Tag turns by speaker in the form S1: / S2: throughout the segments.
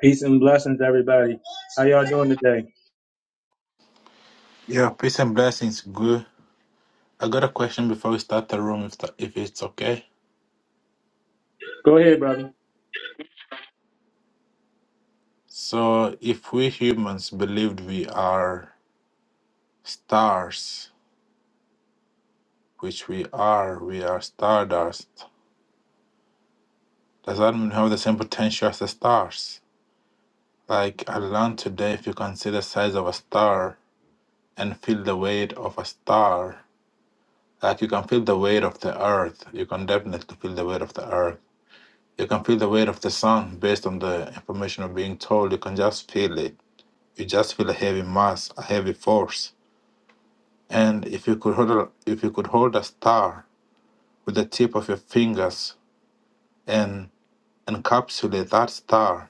S1: Peace and blessings, everybody. How y'all doing today?
S2: Yeah, peace and blessings. Good. I got a question before we start the room, if that, if it's okay.
S1: Go ahead, brother.
S2: So, if we humans believed we are stars, which we are, we are stardust. Does that mean we have the same potential as the stars? Like I learned today, if you can see the size of a star and feel the weight of a star, like you can feel the weight of the earth, you can definitely feel the weight of the earth. You can feel the weight of the sun based on the information you're being told. You can just feel it You just feel a heavy mass, a heavy force. And if you could hold a, if you could hold a star with the tip of your fingers and encapsulate that star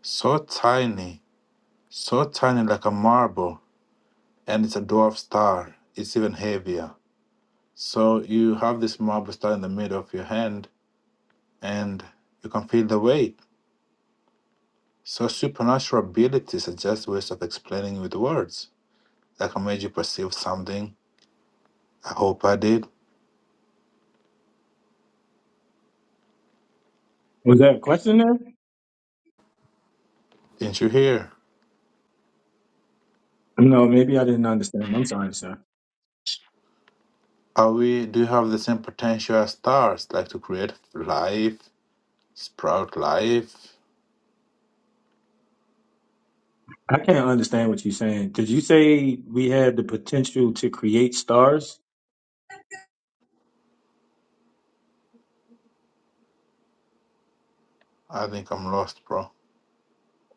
S2: so tiny, so tiny like a marble, and it's a dwarf star, it's even heavier. So you have this marble star in the middle of your hand and you can feel the weight. So supernatural abilities are just ways of explaining with words that can make you perceive something. I hope I did.
S1: Was that a question there?
S2: Didn't you hear?
S1: Um, No, maybe I didn't understand. I'm sorry, sir.
S2: Are we do you have the same potential as stars, like to create life, sprout life?
S1: I can't understand what you're saying. Did you say we had the potential to create stars?
S2: I think I'm lost, bro.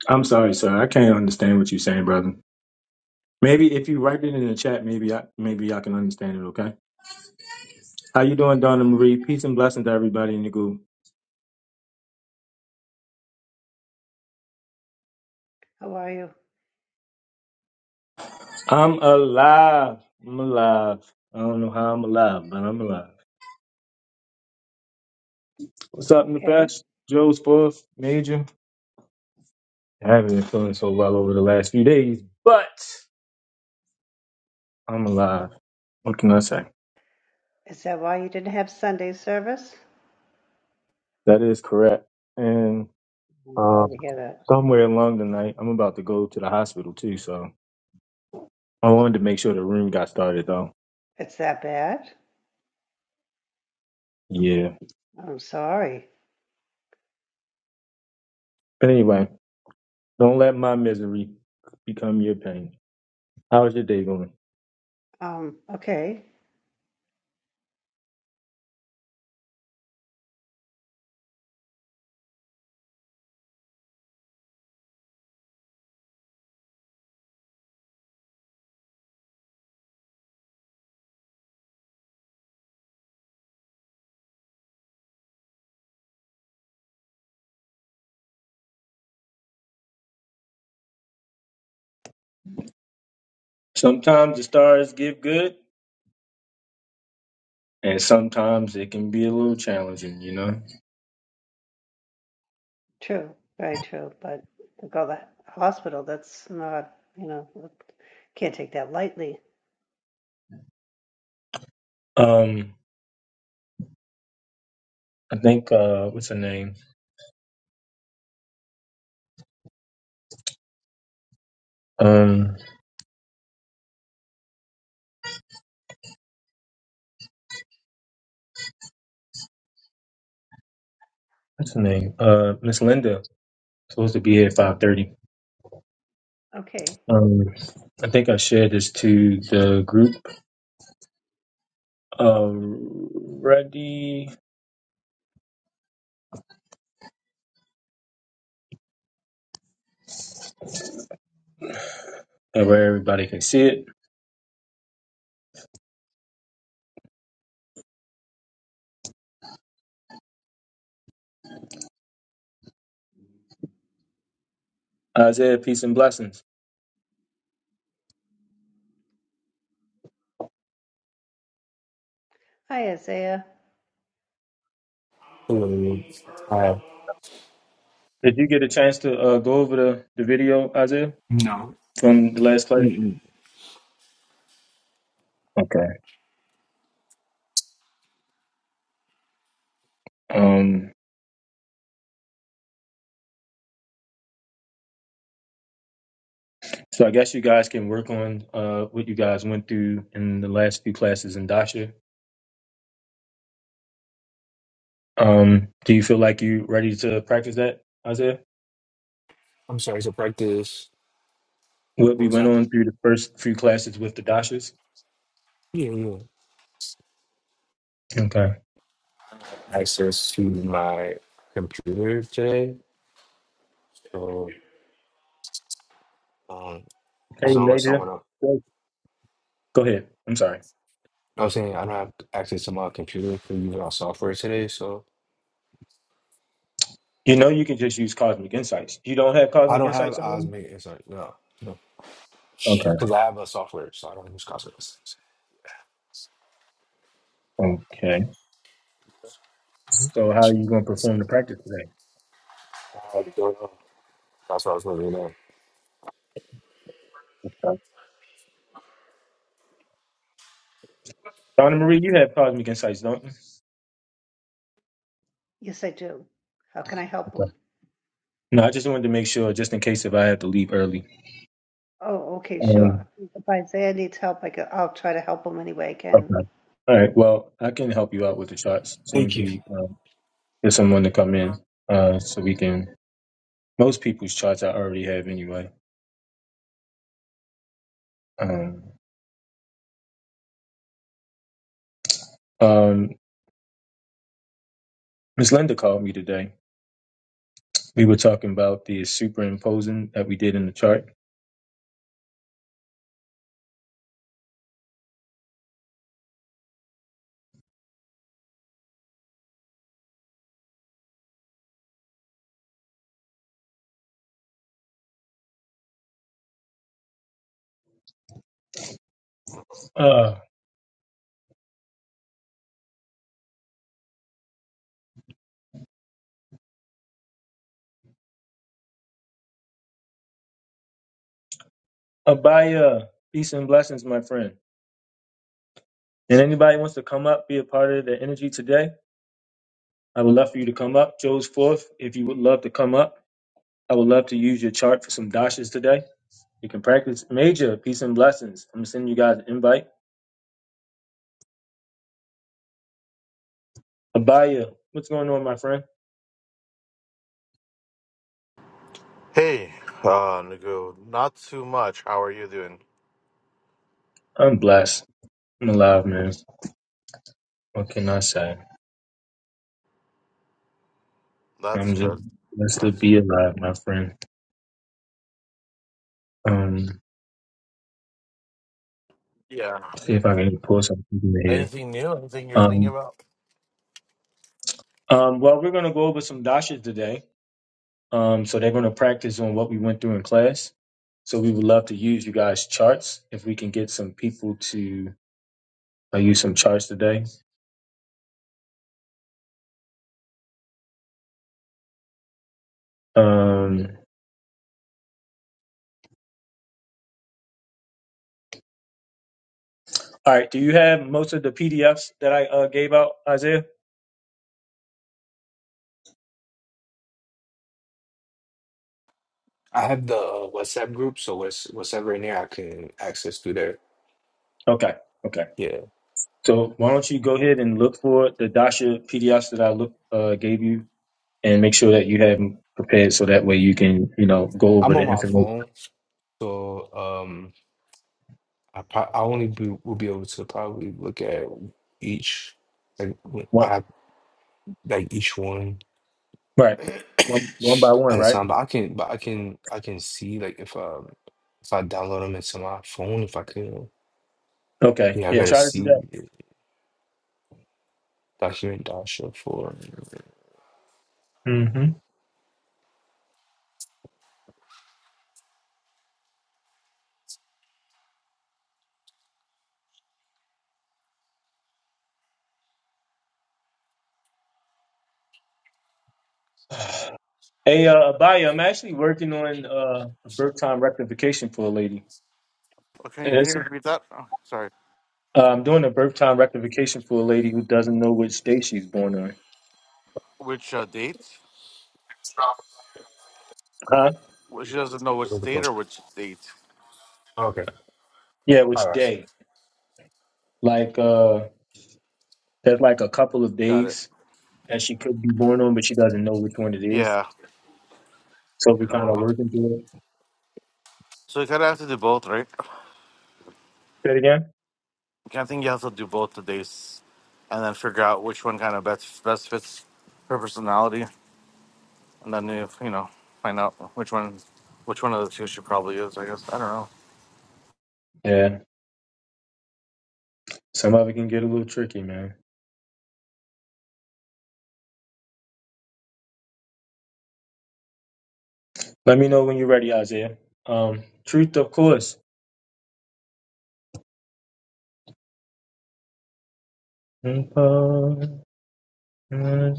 S1: I'm sorry, sir. I can't understand what you're saying, brother. Maybe if you write it in the chat, maybe I maybe I can understand it. Okay. How you doing, Donna Marie? Peace and blessings to everybody in the group.
S3: How are you?
S1: I'm alive. I'm alive. I don't know how I'm alive, but I'm alive. What's up,
S3: Okay.
S1: Nefesh? Joe's fourth major. I haven't been feeling so well over the last few days, but I'm alive. What can I say?
S3: Is that why you didn't have Sunday service?
S1: That is correct. And
S3: I'm
S1: uh,
S3: sorry to hear that.
S1: somewhere along the night, I'm about to go to the hospital too, so I wanted to make sure the room got started though.
S3: It's that bad?
S1: Yeah.
S3: I'm sorry.
S1: But anyway, don't let my misery become your pain. How's your day going?
S3: Um, okay.
S1: Sometimes the stars give good, and sometimes it can be a little challenging, you know?
S3: True. Very true. But to go to the hospital, that's not, you know, can't take that lightly.
S1: Um, I think, uh, what's her name? Um, what's her name? Uh, Miss Linda supposed to be here at five thirty.
S3: Okay.
S1: Um, I think I shared this to the group already, uh, where everybody can see it. Isaiah, peace and blessings.
S3: Hi, Isaiah.
S4: Um, uh,
S1: Did you get a chance to uh, go over the, the video, Isaiah,
S4: No.
S1: from the last class?
S4: Mm-mm.
S1: Okay. Um, so I guess you guys can work on uh, what you guys went through in the last few classes in Dasha. Um, do you feel like you ready to practice that, Isaiah?
S4: I'm sorry, So practice,
S1: What
S4: what
S1: we
S4: was
S1: went
S4: that?
S1: on through the first few classes with the Dashas?
S4: Yeah, yeah.
S1: Okay.
S4: Access to my computer today. So, um,
S1: Hey,
S4: as long as
S1: later.
S4: someone else,
S1: Go ahead. I'm sorry.
S4: I was saying I don't have access to my computer for using our software today. So,
S1: You know you can just use Cosmic Insights. You don't have
S4: I
S1: Cosmic
S4: don't have
S1: Insights already?
S4: Osmate. It's like, no, no.
S1: Okay.
S4: Because I have a software, so I don't use Cosmos.
S1: Okay.
S4: Mhm.
S1: So how are you going to perform the practice today?
S4: I don't know. That's what I was looking at.
S1: Okay. Donna Marie, you have Cosmic Insights, don't you?
S3: Yes, I do. How can I help
S1: Okay.
S3: him?
S1: No, I just wanted to make sure, just in case if I have to leave early.
S3: Oh, okay, sure.
S1: Um,
S3: If Isaiah needs help, I could, I'll try to help him any way I can.
S1: okay. All right. Well, I can help you out with the charts. Seems
S4: Thank you.
S1: we um, get someone to come in, uh, so we can. Most people's charts I already have anyway. Um, um, Miss Linda called me today We were talking about the superimposing that we did in the chart. Uh, Abaya, peace and blessings, my friend. And anybody wants to come up, be a part of the energy today, I would love for you to come up. Joe's fourth, if you would love to come up, I would love to use your chart for some dashes today. You can practice major peace and blessings. I'm gonna send you guys an invite. Abaya, what's going on, my friend?
S5: Hey, uh, Nagu, not too much. How are you doing?
S1: I'm blessed. I'm alive, man. What can I say? I'm
S5: That's
S1: just
S5: good.
S1: blessed to
S5: That's
S1: be
S5: good.
S1: alive, my friend. Um,
S5: Yeah.
S1: see if I can pull something here.
S5: Anything new? Anything you're thinking about?
S1: Um, well, we're going to go over some dashas today. Um, so they're going to practice on what we went through in class. So we would love to use you guys' charts if we can get some people to uh, use some charts today. Um, all right. Do you have most of the PDFs that I uh, gave out, Isaiah?
S4: I have the uh, WhatsApp group, so what's whatever in there, I can access through there.
S1: Okay. Okay.
S4: Yeah.
S1: So why don't you go ahead and look for the dasha PDFs that I look uh, gave you, and make sure that you have them prepared so that way you can you know go over
S4: I'm
S1: the
S4: on my
S1: information
S4: phone, so um, I pro- I only be, will be able to probably look at each like w-
S1: one
S4: I like each one
S1: right one one by one,
S4: at a
S1: right?
S4: time. But I can, but I can, I can see like if um if I download them into my phone, if I can,
S1: Okay.
S4: yeah, I
S1: Yeah.
S4: gotta
S1: Try to do
S4: see
S1: that.
S4: it. document Dasha for.
S1: hmm Hey, uh, Abaya, I'm actually working on uh, a birth time rectification for a lady.
S5: Okay,
S1: And
S5: can you
S1: it's,
S5: repeat that? Oh, sorry.
S1: uh, I'm doing a birth time rectification for a lady who doesn't know which day she's born on.
S5: Which uh, date?
S1: Huh?
S5: Well, she doesn't know which date or which date.
S4: Okay,
S1: Yeah,
S4: all
S1: which
S4: right, sure.
S1: day? Like, uh, there's like a couple of
S5: Got it.
S1: days that she could be born on, but she doesn't know which one it is.
S5: Yeah.
S1: So we kind of
S4: Hello.
S1: working through it.
S5: So you kind of have to do both, right?
S1: Say it again?
S5: I think you have to do both the dates and then figure out which one kind of best best fits her personality. And then, you you know, find out which one which one of the two she probably is, I guess. I don't know.
S1: Yeah. Some of it can get a little tricky, man. Let me know when you're ready, Isaiah. Um, truth, of course. My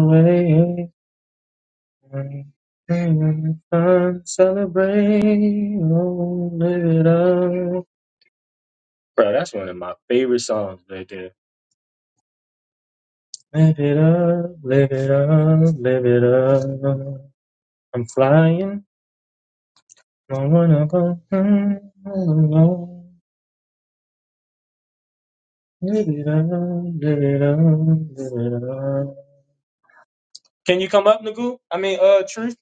S1: way, having fun, celebrate, oh, live it up. Bro, that's one of my favorite songs right there. Live it up, live it up, live it up. I'm flying, I wanna go. Can you come up, Nagu? I mean, uh, Truth.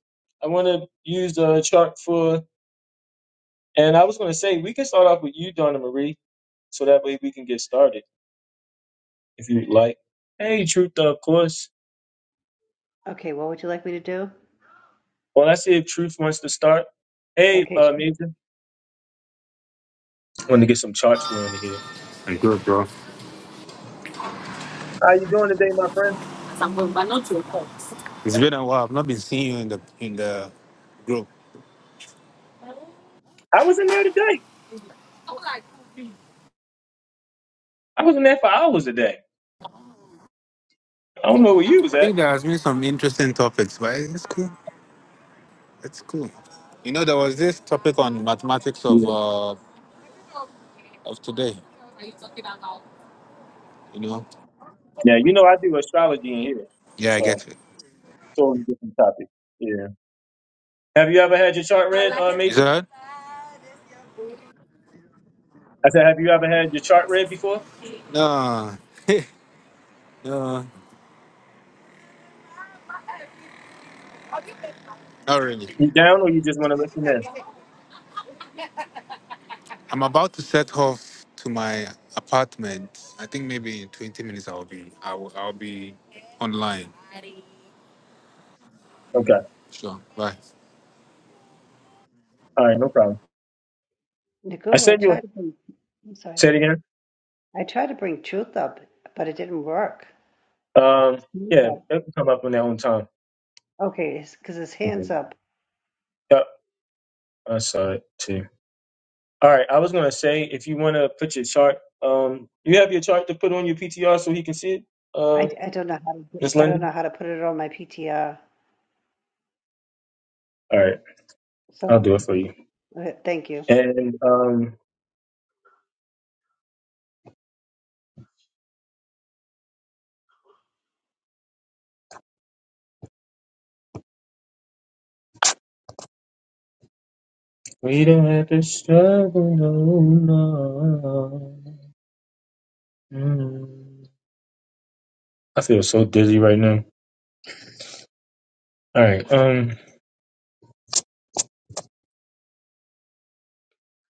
S1: I want to use the chart for, and I was going to say we can start off with you, Donna Marie, so that way we can get started if you'd like. Hey, Truth, of course.
S3: Okay, what would you like me to do?
S1: Well, I see if Truth wants to start. Hey,
S3: Okay,
S1: uh,
S3: sure.
S1: Major. I want to get some charts flowing in here. How you doing today, my friend? I was in there today. I was in there for hours a day. I don't know where you was at. Yeah, yeah you know I do astrology in here, so. Totally different topic. Yeah. Have you ever had your chart read, uh, Major? I said, have you ever had your chart read before? You down or you just want to listen in? Okay. All right. No problem. I
S3: Niku, I
S1: sent you.
S3: tried to. I'm sorry.
S1: Say it again.
S3: I tried to bring Truth up, but it didn't work.
S1: Um.
S3: It's Truth
S1: Yeah.
S3: up.
S1: It can come up on their own time.
S3: Okay, because his hands
S1: Mhm.
S3: up.
S1: Yep. I saw it too. All right. I was gonna say if you want to put your chart, um, you have your chart to put on your PTR so he can see it. Uh,
S3: I, I don't know how to do-
S1: Miss
S3: I don't
S1: Linda.
S3: know how to put it on my PTR.
S1: All right. I'll
S3: So
S1: do it for you.
S3: okay, thank you.
S1: And um, we don't have to struggle no more. Mm, I feel so dizzy right now. All right. Um.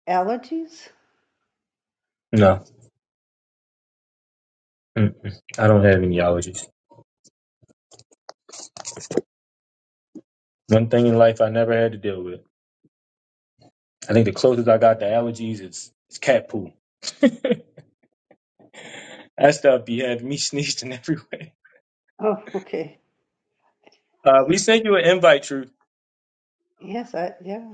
S3: Allergies?
S1: No. Mm-mm. I don't have any allergies. One thing in life I never had to deal with. I think the closest I got to allergies is, is cat poo. That stuff be having me sneezing everywhere.
S3: Oh, okay.
S1: Uh, we sent you an invite, Truth.
S3: Yes, I yeah.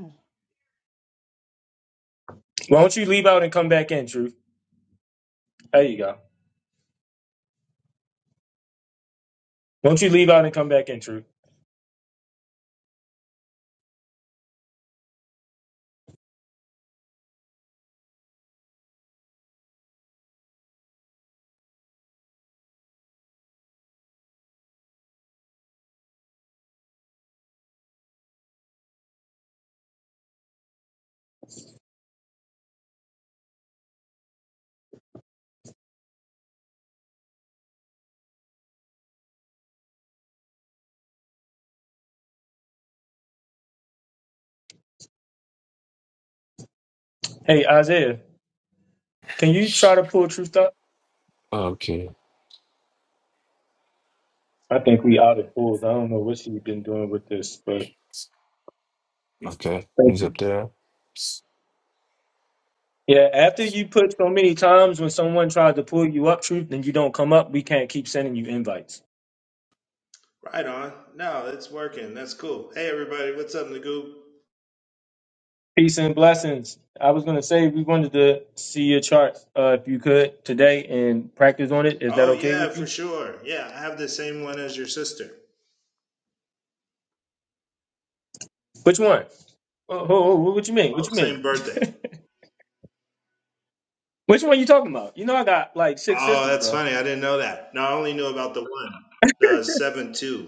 S1: Why don't you leave out and come back in, Truth? There you go. Why don't you leave out and come back in, Truth? Hey, Isaiah, can you try to pull Truth up?
S4: Okay,
S1: I think we out of pulls. I don't know what she's been doing with this, but
S4: okay, he's up there.
S1: Yeah, after you put so many times when someone tried to pull you up, truth, and you don't come up, we can't keep sending you invites.
S6: Right on. No, it's working. That's cool. Hey, everybody. What's up, Nagoo?
S1: Peace and blessings. I was gonna say we wanted to see your chart uh, if you could today and practice on it. Is that
S6: Oh,
S1: okay
S6: yeah,
S1: with
S6: for
S1: you?
S6: sure. Yeah, I have the same one as your sister.
S1: Which one? Oh, oh, oh, what you mean? What
S6: Oh,
S1: you mean?
S6: same birthday.
S1: Which one you talking about? You know I got like six
S6: Oh,
S1: sisters,
S6: that's
S1: bro.
S6: funny. I didn't know that. No, I only knew about the one, the 7 2,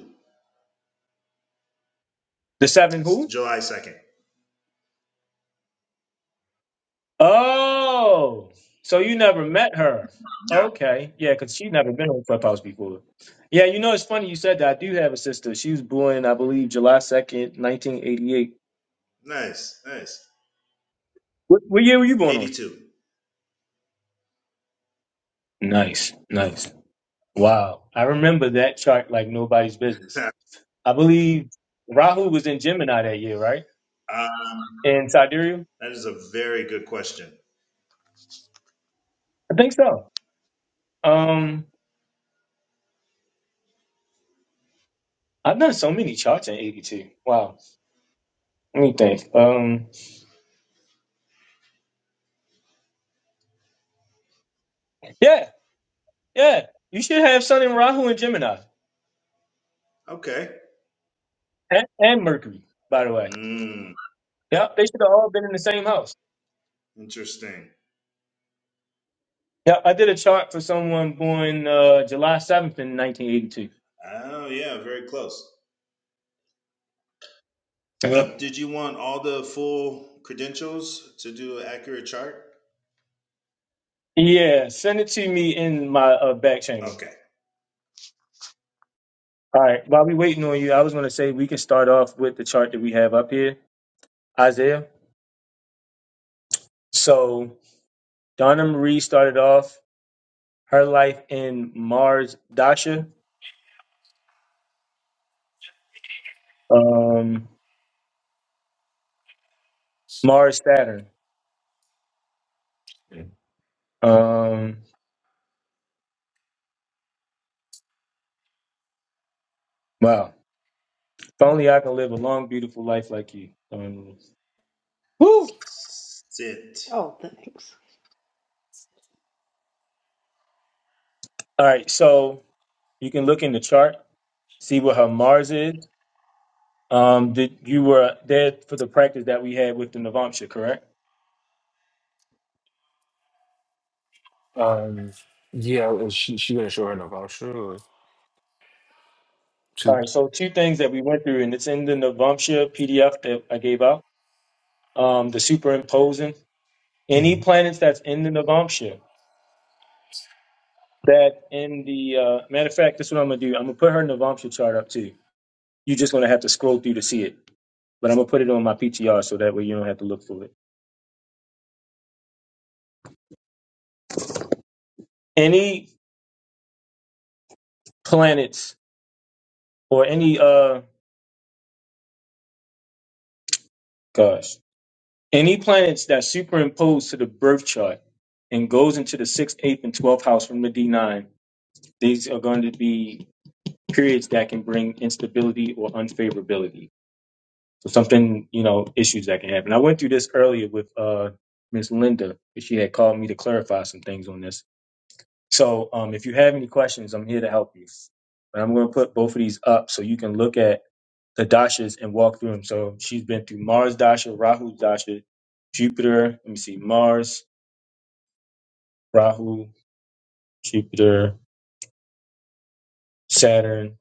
S1: The seven who?
S6: July 2nd.
S1: Oh, so you never met her?
S6: Yeah.
S1: Okay, yeah, because she never been on Clubhouse before. Yeah, you know it's funny you said that. I do have a sister. She was born, I believe, July second, nineteen eighty-eight.
S6: Nice. Nice.
S1: What, what year were you born on?
S6: 82.
S1: Nice, nice. Wow, I remember that chart like nobody's business.
S6: uh,
S1: I believe Rahu was in Gemini that year, right?
S6: that
S1: In Sidereal,
S6: is a very good question.
S1: I think so. Um, I've done so many charts in '82. Wow, let me think. Um, yeah. Yeah, you should have Sun and Rahu and Gemini
S6: Okay.
S1: and, and Mercury, by the way.
S6: Mm,
S1: Yep, they should have all been in the same house.
S6: interesting.
S1: Yep, I did a chart for someone born uh, July 7th in 1982.
S6: Oh, yeah, very close.
S1: Yeah,
S6: Uh, did you want all the full credentials to do an accurate chart?
S1: Yeah, send it to me in my uh, back channel.
S6: Okay.
S1: All right, while we waiting on you, I was going to say we can start off with the chart that we have up here, Isaiah. So Donna Marie started off her life in Mars Dasha, um, Mars Saturn. Um, wow. If only I can live a long, beautiful life like you. Um, woo!
S6: Sit.
S3: Oh, thanks.
S1: All right, so you can look in the chart, see what her Mars is. Um, did you were there for the practice that we had with the Navamsha, correct?
S4: Um, yeah, well, she she gonna show her enough. I'll sure
S1: All
S4: too.
S1: right, so two things that we went through, and it's in the Navamsha PDF that I gave out. Um, the superimposing any
S4: Mhm.
S1: planets that's in the Navamsha that in the uh, matter of fact, this is what I'm gonna do. I'm gonna put her Navamsha chart up too. You're just gonna have to scroll through to see it, but I'm gonna put it on my PTR so that way you don't have to look for it. any planets or any uh gosh any planets that superimpose to the birth chart and goes into the sixth eighth and twelfth house from the d9 these are going to be periods that can bring instability or unfavorability so something you know issues that can happen i went through this earlier with uh miss linda but she had called me to clarify some things on this so um if you have any questions i'm here to help you but i'm going to put both of these up so you can look at the dashas and walk through them. So she's been through Mars dasha, Rahu dasha, Jupiter. Let me see, Mars, Rahu, Jupiter, Saturn,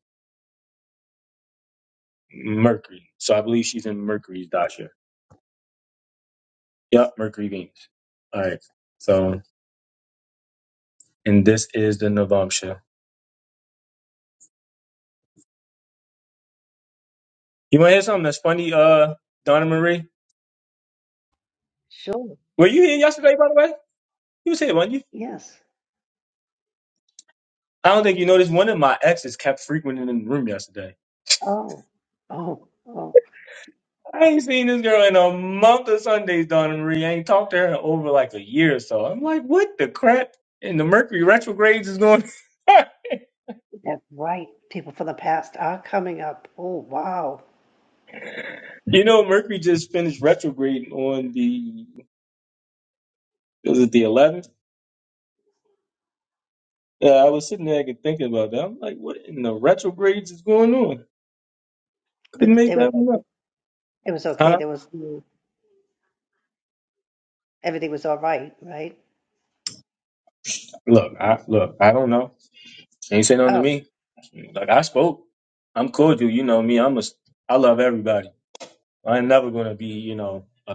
S1: Mercury. So I believe she's in Mercury's dasha. Yep, Mercury Venus. All right. So and this is the Navamsha. You want to hear something that's funny, uh, Donna Marie?
S3: Sure.
S1: Were you here yesterday, by the way? You was here, weren't you?
S3: Yes.
S1: I don't think you noticed. One of my exes kept frequenting in the room yesterday.
S3: Oh. Oh. Oh.
S1: I ain't seen this girl in a month of Sundays, Donna Marie. I ain't talked to her in over like a year or so. I'm like, what the crap? And the Mercury retrogrades is going.
S3: That's right. People from the past are coming up. Oh, wow.
S1: you know, Mercury just finished retrograding on the was it the 11th? Yeah, I was sitting there and thinking about that. I'm like, what in the retrogrades is going on? Couldn't
S3: But
S1: make
S3: it was
S1: that one up.
S3: okay. it was okay.
S1: Huh?
S3: There was no- everything was all right, right?
S1: Look, I look, I don't know. Ain't say nothing to
S3: Oh,
S1: me. Like I spoke. I'm cordial. You know me. I'm a. I love everybody. I'm never gonna be, you know, a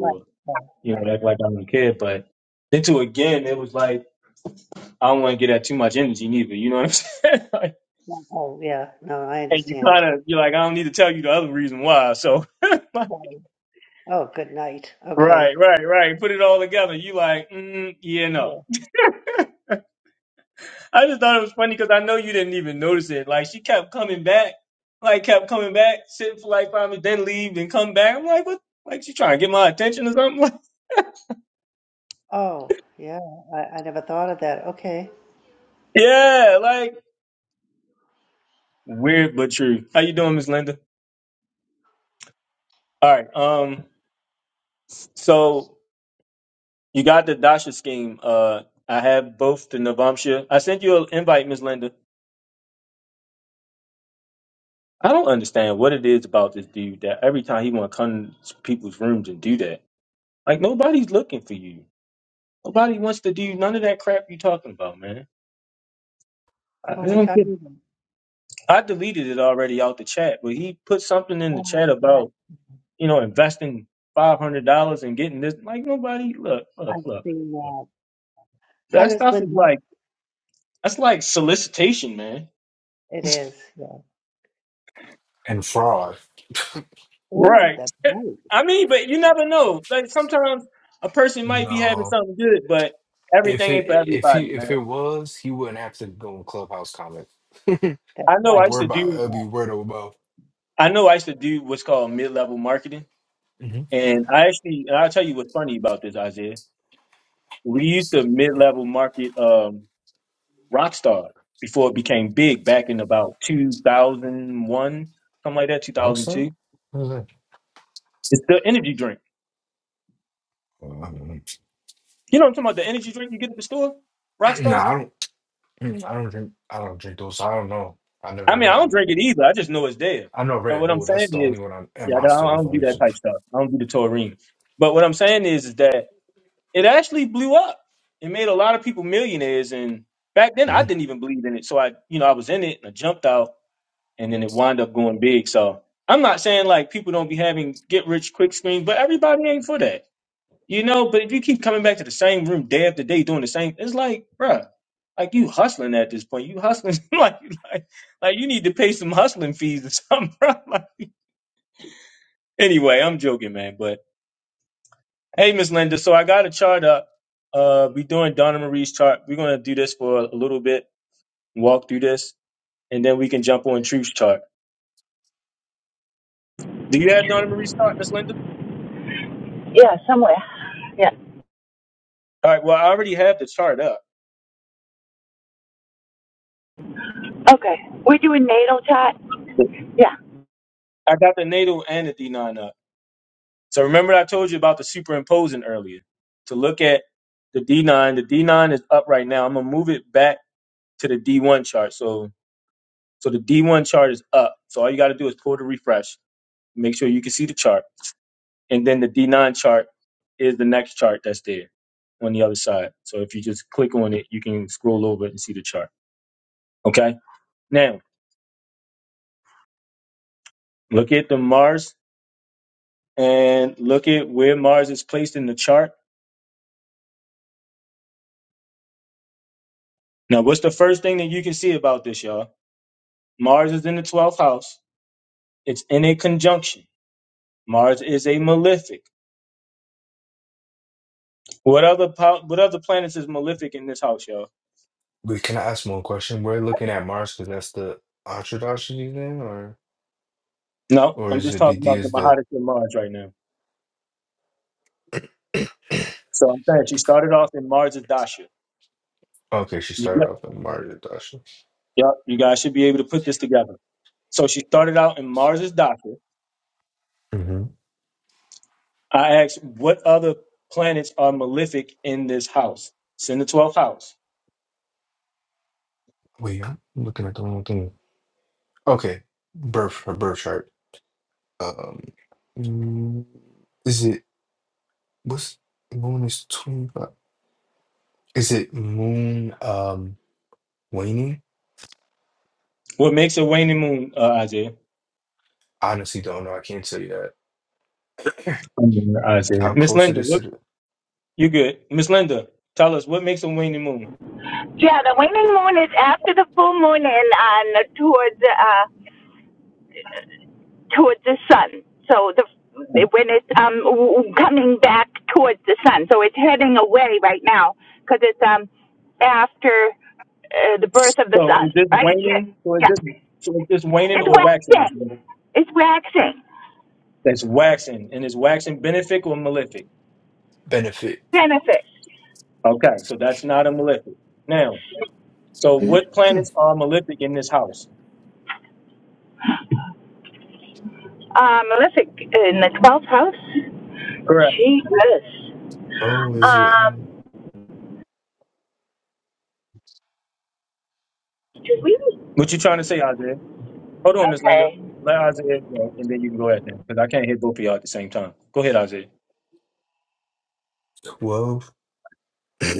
S3: right, right,
S1: you
S3: right.
S1: know, act like I don't care. But then to again, it was like I don't want to get at too much energy neither. You know what I'm saying? like,
S3: Oh, yeah. No, I
S1: and you
S3: understand.
S1: kind of you're like, I don't need to tell you the other reason why. So right,
S3: Right. Oh, good night. Okay.
S1: right, right. Put it all together. You like, mm, yeah, no.
S3: Yeah.
S1: I just thought it was funny because I know you didn't even notice it. Like she kept coming back, like kept coming back, sit for like five minutes, then leave, then come back. I'm like, what? Like she trying to get my attention or something? Like,
S3: Oh, yeah. I, I never thought of that. Okay.
S1: yeah, like weird but true. How you doing, Miss Linda? All right. Um. So You got the Dasha scheme. Uh, I have both the Navamsha. I sent you an invite, Miss Linda. I don't understand what it is about this dude that every time he want to come to people's rooms and do that. Like nobody's looking for you. Nobody wants to do none of that crap you talking about, man. I,
S3: Who
S1: I
S3: are we
S1: don't get. It.
S3: talking about?
S1: I deleted it already out the chat, but he put something in the chat
S3: Oh, that.
S1: about you know investing five hundred dollars and getting this. Like nobody, look, look,
S3: I've
S1: look.
S3: seen that. Hi,
S1: That
S3: Miss
S1: stuff is
S3: Linda.
S1: like that's like solicitation, man.
S3: It is. Yeah.
S4: And fraud.
S3: Oh,
S1: Right.
S3: that's right.
S1: I mean, but you never know. Like sometimes a person might be having
S4: No,
S1: something good, but
S4: if
S1: everything
S4: it
S1: ain't for
S4: if
S1: everybody,
S4: he if
S1: man.
S4: it was, he wouldn't have to go in clubhouse comment.
S3: That's
S1: I know I
S3: right.
S1: used
S4: Word
S3: He
S1: to
S4: about
S3: sent
S1: do
S4: it'll be
S3: that.
S4: word of mouth.
S1: I know I used to do what's called mid level marketing.
S4: Mm-hmm.
S1: And I actually and I'll tell you what's funny about this, Isaiah. We used to mid level market um Rockstar before it became big back in about two thousand one, something like that, two thousand
S4: Rockstar.
S1: two.
S4: What is that?
S1: It's the energy drink.
S4: Um,
S1: You know what I'm talking about? The energy drink you get at the store?
S4: no,
S1: Rockstar?
S4: I don't. mm, I don't drink. I don't drink those. I don't know. I never
S1: I mean,
S4: heard
S1: I
S4: that
S1: don't
S4: one.
S1: drink it either. I just know it's there.
S4: I know
S1: But
S4: Red
S1: what I'm
S4: Bull.
S1: saying
S4: That's the only
S1: is,
S4: one. I'm, and
S1: yeah, I don't,
S4: Monster.
S1: I
S4: Those are the
S1: don't do
S4: only 2
S1: that type stuff. I don't do the taurine. But what I'm saying is, is that it actually blew up. It made a lot of people millionaires. And back then, I
S4: Mhm.
S1: didn't even believe in it. So I, you know, I was in it and I jumped out, and then it wound up going big. So I'm not saying like people don't be having get rich quick schemes, but everybody ain't for that. You know, but if you keep coming back to the same room day after day doing the same, it's like, bruh, like you hustling at this point. You hustling like, like, like you need to pay some hustling fees or something, bruh. Like, anyway, I'm joking, man. But hey, Miss Linda, so I got a chart up. Uh, we doing Donna Marie's chart. We're gonna do this for a little bit, walk through this, and then we can jump on Truth's chart. Do you have Donna Marie's chart, Miss Linda?
S7: Yeah, somewhere. Yeah.
S1: All right. Well, I already have the chart up.
S7: Okay. We're doing natal chart. Yeah.
S1: I got the NATO and the D9 up. So remember I told you about the superimposing earlier to look at the D9. The D9 is up right now. I'm gonna move it back to the D1 chart. So so the D1 chart is up. So all you gotta do is pull the refresh, make sure you can see the chart. And then the D9 chart is the next chart that's there on the other side. So if you just click on it, you can scroll over and see the chart. Okay. Now look at the Mars and look at where Mars is placed in the chart. Now, what's the first thing that you can see about this, y'all? Mars is in the 12th house. It's in a conjunction. Mars is a malefic. What other po- what other planets is malefic in this house, y'all?
S4: But can I ask one question? We're looking at Mars because that's the Atradashi name, or
S1: No,
S4: or
S1: I'm
S4: is
S1: just
S4: it
S1: talking
S4: BD
S1: about the
S4: is the
S1: Mahadasha in Mars right now. So I'm saying she started off in Mars's Dasha.
S4: Okay, she
S1: You got,
S4: started off in Mario Dasha.
S1: yep, you guys should be able to put this together. So she started out in Mars's Dasha.
S4: hmm
S1: I asked what other planets are malefic in this house. It's in the 12th house.
S4: Wait, I'm looking at the wrong thing. Okay, birth her birth chart. Um, mm, is it what's moon is twenty five? Is it moon um waning?
S1: What makes a waning moon, uh, Isaiah?
S4: I honestly don't know. I can't tell you that.
S1: Isaiah.
S4: How
S1: Miss
S4: close it
S1: Linda,
S4: is to the
S1: You're good. Miss Linda, tell us what makes a waning moon.
S7: Yeah, the waning moon is after the full moon and on towards uh, towards the sun. So the when it's um w- coming back towards the sun, so it's heading away right now because it's um after uh, the birth of the
S1: So is
S7: sun,
S1: this
S7: right? Yeah,
S1: waning? So is this
S7: yeah.
S1: so is this waning
S7: It's
S1: or waxing?
S7: waxing. It's waxing.
S1: That's waxing. And is waxing benefic or malefic?
S4: benefit?
S7: Benefic.
S1: Okay, so that's not a malefic. Now, so what planets are malefic in this house?
S7: Uh, malefic in the twelfth house.
S1: Correct.
S7: Jesus.
S4: Oh, is it
S7: Um.
S4: um,
S7: Did we?
S1: What you trying to say, Isaiah? Hold on, Miss Linda.
S7: Okay.
S1: Let Isaiah go, and then you can go ahead then, because I can't hear both of y'all at the same time. Go ahead, Isaiah.
S4: twelve?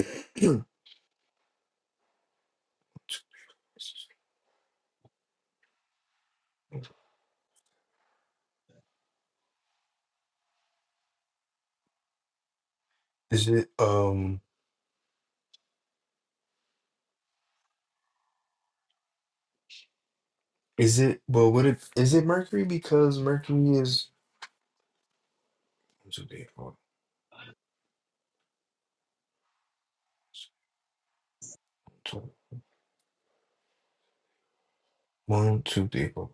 S4: Is it um? Is it well? What if is it Mercury? Because Mercury is. What's the date for? two, one, two, three, four.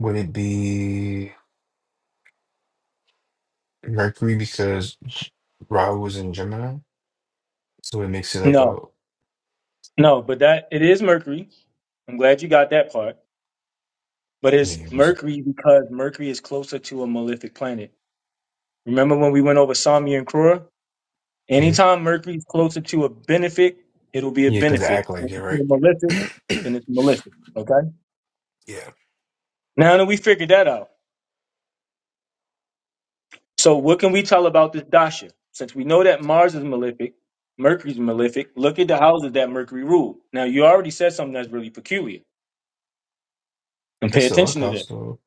S4: Would it be Mercury because Rahu was in Gemini? So it makes it like
S1: No,
S4: a.
S1: no, but that it is Mercury. I'm glad you got that part. but
S4: I
S1: it's
S4: mean, it was.
S1: Mercury because Mercury is closer to a malefic planet. Remember when we went over Samia and Krura?
S4: Mhm.
S1: Anytime Mercury is closer to a benefic, it'll be a
S4: Yeah, because they act
S1: benefic.
S4: like
S1: Closer
S4: it,
S1: to
S4: right?
S1: a malefic, then it's malefic. Okay.
S4: yeah.
S1: Now that we figured that out, so what can we tell about this dasha? Since we know that Mars is malefic, Mercury's malefic. Look at the houses that Mercury ruled. Now you already said something that's really peculiar, and pay
S4: It's a luck
S1: attention to
S4: house,
S1: this.
S4: though.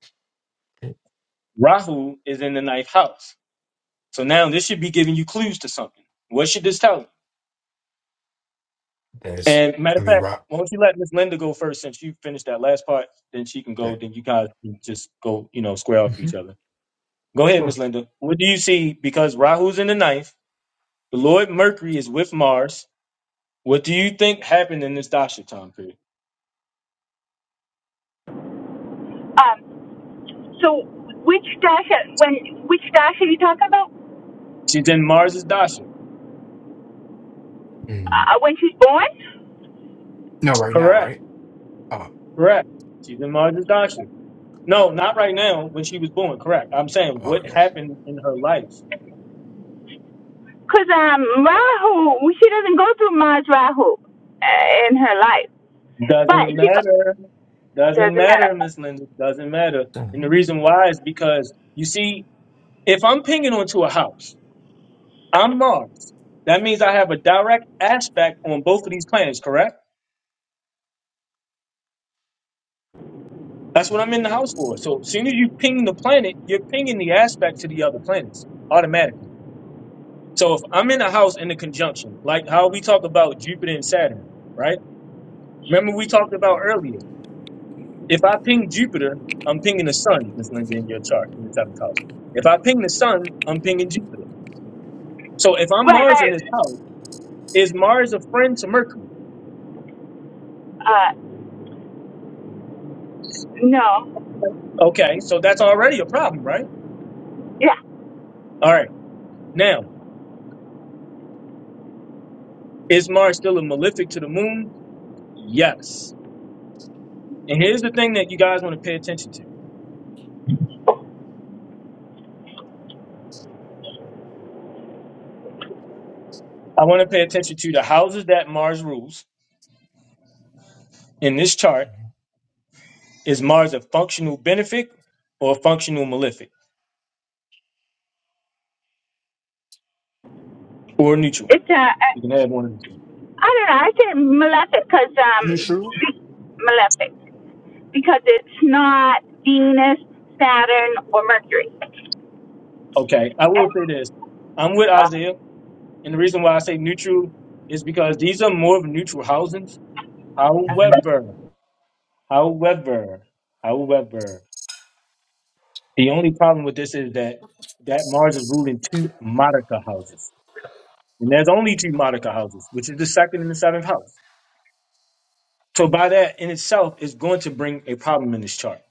S1: Rahu is in the ninth house, so now this should be giving you clues to something. What should this tell? you?
S4: That's.
S1: And matter
S4: I
S1: of
S4: mean,
S1: fact,
S4: Ra.
S1: why don't you let Miss Linda go first since you finished that last part? Then she can
S4: Yeah.
S1: go. Then you guys can just go, you know, square off
S4: hmm
S1: each other. Go ahead,
S4: Sure.
S1: Miss Linda. What do you see? Because Rahu's in the ninth, the Lord Mercury is with Mars. What do you think happened in this Dasha time period?
S7: Um. So which Dasha? When which Dasha are you talking about?
S1: She's in Mars's Dasha.
S4: Mm.
S7: Uh, when she's born?
S4: No, right now,
S1: Correct.
S4: right? Oh,
S1: Correct. She's in Mars's Dasha. No, not right now when she was born. Correct. I'm saying
S4: oh,
S1: what
S4: yeah.
S1: happened in her life.
S7: Cause um Rahu, she doesn't go through Mars Rahu uh, in her life, but
S1: Doesn't
S7: she go,
S1: matter. Doesn't
S7: doesn't
S1: matter,
S7: matter.
S1: Miss Linda. Doesn't matter. And the
S4: Mhm.
S1: reason why is because you see, if I'm pinging onto a house, I'm Mars. That means I have a direct aspect on both of these planets, correct? That's what I'm in the house for. So as soon as you ping the planet, you're pinging the aspect to the other planets automatically. So if I'm in a house in a conjunction, like how we talk about Jupiter and Saturn, right? Remember we talked about earlier. If I ping Jupiter, I'm pinging the sun that's going to be in your chart in the seventh house. If I ping the sun, I'm pinging Jupiter. So if I'm
S7: Right,
S1: Mars in
S7: right.
S1: this house, is Mars a friend to Mercury?
S7: Uh, no.
S1: Okay, so that's already a problem, right?
S7: Yeah.
S1: All right. Now, is Mars still a malefic to the moon? Yes. And here's the thing that you guys want to pay attention to. I want to pay attention to the houses that Mars rules in this chart. Is Mars a functional benefic or a functional malefic or neutral?
S7: It's uh, I
S1: You can have one of these.
S7: I don't know. I say malefic because
S4: You
S7: um
S4: sure?
S7: malefic because it's not Venus, Saturn, or Mercury.
S1: Okay, I will say
S7: And,
S1: this. I'm with
S7: uh,
S1: Isaiah, and the reason why I say neutral is because these are more of neutral housings.
S7: that's
S4: hmm
S7: good.
S1: However, however, however, the only problem with this is that that Mars is ruling two Monica houses, and there's only two Monica houses, which is the second and the seventh house. So by that in itself is going to bring a problem in this chart.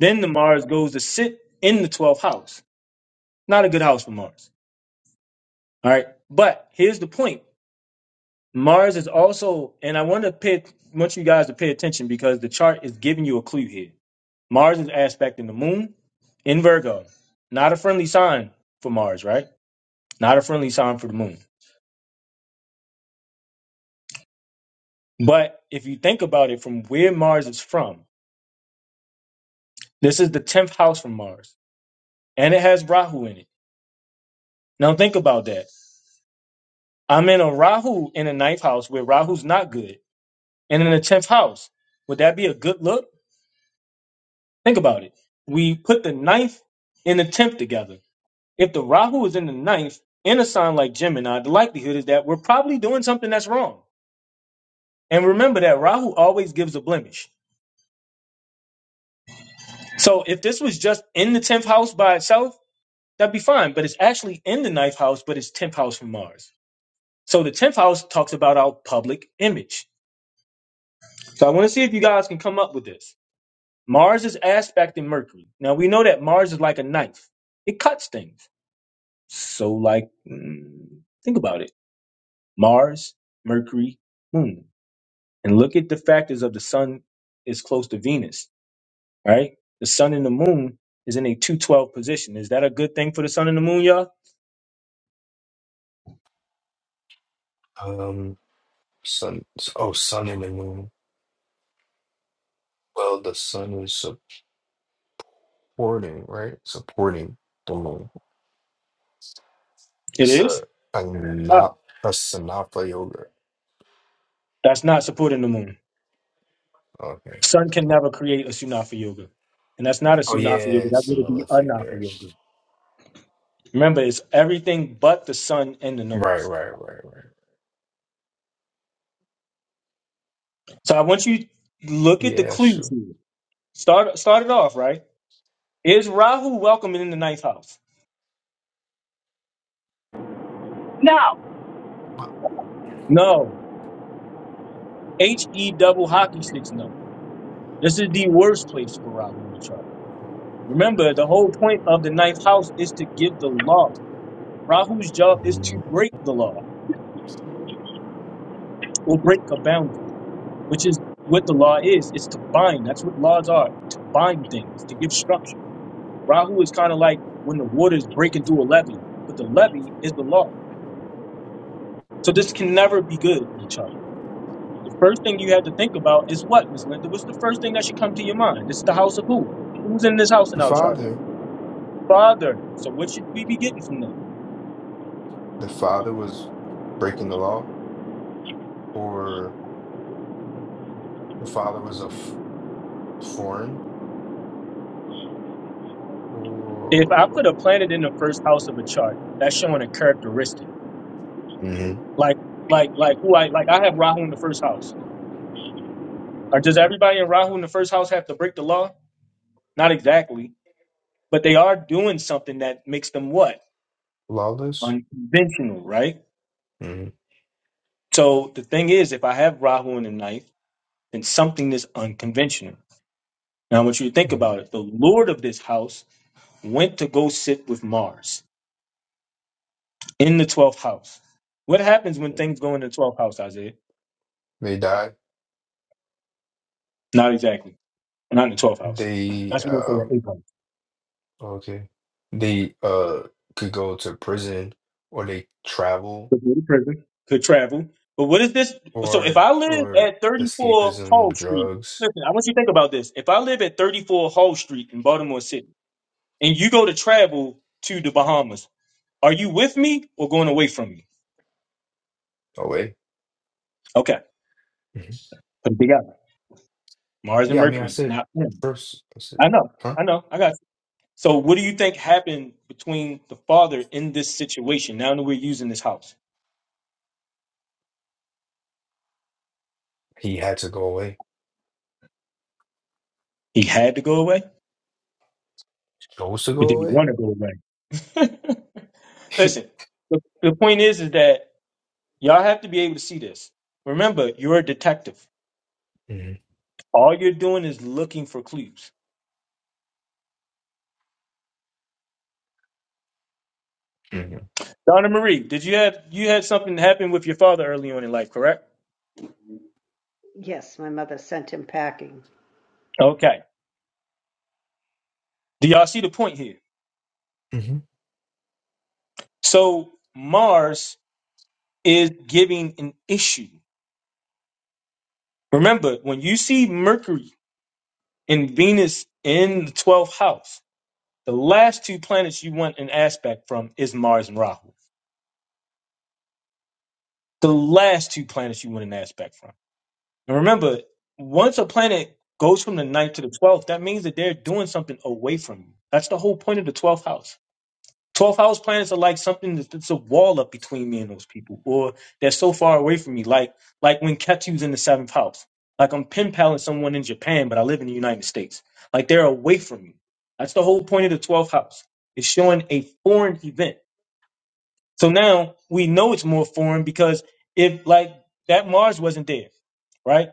S1: Then the Mars goes to sit in the twelfth house. Not a good house for Mars. All right, but here's the point. Mars is also, and I want to pay, want you guys to pay attention because the chart is giving you a clue here. Mars is aspecting the moon in Virgo. Not a friendly sign for Mars, right? Not a friendly sign for the moon. But if you think about it from where Mars is from, this is the 10th house from Mars, and it has Rahu in it. Now think about that. I'm in a Rahu in a ninth house where Rahu's not good, and in the 10th house. Would that be a good look? Think about it. We put the ninth and the 10th together If the Rahu is in the ninth in a sign like Gemini, the likelihood is that we're probably doing something that's wrong. And remember that Rahu always gives a blemish. So if this was just in the 10th house by itself, that'd be fine. But it's actually in the ninth house, but it's 10th house from Mars. So the 10th house talks about our public image. So I want to see if you guys can come up with this. Mars is aspecting Mercury. Now we know that Mars is like a knife, it cuts things. So, like, mm, think about it Mars, Mercury, Moon. and look at the factors of the sun is close to Venus, right? The sun and the moon is in a 212 position. Is that a good thing for the sun and the moon, y'all?
S4: Um, sun. Oh, sun and the moon. Well, the sun is supporting, right? Supporting the moon.
S1: It
S4: So
S1: is.
S4: a, a,
S1: Ah,
S4: na, a Sanatha yoga.
S1: that's not supporting the moon.
S4: Okay.
S1: Sun can never create a Sunafa yoga. And that's not a
S4: Oh,
S1: Sunafa yoga.
S4: yeah,
S1: That would be
S4: Sanatha
S1: a Anafa
S4: figure.
S1: yoga. Remember, it's everything but the sun and the
S4: Right,
S1: nose.
S4: right, right, right.
S1: So I want you to look at the
S4: Yeah,
S1: clues
S4: sure.
S1: here. Start, start it off, right? Is Rahu welcoming in the ninth house?
S7: no.
S1: No. H E double hockey sticks, no. This is the worst place for Rahu in the chart. Remember, the whole point of the ninth house is to give the law. Rahu's job is to
S4: Mhm.
S1: break the law
S4: The
S1: or break a boundary, which is what the law is. It's to bind. That's what laws are to bind things, to give structure. Rahu is kind of like when the water is breaking through a levee, but the levee is the law. So this can never be good in the chart. The first thing you have to think about is what, Miss Linda? What's the first thing that should come to your mind? This is the house of who? Who's in this house in our chart?
S4: father,
S1: Father. So what should we be getting from this?
S4: the father was breaking the law, or the father was a f- foreign
S1: if I put a
S4: or
S1: planet in the first house of a chart, that's showing a characteristic.
S4: Mhm.
S1: Like like like who I like I have Rahu in the first house. Or does everybody in Rahu in the first house have to break the law? Not exactly. But they are doing something that makes them what?
S4: lawless.
S1: Unconventional, right?
S4: hmm
S1: So the thing is if I have Rahu in the ninth, then something is unconventional. Now I want you to think
S4: hmm
S1: about it. The Lord of this house went to go sit with Mars in the twelfth house. What happens when things go in the twelfth house, Isaiah?
S4: They died.
S1: Not exactly. not in the 12th house.
S4: They
S1: That's more so the
S4: um
S1: 8th house.
S4: okay. They uh could go to prison or they travel
S1: Could be in prison. Could travel. But what is this? So if
S4: or
S1: I live
S4: or
S1: at 34
S4: escapism,
S1: Hall Street,
S4: drugs
S1: listen, I want you to think about this. If I live at 34 Hall Street in Baltimore City and you go to travel to the Bahamas, are you with me or going away from me?
S4: away.
S1: Okay.
S4: Mhm.
S1: Put it together. Mars and
S4: Yeah, I mean, I
S1: Mercury,
S4: said
S1: not him.
S4: first, I said,
S1: I know.
S4: huh?
S1: I know. I got you. So what do you think happened between the father in this situation? Now that we're using this house,
S4: He had to go away.
S1: he had to go away,
S4: Chose to
S1: but
S4: go
S1: did he
S4: away.
S1: want to go away? Listen, the, the point is, is that y'all have to be able to see this. Remember, you're a detective.
S4: hmm
S1: All you're doing is looking for clues.
S4: hmm
S1: Donna Marie, did you have you had something happen with your father early on in life, correct?
S3: Yes, my mother sent him packing.
S1: Okay. Do y'all see the point here?
S4: hmm
S1: So Mars is giving an issue. Remember, when you see Mercury and Venus in the 12th house, the last two planets you want an aspect from is Mars and Rahu. The last two planets you want an aspect from. And remember, once a planet goes from the ninth to the twelfth, that means that they're doing something away from you. That's the whole point of the twelfth house. Twelfth house planets are like something that's that's a wall up between me and those people, or they're so far away from me. Like like when Ketu's in the seventh house. Like I'm pen paling someone in Japan, but I live in the United States. Like they're away from me. That's the whole point of the twelfth house. It's showing a foreign event. So now we know it's more foreign because if like that Mars wasn't there, right?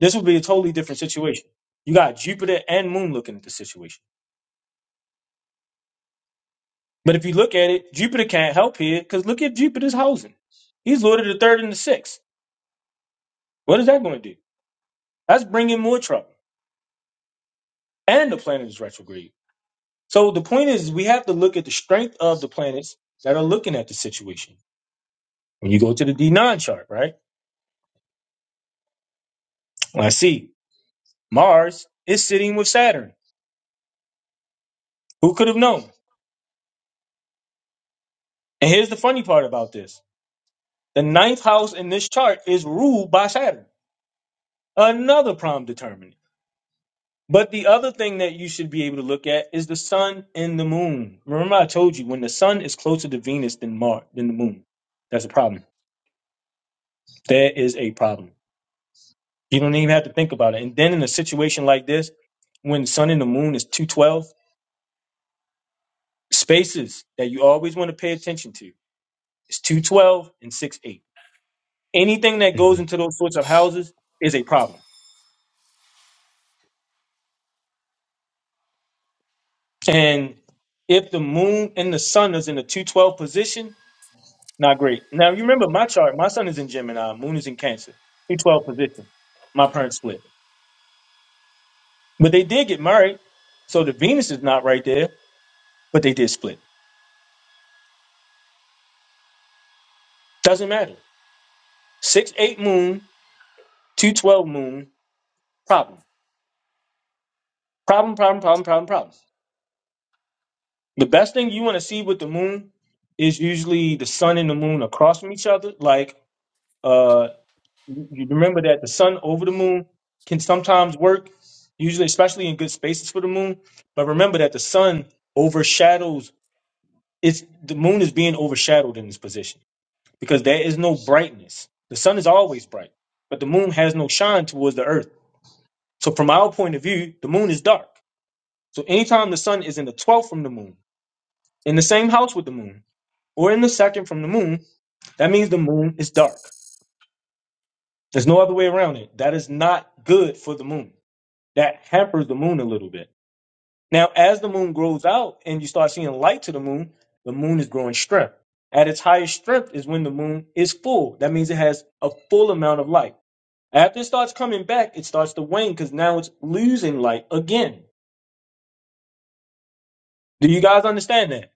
S1: This would be a totally different situation. You got Jupiter and Moon looking at the situation. But if you look at it, Jupiter can't help here because look at Jupiter's housing. He's lord of the third and the sixth. What is that going to do? That's bringing more trouble. And the planet is retrograde. So the point is, we have to look at the strength of the planets that are looking at the situation. When you go to the D9 chart, right? I see Mars is sitting with Saturn. Who could have known? And here's the funny part about this the ninth house in this chart is ruled by Saturn. Another prime determinant. But the other thing that you should be able to look at is the sun and the moon. Remember, I told you when the sun is closer to Venus than Mars than the moon, that's a problem. There is a problem. You don't even have to think about it. And then in a situation like this, when the sun and the moon is two twelve spaces that you always want to pay attention to is two twelve and six eight. Anything that goes
S4: hmm
S1: into those sorts of houses is a problem. And if the moon and the sun is in a two twelve position, Not great. Now you remember my chart. My son is in Gemini. Moon is in Cancer. He twelve position. My parents split, but they did get married. So the Venus is not right there, but they did split. Doesn't matter. Six eight Moon, two twelve Moon. Problem. Problem. Problem. Problem. Problem. Problem. The best thing you want to see with the Moon is usually the Sun and the Moon across from each other, like uh you remember that the sun over the moon can sometimes work, usually, especially in good spaces for the moon. But remember that the sun overshadows it's the moon is being overshadowed in this position because there is no brightness. The sun is always bright, but the moon has no shine towards the earth. So from our point of view, the moon is dark. So anytime the sun is in the twelfth from the moon, in the same house with the moon, or in the second from the moon, that means the moon is dark. There's no other way around it. That is not good for the moon that hampers the moon a little bit. Now, as the moon grows out and you start seeing light to the moon, the moon is growing strength. At its highest strength is when the moon is full. That means it has a full amount of light. After it starts coming back, it starts to wane because now it's losing light again. Do you guys understand that?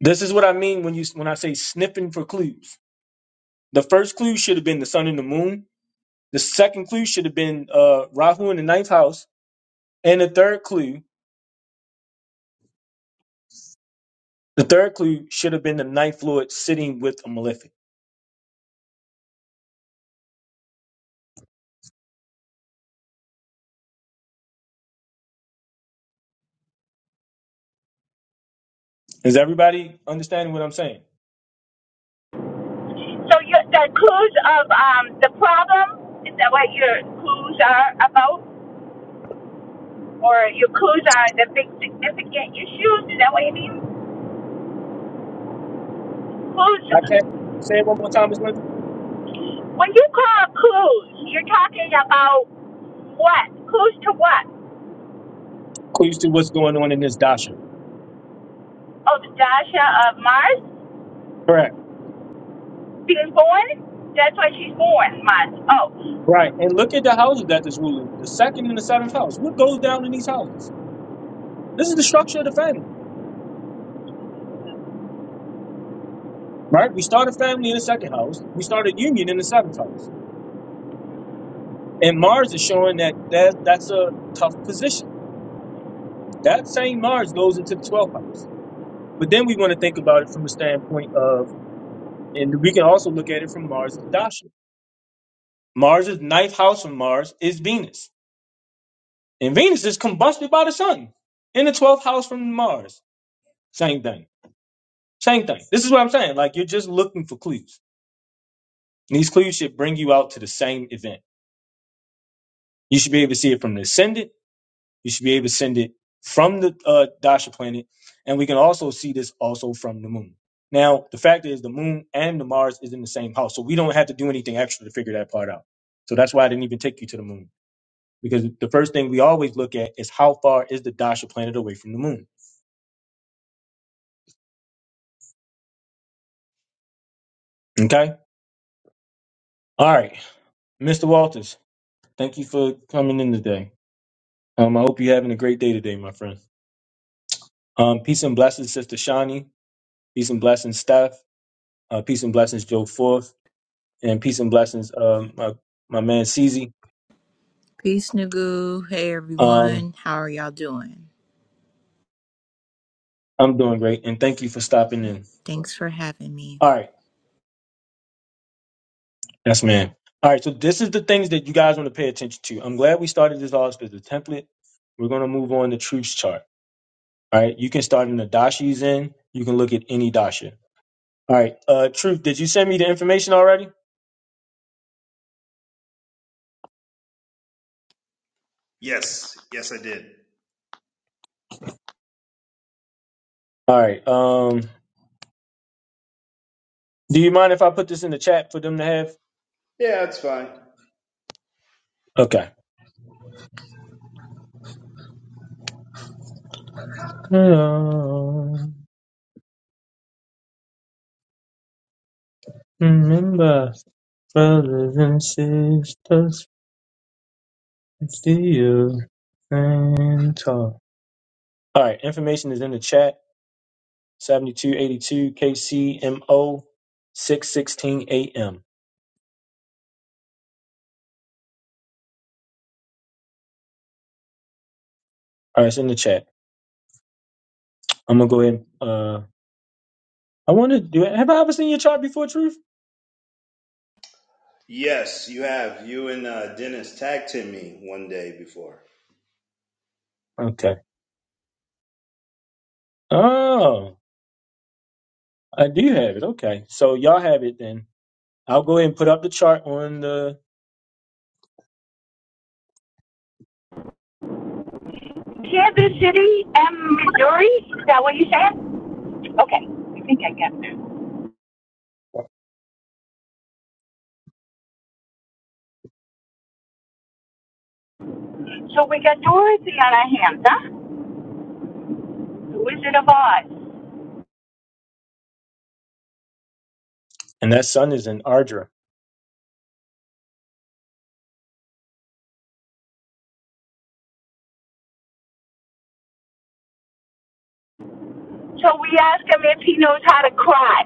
S1: This is what I mean when you when I say sniffing for clues. The first clue should have been the sun and the moon. The second clue should have been uh, Rahu in the ninth house, and the third clue The third clue should have been the ninth lord sitting with a malefic. Is everybody understanding what I'm saying?
S7: So you, the clues of um, the problem is that what your clues are about, or your clues are the big significant issues? Is that what you mean? Clues.
S1: I can't say it one more time, Ms. Lindsay.
S7: When you call clues, you're talking about what? Clues to what?
S1: Clues to what's going on in this dasha.
S7: Oh, the Dasha of Mars
S1: Correct.
S7: being born. That's why she's born, Mars. Oh,
S1: Right. And look at the houses that this ruling. The second and the seventh house. What goes down in these houses? This is the structure of the family. Right? We start a family in the second house. We start a union in the seventh house. And Mars is showing that, that that's a tough position. That same Mars goes into the 12th house. But then we want to think about it from the standpoint of And we can also look at it from Mars's Dasha. Mars's ninth house from Mars is Venus. And Venus is combusted by the sun in the 12th house from Mars. Same thing. Same thing. This is what I'm saying. Like, you're just looking for clues. And these clues should bring you out to the same event. You should be able to see it from the ascendant. You should be able to send it from the uh, Dasha planet. And we can also see this also from the moon. Now, the fact is, the moon and the Mars is in the same house. So we don't have to do anything extra to figure that part out. So that's why I didn't even take you to the moon because the first thing we always look at is how far is the Dasha planet away from the moon. Okay. All right, Mr. Walters, thank you for coming in today. Um, I hope you're having a great day today, my friend. Um, peace and blessings, Sister Shani. Peace and blessings, Steph. Uh, peace and blessings, Joe Forth. And peace and blessings, um, my, my man, Cece.
S8: Peace, Nagu. Hey,
S1: Um,
S8: everyone. How are y'all doing?
S1: I'm doing great, and thank you for stopping in.
S8: Thanks for having me.
S1: All right. Yes, man. All right, so this is the things that you guys want to pay attention to. I'm glad we started this off as a template. We're going to move on to truths chart. All right. You can start in the dasha he's in. You can look at any dasha. All right. Uh, Truth, did you send me the information already?
S6: Yes, yes, I did.
S1: All right. Um, do you mind if I put this in the chat for them to have?
S6: Yeah, that's fine.
S1: Okay. Hello, remember, brothers and sisters, it's you and talk. All right. Information is in the chat. 7282 KCMO 616 AM. All right. It's in the chat. I'm going to go ahead and, uh, I want to do it. Have I ever seen your chart before, Truth?
S6: Yes, you have. You and uh, Dennis tagged team me one day before.
S1: Okay. Oh, I do have it. Okay. So y'all have it then. I'll go ahead and put up the chart on the.
S7: Kansas City and Missouri. Is that what you said? Okay, I think I get that. So we got Dorothy on our hands, huh? The Wizard of Oz.
S1: And that sun is in Ardra.
S7: So we asked him if he knows how to cry.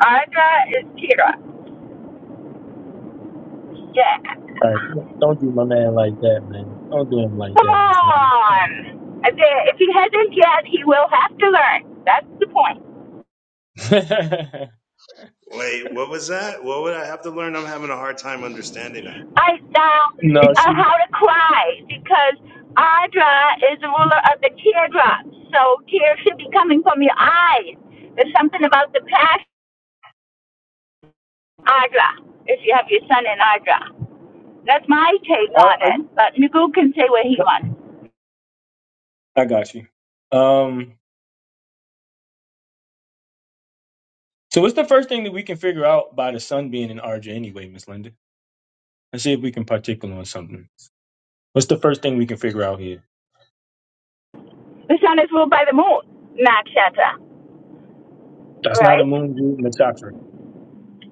S7: Audra is Kira. Yeah.
S1: All right. Don't do my man like that, man. Don't do him like
S7: Come
S1: that, Miss
S7: on. I said, If he hasn't yet, he will have to learn. That's the point.
S1: Lady.
S6: Wait, what was that? What would I have to learn? I'm having a hard time understanding her.
S7: I found
S1: no,
S7: uh,
S1: she.
S7: how to cry because Audra is the ruler of the teardrops. So tears should be coming from your eyes. There's something about the passion, Audra, if you have your son in Audra. That's my take
S1: Are,
S7: on
S1: are you?
S7: it. But Nagu can say what he wants.
S1: I got you. Um. So what's the first thing that we can figure out by the sun being in Ardra anyway, Miss Linda? Let's see if we can particular on something. What's the first thing we can figure out here?
S7: The sun is ruled by the moon, nakshatra,
S1: That's not a
S7: right?
S1: moon, root, and a chakra.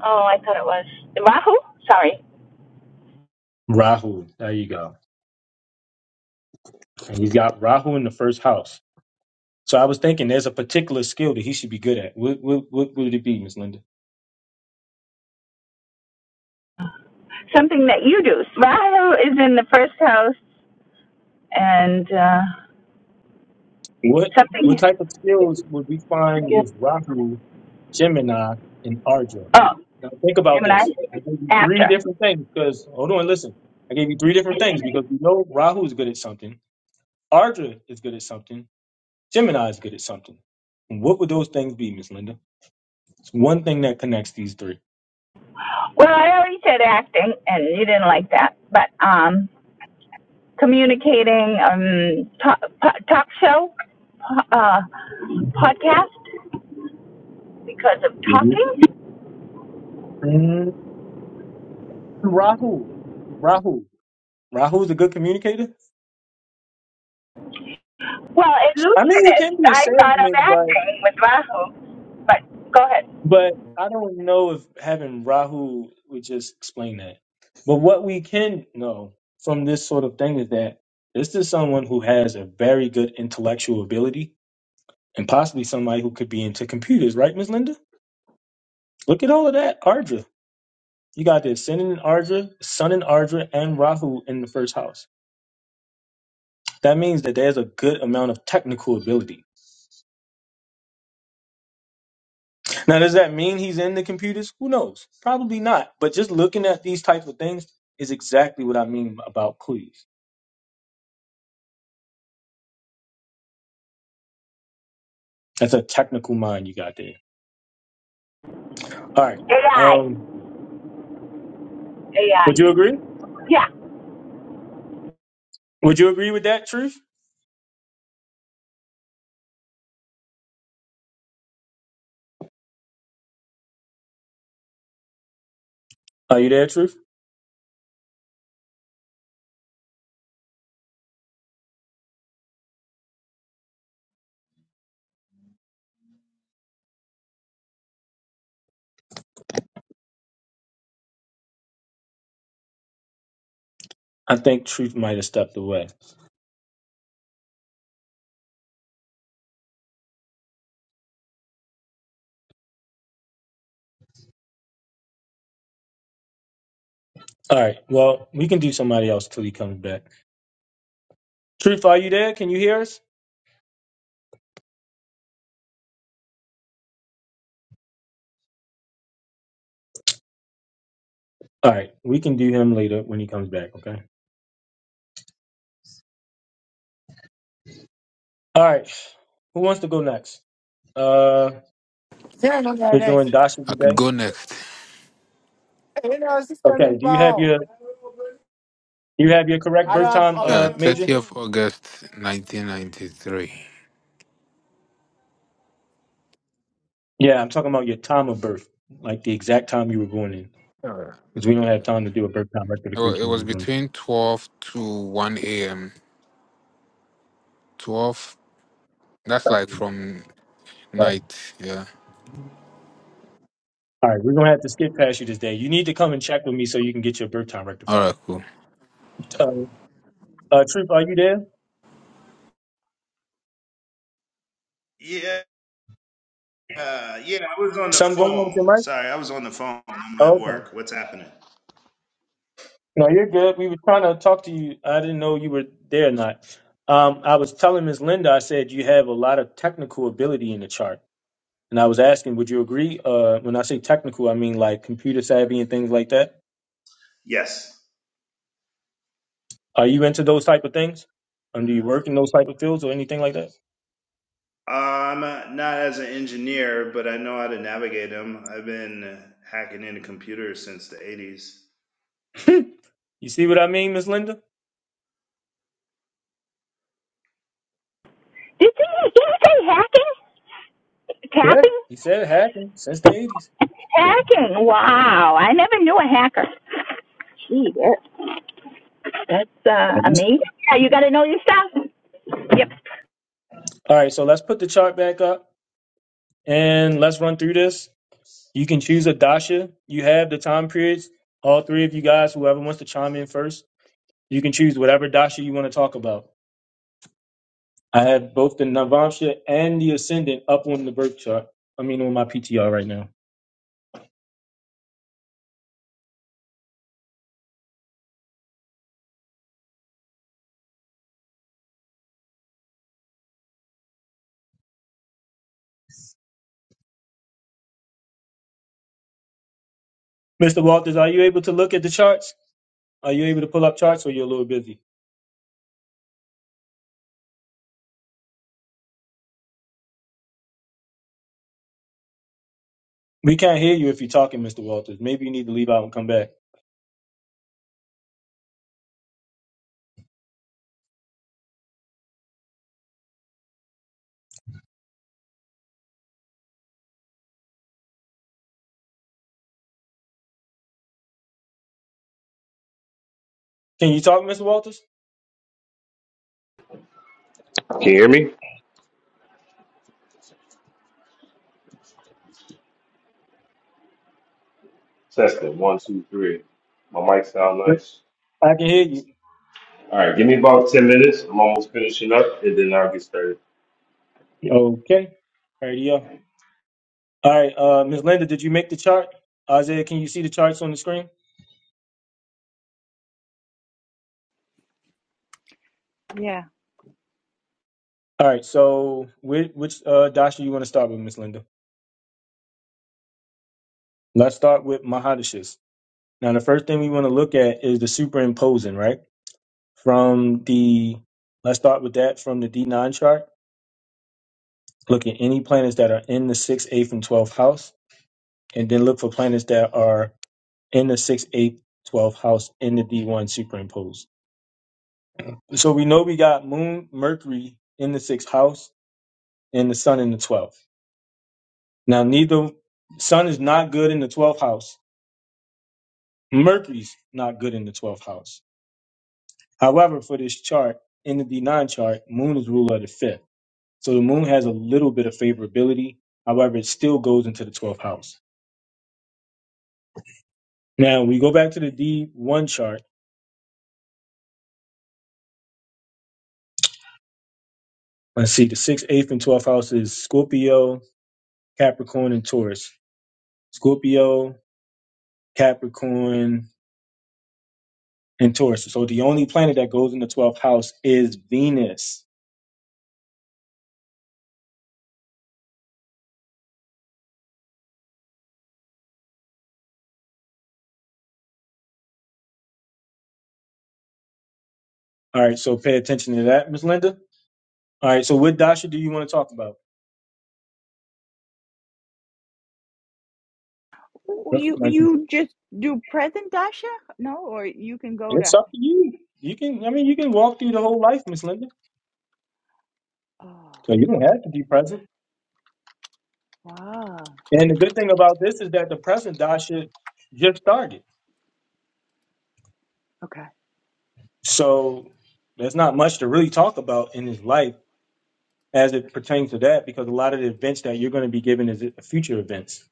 S7: Oh, I thought it was Rahu. Sorry,
S1: Rahu. There you go. And you got Rahu in the first house. So I was thinking there's a particular skill that he should be good at. What what, what would it be, Miss Linda?
S7: something that you do. Rahu is in the first house, and uh,
S1: What what
S7: something.
S1: type of skills would we find with Rahu, Gemini, and Ardra?
S7: Oh,
S1: Now think about
S7: Gemini.
S1: this. I gave you three
S7: Actor.
S1: different things because hold on, listen. I gave you three different things because we know Rahu is good at something, Ardra is good at something, Gemini is good at something. And what would those things be, Miss Linda? It's one thing that connects these three.
S7: Well, I already said acting, and you didn't like that. But um, communicating, um, talk, po- talk show, po- uh, podcast because of talking.
S1: Mm, Rahu. Rahu. Rahu's a good communicator.
S7: Well,
S1: I mean, he can
S7: illusionist.
S1: be a
S7: I thought of
S1: salesman, but
S7: acting with Rahu, but go ahead.
S1: but I don't know if having Rahu would just explain that. But what we can know from this sort of thing is that this is someone who has a very good intellectual ability, and possibly somebody who could be into computers, right, Ms. Linda? Look at all of that, Ardra. You got the Ascendant in Ardra, Sun in Ardra, and Rahu in the first house. That means that there's a good amount of technical ability Now, does that mean he's in the computers? Who knows? Probably not. But just looking at these types of things is exactly what I mean about please. That's a technical mind you got there. All right.
S7: AI.
S1: Um,
S7: AI.
S1: would you agree?
S7: Yeah.
S1: Would you agree with that, Truth? Are you there, Truth? I think Truth might have stepped away. All right. Well, we can do somebody else till he comes back. Truth, are you there? Can you hear us? All right. We can do him later when he comes back. Okay. All right. Who wants to go next? Uh,
S9: Yeah, no, no, no.
S1: we're
S9: Hey,
S1: doing Dasha today.
S9: You know, system
S1: Okay.
S9: in
S1: Do you have
S9: pound.
S1: your? You have your correct
S9: I
S1: birth
S9: don't,
S1: time,
S9: I
S1: uh, Major? Yeah, I'm talking about your time of birth, like the exact time you were born in, because we don't have time to do a birth time rectification. All right, we're gonna have to skip past you this day. You need to come and check with me so you can get your birth time rectified. Uh, uh Troop, are you there?
S6: Yeah, uh, yeah, I was on the
S1: Something going on with
S6: phone.
S1: your mic?
S6: Sorry, I was on the phone. I'm
S1: Oh,
S6: at
S1: okay.
S6: work. What's happening?
S1: No, you're good. We were trying to talk to you. I didn't know you were there or not. Um, I was telling Miss Linda. I said you have a lot of technical ability in the chart. And I was asking, would you agree? Uh, when I say technical, I mean like computer savvy and things like that.
S6: Yes.
S1: Are you into those type of things? Um, do you work in those type of fields or anything like that?
S6: Uh, I'm uh, not as an engineer, but I know how to navigate them. I've been hacking into computers since the 80s.
S1: you see what I mean, Miss Linda?
S7: Did he, did he say hacking?
S1: Yeah,
S7: Tapping?
S1: he said it happened since the eighties.
S7: Hacking. Wow. I never knew a hacker. Gee, that, that's uh,
S1: All
S7: amazing. Yeah, you got to know your stuff. Yep.
S1: right, so let's put the chart back up and let's run through this. You can choose a dasha. You have the time periods. All three of you guys, whoever wants to chime in first, you can choose whatever dasha you want to talk about. I have both the Navamsha and the Ascendant up on the birth chart. I mean, on my PTR right now. Mr. Walters, are you able to look at the charts? Are you able to pull up charts or you're a little busy? We can't hear you if you're talking, Mr. Walters. Maybe you need to leave out and come back. Can you talk, Mr. Walters?
S10: Can you hear me? Testing one, two, three. My mic sound
S1: Yep.
S10: nice.
S1: I can hear
S10: All right, give me about ten minutes. I'm almost finishing up, and then I'll get started.
S1: you. Okay. All right, yeah. All right, uh, Ms. Linda, did you make the chart? Isaiah, can you see the charts on the screen? All right, so which, which uh, dasha you want to start with, Ms. Linda? Let's start with Mahadashis. Now, the first thing we want to look at is the superimposing, right? From the, let's start with that from the D9 chart. Look at any planets that are in the 6th, 8th, and 12th house, and then look for planets that are in the 6th, 8th, 12th house in the D1 superimposed. So we know we got Moon, Mercury in the 6th house, and the Sun in the 12th. Now, neither Sun is not good in the 12th house, Mercury's not good in the 12th house. However, for this chart, in the D9 chart, Moon is ruler of the 5th. So the moon has a little bit of favorability. However, it still goes into the 12th house. Now, we go back to the D1 chart. Let's see, the 6th, 8th, and 12th house is Scorpio, Capricorn, and Taurus. Scorpio, Capricorn, and Taurus. So the only planet that goes in the 12th house is Venus. All right, so pay attention to that, Miss Linda. All right, so what Dasha do you want to talk about? Looks like- It's up to you. You can, I mean, you can walk through the whole life, Miss Linda. So you don't have to be present. And the good thing about this is that the present Dasha just started. So there's not much to really talk about in his life as it pertains to that because a lot of the events that you're going to be given is future events.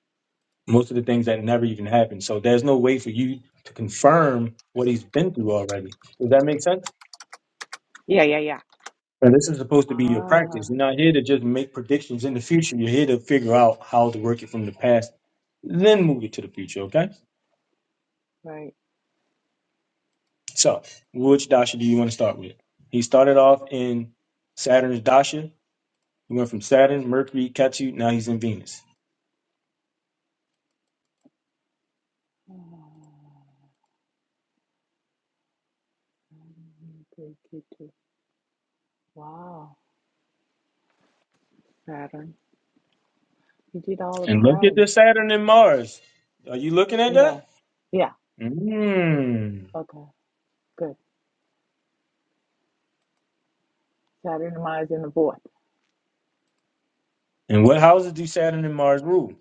S1: Most of the things that never even happened. So there's no way for you to confirm what he's been through already. Does that make sense? And this is supposed to be your practice. You're not here to just make predictions in the future. You're here to figure out how to work it from the past, then move it to the future, okay? So, which dasha do you want to start with? He started off in Saturn's dasha. He went from Saturn, Mercury, Ketu. Now he's in Venus. And look at the Saturn and Mars. Are you looking at that? Mm. And what houses do Saturn and Mars rule?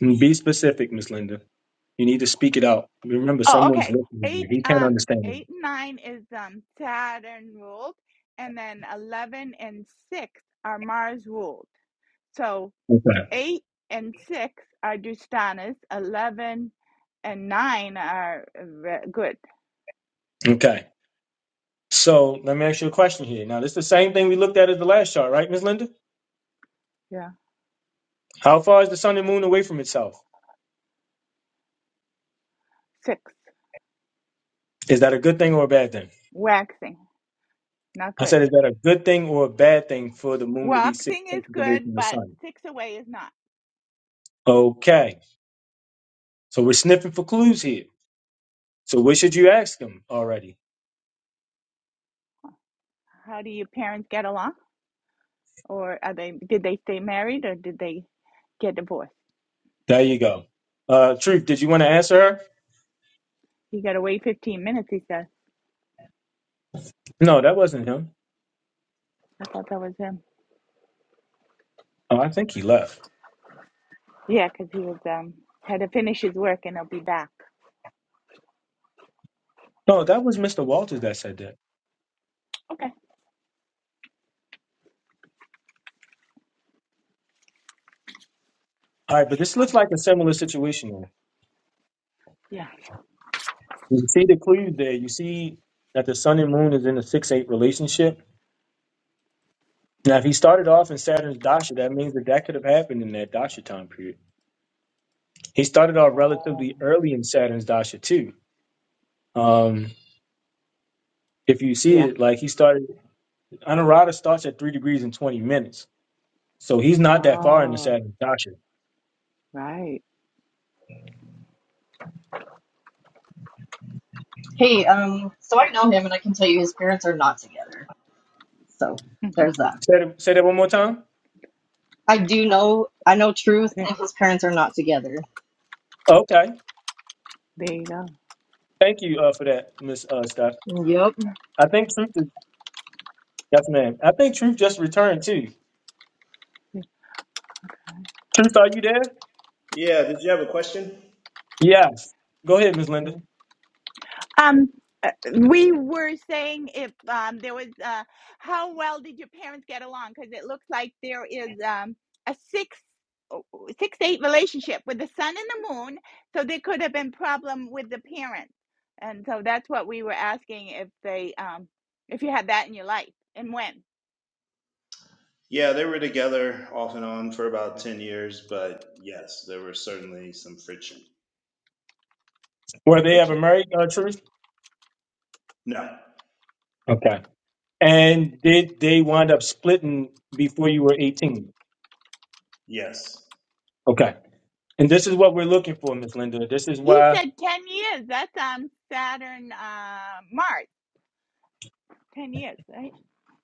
S1: And Be specific, Miss Linda. You need to speak it out. Remember, someone's listening. He can't understand it. Okay. Okay. So let me ask you a question here. Now, this is the same thing we looked at at the last chart, right, Miss Linda? How far is the sun and moon away from itself? Is that a good thing or a bad thing? I said, is that a good thing or a bad thing for the moon to be six seconds away from the sun? Okay. So we're sniffing for clues here. So what should you ask him already? There you go. Uh, Truth, did you want to answer her? No, that wasn't him. Oh, I think he left. No, that was Mr. Walters that said that. All right, but this looks like a similar situation. here. You see the clues there. You see that the sun and moon is in a 6 8 relationship. Now, if he started off in Saturn's dasha, that means that that could have happened in that dasha time period. He started off relatively early in Saturn's dasha too. Um, if you see it, like he started, Anuradha starts at three degrees and twenty minutes, so he's not that far in the Saturn's dasha.
S11: Hey, um, so I know him and I can tell you his parents are not together. So there's that.
S1: Say that, say that one more time.
S11: I do know, I know truth and his parents are not together.
S1: Okay, thank you uh, for that, Miss uh, Scott.
S11: Yep.
S1: I think Truth is yes, ma'am. I think Truth just returned too. Truth, are you there?
S6: Yeah, did you have a question?
S1: Yes. Go ahead, Miss Linda.
S6: Yeah, they were together off and on for about 10 years, but yes, there were certainly some friction.
S1: Were they ever married, uh, Truth?
S6: No,
S1: Okay. And did they wind up splitting before you were eighteen?
S6: yes.
S1: Okay. And this is what we're looking for, Miss Linda. This is why.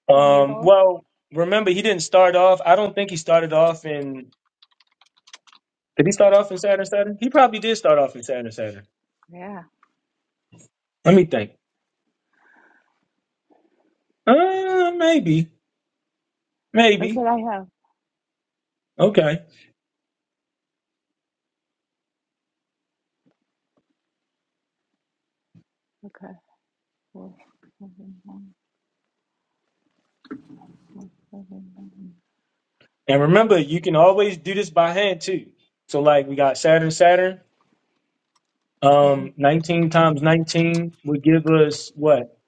S1: Um, well, remember he didn't start off. I don't think he started off in. Did he start off in Saturn Saturn? He probably did start off in Saturn Saturn. Let me think. Uh, maybe, maybe. Okay. And remember, you can always do this by hand too. So like we got Saturn Saturn. Um, nineteen times nineteen would give us what?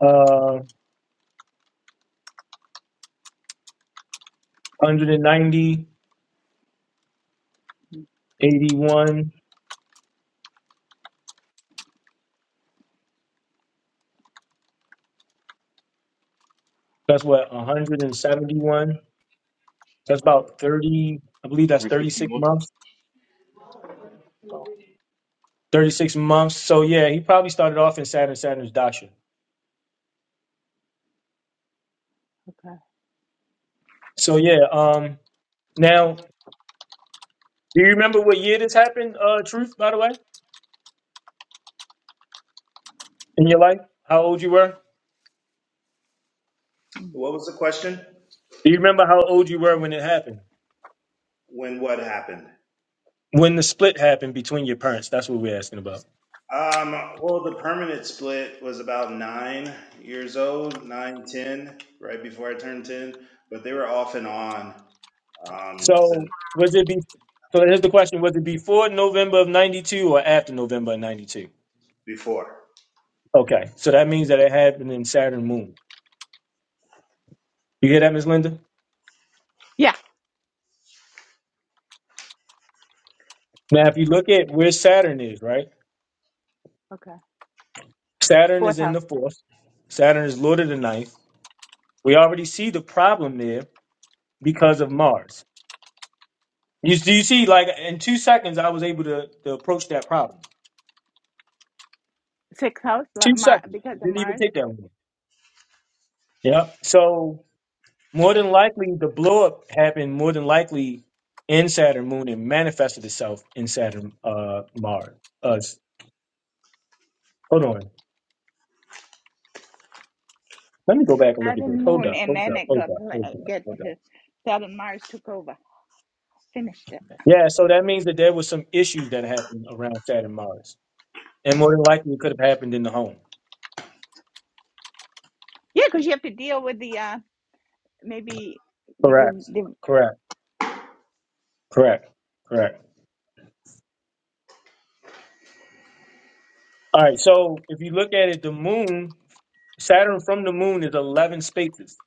S1: Uh, one hundred ninety eighty one. That's what 171. That's about 30, I believe that's
S10: Three sixty
S1: 36
S10: one.
S1: months. 36 months. So yeah, he probably started off in Saturn Saturn's Dasha. So yeah, um now do you remember what year this happened, uh truth, by the way? In your life? How old you were?
S6: What was the question?
S1: Do you remember how old you were when it happened?
S6: When what happened?
S1: When the split happened between your parents. That's what we're asking about.
S6: Um, well, the permanent split was about nine years old, nine ten, right before I turned 10, but they were off and on um, since
S1: So was it be so here's the question, was it before November of ninety two or after November of ninety two?
S6: before.
S1: Okay. So that means that it happened in Saturn Moon. You hear that, Miss Linda? Now, if you look at where Saturn is, right? Saturn is in the fourth. Saturn is Lord of the ninth. We already see the problem there because of Mars. You, do you see, like, in two seconds, I was able to, to approach that problem. Two seconds. It didn't even take that long. Yeah. So, more than likely, the blow up happened more than likely in Saturn moon and manifested itself in Saturn uh, Mars. Uh, hold on. Let me go back and look at this. Hold up. Hold up. Hold up. Hold up. Hold up. Yeah, so that means that there was some issues that happened around Saturn Mars. And more than likely it could have happened in the home. Correct. Correct. Correct. Correct. All right. So if you look at it, the moon, Saturn from the moon is eleven spaces.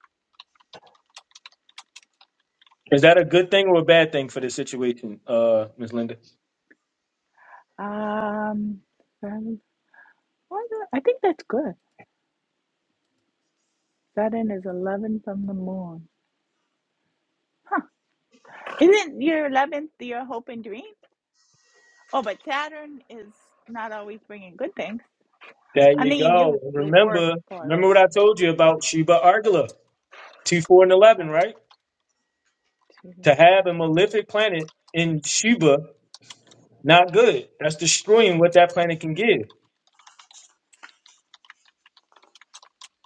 S1: Is that a good thing or a bad thing for this situation, uh, Miss Linda? There you go. And Remember, remember what I told you about Sheba Argala, two, four, and eleven, right? To have a malefic planet in Sheba, not good. That's destroying what that planet can give.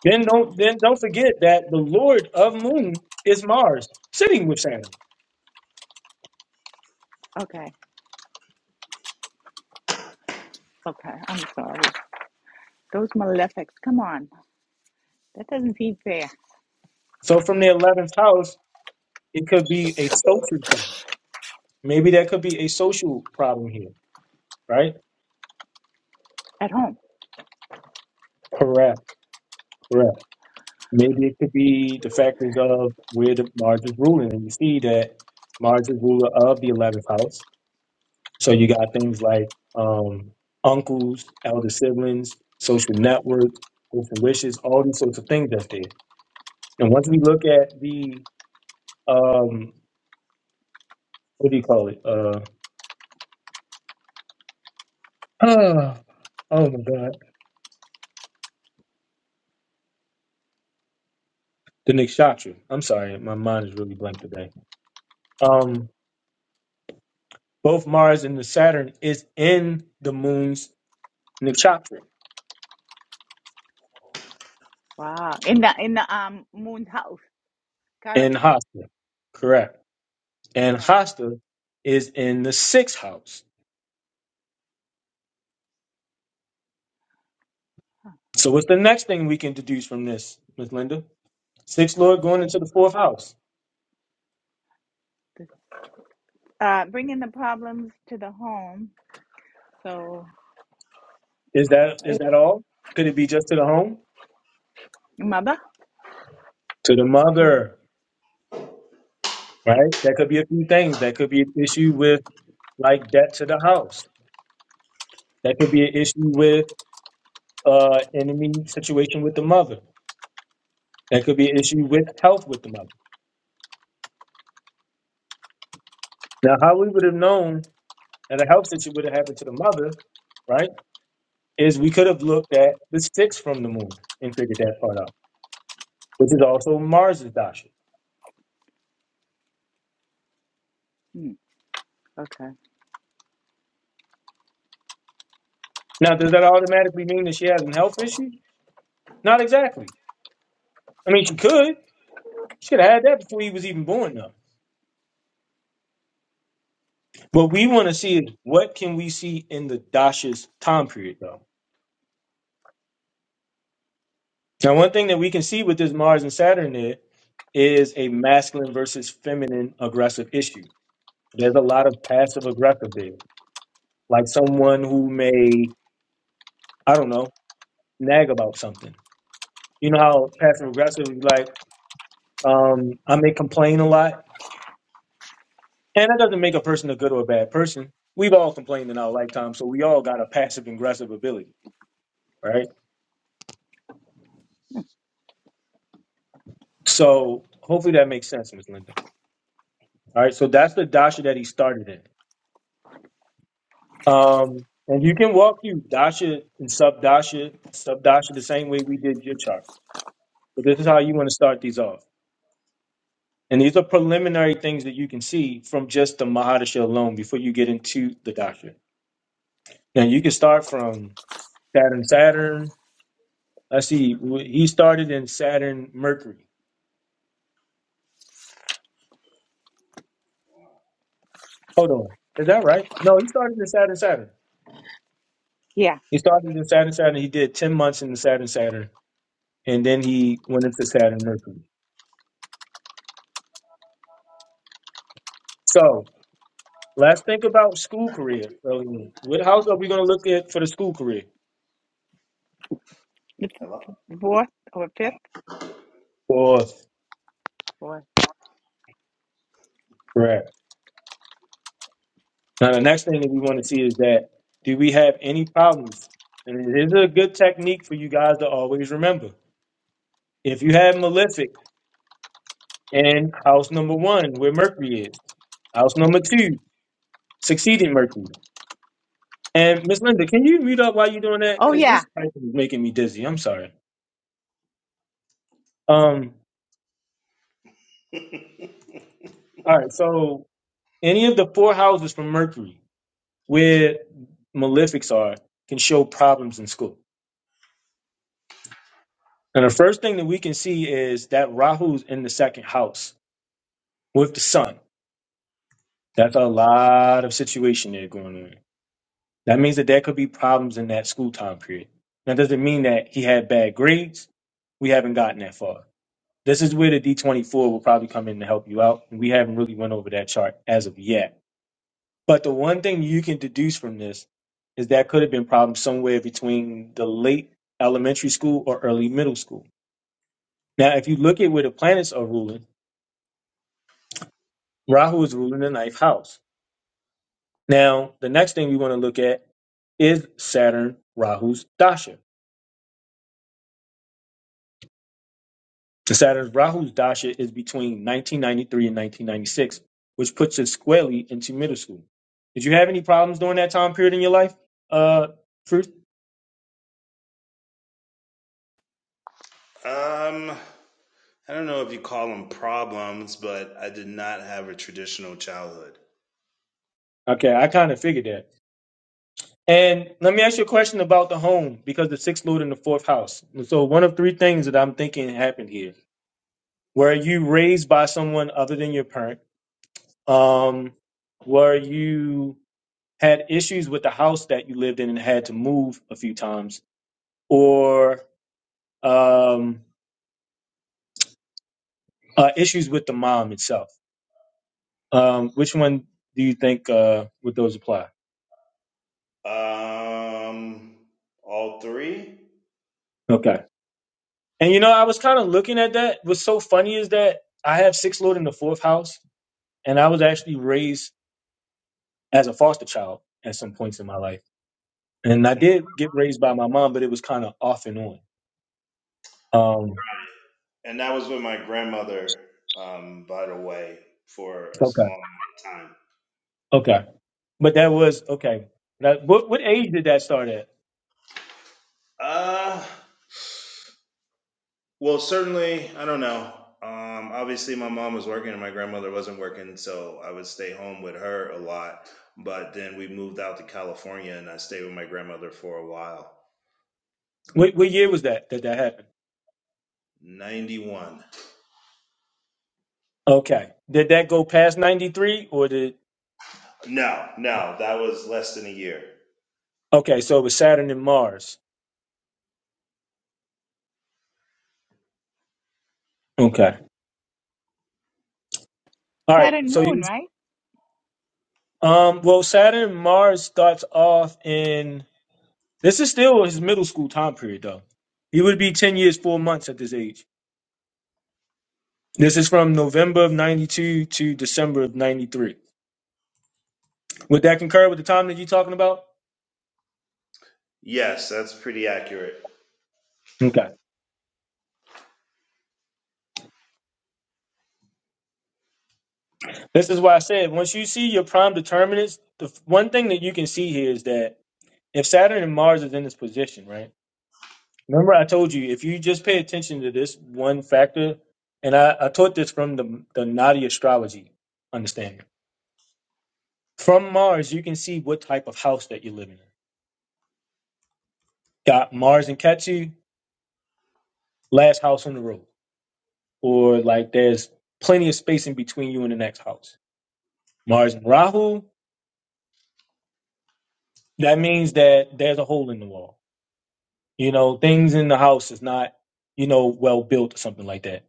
S1: Then don't then don't forget that the Lord of Moon is Mars, sitting with Saturn. So from the eleventh house, it could be a social thing. Maybe that could be a social problem here, right? Correct, correct. Maybe it could be the factors of where the Mars is ruling, and you see that Mars is ruler of the eleventh house. So you got things like um, uncles, elder siblings, social networks, hopes and wishes, all these sorts of things that's there. And once we look at the um what do you call it? Uh oh, my god. The Nikshatra. I'm sorry, my mind is really blank today. Um both Mars and the Saturn is in the moon's Nikshatra in Hasta. Correct. And Hasta is in the sixth house. So what's the next thing we can deduce from this, Miss Linda? Sixth Lord going into the fourth house. Is that is that all? Could it be just to the home? To the mother, right? That could be a few things. That could be an issue with like debt to the house. That could be an issue with uh enemy situation with the mother. That could be an issue with health with the mother. Now, how we would have known that a health situation would have happened to the mother, right? Is we could have looked at the six from the moon and figured that part out, which is also Mars's dasha. Now, does that automatically mean that she has a health issue? Not exactly. I mean, she could. She could have had that before he was even born, though. What we want to see is what can we see in the dasha's time period, though Now, one thing that we can see with this Mars and Saturn there is a masculine versus feminine aggressive issue. There's a lot of passive aggressive there, like someone who may, I don't know, nag about something. You know how passive aggressive is like, um, I may complain a lot, and that doesn't make a person a good or a bad person. We've all complained in our lifetime, so we all got a passive aggressive ability, right? So hopefully that makes sense, Ms. Linda. All right, so that's the dasha that he started in. Um, and you can walk through dasha and sub dasha, sub dasha the same way we did your chart. But this is how you want to start these off. And these are preliminary things that you can see from just the Mahadasha alone before you get into the dasha. Now you can start from Saturn, Saturn. I see w- he started in Saturn, Mercury. Hold on, is that right? No, he started in Saturn, Saturn. He started in Saturn, Saturn. He did ten months in the Saturn, Saturn, and then he went into Saturn, Mercury. So Let's think about school career. earlier. What house are we going to look at for the school career?
S6: Hello?
S1: Fourth, correct. Now, the next thing that we want to see is that do we have any problems? And this is a good technique for you guys to always remember. If you have malefic and house number one, where Mercury is, house number two, succeeding Mercury. And Miss Linda, can you mute up while you're doing that? Because this type is making me dizzy. I'm sorry. Um. All right. So any of the four houses from Mercury, where malefics are can show problems in school. And the first thing that we can see is that Rahu's in the second house with the sun. That's a lot of situation there going on. That means that there could be problems in that school time period. That doesn't mean that he had bad grades. We haven't gotten that far. This is where the D24 will probably come in to help you out. And we haven't really went over that chart as of yet But the one thing you can deduce from this is that could have been problems somewhere between the late elementary school or early middle school. Now, if you look at where the planets are ruling, Rahu is ruling the ninth house. Now, the next thing we want to look at is Saturn Rahu's Dasha. The Saturn's Rahu's Dasha is between 1993 and 1996, which puts us squarely into middle school. Did you have any problems during that time period in your life? Uh, truth?
S6: Um, I don't know if you call them problems, but I did not have a traditional childhood.
S1: Okay, I kind of figured that. And let me ask you a question about the home because the sixth lord in the fourth house. So one of three things that I'm thinking happened here. Were you raised by someone other than your parent? Um, were you had issues with the house that you lived in and had to move a few times, or um, uh, issues with the mom itself? Um, which one do you think uh, would those apply?
S6: Um, all three,
S1: Okay. And you know, I was kind of looking at that. What's so funny is that I have sixth lord in the fourth house, and I was actually raised as a foster child at some points in my life. And I did get raised by my mom, but it was kind of off and on. Um,
S6: and that was with my grandmother. Um, by the way, for a small
S1: okay.
S6: amount of time.
S1: Okay. But that was, okay. That, what, what age did that start at?
S6: Uh, well, certainly, I don't know. Um, obviously, my mom was working and my grandmother wasn't working, so I would stay home with her a lot. But then we moved out to California, and I stayed with my grandmother for a while.
S1: What, what year was that that that happened?
S6: Ninety-one.
S1: Okay. Did that go past 93 or did,
S6: No, no, that was less than a year.
S1: okay, so it was Saturn and Mars. Okay. All right. So you, um, well, Saturn and Mars starts off in, this is still his middle school time period though. He would be 10 years, four months at this age. This is from November of 92 to December of 93. Would that concur with the time that you're talking about?
S6: Yes, that's pretty accurate.
S1: Okay. This is why I said once you see your prime determinants, the f- one thing that you can see here is that if Saturn and Mars is in this position, right? Remember, I told you if you just pay attention to this one factor, and I, I taught this from the, the Nadi astrology understanding. From Mars, you can see what type of house that you're living in. Got Mars and Ketu, last house on the road. or like there's plenty of space in between you and the next house. Mars and Rahu, that means that there's a hole in the wall. You know, things in the house is not, you know, well built or something like that.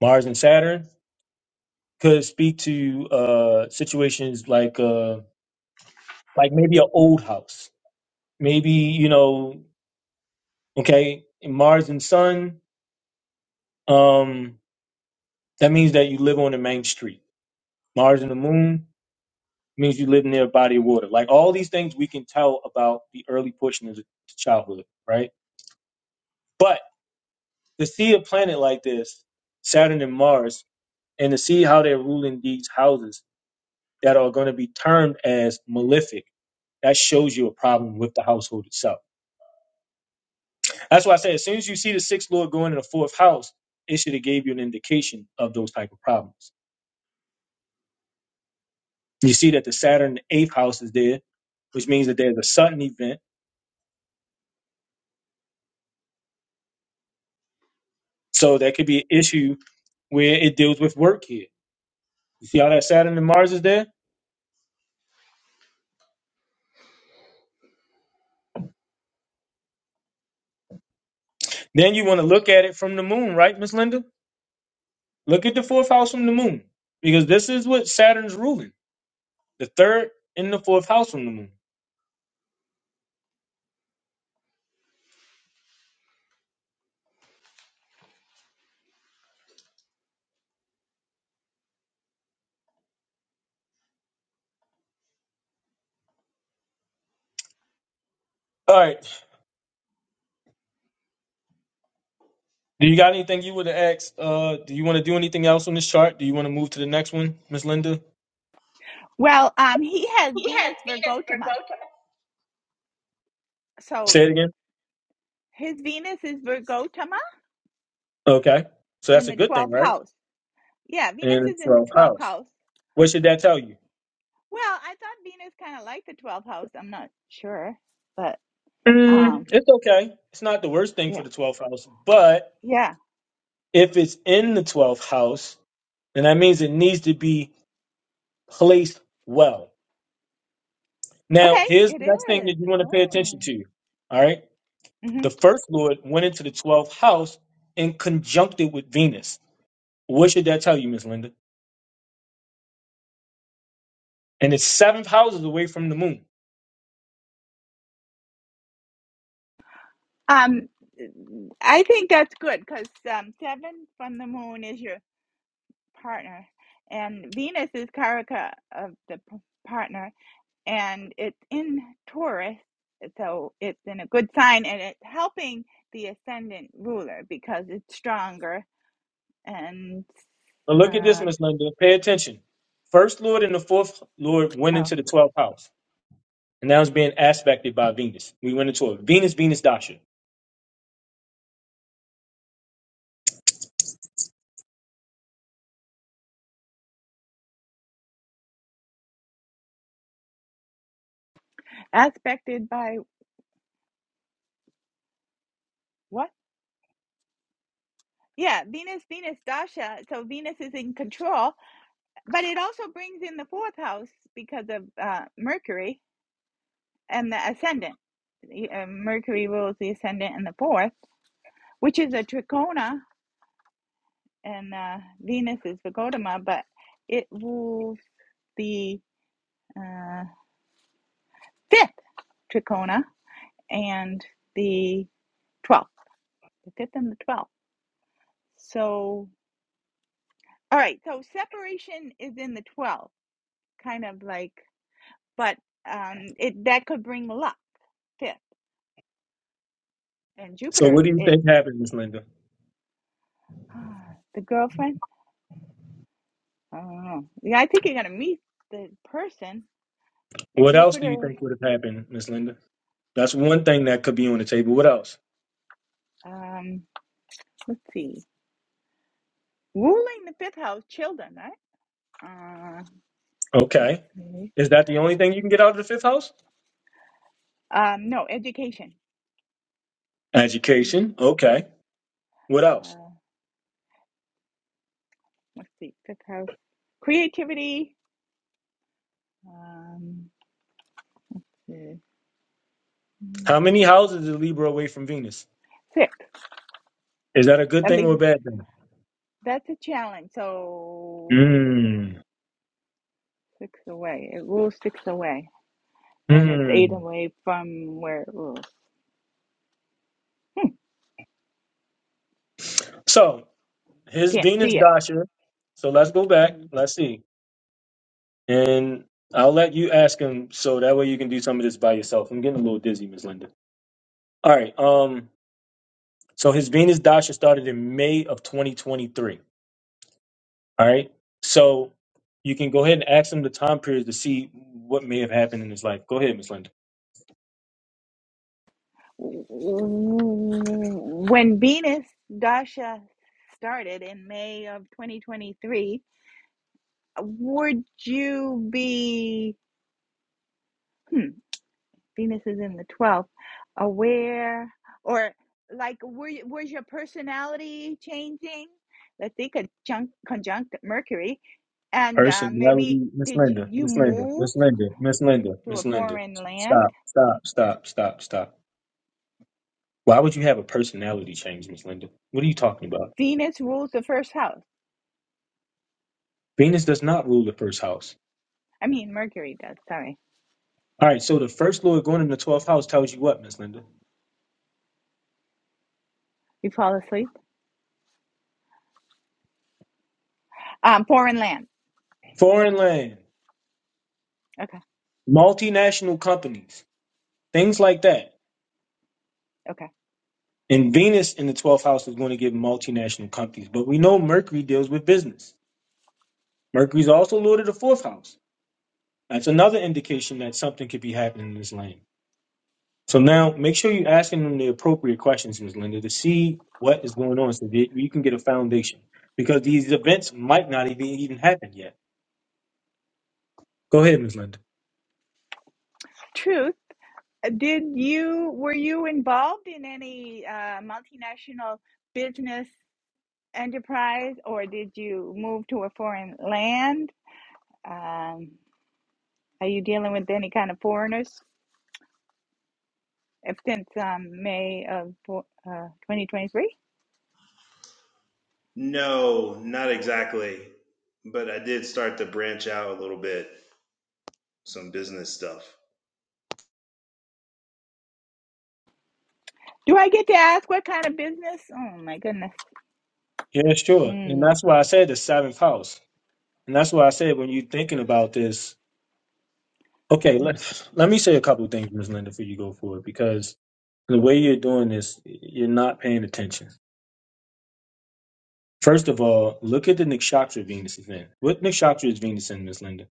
S1: Mars and Saturn could speak to uh situations like uh like maybe an old house. Maybe, you know, okay, in Mars and Sun, um, that means that you live on the main street. Mars and the Moon means you live near a body of water. Like all these things we can tell about the early portion of childhood, right? But to see a planet like this, Saturn and Mars, and to see how they're ruling these houses that are going to be termed as malefic, that shows you a problem with the household itself. That's why I say as soon as you see the sixth lord going in the fourth house, it should have gave you an indication of those type of problems. You see that the Saturn in the eighth house is there, which means that there's a sudden event So that could be an issue where it deals with work here. You see how that Saturn and Mars is there? Then you want to look at it from the moon, right, Miss Linda? Look at the fourth house from the moon. Because this is what Saturn's ruling. The third and the fourth house from the moon. All right. Do you got anything you would have asked? Uh, do you want to do anything else on this chart? Do you want to move to the next one, Miss Linda?
S6: He had Venus Verboten.
S1: Say it again. Okay. So that's a good thing, right? And it's 12th house. What should that tell you? Mm, it's okay. It's not the worst thing for the 12th house, but If it's in the 12th house, then that means it needs to be placed well. Now, here's the next thing that you want to pay attention to. All right. The first Lord went into the 12th house and conjuncted with Venus. What should that tell you, Miss Linda? And it's seventh houses away from the moon. But look at this, Miss Linda. Pay attention. First Lord and the fourth Lord went into the 12th house, and that was being aspected by Venus. We went into a Venus, Venus, Dasha. So, what do you think happened, Miss Linda? What else do you think would have happened, Miss Linda? That's one thing that could be on the table. What else? Okay. Is that the only thing you can get out of the fifth house? Education. Okay. What else? How many houses is Libra away from Venus? Is that a good thing or a bad thing? Hmm. Hmm. So his Venus Dasha. So let's go back. Let's see. And I'll let you ask him so that way you can do some of this by yourself. I'm getting a little dizzy, Miss Linda. All right. Um, so his Venus Dasha started in May of 2023. All right. So you can go ahead and ask him the time period to see what may have happened in his life. Go ahead, Miss Linda. Personality, Miss Linda, Miss Linda, Miss Linda, Miss Linda, Miss Linda. Stop, stop, stop, stop, stop. Why would you have a personality change, Miss Linda? What are you talking about? Venus does not rule the first house. All right, so the first lord going in the 12th house tells you what, Miss Linda? Foreign land, multinational companies, things like that. And Venus in the 12th house is going to give multinational companies. But we know Mercury deals with business. Mercury is also lord of the fourth house. That's another indication that something could be happening in this lane. So now make sure you're asking them the appropriate questions, Ms. Linda, to see what is going on so that you can get a foundation. Because these events might not even, even happen yet. Go ahead, Ms. Linda.
S6: No, not exactly. But I did start to branch out a little bit, some business stuff.
S1: Yeah, sure. And that's why I said the seventh house. And that's why I said when you're thinking about this, okay, let, let me say a couple of things, Ms. Linda, before you go forward, because The way you're doing this, you're not paying attention. First of all, look at the nakshatra Venus is in. What nakshatra is Venus in, Miss Linda?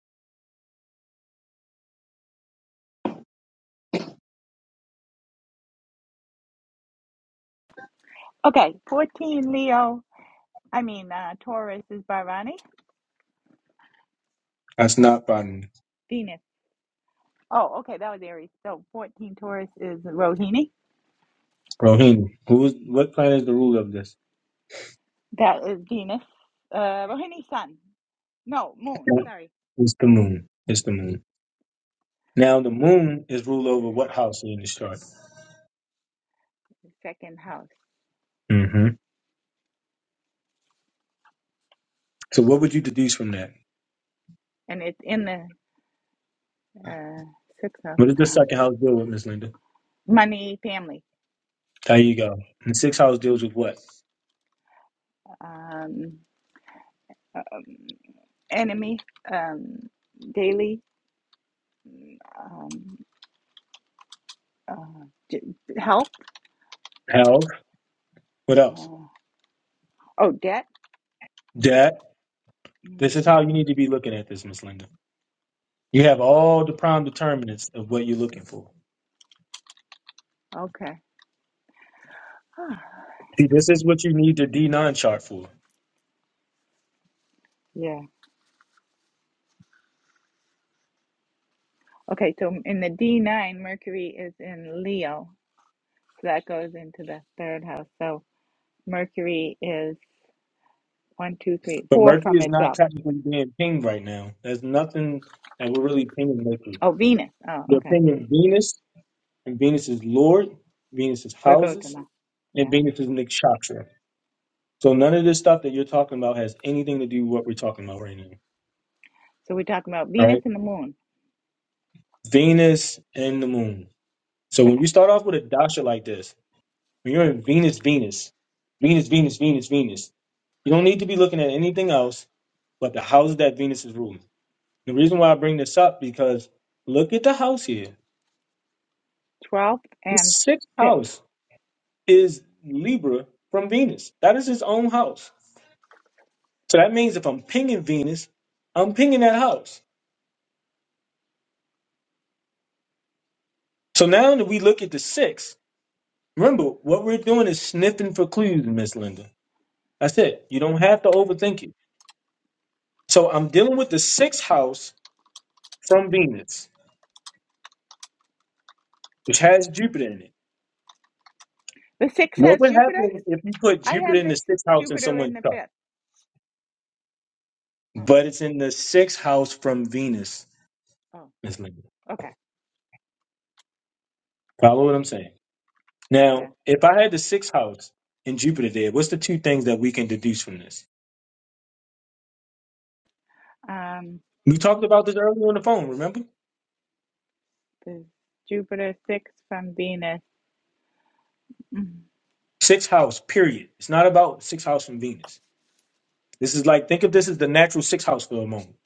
S1: That's not Botany. Rohini. Who is, what planet is the ruler of this? It's the moon. It's the moon. Now, the moon is ruled over what house in this chart? hmm So, what would you deduce from that? What does the second house deal with, Miss Linda? There you go. And the sixth house deals with what? Health. What else? Debt. This is how you need to be looking at this, Miss Linda. You have all the prime determinants of what you're looking for. See, this is what you need the D9 chart for. But Mercury is not technically being pinged right now. There's nothing that we're really pinging Mercury. We're pinging Venus, and Venus is Lord, Venus is houses, and Venus is nakshatra. So none of this stuff that you're talking about has anything to do with what we're talking about right now. All right? Venus and the moon. So when you start off with a dasha like this, when you're in Venus, Venus, Venus, Venus, Venus, Venus, you don't need to be looking at anything else but the houses that Venus is ruling. The reason why I bring this up because look at the house here. The sixth house is Libra from Venus. That is his own house. So that means if I'm pinging Venus, I'm pinging that house. So now that we look at the sixth, remember what we're doing is sniffing for clues, Miss Linda. That's it. You don't have to overthink it. So I'm dealing with the sixth house from Venus, which has Jupiter in it. What would happen if you put Jupiter in the sixth house in someone's chart? But it's in the sixth house from Venus. Miss Linda. Follow what I'm saying. Now, if I had the sixth house and Jupiter there, what's the two things that we can deduce from this? We talked about this earlier on the phone, remember? Sixth house, period. It's not about sixth house from Venus. This is like, think of this as the natural sixth house for a moment.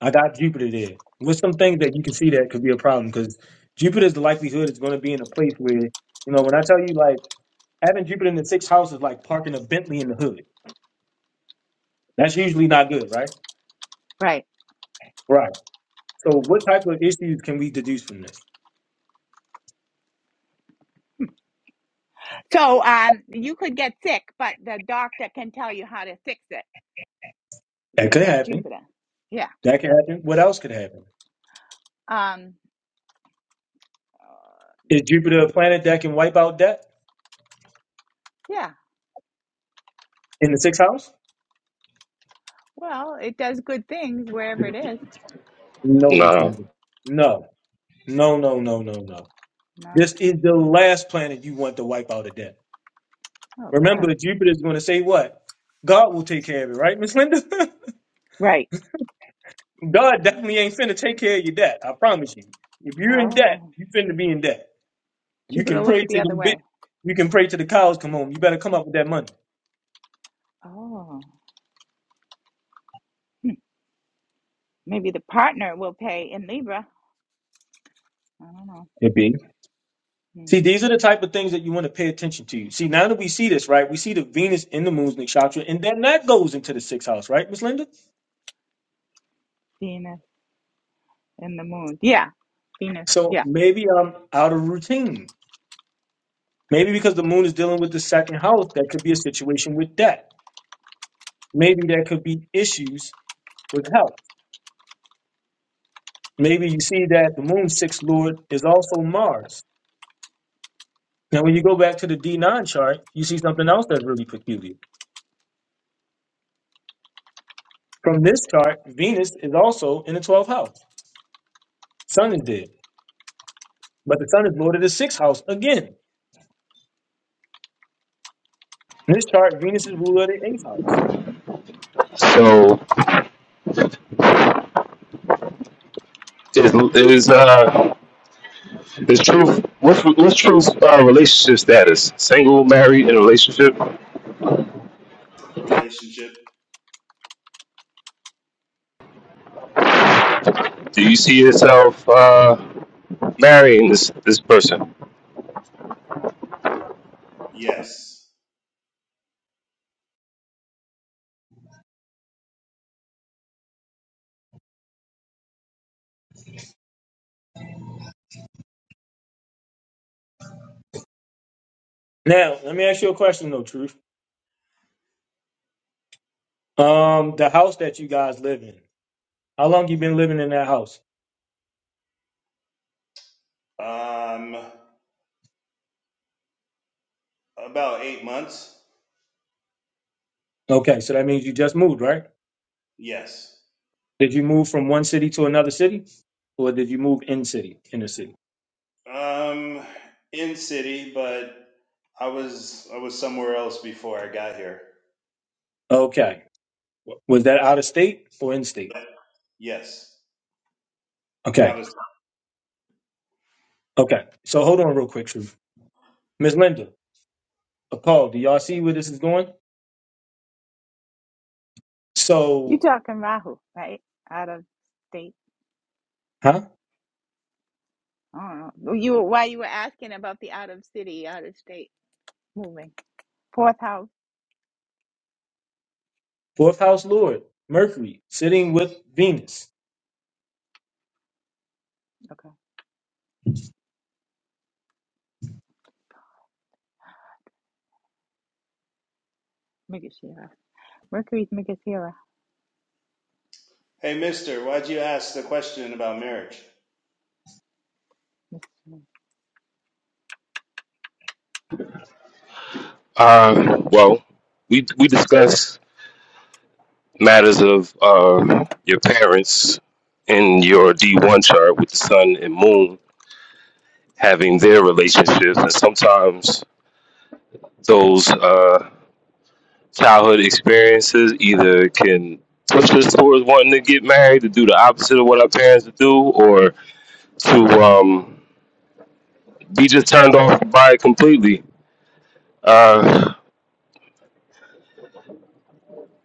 S1: I got Jupiter there. What's some things that you can see that could be a problem? Because Jupiter's the likelihood it's going to be in a place where, you know, when I tell you like having Jupiter in the sixth house is like parking a Bentley in the hood. That's usually not good, right? Right. So what type of issues can we deduce from this? That could happen. That could happen. What else could happen? Is Jupiter a planet that can wipe out debt in the sixth house? No, Miss
S10: Nah.
S1: Landon. No. No, no, no, no, no. This is the last planet you want to wipe out a debt. Remember, Jupiter is going to say what? God will take care of it, right, Miss Linda? God definitely ain't finna take care of your debt. I promise you. If you're in debt, you finna be in debt. You can pray to the bit. You can pray to the cows come home. You better come up with that money. See, these are the type of things that you want to pay attention to. See, now that we see this, right? We see the Venus in the moon's nakshatra, and then that goes into the sixth house, right, Miss Linda? So maybe I'm out of routine. Maybe because the moon is dealing with the second house, that could be a situation with debt. Maybe there could be issues with health. Maybe you see that the moon's sixth lord is also Mars. Now, when you go back to the D9 chart, you see something else that's really peculiar. From this chart, Venus is also in the 12th house. Sun is there, but the sun is lord of the sixth house again. In This chart, Venus is ruler of the eighth house.
S10: So is is uh is truth what's what's truth's uh, relationship status? Single, married, in a relationship?
S6: Relationship?
S10: Do you see yourself uh marrying this this person?
S6: Yes.
S1: Now, let me ask you a question though, Truth. Um, the house that you guys live in, how long you been living in that house?
S6: Um, about eight months?
S1: Okay, so that means you just moved, right?
S6: Yes.
S1: Did you move from one city to another city? Or did you move in city, in the city?
S6: Um, in city, but I was I was somewhere else before I got here.
S1: Okay. Was that out of state or in state?
S6: Yes. Out
S1: Okay.
S6: of time.
S1: Okay. So hold on real quick, Truth. Miss Linda, uh, Paul, do y'all see where this is going? So, huh? Fourth house lord, Mercury, sitting with Venus.
S6: Hey, mister, why'd you ask the question about marriage?
S10: Uh well, we we discussed. matters of uh, your parents in your D1 chart with the sun and moon having their relationships. And sometimes those uh, childhood experiences either can push us towards wanting to get married to do the opposite of what our parents would do or to um, be just turned off by it completely uh,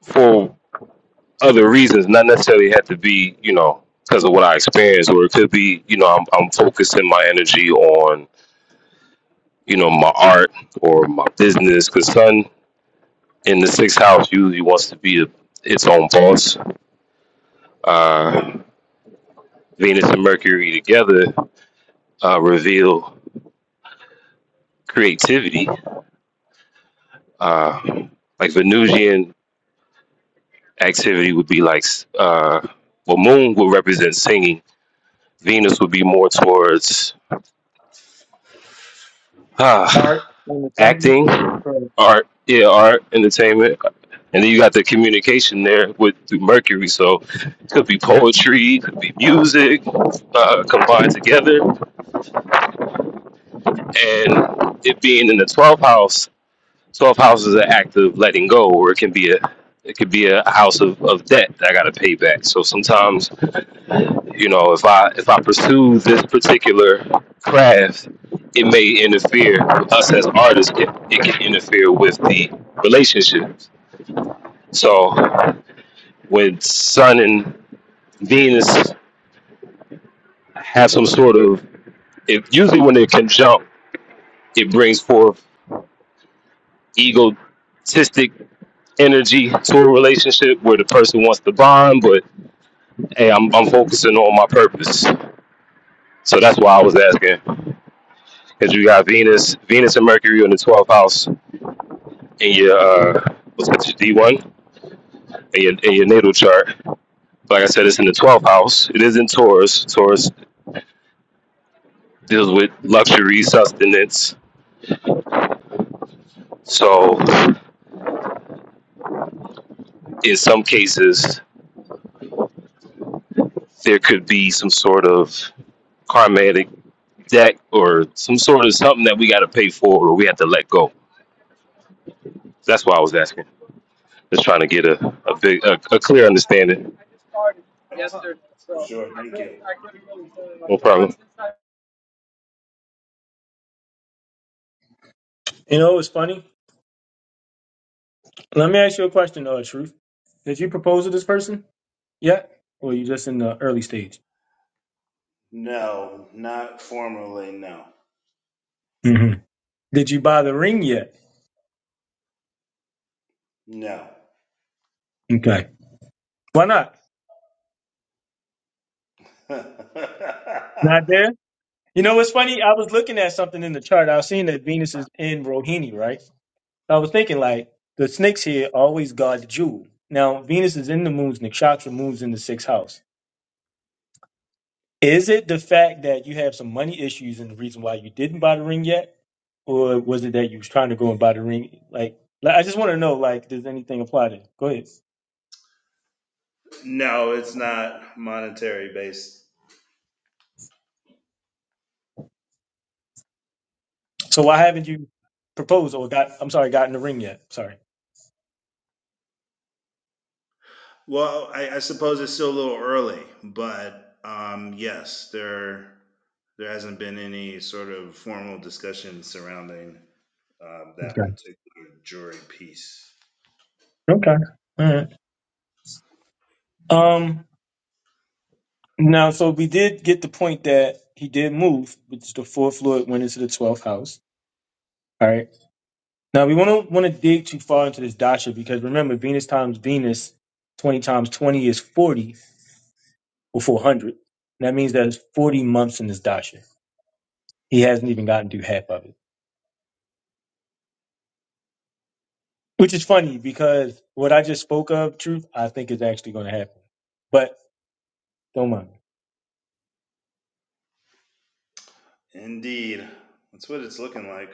S10: for other reasons, not necessarily have to be, you know, because of what I experienced, or it could be, you know, I'm, I'm focusing my energy on you know, my art or my business. Because Sun in the sixth house usually wants to be its own boss. Uh, Venus and Mercury together uh, reveal creativity. Uh, like Venusian activity would be like, uh, well, Moon will represent singing. Venus would be more towards. ah.
S1: All
S10: acting,
S1: right.
S10: art, yeah, art, entertainment, and then you got the communication there with through Mercury. So it could be poetry, it could be music uh, combined together, and it being in the 12th house. 12th house is an act of letting go, or it can be a it could be a house of, of debt that I got to pay back. So sometimes, you know, if I if I pursue this particular craft, it may interfere us as artists. It, it can interfere with the relationship. So with Sun and Venus have some sort of it usually when they conjunct, it brings forth egotistic energy to a relationship where the person wants to bond, but hey, I'm I'm focusing on my purpose. So that's why I was asking. Because you got Venus, Venus and Mercury in the twelfth house in your uh what's it, D one in your in your natal chart. Like I said, it's in the twelfth house. It is in Taurus. Taurus deals with luxury, sustenance. So in some cases there could be some sort of karmatic debt or some sort of something that we got to pay for or we have to let go. That's why I was asking. Just trying to get a, a big a, a clear understanding. Yes, sir.
S6: For
S10: So
S6: sure,
S10: I
S6: thank
S10: couldn't
S6: you.
S10: I couldn't really say like No problem.
S1: You know it's funny? Let me ask you a question, uh, Truth. Did you propose to this person yet? Or you just in the early stage?
S6: No, not formally, no.
S1: hmm Did you buy the ring yet?
S6: No.
S1: Okay. Why not? Not there? You know what's funny? I was looking at something in the chart. I was seeing that Venus is in Rohini, right? I was thinking like the snakes here always guard the jewel. Now Venus is in the moon's nakshatra, moon's in the sixth house. Is it the fact that you have some money issues and the reason why you didn't buy the ring yet? or was it that you was trying to go and buy the ring? Like, like I just want to know, like, does anything apply to? Go ahead.
S6: no, it's not monetary based.
S1: So why haven't you proposed or got? I'm sorry, gotten the ring yet? Sorry.
S6: Well, I, I suppose it's still a little early, but um, yes, there there hasn't been any sort of formal discussion surrounding um, that
S1: Okay.
S6: particular jury piece.
S1: Okay. All right. Um. Now, so we did get the point that he did move, which is the fourth lord went into the twelfth house. All right. Now we want to want to dig too far into this dasha because remember, Venus times Venus, twenty times twenty is forty or four hundred. And That means there's forty months in this dasha. He hasn't even gotten through half of it. Which is funny because what I just spoke of, truth, I think is actually going to happen. But don't mind me.
S6: Indeed, that's what it's looking like.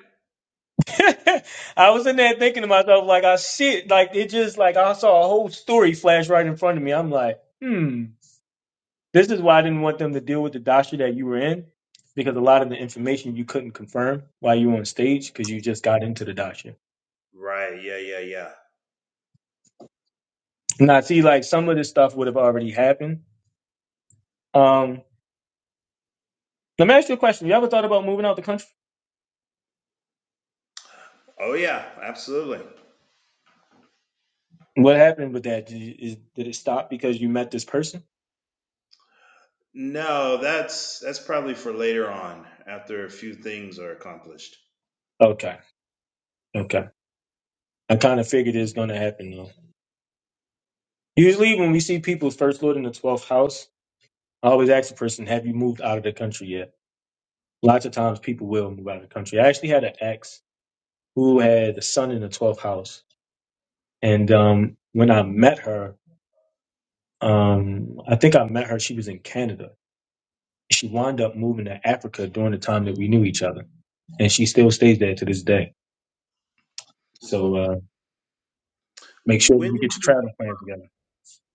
S1: I was in there thinking to myself, like, I shit, like, it just, like, I saw a whole story flash right in front of me. I'm like, hmm, this is why I didn't want them to deal with the dasha that you were in because a lot of the information you couldn't confirm while you were on stage because you just got into the dasha.
S6: Right? Yeah, yeah, yeah.
S1: Now, see, like, some of this stuff would have already happened. Um, let me ask you a question. You ever thought about moving out the country?
S6: Oh yeah, absolutely.
S1: What happened with that? Did, you, is, did it stop because you met this person?
S6: No, that's that's probably for later on after a few things are accomplished.
S1: Okay, okay. I kind of figured it was going to happen though. Usually, when we see people's first lord in the twelfth house, I always ask the person, "Have you moved out of the country yet?" Lots of times, people will move out of the country. I actually had an ex who had a son in the twelfth house, and um, when I met her, um, I think I met her. She was in Canada. She wound up moving to Africa during the time that we knew each other, and she still stays there to this day. So uh, make sure that
S6: When
S1: you get your
S6: did
S1: travel plans together.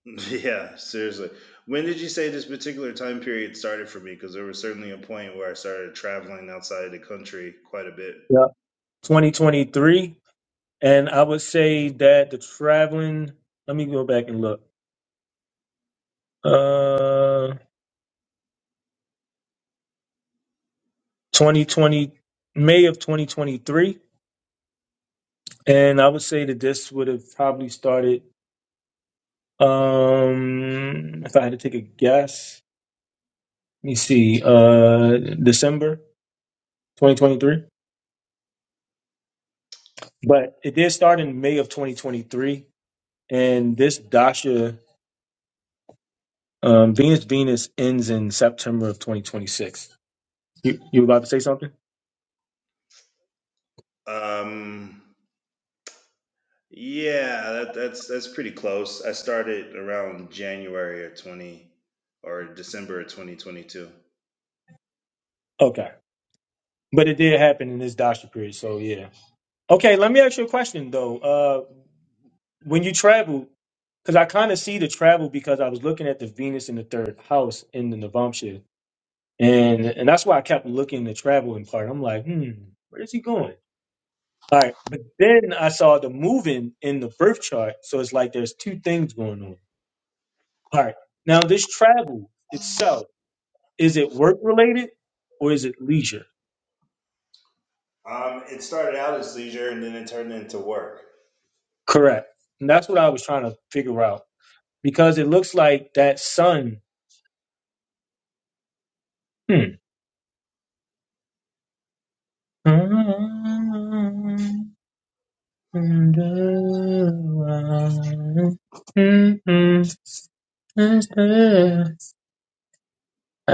S6: Yeah, seriously. When did you say this particular time period started for me? Because there was certainly a point where I started traveling outside the country quite a bit.
S1: Yeah. 2023. And I would say that the traveling, let me go back and look. Uh, 2020, May of 2023. And I would say that this would have probably started, um, if I had to take a guess, let me see, uh, December 2023. But it did start in May of 2023. And this Dasha, um, Venus Venus ends in September of 2026. You, you were about to say something?
S6: Um, yeah, that, that's that's pretty close. I started around January of twenty or December of twenty twenty two.
S1: Okay. But it did happen in this Dasha period, so yeah. Okay, let me ask you a question though. Uh, when you travel, because I kind of see the travel because I was looking at the Venus in the third house in the Navamsha, and and that's why I kept looking the travel in part. I'm like, hmm, where is he going? All right, but then I saw the moving in the birth chart, so it's like there's two things going on. All right, now this travel itself is it work related or is it leisure?
S6: Um, it started out as leisure and then it turned into work.
S1: Correct, and that's what I was trying to figure out. because it looks like that sun. Hmm. I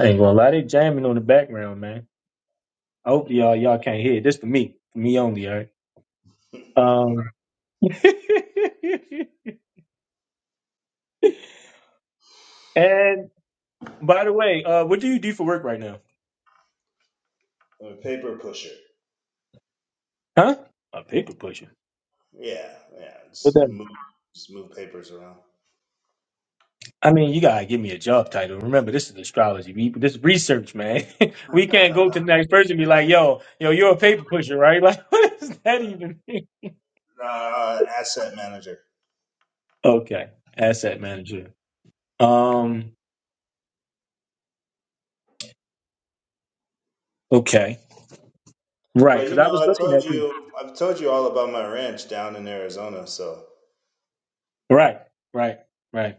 S1: ain't gonna lie, they jamming on the background, man. I hope y'all y'all can't hear. it. This for me, for me only, all right.
S6: I'm
S1: Um, and by the way, uh, what do you do for work right now?
S6: a paper pusher.
S1: Huh? A paper pusher.
S6: Yeah, yeah.
S1: What
S6: Just
S1: that?
S6: move, just move papers around.
S1: I mean, you gotta give me a job title. Remember, this is astrology. We, this is research, man. we can't go to the next person and be like, "Yo, yo, you're a paper pusher, right?" Like, what does that even mean?
S6: Uh, asset manager.
S1: Okay, asset manager. Um, okay, right?
S6: But
S1: Because
S6: you
S1: I
S6: know,
S1: was
S6: I
S1: looking
S6: told
S1: at this.
S6: you, I've told you all about my ranch down in Arizona. So,
S1: Right, right, right,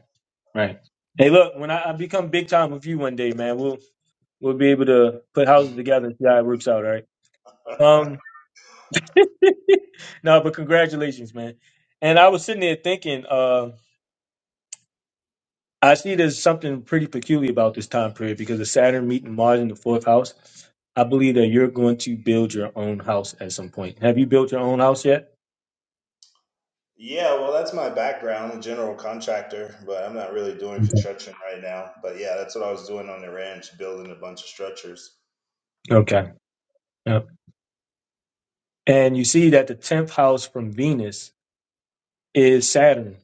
S1: right. Hey, look, when I, I become big time with you one day, man, we'll we'll be able to put houses together and see how it works out. All right. Um, no, but congratulations, man. And I was sitting there thinking. uh, I see there's something pretty peculiar about this time period because the Saturn meeting Mars in the fourth house. I believe that you're going to build your own house at some point. Have you built your own house yet?
S6: yeah, well, that's my background, a general contractor, but I'm not really doing
S1: Okay.
S6: construction right now. But yeah, that's what I was doing on the ranch, building a bunch of structures.
S1: Okay. Yep. And you see that the 10th house from Venus is Saturn.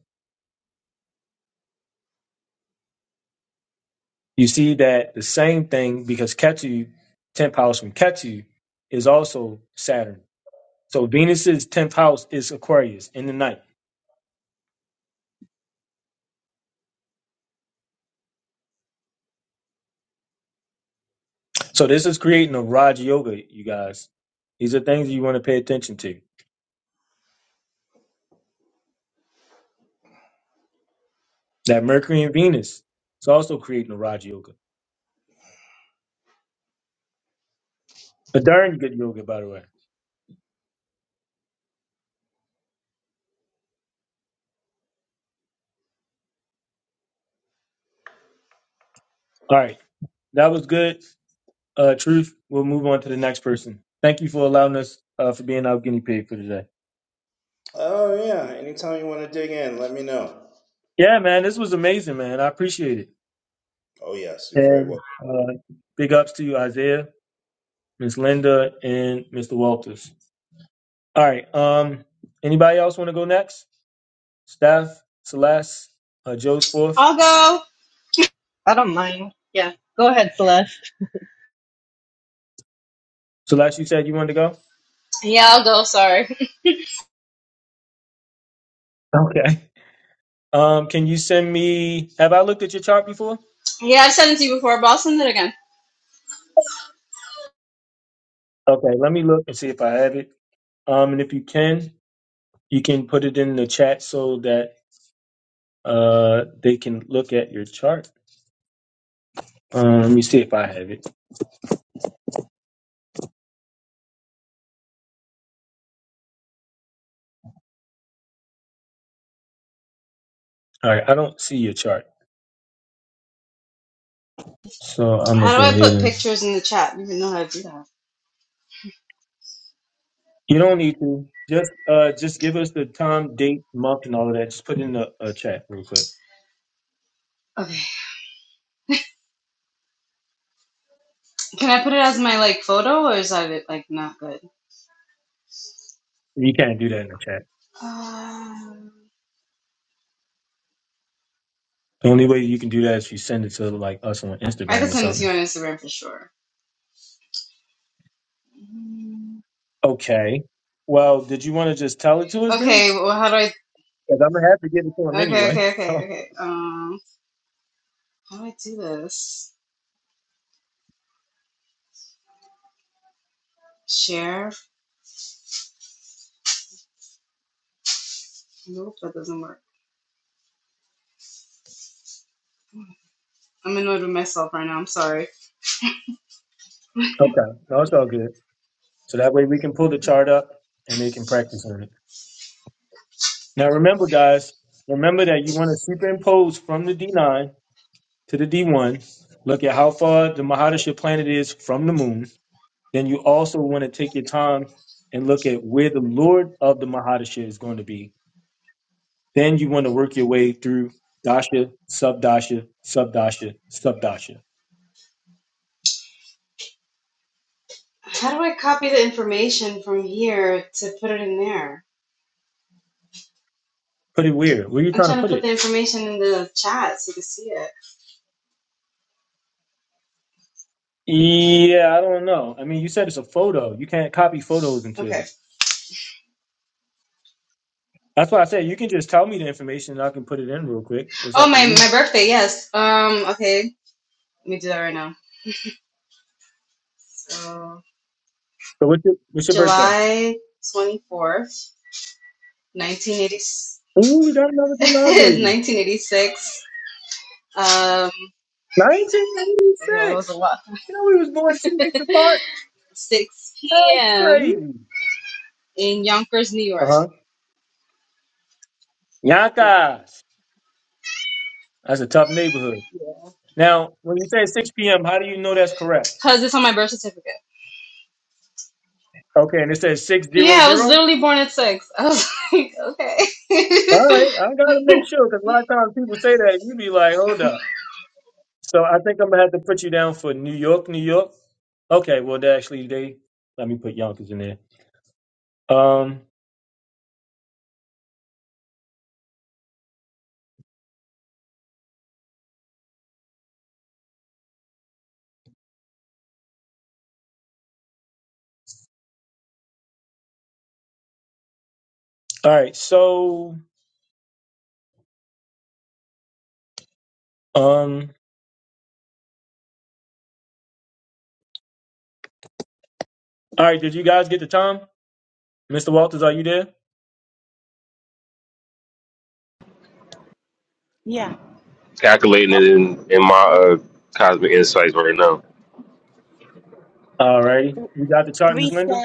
S1: You see that the same thing because Ketu, 10th house from Ketu, is also Saturn. So Venus's 10th house is Aquarius in the ninth. So this is creating a Raj Yoga, you guys. These are things you want to pay attention to. That Mercury and Venus is also creating the Raja Yoga. A darn good yoga, by the way. All right, that was good. Uh, Truth, we'll move on to the next person. Thank you for allowing us uh, for being our guinea pig for today.
S6: Oh, yeah. Anytime you want to dig in, let me know.
S1: Yeah, man, this was amazing, man. I appreciate it.
S6: Oh, yes, you're very welcome.
S1: And uh, big ups to you, Isaiah, Miss Linda, and Mr. Walters. All right. Um, anybody else want to go next? Steph, Celeste, uh, Joe's fourth.
S12: I'll go.
S11: I don't mind. Yeah. Go ahead, Celeste.
S1: Celeste, you said you wanted to go.
S12: Yeah, I'll go. Sorry.
S1: Okay. Um, can you send me? Have I looked at your chart before?
S12: Yeah, I've sent it to you before, but I'll send it again.
S1: Okay, let me look and see if I have it. Um, and if you can, you can put it in the chat so that uh they can look at your chart. Um, let me see if I have it. All right, I don't see your chart, so I'm gonna
S12: How do
S1: go
S12: I
S1: ahead
S12: put
S1: and.
S12: pictures in the chat? I don't even know how to do that.
S1: You don't need to. Just uh, just give us the time, date, month, and all of that. Just put it in the uh, chat real quick.
S12: Okay. Can I put it as my like photo, or is that like not good?
S1: You can't do that in the chat.
S12: Uh,
S1: The only way you can do that is if you send it to like us on
S12: I could
S1: Instagram or
S12: send it to
S1: something.
S12: you on Instagram for sure. Mm,
S1: Okay. Well, did you want to just tell it to us then?
S12: Okay. Well, how do I?
S1: Because I'm gonna have to give it to him
S12: Okay.
S1: anyway.
S12: Okay. Okay.
S1: So
S12: Okay. Um, how do I do this? Share. Nope, that doesn't work. I'm annoyed with myself right now. I'm sorry.
S1: okay, no, it's all good. So that way we can pull the chart up and they can practice on it. Now remember, guys, remember that you want to superimpose from the D9 to the D1. Look at how far the Mahadasha planet is from the moon. Then you also want to take your time and look at where the Lord of the Mahadasha is going to be. Then you want to work your way through Dasha, Subdasha, Subdasha, Subdasha.
S12: How do I copy the information from here to put it in there?
S1: Put it where? Where are you
S12: I'm
S1: trying to
S12: trying to
S1: put it?
S12: put the information in the chat so you can see it.
S1: Yeah, I don't know. I mean, you said it's a photo. You can't copy photos into.
S12: Okay.
S1: it. That's why I said you can just tell me the information and I can put it in real quick. It's
S12: Oh,
S1: up to
S12: my
S1: you.
S12: my birthday. Yes. Um. Okay. Let me do that right now. So
S1: So what's your what's your birthday?
S12: July 24th, eighty, nineteen eighty six.
S1: Ooh, we got another July baby.
S12: Um. Yeah, it was
S1: 1996.
S12: a lot.
S1: You know we was born two weeks apart.
S12: 6
S1: That's
S12: p.m.
S1: crazy.
S12: in Yonkers, New
S1: Uh
S12: York.
S1: huh.
S12: Yeah.
S1: Yankas. That's a tough neighborhood.
S12: Yeah.
S1: Now, when you say 6 p.m., how do you know that's correct?
S12: Cause it's on my birth certificate.
S1: Okay, and it says 600? All
S12: Yeah, I was literally born at six. I was like, okay.
S1: right, I gotta make sure because a lot of times people say that, you be like, hold up. So I think I'm gonna have to put you down for New York, New York. Okay, well they actually they let me put Yonkers in there. Um all right, so um all right, did you guys get the time? Mr. Walters, are you there?
S10: Calculating it in in my uh, cosmic insights right now.
S1: All righty. You got the chart, Miss Linda?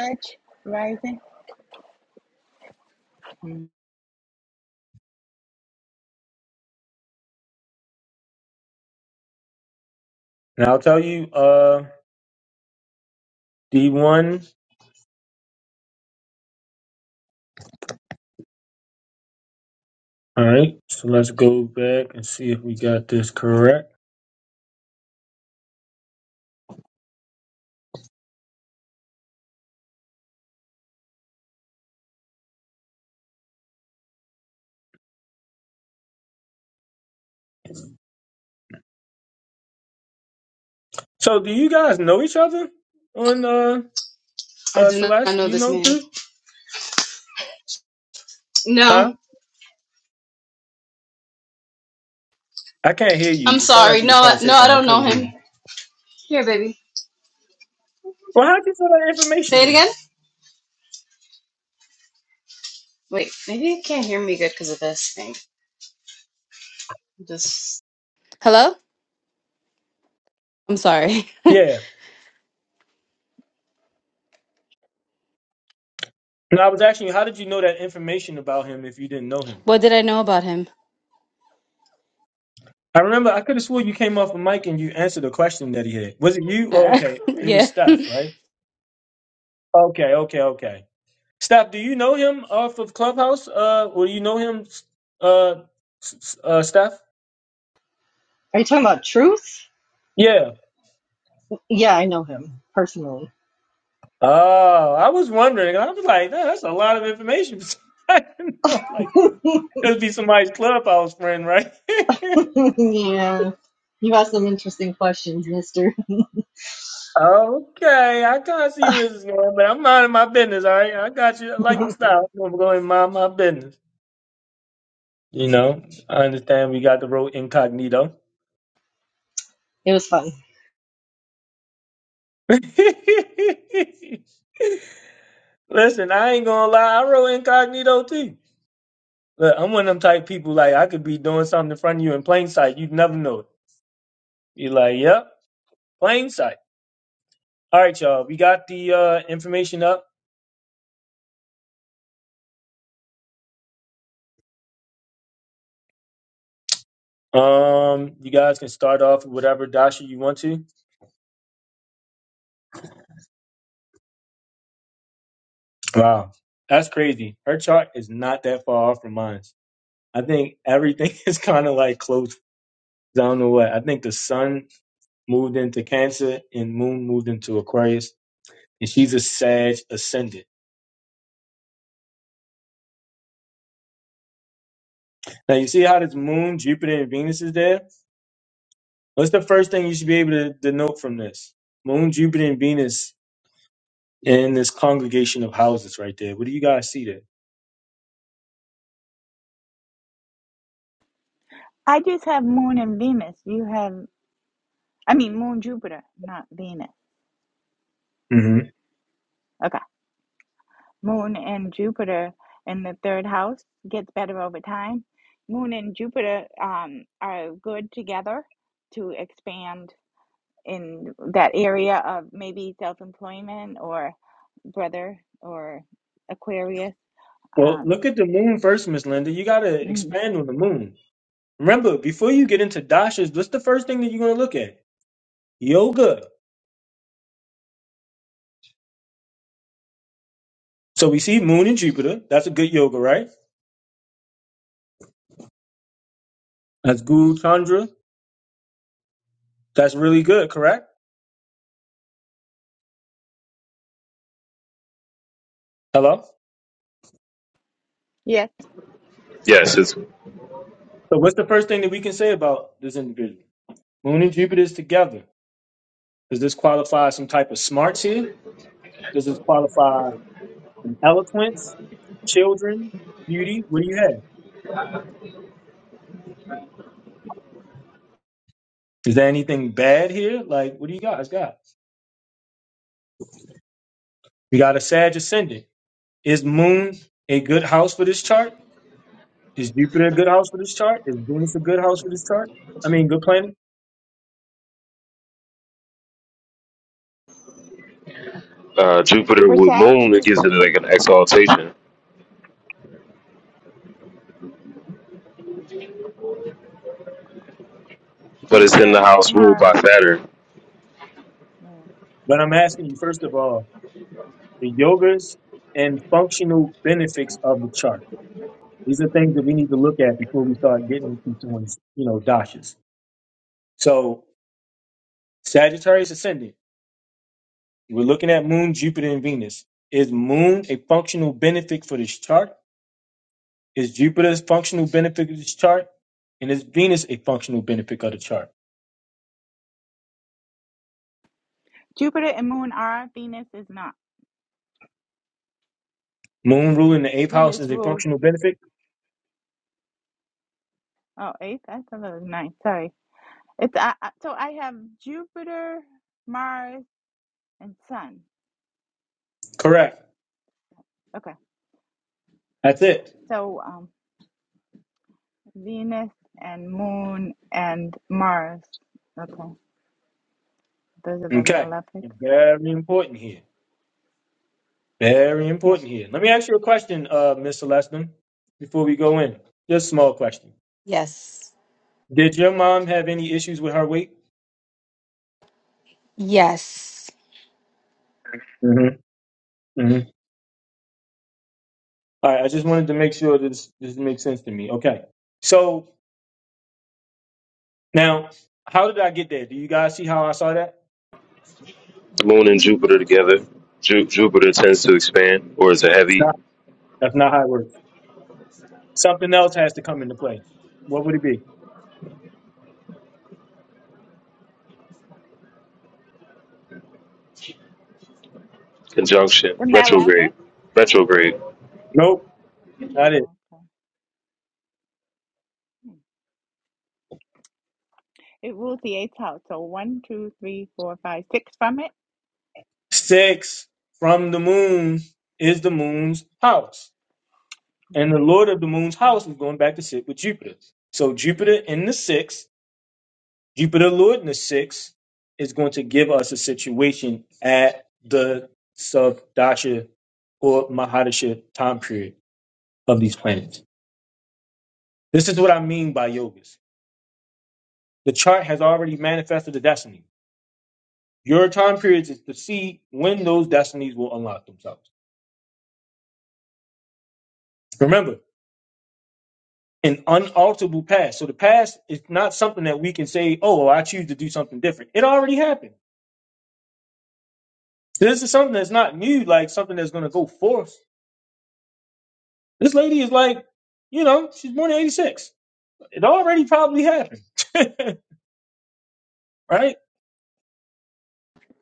S1: And I'll tell you uh D one. All right. So let's go back and see if we got this correct. So do you guys know each other on uh
S12: I
S1: uh
S12: do not
S1: Celeste?
S12: know
S1: You
S12: this
S1: know
S12: man.
S1: Truth?
S12: No,
S1: Huh? I can't hear
S12: I'm
S1: you. It sounded
S12: sorry.
S1: like you were
S12: No,
S1: trying
S12: I-
S1: to say
S12: no, I
S1: something. I
S12: don't know
S1: couldn't hear you.
S12: him. Here, baby.
S1: Well, how did you know that information
S12: Say it
S1: then?
S12: again. Wait, maybe you can't hear me good because of this thing. Just hello. I'm sorry.
S1: Yeah. No, I was asking you, how did you know that information about him if you didn't know him?
S12: What did I know about him?
S1: I remember I could have swore you came off a mic and you answered a question that he had. Was it you? Oh, okay. It was
S12: yeah.
S1: Steph, right? Okay, okay, okay. Steph, do you know him off of Clubhouse? Uh, or you know him, uh, s- s- uh, Steph?
S11: Are you talking about truth?
S1: Yeah.
S11: Yeah, I know him personally.
S1: Oh, I was wondering. I was like, "Nah, that's a lot of information. I didn't know, like, it would be somebody's Clubhouse friend, right?
S11: yeah. You asked some interesting questions, mister.
S1: Okay, I kind of see where this is going, but I'm minding my business. All right, I got you. I like your style. I'm gonna mind my business. You know, I understand we got the road incognito.
S11: It was fun.
S1: Listen, I ain't gonna lie. I wrote incognito too. Look, I'm one of them type people. Like I could be doing something in front of you in plain sight. You'd never know it. You're like, yep, plain sight. All right, y'all. We got the uh, information up. Um, you guys can start off with whatever dasha you want to. Wow, that's crazy. Her chart is not that far off from mine. I think everything is kind of like close. I don't know what. I think the sun moved into Cancer and Moon moved into Aquarius, and she's a Sag ascendant. Now you see how this Moon, Jupiter, and Venus is there. What's the first thing you should be able to denote from this? Moon, Jupiter, and Venus in this congregation of houses right there. What do you guys see there? hmm Well, look at the Moon first, Miss Linda. You got to expand on the Moon. Remember, before you get into dashas, what's the first thing that you're going to look at? Yoga. So we see Moon and Jupiter. That's a good yoga, right? That's Guru Chandra. That's really good, correct? Hello?
S10: Yes, it's
S1: So what's the first thing that we can say about this individual? Moon and Jupiter is together. Does this qualify some type of smarts here? Does this qualify an eloquence, children, beauty? What do you have? Is there anything bad here? Like, what do you guys got? We got a Sag ascendant. Is Moon a good house for this chart? Is Jupiter a good house for this chart? Is Venus a good house for this chart? I mean, good planet.
S10: uh, Jupiter with Moon. It gives it like an exaltation, but it's in the house ruled by Saturn.
S1: But I'm asking you first of all the yogas and functional benefits of the chart. These are things that we need to look at before we start getting into someone's, you know, dashas. So Sagittarius ascendant. We're looking at Moon, Jupiter, and Venus. Is Moon a functional benefit for this chart? Is Jupiter a functional benefit of this chart? And is Venus a functional benefit of the chart? Moon ruling the eighth house is a functional benefit? Correct. That's it. Okay. Very important here. Very important here. Let me ask you a question, uh, Miss Celestin, before we go in. Just a small question. Did your mom have any issues with her weight?
S12: Yes.
S1: Mm-hmm. mm-hmm. All right. I just wanted to make sure this this makes sense to me. Okay. So now, how did I get there? Do you guys see how I saw that?
S10: Moon and Jupiter together. Ju- Jupiter tends to expand or is a
S1: That's
S10: heavy
S1: not, that's not how it works. Something else has to come into play. What would it be?
S10: conjunction, retrograde, retrograde,
S1: Nope. Not it. Six from the moon is the moon's house. And the lord of the moon's house was going back to sit with Jupiter. So Jupiter in the sixth, Jupiter lord in the sixth, is going to give us a situation at the Savdasha or Mahadasha time period of these planets. This is what I mean by yogas. The chart has already manifested the destiny. Your time periods is to see when those destinies will unlock themselves. Remember, an unalterable past. So the past is not something that we can say, oh, I choose to do something different. It already happened. This is something that's not new, like something that's going to go forth. This lady is like, you know, she's more than 86. It already probably happened. right?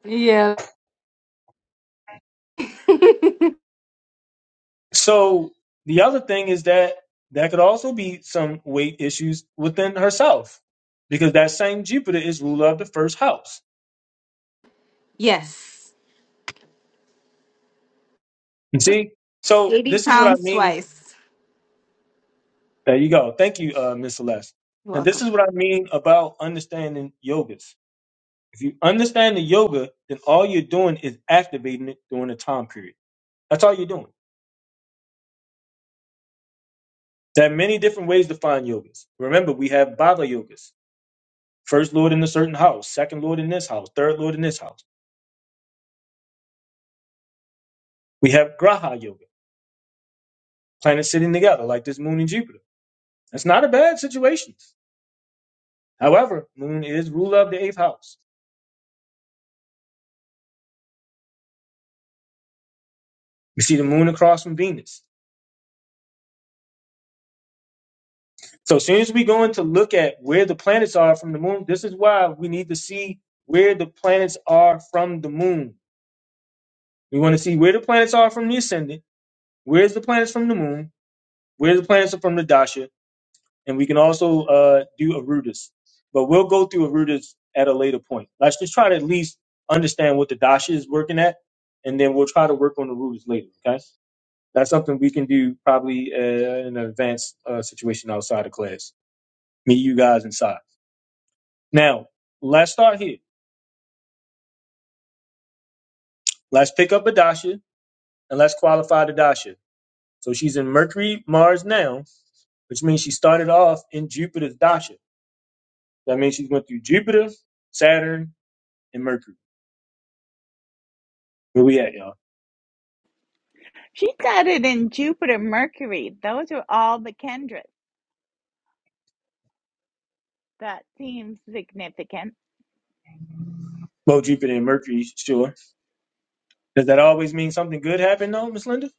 S12: Yeah.
S1: So the other thing is that that could also be some weight issues within herself because that same Jupiter is ruler of the first house.
S12: Yes.
S1: You see? So
S12: 80
S1: this is what I
S12: pounds
S1: mean.
S12: twice.
S1: There you go. Thank you, uh, Miss Celeste.
S12: You're
S1: And this
S12: welcome.
S1: is what I mean about understanding yogas. If you understand the yoga, then all you're doing is activating it during the time period. That's all you're doing. There are many different ways to find yogas. Remember, we have bhava yogas, first lord in a certain house, second lord in this house, third lord in this house. We have graha yoga, planets sitting together like this moon and Jupiter. That's not a bad situation. However, moon is ruler of the eighth house. You see the moon across from Venus. So as soon as we go in to look at where the planets are from the moon, this is why we need to see where the planets are from the moon. We want to see where the planets are from the ascendant, where's the planets from the moon, where the planets are from the dasha, and we can also uh, do Arudas. But we'll go through Arudas at a later point. Let's just try to at least understand what the Dasha is working at, and then we'll try to work on the Arudas later. Okay, that's something we can do probably uh, in an advanced uh, situation outside of class. Me, you guys inside. Now let's start here. Let's pick up a Dasha and let's qualify the Dasha. So she's in Mercury, Mars now, which means she started off in Jupiter's Dasha. That means she's going through Jupiter, Saturn, and Mercury. Where we at, y'all? Well, Jupiter and Mercury, sure. Does that always mean something good happened, though, Miss Linda?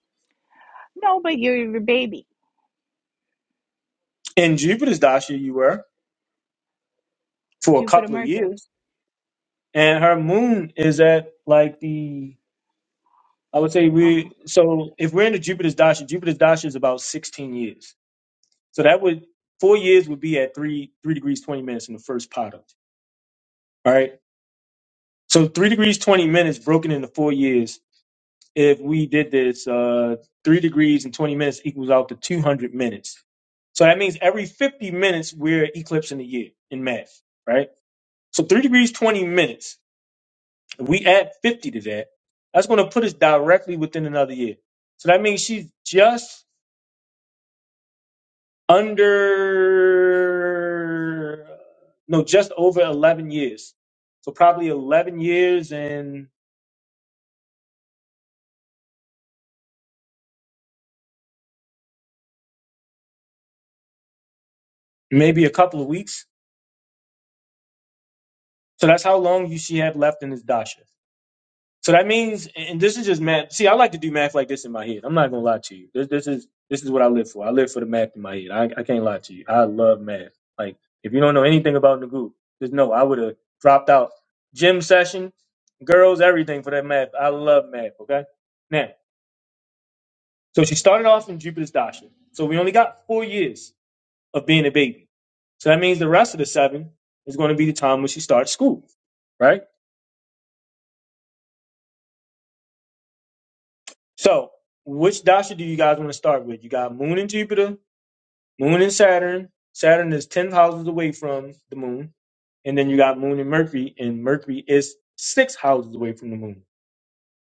S1: In Jupiter's dasha, you were for a couple of years, and her moon is at like the. I would say we. So if we're in the Jupiter's dasha, Jupiter's dasha is about sixteen years. So that would four years would be at three three degrees twenty minutes in the first part of. It, all right. So three degrees twenty minutes broken into four years if we did this, uh, three degrees and 20 minutes equals out to 200 minutes. So that means every 50 minutes, we're eclipsing a year in math, right? So three degrees, 20 minutes. If we add 50 to that, that's going to put us directly within another year. So that means she's just under, no, just over 11 years. So probably 11 years and maybe a couple of weeks. So that's how long you she have left in this dasha. So that means, and this is just math. See, I like to do math like this in my head. I'm not gonna lie to you. This, this is this is what I live for. I live for the math in my head. I, I can't lie to you. I love math. Like, if you don't know anything about Nagu, just know I would have dropped out gym session, girls, everything for that math. I love math. Okay. Now, so she started off in Jupiter's Dasha. So we only got four years of being a baby. So that means the rest of the seven is going to be the time when she starts school, right? So, which dasha do you guys want to start with? You got Moon and Jupiter, Moon and Saturn. Saturn is 10 houses away from the Moon. And then you got Moon and Mercury, and Mercury is six houses away from the Moon.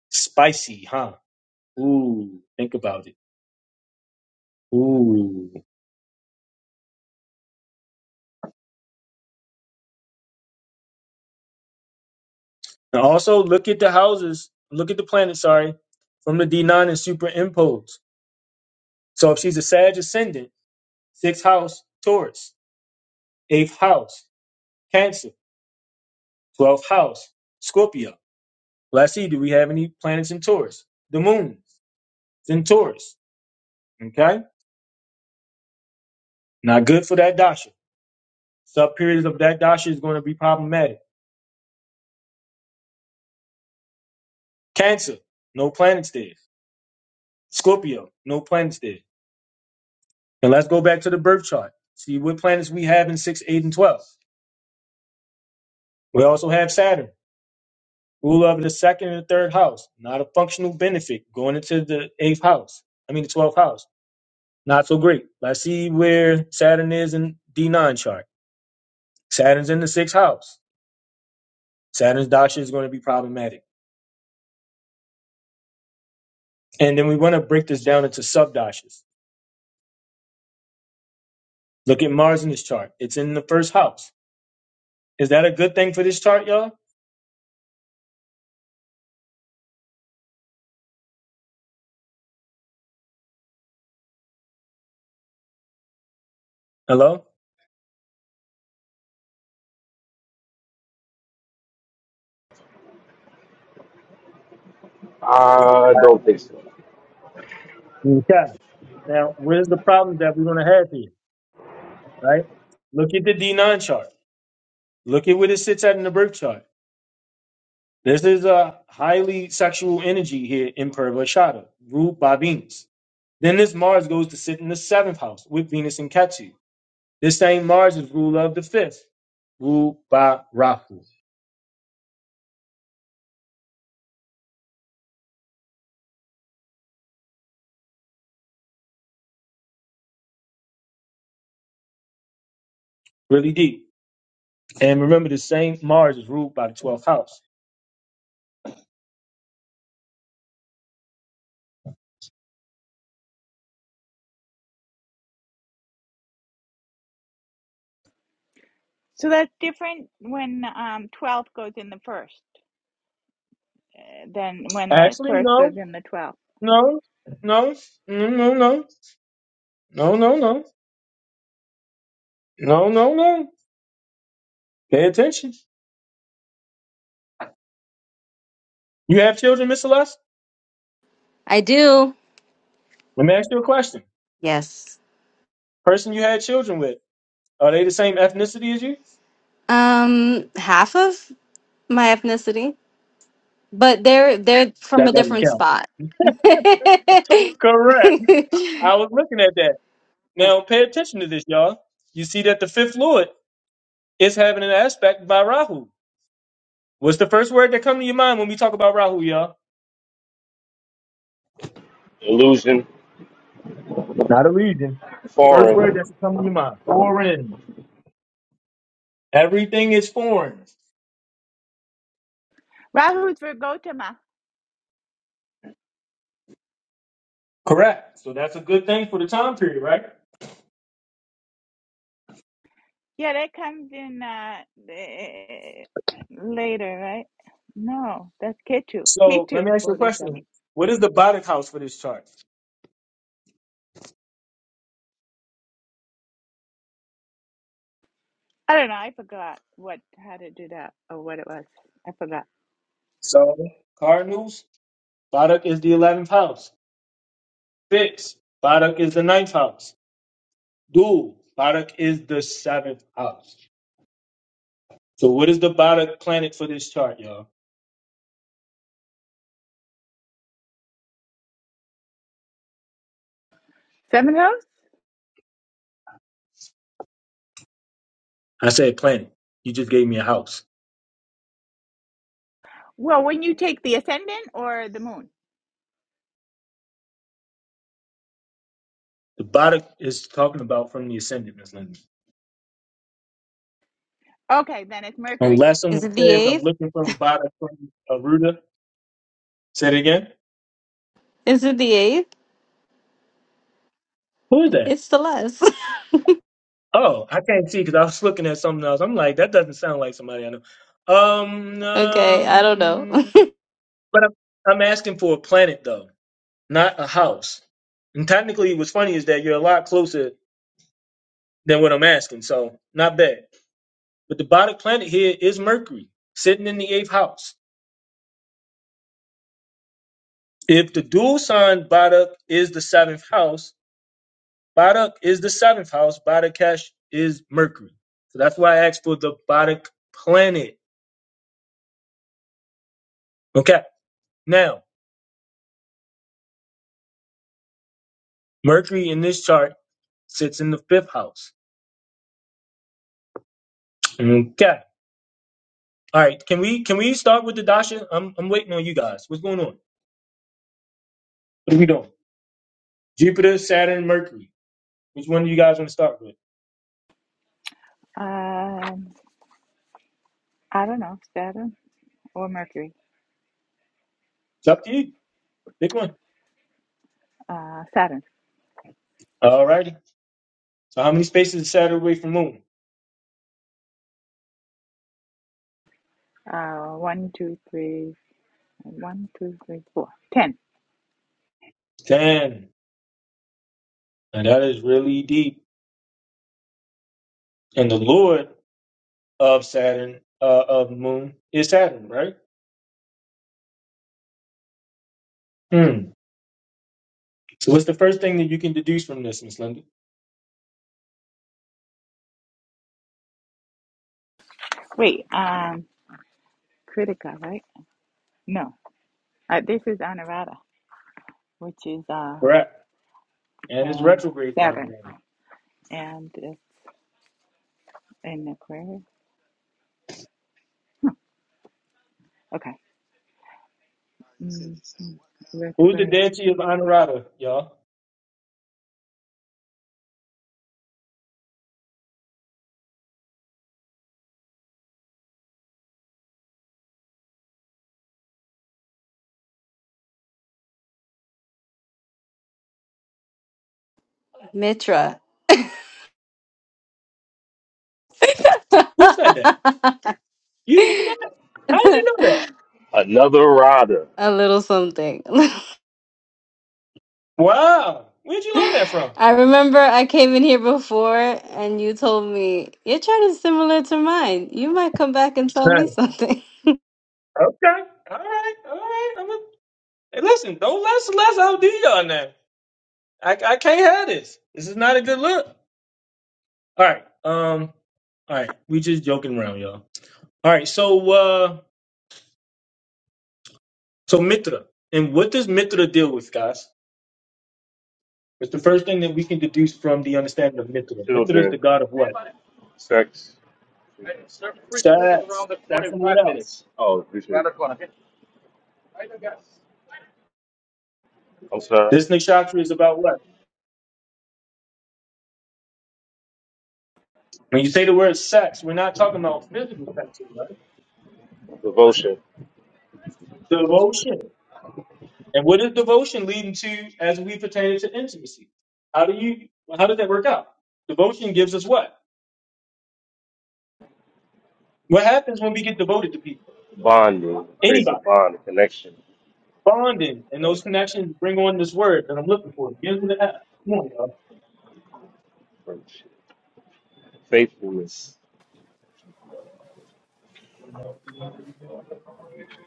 S1: Spicy, huh? Ooh, think about it. Ooh. And also look at the houses, look at the planets, sorry, from the D9 and superimpose. So if she's a Sag ascendant, sixth house, Taurus, eighth house, Cancer, 12th house, Scorpio. Let's see, do we have any planets in Taurus? The moon is in Taurus. Okay? Not good for that dasha. Sub periods of that dasha is going to be problematic. Cancer, no planets there. Scorpio, no planets there. And let's go back to the birth chart. See what planets we have in 6, 8, and 12. We also have Saturn, ruler of the second and the third house. Not a functional benefit going into the eighth house. I mean, the 12th house. Not so great. Let's see where Saturn is in D9 chart. Saturn's in the sixth house Saturn's dasha is going to be problematic. And then we want to break this down into sub dashas. Look at Mars in this chart. It's in the first house. Is that a good thing for this chart, y'all? Hello?
S10: I don't think so.
S1: Okay. Now, where's the problems that we're going to have here, right? Look at the D9 chart. Look at where it sits at in the birth chart. This is a highly sexual energy here in Purvashada, ruled by Venus. Then this Mars goes to sit in the seventh house with Venus and Ketu. This same Mars is ruler of the fifth, ruled by Rahu. Really deep. And remember, the same Mars is ruled by the twelfth house. Actually, no, no, no, no, no, no, no, no, no, no, no, no. Pay attention. You have children, Miss Celeste? Let me ask you a question.
S12: Yes.
S1: Person you had children with, are they the same ethnicity as you?
S12: Um, half of my ethnicity, but they're they're from a
S1: That doesn't
S12: different
S1: count.
S12: spot. Is
S1: Correct. I was looking at that. Now pay attention to this, y'all. You see that the fifth lord is having an aspect by Rahu. What's the first word that come to your mind when we talk about Rahu, y'all?
S10: illusion,
S1: Not a legion. The first word
S10: foreign,
S1: that's come to your mind. Foreign. Everything is foreign. Correct. So that's a good thing for the time period, right? So let me ask you a question. What is the Badak house for this chart? So Cardinals, Badak is the eleventh house. Fix, Badak is the ninth house. Dude, Barak is the seventh house. So what is the Barak planet for this chart, y'all? I said planet. You just gave me a house. The Barak is talking about from the ascendant, Miss Linda. Unless
S12: Yes.
S1: someone
S12: it the
S1: says I'm
S12: eighth?
S1: looking from Barak from Aruda. Say it again.
S12: Is it the eighth?
S1: Who is that?
S12: It's the less.
S1: Oh, I can't see because I was looking at something else. I'm like, that doesn't sound like somebody I know. Um,
S12: Okay, I don't know.
S1: um but I'm, I'm asking for a planet though, not a house. And technically, what's funny is that you're a lot closer than what I'm asking. So not bad. But the Badak planet here is Mercury, sitting in the eighth house. If the dual sign Badak is the seventh house, Badak is the seventh house, Badakesh is Mercury. So that's why I asked for the Badak planet. Okay. Now, Mercury in this chart sits in the fifth house. Okay. All right. Can we can we start with the Dasha? I'm I'm waiting on you guys. What's going on? What are we doing? Jupiter, Saturn, Mercury. Which one do you guys want to start with? It's up to you. Pick one. All righty. So how many spaces is Saturn away from Moon? Ten. And that is really deep. And the Lord of Saturn, uh, of Moon, is Saturn, right? Hmm. So what's the first thing that you can deduce from this, Miss Linda? Correct. And it's retrograde in there. Who's the deity of Honorata, y'all?
S12: Mitra.
S1: Who said that? You knew that? How did you know that?
S10: another rider,
S12: A little something.
S1: Wow. Where'd you learn that from?
S12: I remember I came in here before and you told me, your chart is similar to mine. You might come back and tell me
S1: Nice.
S12: something.
S1: Okay. All right. All right. I'm a... Hey, listen. Don't let Celeste outdo y'all now. I, I can't have this. This is not a good look. All right. Um. All right. We just joking around, y'all. All right. So uh. So Mitra, and what does Mitra deal with, guys? It's the first thing that we can deduce from the understanding of Mitra. Mitra is
S10: children,
S1: the god of what?
S10: sex.
S1: Sex. Sex and what else?
S10: Oh, excuse me. I'm sorry.
S1: This nakshatra is about what? When you say the word sex, we're not talking about physical sex, here, right?
S10: Devotion,
S1: Devotion. And what is devotion leading to as we pertain it to intimacy? How do you? How does that work out? Devotion gives us what? What happens when we get devoted to people?
S10: bonding, creates a
S1: Anybody.
S10: bond, a connection,
S1: Bonding and
S10: uh,
S1: those connections bring on this word that I'm looking for. Begins with an F. Come on, y'all.
S10: faithfulness.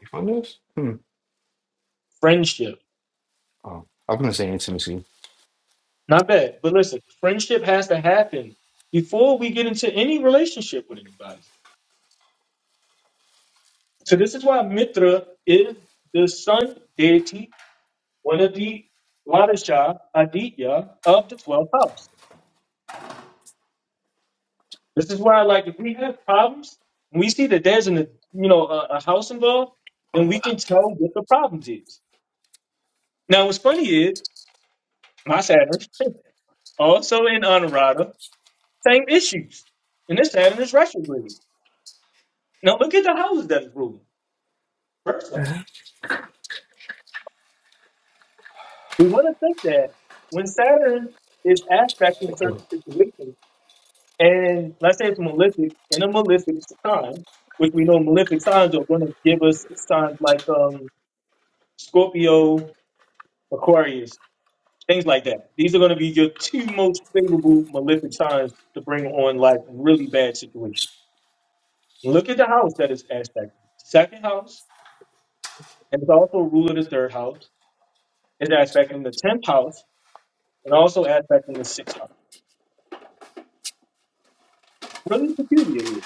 S4: You found this? Hmm.
S1: Friendship.
S4: Oh, I was gonna say intimacy.
S1: Not bad. But listen, friendship has to happen before we get into any relationship with anybody. So this is why Mitra is the sun deity, one of the Ladasha, Aditya of the 12th house. This is why, like, if we have problems, and we see that there's an, you know, a, a house involved, then we can tell what the problems is. Now, what's funny is my Saturn, also in Honorata, same issues. And this Saturn is retrograde. Now, look at the houses that's ruling. First off,
S4: Mhm.
S1: we want to think that when Saturn is aspecting certain situations, and let's say it's malefic, in a malefic sign, which we know malefic signs are going to give us signs like um, Scorpio, Aquarius, things like that. These are going to be your two most favorable malefic signs to bring on like really bad situations. Look at the house that is aspecting Second house, and it's also a ruler of the third house, is aspecting the tenth house, and also aspecting the sixth house. Really peculiar here.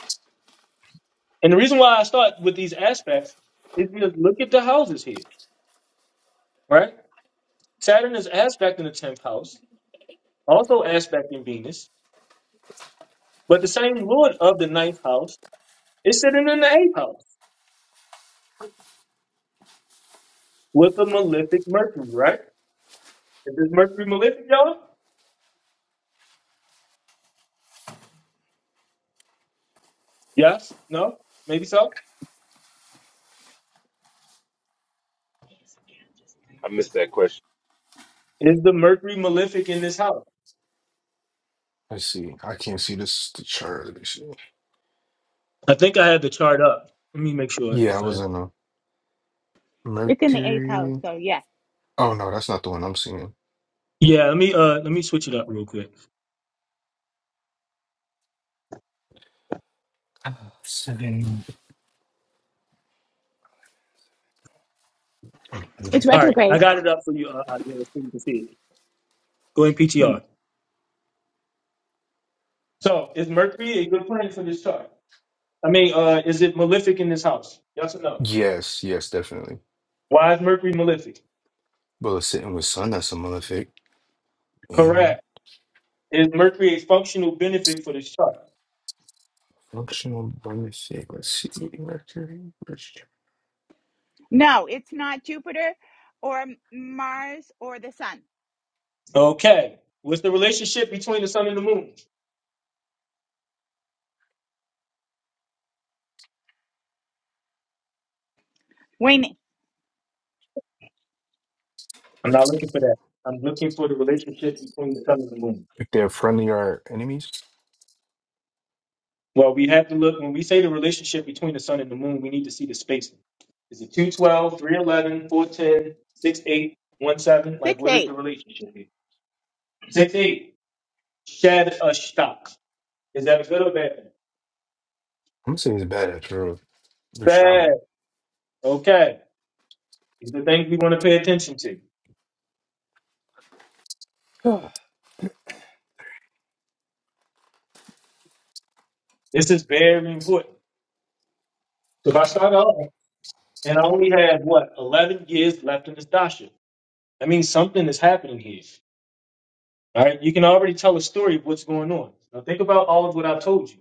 S1: And the reason why I start with these aspects is because look at the houses here, right? Saturn is aspecting the tenth house, also aspecting Venus, but the same lord of the ninth house is sitting in the eighth house with a malefic Mercury, right? Is this Mercury malefic, y'all? Yes? No? Maybe so?
S10: I missed that question.
S1: Is the Mercury malefic in this house?
S4: Let's see. I can't see this the chart. Let me see.
S1: I think I had the chart up. Let me make sure
S4: Yeah, I
S1: if I
S4: was in a Mercury. Oh no, that's not the one I'm seeing.
S1: yeah. Let me uh let me switch it up real quick.
S4: Ah, Seven. oh,
S1: All
S4: eleven.
S1: right, I got it up for you, uh, Isaiah, so you can see it. Go in
S4: Hmm.
S1: PTR. So is Mercury a good planet for this chart? I mean, uh, is it malefic in this house? Yes or no?
S4: Yes, yes, definitely.
S1: Why is Mercury malefic?
S4: Well, it's sitting with sun, that's a malefic. In
S1: Correct. Is Mercury a functional benefit for this chart?
S4: functional bonus, let's see. Mercury, which-
S1: Okay. What's the relationship between the sun and the moon? I'm not looking for that. I'm looking for the relationship between the sun and the moon.
S4: If they're friendly or enemies,
S1: Well, we have to look when we say the relationship between the sun and the moon, we need to see the spacing. Is it two twelve, three eleven, four ten, six eight, one seven? Like, what is the relationship here? Six eight shed a stock. Is that a good or bad thing?
S4: I'm gonna say it's bad after
S1: Bad.
S4: Rishana.
S1: Okay. These are things we want to pay attention to. This is very important. So, if I start off and I only have what, 11 years left in this dasha, that means something is happening here. All right. You can already tell a story of what's going on. Now, think about all of what I told you.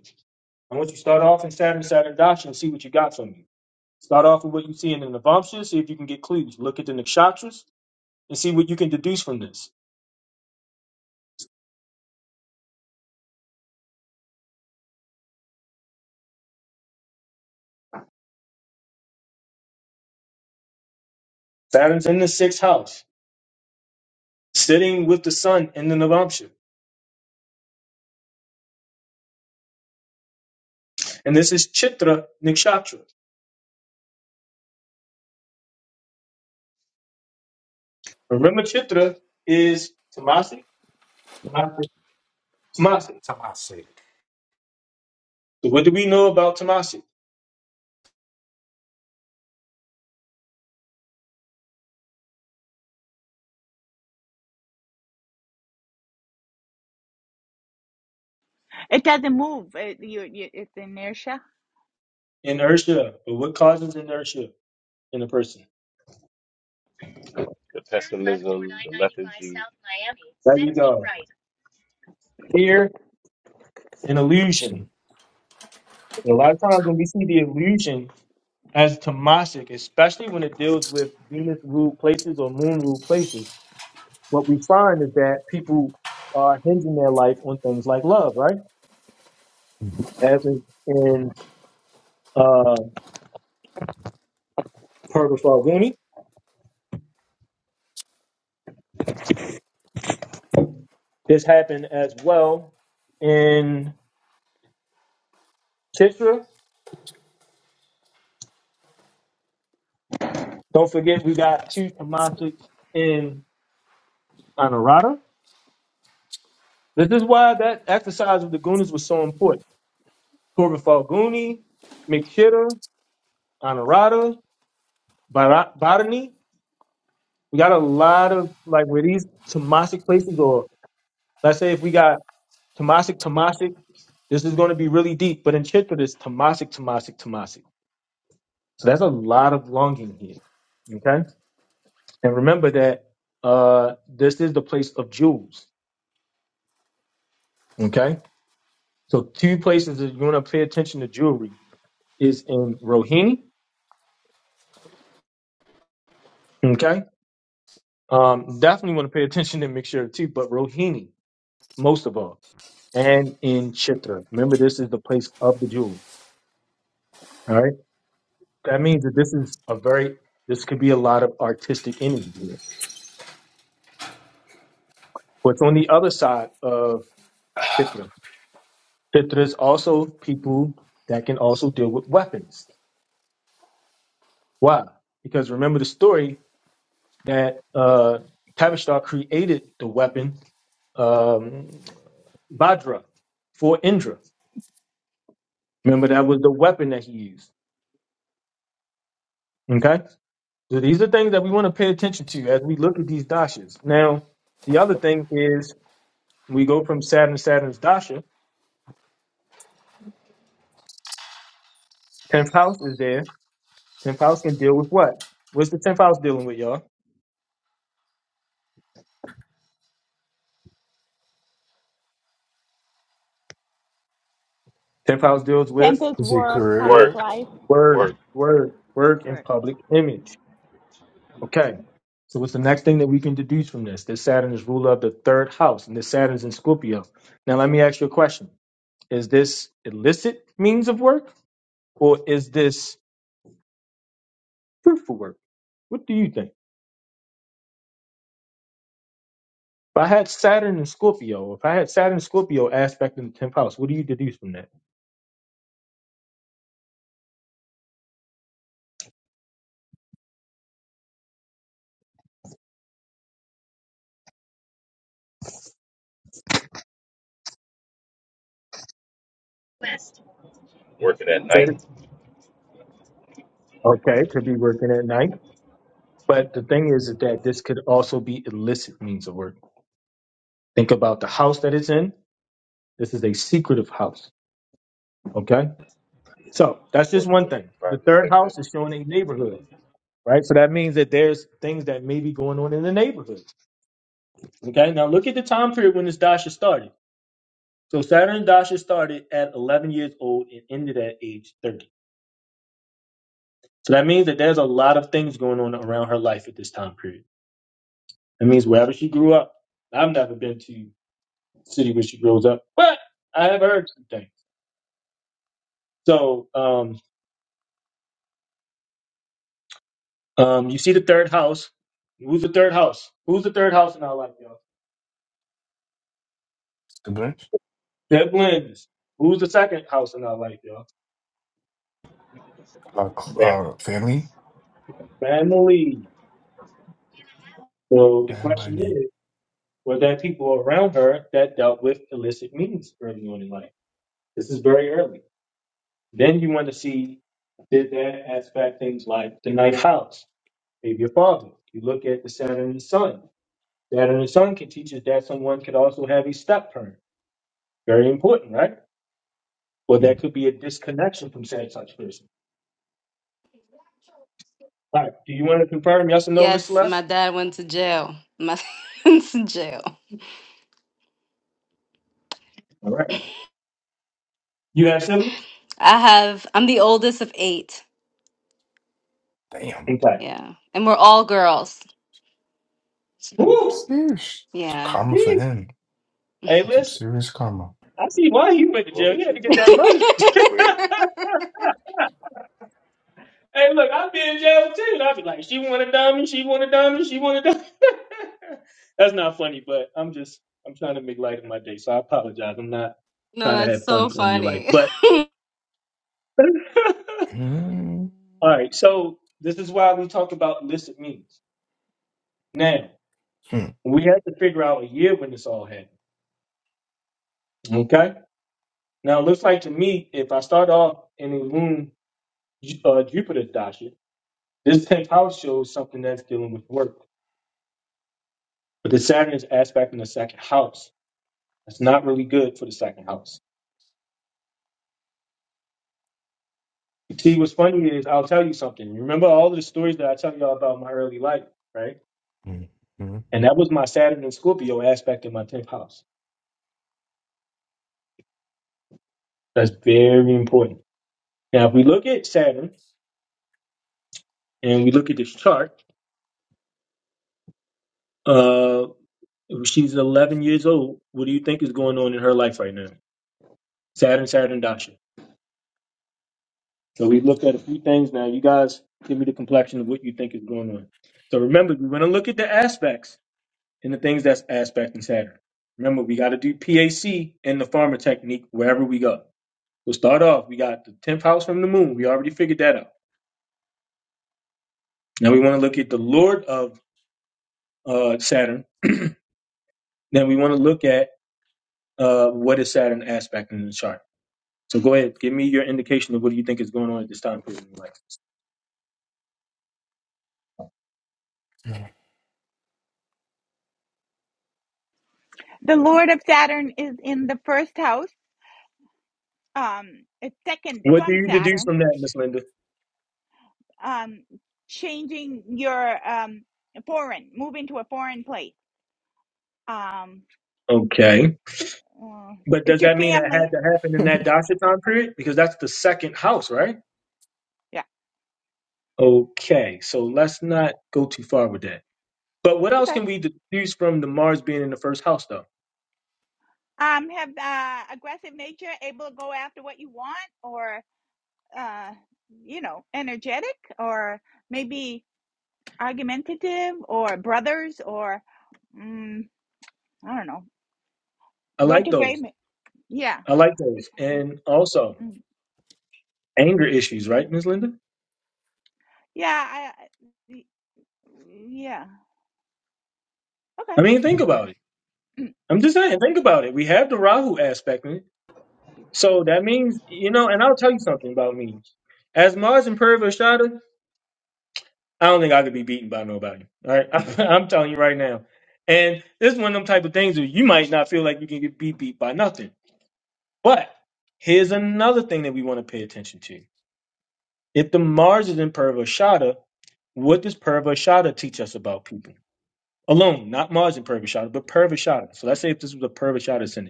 S1: I want you to start off in Saturn, Saturn Dasha, and see what you got from you. Start off with what you see in the Navamsha, see if you can get clues. Look at the nakshatras and see what you can deduce from this. Saturn's in the sixth house, sitting with the sun in the Navamsha. And this is Chitra Nikshatra. Remember, Chitra is Tamasi? Tamasi. Tamasi.
S4: Some I say. it.
S1: So, what do we know about Tamasi? Inertia. But what causes inertia in a person?
S10: The pessimism, the lethargy,
S1: There you go. Fear and illusion.
S4: So,
S1: A lot of times when we see the illusion, as Tamashik, especially when it deals with Venus ruled places or moon ruled places, what we find is that people are hinging their life on things like love, right? As in, in uh, Purvis Farguni. This happened as well in Tishra. Don't forget, we got two Tamashik in Anarata. This is why that exercise of the Gunas was so important. Purvis Farguni, Mikshita, Anarata, Bharani. We got a lot of like where these Tomasic places, or let's say if we got Tomasic, Tomasic, this is going to be really deep. But in Chitra, it's Tomasic, Tomasic, Tomasic. So that's a lot of longing here. Okay, and remember that uh this is the place of jewels. Okay, so two places that you're going to pay attention to jewelry is in Rohini. Okay, um, definitely want to pay attention to Mixture too, but Rohini most of all, and in Chitra. Remember, this is the place of the jewelry. All right. That means that this is a very this could be a lot of artistic energy. here. What's on the other side of Pitra? Pitra is also people that can also deal with weapons. Why? Because remember the story that uh Tavishtar created the weapon um Vajra for Indra. Remember that was the weapon that he used. Okay? So these are things that we want to pay attention to as we look at these dashas. Now, the other thing is we go from Saturn Saturn's dasha Tenth house is there. Tenth house can deal with what? What's the tenth house dealing with, y'all? Tenth house deals with
S4: Is it
S10: work,
S4: career,
S1: work,
S10: work,
S1: work, work, and public image. Okay. So what's the next thing that we can deduce from this? That Saturn is ruler of the third house, and this Saturn's in Scorpio. Now let me ask you a question. Is this illicit means of work or is this fruitful work? What do you think? If I had Saturn and Scorpio, if I had Saturn and Scorpio aspect in the tenth house, what do you deduce from that?
S10: working at night.
S1: Saturn. Okay, could be working at night But the thing is that this could also be illicit means of work. Think about the house that it's in. This is a secretive house. Okay. So that's just
S10: working
S1: one
S10: in the
S1: thing. The
S10: private
S1: third
S10: sector,
S1: house is showing a neighborhood, right? So that means that there's things that may be going on in the neighborhood. Okay. Now look at the time period when this dasha started. So Saturn dasha started at 11 years old and ended at age 30. So that means that there's a lot of things going on around her life at this time period. That means wherever she grew up, I've never been to city where she grows up. But I have heard some things. So um, um, you see the third house. Who's the third house? Who's the third house in our life, y'all?
S4: siblings,
S1: Siblings. Who's the second house in our life, y'all?
S4: uh, cl-
S10: family,
S4: uh, family,
S1: Family. So the
S4: and my
S1: question
S4: name?
S1: is, were there people around her that dealt with illicit means early on in life? This is very early. Then you want to see did that aspect things like the ninth house, maybe your father. You look at the Saturn and Sun. Saturn and Sun can teach us that someone could also have a step parent. Very important, right? Well, there
S4: Mm,
S1: could be a disconnection from said such person. All right. Do you want to confirm? Yes or no, Miss
S12: Yes, my
S1: Celeste?
S12: dad went to jail. My went to jail.
S1: All right. You have siblings?
S12: I have, I'm the oldest of eight.
S4: Damn,
S1: Okay.
S12: Yeah. And we're all girls. So,
S1: Woo!
S4: serious
S12: yeah.
S4: karma for
S1: Yee.
S4: him.
S1: Hey,
S4: Some
S1: listen.
S4: serious karma.
S1: I see why you went to
S10: moon
S1: jail.
S10: and
S1: You had to get
S10: Jupiter,
S1: that money.
S10: and queries.
S1: hey, look, I've been in jail too. And I'd be like, she want a diamond, she want a diamond, she want a diamond. That's not funny, but I'm just, I'm trying to make light of my day. So I apologize. I'm not
S12: No,
S1: trying to
S12: that's
S1: have fun
S12: so
S1: on your life.
S12: funny.
S1: But,
S4: Mm.
S1: all right. So this is why we talk about illicit means. Now,
S4: Hmm.
S1: we have to figure out a year when this all happened. Okay? Now, it looks like to me, if I start off in the moon, Ju- uh, Jupiter doctrine, this 10th house shows something that's dealing with work. But the Saturn is aspect in the second house. That's not really good for the second house. See, what's funny is I'll tell you something. Remember all of the stories that I tell y'all about my early life, right?
S4: Hmm.
S1: And that was my Saturn and Scorpio aspect in my 10th house. That's very important. Now, if we look at Saturn and we look at this chart, uh, She's 11 years old. What do you think is going on in her life right now? Saturn, Saturn, Dasha. So we looked at a few things now. You guys give me the complexion of what you think is going on. So remember, we're going to look at the aspects and the things that's aspect and Saturn. Remember, we got to do PAC and the farmer technique wherever we go. We'll start off. We got the 10th house from the moon. We already figured that out. Now we want to look at the Lord of uh, Saturn. Then we want to look at uh, what is Saturn aspect in the chart. So go ahead, give me your indication of what do you think is going on at this time period in your life. What do you deduce from that, Miss Linda? Okay. But does that mean it had to happen in that Dasha time period? Because that's the second house, right? Okay. So let's not go too far with that. But what else can we deduce from the Mars being in the first house, though? I like those. I like those. And also anger issues, right, Miss Linda? I mean, think about it. I'm just saying, think about it. We have the Rahu aspect. So that means, you know, and I'll tell you something about me. As Mars and Perv Shada, I don't think I could be beaten by nobody. All right. I'm, I'm telling you right now. And this is one of them type of things where you might not feel like you can get beat beat by nothing. But here's another thing that we want to pay attention to. If the Mars is in Perv Shada, what does Perv Shada teach us about people? Alone, not Mars and Perv Shada, but Perv Shada. So let's say if this was a Perv Shada sentence.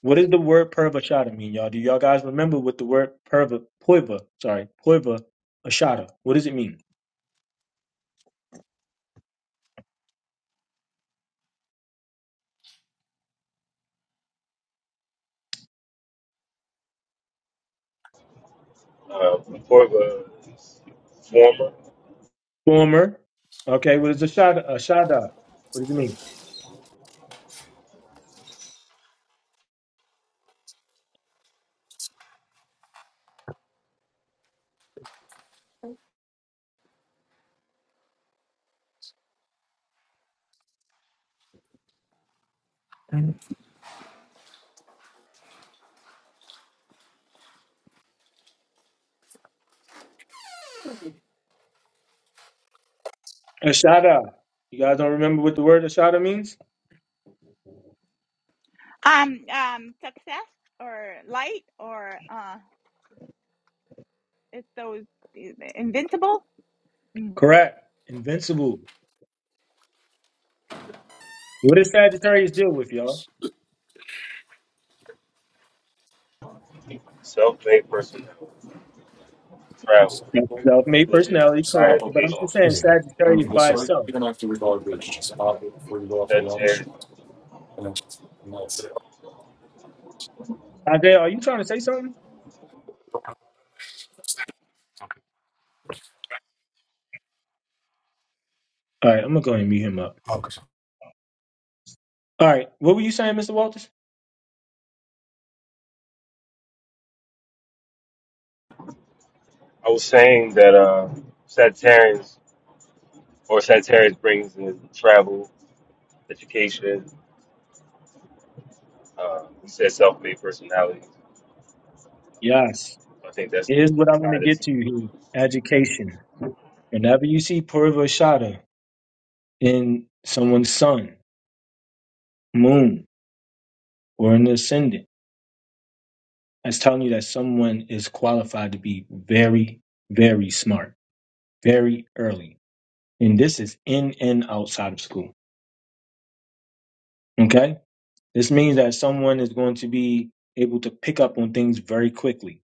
S1: What does the word Purvashada mean, y'all? Do y'all guys remember what the word Purva, Poiva, sorry, Poiva Ashada? What does it mean?
S10: Uh, more of a former
S1: Former. Okay, what is Ashada? Ashada. What does it mean?
S4: Hmm.
S1: Ashada. You guys don't remember what the word Ashada means? Correct. Invincible. What does Sagittarius deal with, y'all?
S10: self-made person who
S4: Just
S10: traveled,
S1: Self made
S10: religion,
S1: personality,
S10: higher
S1: correct.
S4: up
S1: But I'm
S4: the
S10: education,
S1: just saying
S4: office. Yeah.
S1: Sagittarius
S4: Um,
S1: by
S4: so
S1: itself.
S4: even after we go to bridge, just hop it before you go off for lunch,
S10: Sagittarius.
S4: and, then and that's it.
S1: Isaiah, are you trying to say something? All right, I'm going to go ahead and mute him up.
S4: Okay.
S1: All right, what were you saying, Mr. Walters?
S10: I was saying that uh, Sagittarians or Sagittarius brings in travel, education. Uh, you said self-made personality.
S1: Yes.
S10: I think that's
S1: Here's what I want to
S10: kind of
S1: get to here education. Whenever you see Purvashada in someone's sun, moon, or in the ascendant, that's telling you that someone is qualified to be very, very smart, very early. And this is in and outside of school. Okay? This means that someone is going to be able to pick up on things very quickly,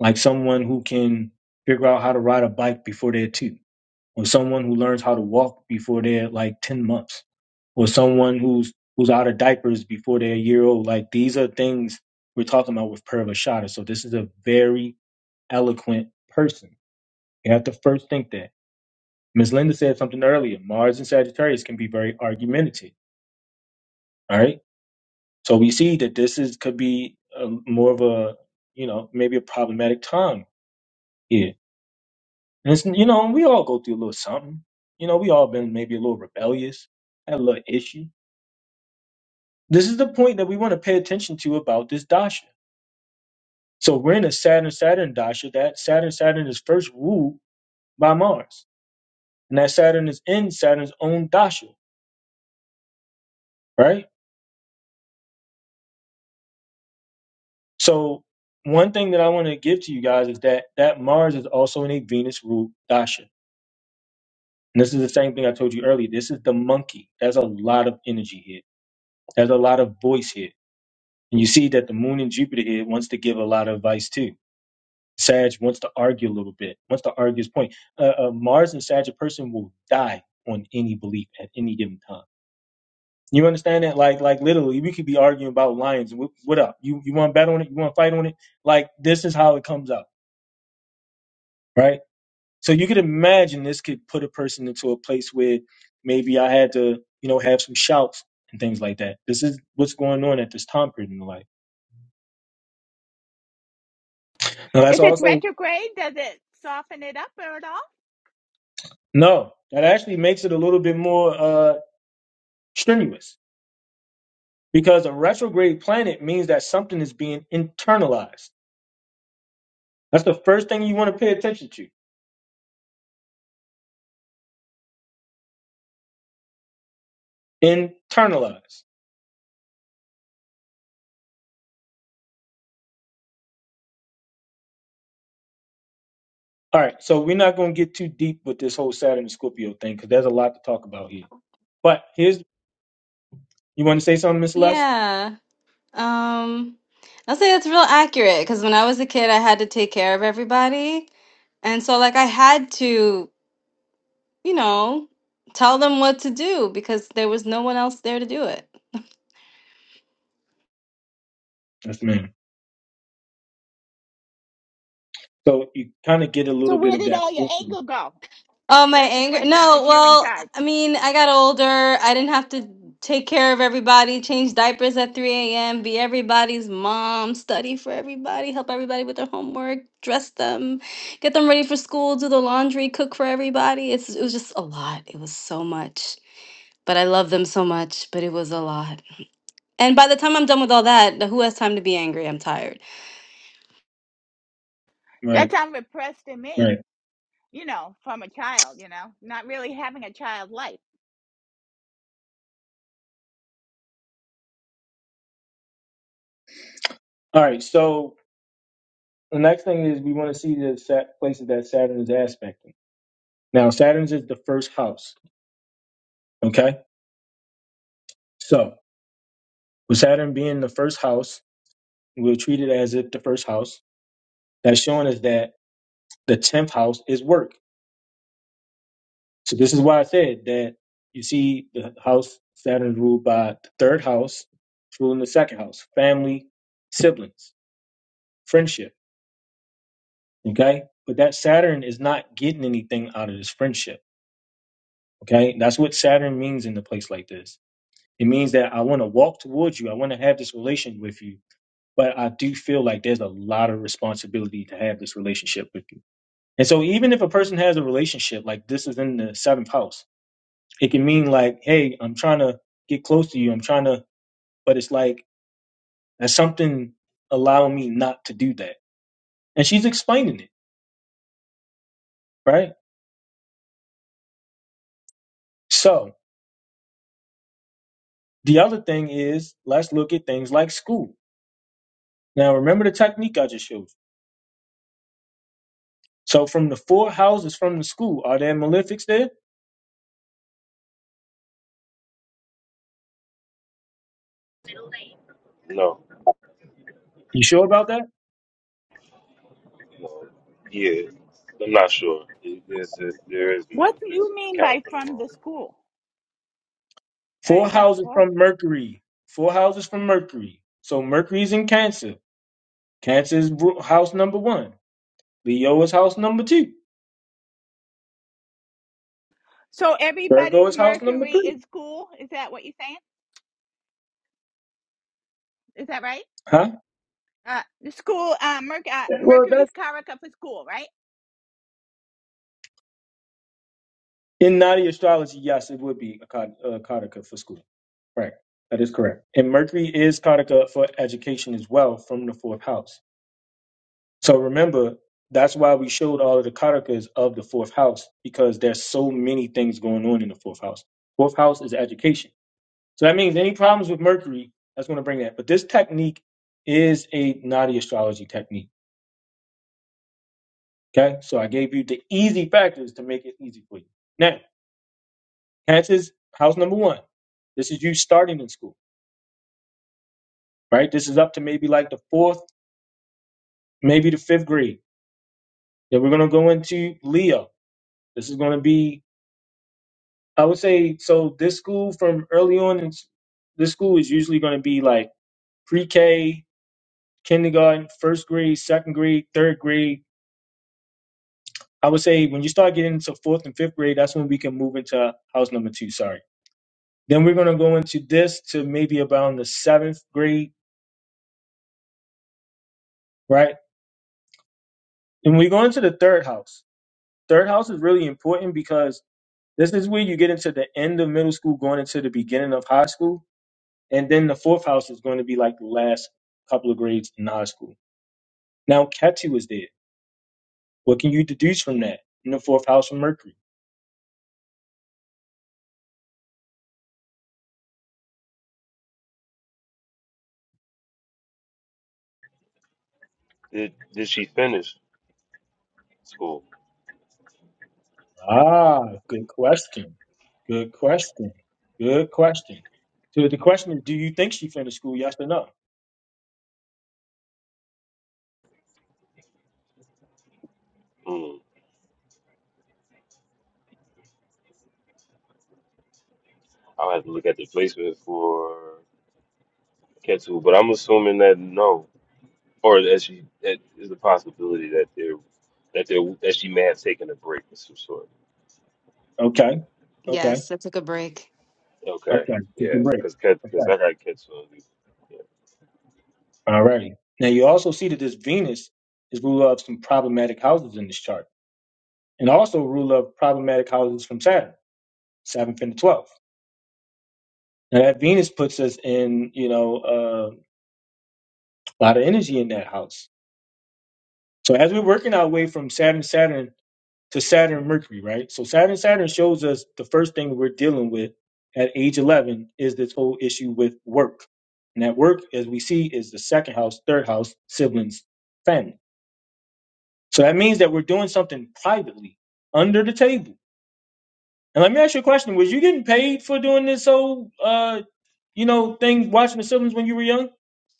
S1: like someone who can figure out how to ride a bike before they're two. or someone who learns how to walk before they're like 10 months or someone who's who's out of diapers before they're a year old like these are things we're talking about with Purva Shada. so this is a very eloquent person you have to first think that Ms. Linda said something earlier Mars and Sagittarius can be very argumentative all right so we see that this is could be a, more of a you know maybe a problematic time here and it's, you know we all go through a little something you know we all been maybe a little rebellious had a little issue This is the point that we want to pay attention to about this dasha. So we're in a Saturn Saturn dasha. That Saturn Saturn is first ruled by Mars, and that Saturn is in Saturn's own dasha, right? So one thing that I want to give to you guys is that that Mars is also in a Venus ruled dasha. And this is the same thing I told you earlier. This is the monkey. There's a lot of energy here. There's a lot of voice here. And you see that the moon and Jupiter here wants to give a lot of advice too. Sag wants to argue a little bit, wants to argue his point. Uh, uh, Mars and Sag, a person will die on any belief at any given time. You understand that? Like, like literally, we could be arguing about lions. and What, what up? You you want to bet on it? You want to fight on it? Like, this is how it comes out, right? So you could imagine this could put a person into a place where maybe I had to, you know, have some shouts and things like that. This is what's going on at this time period in life. Now that's also no. That actually makes it a little bit more uh, strenuous because a retrograde planet means that something is being internalized. That's the first thing you want to pay attention to. Internalize. All right, so we're not going to get too deep with this whole Saturn and Scorpio thing because there's a lot to talk about here. But here's, you want to say something, Miss Celeste?
S12: Yeah. Um, I'll say that's real accurate because when I was a kid, I had to take care of everybody. And so, like, I had to, you know, tell them what to do because there was no one else there to do it.
S1: Yes, ma'am. So you kind of get a little bit of that.
S12: Oh, my anger. No, well, I mean, I got older. I didn't have to take care of everybody, change diapers at 3 a.m., be everybody's mom, study for everybody, help everybody with their homework, dress them, get them ready for school, do the laundry, cook for everybody. It's, it was just a lot. It was so much. but I love them so much, but it was a lot. And by the time I'm done with all that, who has time to be angry? I'm tired.
S1: Right, right. All right, so the next thing is we want to see the sat- places that Saturn is aspecting. Now, Saturn's is the first house, okay? So, with Saturn being the first house, We'll treat it as if the first house. That's showing us that the tenth house is work. So this is why I said that you see the house Saturn is ruled by the third house, it's ruling the second house, family, siblings, friendship. Okay? But that Saturn is not getting anything out of this friendship. Okay? That's what Saturn means in a place like this. It means that I want to walk towards you. I want to have this relation with you. But I do feel like there's a lot of responsibility to have this relationship with you And so even if a person has a relationship, like this is in the seventh house, it can mean like, hey, I'm trying to get close to you. I'm trying to, but it's like, there's something allowing me not to do that. And she's explaining it, right? So the other thing is, let's look at things like school. Now, remember the technique I just showed you. So from the four houses from the school, are there malefics there?
S10: no,
S1: You sure about that?
S10: no, yeah. I'm not sure. There's, there is more. It's counting from the wrong.
S1: Four houses from Mercury. Four houses from Mercury. So Mercury's in Cancer. Cancer is ru- house number one. Leo is house number two. Virgo is house number three. Huh? Well, that's in Nadi astrology. Yes, it would be a kat- uh, Kataka for school. Right. That is correct. And Mercury is Kataka for education as well from the fourth house. So remember, that's why we showed all of the Katakas of the fourth house because there's so many things going on in the fourth house. Fourth house is education. So that means any problems with Mercury, that's going to bring that. But this technique is a Nadi astrology technique Okay, so I gave you the easy factors to make it easy for you. Now, that's is house number one. This is you starting in school, right? This is up to maybe like the fourth, maybe the fifth grade. Then we're gonna go into Leo. This is gonna be, I would say, so this school from early on, in, s- this school is usually gonna be like pre-K, kindergarten, first grade, second grade, third grade. I would say when you start getting into fourth and fifth grade, that's when we can move into house number two. Sorry. Then we're going to go into this to maybe about the seventh grade, right? And we go into the third house. Third house is really important because this is where you get into the end of middle school, going into the beginning of high school. And then the fourth house is going to be like the last couple of grades in high school. Now, Ketu is there. What can you deduce from that in the fourth house of Mercury?
S10: Did did she finish school?
S1: Ah, good question. Good question. Good question. So the question is, do you think she finished school? Yes or no?
S10: Mm. I'll have to look at the placement for Ketu, but I'm assuming that no, or that she that is a possibility that there that there that she may have taken a break of some sort.
S1: Okay. Okay.
S12: Yes, I took a break.
S10: Okay,
S1: Okay, take a
S10: yeah,
S1: break.
S10: because because
S1: Okay,
S10: I got Ketu on you.
S1: all righty. Now you also see that this Venus is rule of some problematic houses in this chart, and also rule of problematic houses from Saturn, seventh and the twelfth. Now that Venus puts us in, you know, uh, a lot of energy in that house. So as we're working our way from Saturn, Saturn to Saturn, Mercury, right? So Saturn, Saturn shows us the first thing we're dealing with at age eleven is this whole issue with work, and that work, as we see, is the second house, third house, siblings, family. So that means that we're doing something privately under the table. And let me ask you a question: Was you getting paid for doing this whole, uh, you know, thing watching the siblings when you were young?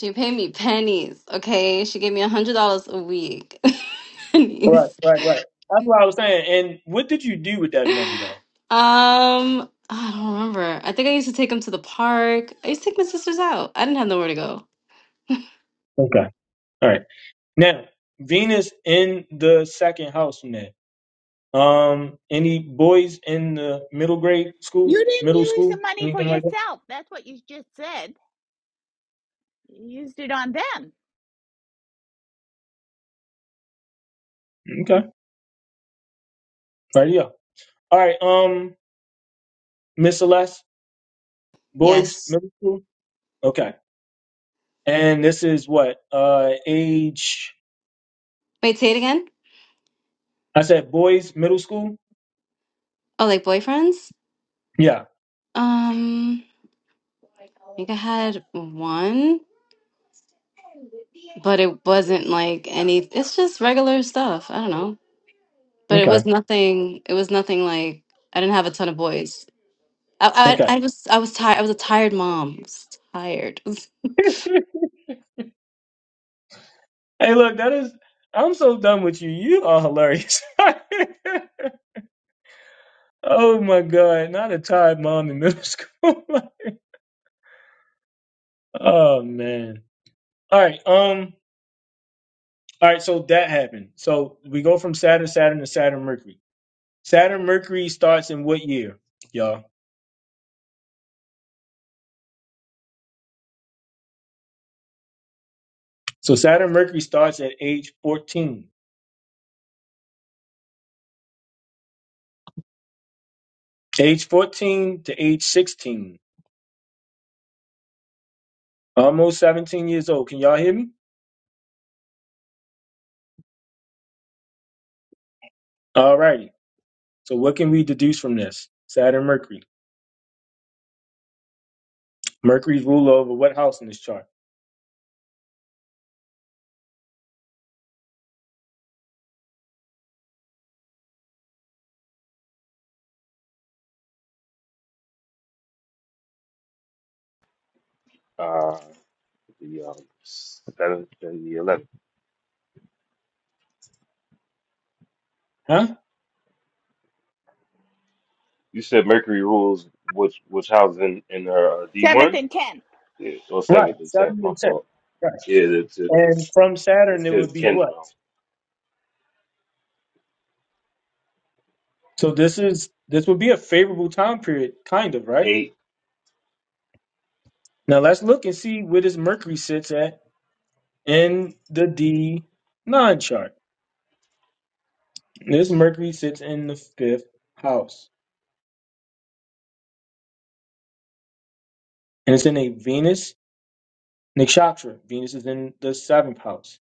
S12: She paid me pennies, okay? She gave me a hundred dollars a week.
S1: Right,
S12: pennies.
S1: right, right. That's what I was saying. And what did you do with that money, though?
S12: Um, I don't remember. I think I used to take them to the park. I used to take my sisters out. I didn't have nowhere to go.
S1: Okay, all right. Now Venus in the second house from that. Um, any boys in the middle grade school, middle school, anything like that? Okay, All right, yeah. All right. Um, Miss Celeste, boys,
S12: Yes.
S1: middle school. Okay. And this is what uh age
S12: Wait, say it again.
S1: I said boys middle school?
S12: Oh, like boyfriends?
S1: Yeah.
S12: Um, I think I had one, but it wasn't like any. It's just regular stuff. I don't know. but it was
S1: Okay.
S12: nothing it was nothing like i didn't have a ton of boys i
S1: Okay.
S12: i, I was i was tired i was a tired mom I was tired
S1: Hey look, that is I'm so done with you. You are hilarious. oh my god, not a tired mom in middle school. oh man. All right, um all right, so that happened. So we go from Saturn, Saturn to Saturn Mercury. Saturn Mercury starts in what year, y'all? So Saturn Mercury starts at age 14. Age 14 to age 16 Almost 17 years old. Can y'all hear me? All righty. So what can we deduce from this? Saturn, Mercury. Mercury's rule over what house in this chart?
S10: Yeah. Uh, the um seventh and the eleventh.
S1: Huh?
S10: You said Mercury rules which which house in in her uh, D one? Yeah, or
S1: Right.
S10: seventh and tenth.
S1: Seven
S10: My
S1: and ten.
S10: fault.
S1: Right.
S10: Yeah, that's it.
S1: And from
S10: It's
S1: Saturn, it would
S10: because
S1: be
S10: Kendra
S1: what? So this is this would be a favorable time period, kind of, right?
S10: eight.
S1: Now let's look and see where this Mercury sits at in the D nine chart. This Mercury sits in the fifth house, and it's in a Venus nakshatra. Venus is in the seventh house.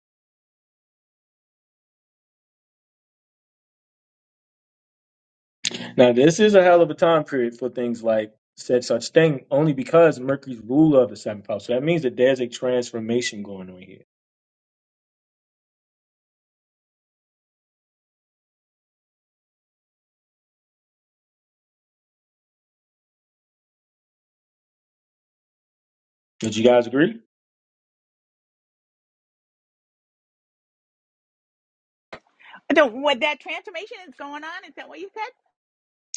S1: Now, this is a hell of a time period for things like said such thing, only because Mercury's ruler of the seventh house. So that means that there's a transformation going on here. Did you guys agree?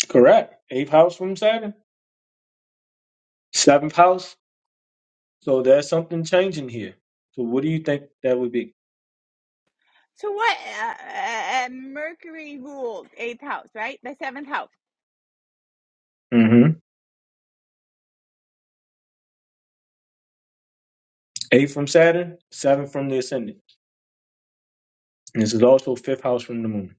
S1: Correct. Eighth house from Saturn, seventh house. So there's something changing here. So what do you think that would be? hmm Eighth from Saturn, seventh from the ascendant. And this is also fifth house from the moon.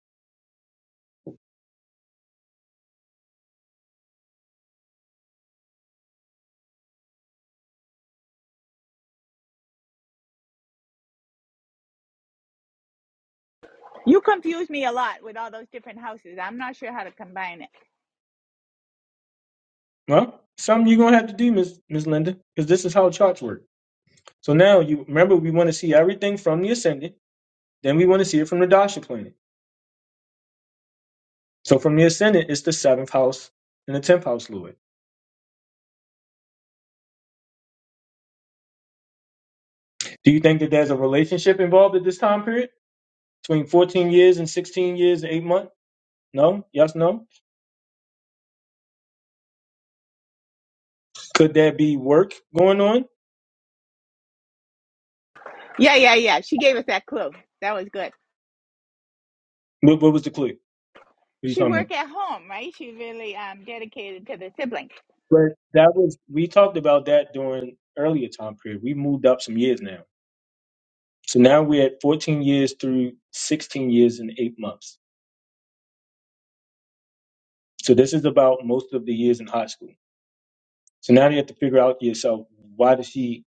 S1: Well, something you're gonna have to do, Miss Miss Linda, because this is how charts work. So now you remember we want to see everything from the ascendant, then we want to see it from the dasha planet. So from the ascendant, it's the seventh house and the tenth house Lord. Do you think that there's a relationship involved at this time period between 14 years and 16 years and eight months? No. Yes. No. Could there be work going on? What, what was the clue? What are you talking about? But that was we talked about that during earlier time period. We moved up some years now. So now we're at 14 years through 16 years and eight months. So this is about most of the years in high school. So now you have to figure out yourself why does she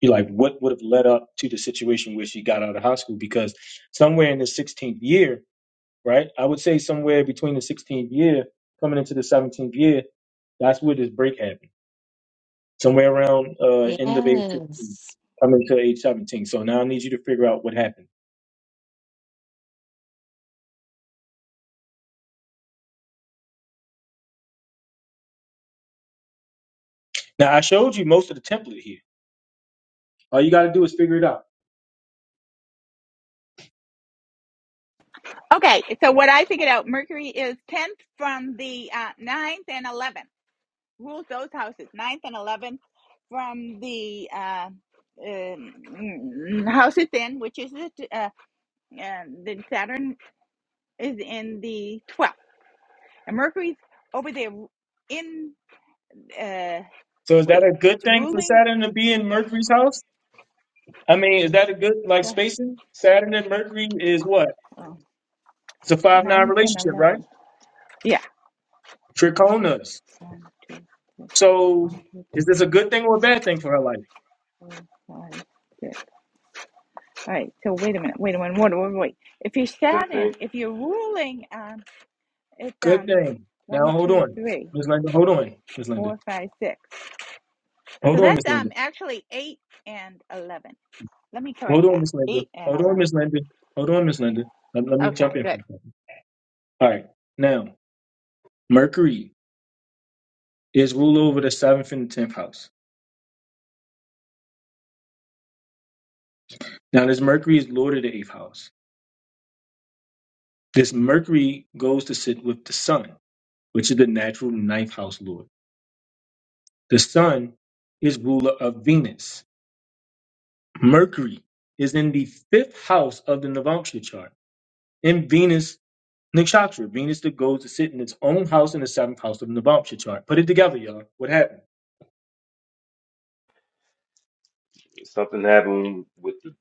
S1: you like what would have led up to the situation where she got out of high school because somewhere in the 16th year right i would say somewhere between the 16th year coming into the 17th year that's where this break happened somewhere around uh end of age 16 coming to age 17 so now i need you to figure out what happened now i showed you most of the template here all you got to do is figure it out so is that a good thing for saturn to be in mercury's house i mean is that a good like spacing saturn and mercury is what it's a five nine relationship right trichonas So is this a good thing or a bad thing for her life?
S10: Good thing.
S1: Good thing. Now hold on, Miss Linda. Hold on, Miss Linda. Hold on, Miss Linda. Hold on, Miss Linda. Hold on, Miss Linda. Hold on, Miss Linda. Let, let me jump in for a second. All right. Now, Mercury is ruler over the seventh and the tenth house. Now, this Mercury is lord of the eighth house. This Mercury goes to sit with the Sun, which is the natural ninth house lord. The Sun is ruler of Venus. Mercury is in the fifth house of the Navamsa chart. in Venus Nakshatra. Venus that goes to sit in its own house in the seventh house of the Navamsha chart. Put it together, y'all. What happened?
S10: Something happened with the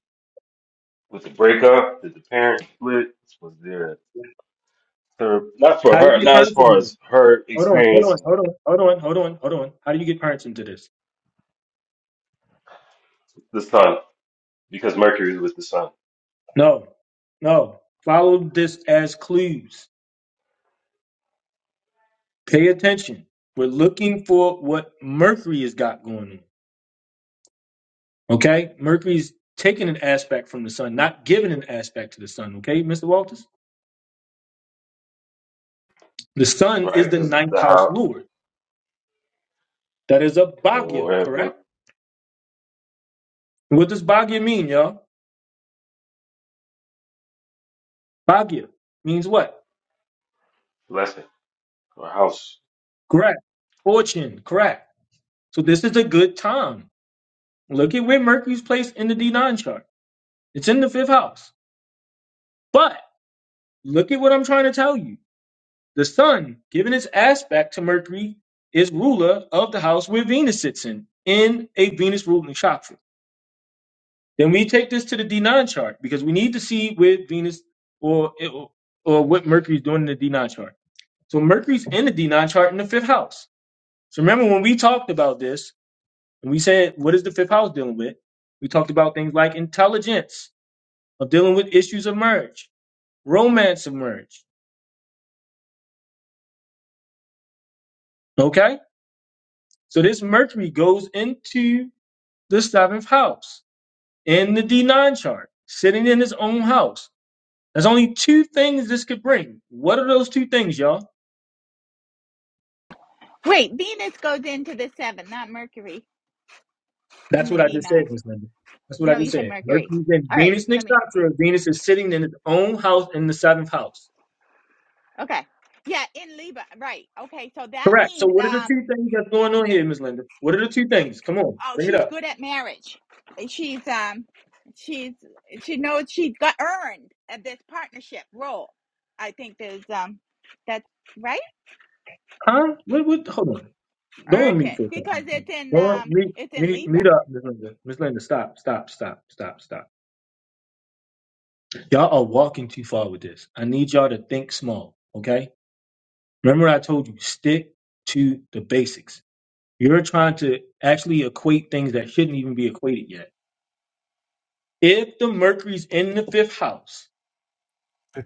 S10: with the breakup. Did the parents split? Was there a third? Not for
S1: How do
S10: her.
S1: you get
S10: Not as
S1: parents
S10: far
S1: into this?
S10: as her
S1: Hold on, hold
S10: experience
S1: on,
S10: and
S1: hold on, hold on, hold on, hold on. How do you get parents into this?
S10: the son, because Mercury was the son,
S1: No, no. Follow this as clues. Pay attention. We're looking for what Mercury has got going on. Okay? Mercury's taking an aspect from the sun, not giving an aspect to the sun. Okay, Mr. Walters? The sun
S10: right?
S1: is the
S10: Because
S1: ninth
S10: the
S1: house
S10: house,
S1: lord. That is a
S10: you know,
S1: Bhagya,
S10: we're, we're
S1: correct? What does Bagya mean, y'all? Bagya means what?
S10: blessing or house,
S1: Correct. Fortune, correct. So this is a good time. Look at where Mercury's placed in the D9 chart. It's in the fifth house. But look at what I'm trying to tell you. The sun, given its aspect to Mercury, is ruler of the house where Venus sits in, in a Venus ruling chakra. Then we take this to the D9 chart because we need to see where Venus or or what Mercury's doing in the D9 chart. So Mercury's in the D9 chart in the fifth house. So remember when we talked about this, and we said, what is the fifth house dealing with? We talked about things like intelligence of dealing with issues of marriage, romance of marriage. Okay? So this Mercury goes into the seventh house in the D9 chart, sitting in his own house. There's only two things this could bring. What are those two things, y'all? That's what I just said, Miss Linda. That's what I just said. Mercury's in Venus next doctor. Venus is sitting in its own house in the seventh house. Correct. So what are the two things that's going on here, Miss Linda? What are the two things? Come on, bring it up. Huh? What? What? Hold on. Go on mute for a second. Go on mute. Mute, mute up, Miss Linda. Miss Linda, stop, stop, stop, stop, stop. Y'all are walking too far with this. I need y'all to think small, okay? Remember, I told you stick to the basics. You're trying to actually equate things that shouldn't even be equated yet. If the Mercury's in the fifth house,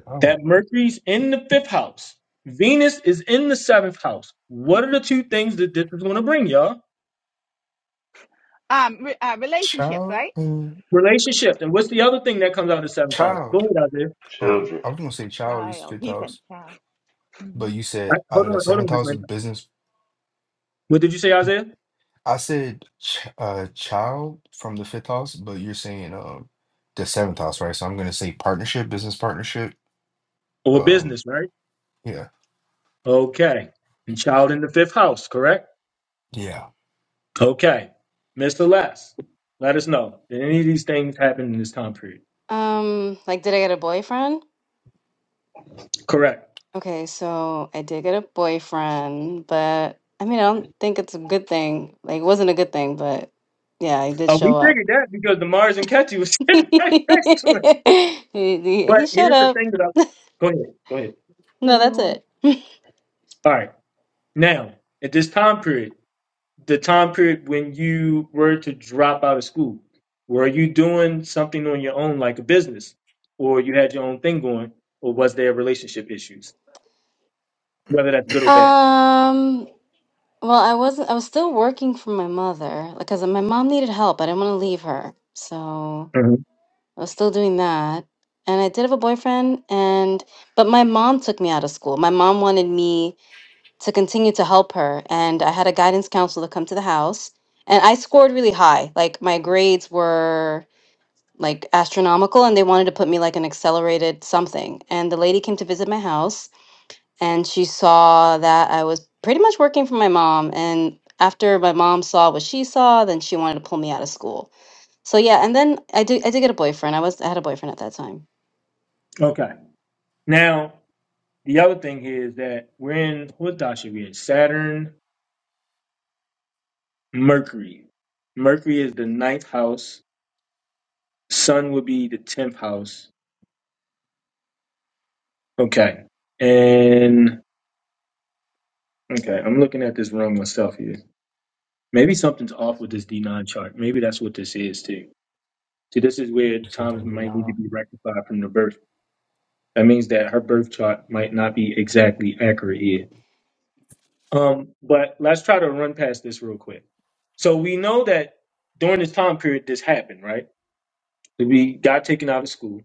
S4: Oh,
S1: That Mercury's in the fifth house. Venus is in the seventh house. What are the two things that this is going to bring, y'all?
S4: child, mm,
S1: Relationships. And what's the other thing that comes out of the seventh house? Go
S4: child.
S1: ahead, Isaiah.
S4: Oh,
S10: children,
S4: I was gonna say child is fifth house, but you
S1: I-
S4: said out
S1: hold
S4: of the
S1: on, hold on.
S4: seventh
S1: just
S4: house,
S1: right now.
S4: business.
S1: What did you say, Isaiah?
S4: I said ch- uh, child from the fifth house, but you're saying um the seventh house, right? So I'm gonna say partnership, business partnership.
S1: Or
S4: Um,
S1: business, right?
S4: yeah,
S1: Okay. And child in the fifth house, correct?
S4: yeah.
S1: Okay. Mr. Les, let us know. Did any of these things happen in this time period?
S12: um like did i get a boyfriend
S1: Correct.
S12: okay so i did get a boyfriend but i mean i don't think it's a good thing like it wasn't a good thing but yeah he did
S1: Oh, we
S12: show up
S1: figured that because the Mars and Ketu was
S12: he,
S1: sitting right next to it.
S12: he
S1: But
S12: he showed
S1: here's the
S12: up
S1: thing that I. Go ahead. Go ahead.
S12: no that's it
S1: All right. Now, at this time period, the time period when you were to drop out of school, were you doing something on your own, like a business, or you had your own thing going, or was there relationship issues, whether that's good or bad?
S12: um well i wasn't i was still working for my mother because my mom needed help i didn't want to leave her so
S1: Mhm.
S12: I was still doing that. And I did have a boyfriend and but my mom took me out of school. My mom wanted me to continue to help her and I had a guidance counselor come to the house and I scored really high. Like my grades were like astronomical and they wanted to put me like an accelerated something. And the lady came to visit my house and she saw that I was pretty much working for my mom and after my mom saw what she saw, then she wanted to pull me out of school. So yeah, and then I did I did get a boyfriend. I was I had a boyfriend at that time
S1: Okay. Now, the other thing here is that we're in what dasha we in? Saturn, Mercury. Mercury is the ninth house. Sun would be the tenth house. Okay. And okay, I'm looking at this wrong myself here. Maybe something's off with this D9 chart. Maybe that's what this is too. See, this is where times might need to be rectified from the birth. That means that her birth chart might not be exactly accurate here. Um, but let's try to run past this real quick. So we know that during this time period, this happened, right? So, We got taken out of school.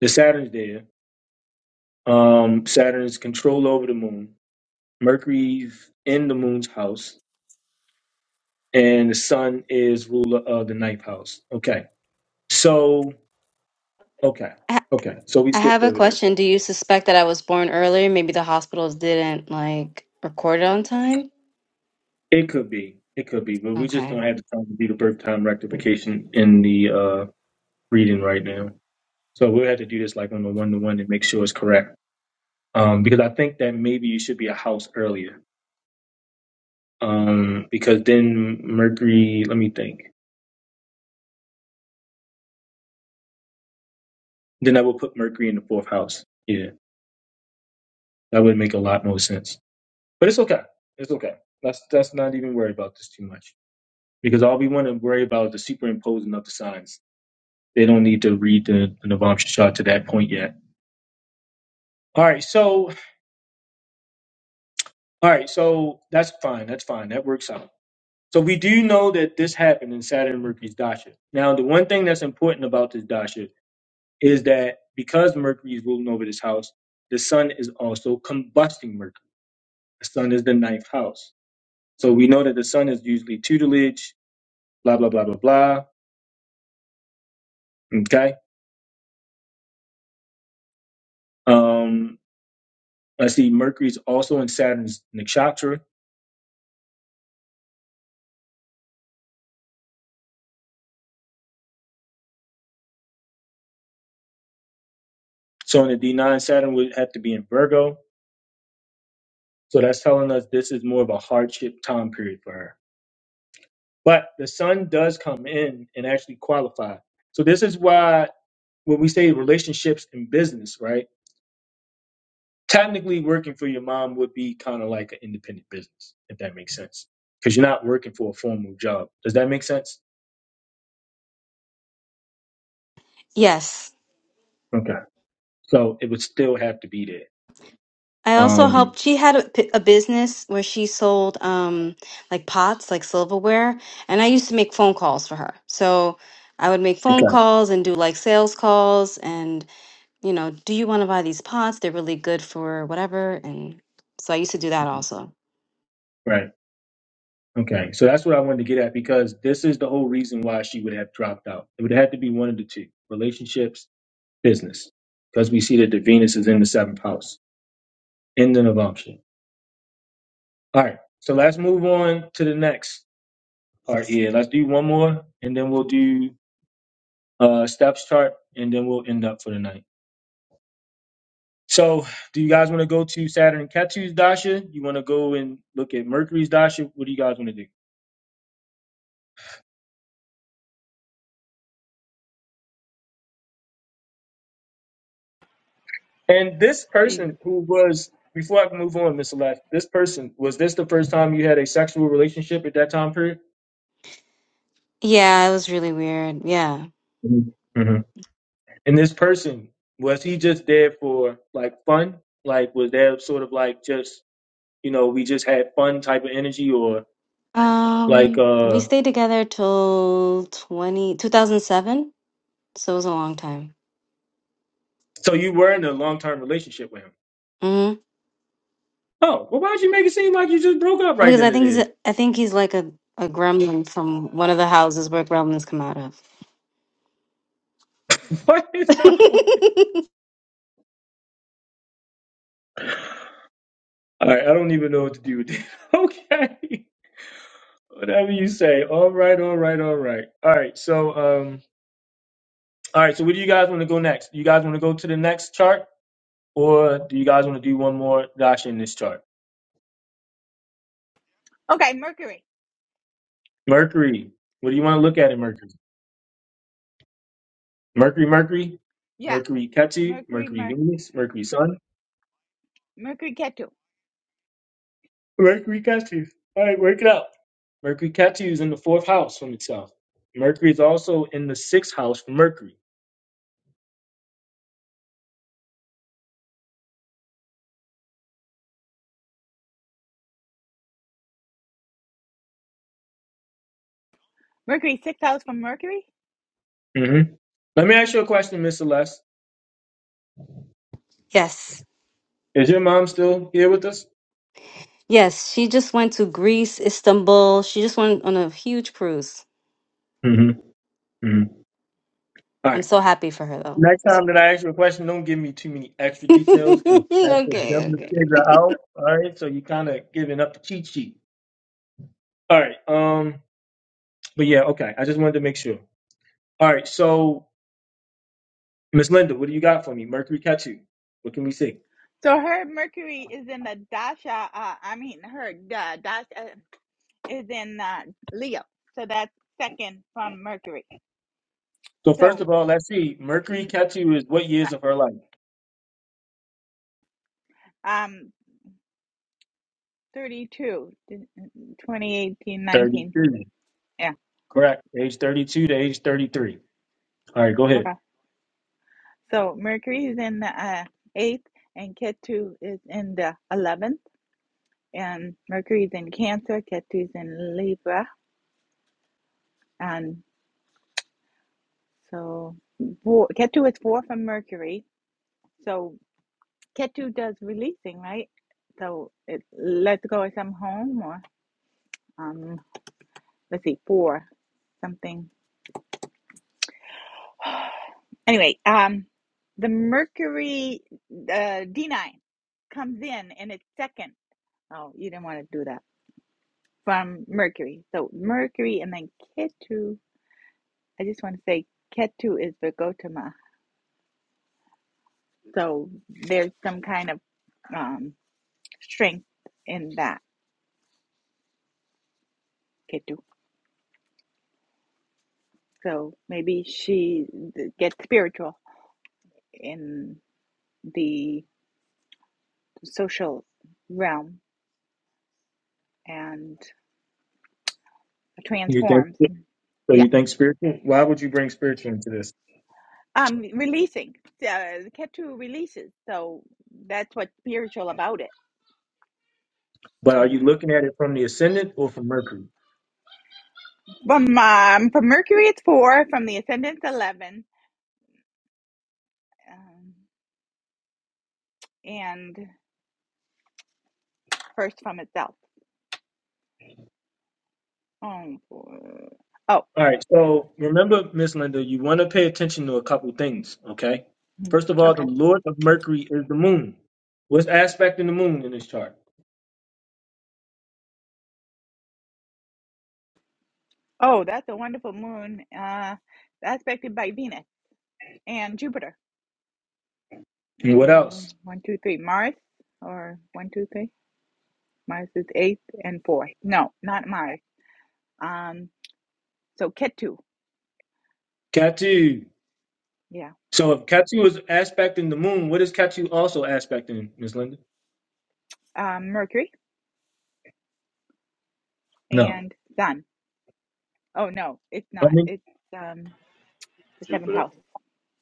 S1: The Saturn's there. Um, Saturn's control over the moon. Mercury's in the moon's house, and the sun is ruler of the ninth house. Okay, so. Okay.
S12: I
S1: Okay. So we
S12: I
S1: skipped
S12: have a
S1: over this.
S12: question. Do you suspect that I was born earlier? Maybe the hospitals didn't like record it on time?
S1: It could be. It could be, but we just
S12: Okay.
S1: don't have the time to do the birth time rectification in the uh, reading right now. So we'll have to do this like on the one to one and make sure it's correct. Um, because I think that maybe you should be a house earlier. Um, because then Mercury, let me think. Then I will put Mercury in the fourth house. Yeah, that would make a lot more sense. But it's okay. It's okay. Let's let's not even worry about this too much because all we want to worry about is the superimposing of the signs They don't need to read the, the Navam Shah to that point yet. All right, so all right, so that's fine. That's fine. That works out. So we do know that this happened in Saturn and Mercury's dasha. Now, the one thing that's important about this dasha is that because Mercury is ruling over this house, the sun is also combusting Mercury. The sun is the ninth house. So we know that the sun is usually tutelage, blah blah blah blah blah. Okay. Um, let's see. Mercury's also in Saturn's nakshatra, So in the D9, Saturn would have to be in Virgo. So that's telling us this is more of a hardship time period for her. But the sun does come in and actually qualify. So this is why when we say relationships and business, right? Technically, working for your mom would be kind of like an independent business, if that makes sense, because you're not working for a formal job. Does that make sense?
S12: Yes.
S1: Okay. So it would still have to be there.
S12: I also
S1: Um,
S12: helped. She had a, p- a business where she sold um like pots, like silverware, and I used to make phone calls for her. So I would make phone
S1: okay.
S12: calls and do like sales calls and, you know, do you want to buy these pots? They're really good for whatever. And so I used to do that also.
S1: Right. Okay, so that's what I wanted to get at because this is the whole reason why she would have dropped out. It would have had to be one of the two relationships, business, because we see that the Venus is in the seventh house, in the Navamsha. All right, so let's move on to the next part here. Let's do one more and then we'll do uh steps chart and then we'll end up for the night. So, do you guys want to go to Saturn and Ketu's Dasha? You want to go and look at Mercury's Dasha? What do you guys want to do? And this
S10: hmm,
S1: person who was, before I can move on, Mr. Left, this person, was this the first time you had a sexual relationship at that time period?
S12: Yeah, it was really weird. Yeah.
S1: Mm-hmm. And this person, was he just there for like fun? Like, was there sort of like just, you know, we just had fun type of energy or like,
S12: Um, we
S1: uh,
S12: stayed together till 20 2007, so it was a long time.
S1: so you were in a long term relationship with him?
S12: hmm
S1: Oh, well, why'd you make it seem like you just broke up right
S12: Because
S1: then
S12: I
S1: and
S12: think he's
S1: there?
S12: a, I think he's like a, a gremlin from one of the houses where gremlins come out of.
S1: What? All right, I don't even know what to do with this. Okay. Whatever you say. All right, all right, all right. All right. So um all right, so where do you guys want to go next? You guys want to go to the next chart or do you guys want to do one more dash in this chart? Mercury. What do you want to look at in Mercury? Mercury, Mercury, Mercury Ketu, Mercury Venus, Mercury Sun. Mercury Ketu. All right, work it out. Mercury Ketu is in the fourth house from itself. Mercury is also in the sixth house for Mercury. hmm Let me ask you a question, Miss Celeste.
S12: Yes.
S1: Is your mom still here with us?
S12: Yes, she just went to Greece, Istanbul. She just went on a huge cruise.
S1: hmm hmm
S12: I'm so happy for her though.
S1: Next time that I ask you a question, don't give me too many extra details. 'cause That's what
S12: Okay,
S1: them to
S12: okay.
S1: figure out. All right, so you kind of giving up the cheat sheet. All right, um, but yeah, okay. I just wanted to make sure. All right, so Miss Linda, what do you got for me? Mercury Ketu. What can we see? So first of all, let's see. Mercury Ketu is what years of her life? Thirty-two. Correct. Age thirty-two to age thirty-three. All right, go ahead. You think so? You think spiritual? Why would you bring spiritual into this? But are you looking at it from the ascendant or from Mercury? All right, so remember, Miss Linda, you want to pay attention to a couple things, okay? First of all, the Lord of Mercury is the moon. What's aspecting the moon in this chart? And what else? Ketu. So if Ketu is aspecting the moon, what is Ketu also aspecting, Miss Linda? No. I mean,
S10: Jupiter.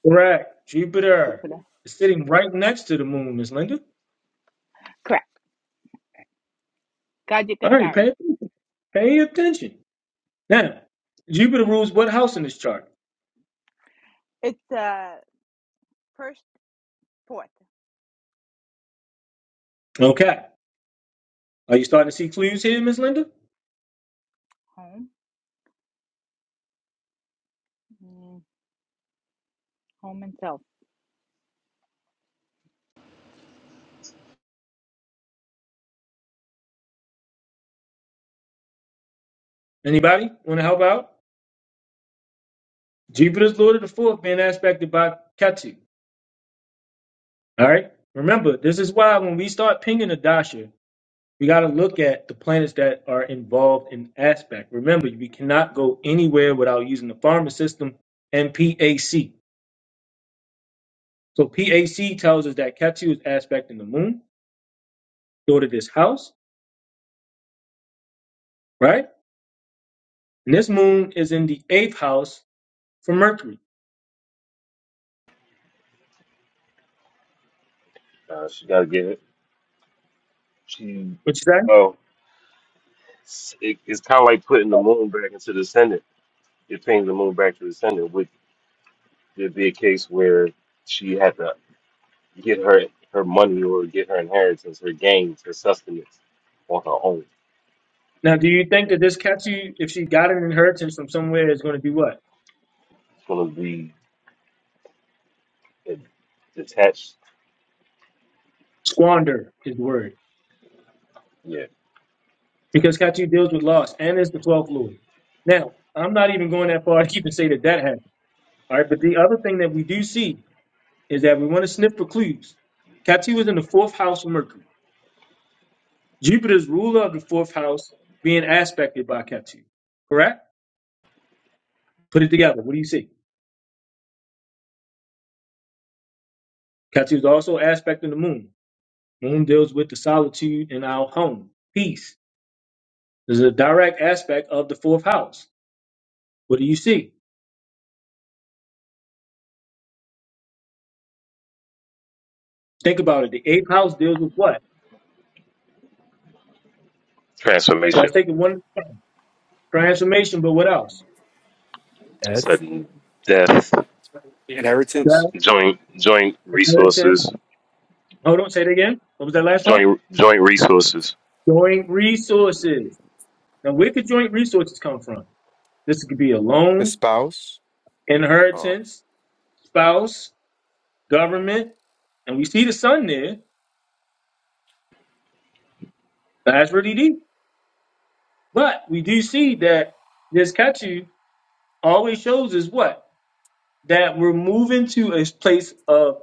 S1: correct. Jupiter is sitting right next to the moon, Miss Linda. All right, pay, pay attention. Now, Jupiter rules what house in this chart? Okay. Are you starting to see clues here, Miss Linda? Anybody want to help out? Jupiter's lord of the fourth being aspected by Ketu. All right. Remember, this is why when we start pinging a dasha, we got to look at the planets that are involved in aspect. Remember, we cannot go anywhere without using the pharma system and PAC. So PAC tells us that Ketu is aspecting the moon, lord of this house, right? And this moon is in the eighth house for Mercury.
S10: Uh, she got to get it. She
S1: What you say?
S10: well, it's, it, it's kind of like putting the moon back into the ascendant. It brings the moon back to the ascendant. Would there be a case where? she had to. get her her money or get her inheritance, her gains, her sustenance on her own.
S1: Now, do you
S10: It's
S1: think that this Ketu, if she got an inheritance from somewhere, is going to do what?
S10: gonna be a detached,
S1: Squander is the word
S10: yeah,
S1: because Katu deals with loss and is the 12th Lord. Now, I'm not even going that far to keep and say that that happened. All right, but the other thing that we do see is that we want to sniff for clues. Katu was in the fourth house of Mercury. Jupiter's ruler of the fourth house being aspected by Katu. Correct? Put it together. What do you see? Katu is also aspecting the moon. Moon deals with the solitude in our home, peace. There's a direct aspect of the fourth house. What do you see? Think about it. The eighth house deals with what? So
S10: transformation,
S1: let's take it one at a time. Transformation, but what else?
S10: sudden death,
S4: The Inheritance.
S1: Death,
S10: joint joint
S1: inheritance.
S10: resources,
S1: Hold on, say it again. What was that last part?
S10: joint joint resources.
S1: Joint resources. Now, where could joint resources come from? This could be a loan, inheritance, spouse, government, and we see the sun there. That's really deep. But we do see that this Ketu always shows us what? That we're moving to a place of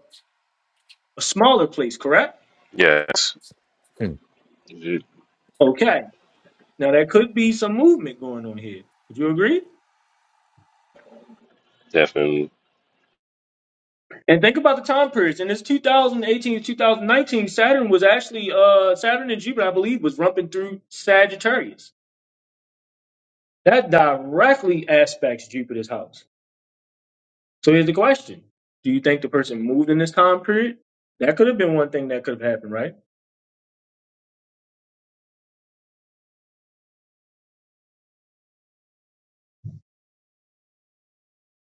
S1: a smaller place, correct?
S10: Yes,
S4: Hmm.
S10: It
S1: Okay. Now, there could be some movement going on here. Would you agree?
S10: definitely.
S1: And think about the time periods. In this 2018 to 2019, Saturn was actually uh Saturn and Jupiter, I believe, was rumping through Sagittarius. That directly aspects Jupiter's house. So here's the question: Do you think the person moved in this time period? That could have been one thing that could have happened, right?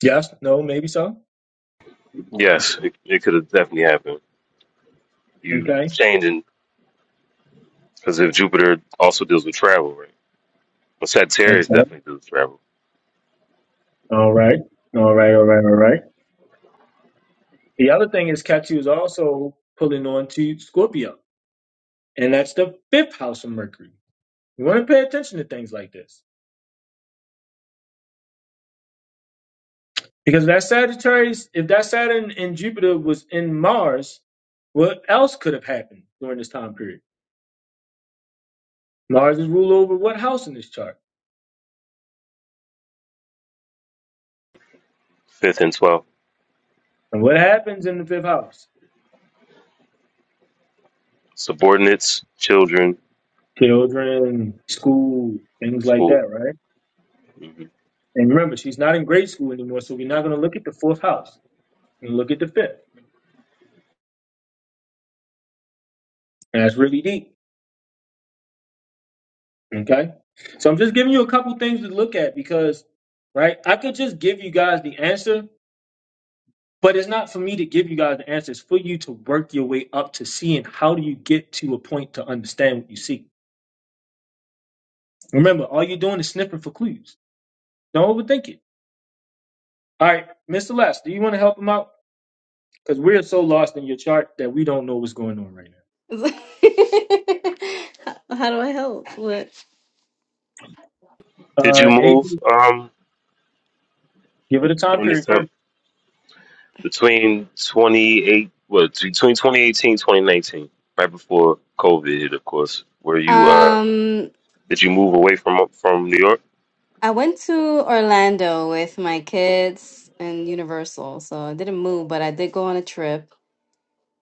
S1: Yes, no, maybe so.
S10: Yes, it, it could have definitely happened. You
S1: Okay.
S10: changing because if Jupiter also deals with travel, right? But Sagittarius
S1: Okay.
S10: definitely deals with travel.
S1: All right. All right. All right. All right. The other thing is Ketu is also pulling on to Scorpio, and that's the fifth house of Mercury. You want to pay attention to things like this. Because that Sagittarius, if that Saturn and Jupiter was in Mars, what else could have happened during this time period? Mars is ruled over what house in this chart?
S10: Fifth and twelfth,
S1: And what happens in the fifth house?
S10: subordinates, children,
S1: Children, school, things like
S10: school.
S1: that, right?
S10: Mhm.
S1: And remember, she's not in grade school anymore, so we're not going to look at the fourth house. We're going to look at the fifth. And that's really deep, okay? So I'm just giving you a couple things to look at because, right, I could just give you guys the answer, But it's not for me to give you guys the answers. for you to work your way up to seeing how do you get to a point to understand what you see. Remember, all you're doing is sniffing for clues. Don't overthink it. All right, Mr. Les, do you want to help him out? Because we're so lost in your chart that we don't know what's going on right now.
S12: How do I help? What?
S10: Did you
S1: Uh,
S10: move
S1: Adrian,
S10: um
S1: give it a time
S10: during this
S1: period
S10: time
S1: first.
S10: between 28 what between 2018, 2019, right before COVID hit of course were you uh
S12: Um,
S10: did you move away from from New York?
S12: I went to Orlando with my kids and Universal, so I didn't move, but I did go on a trip.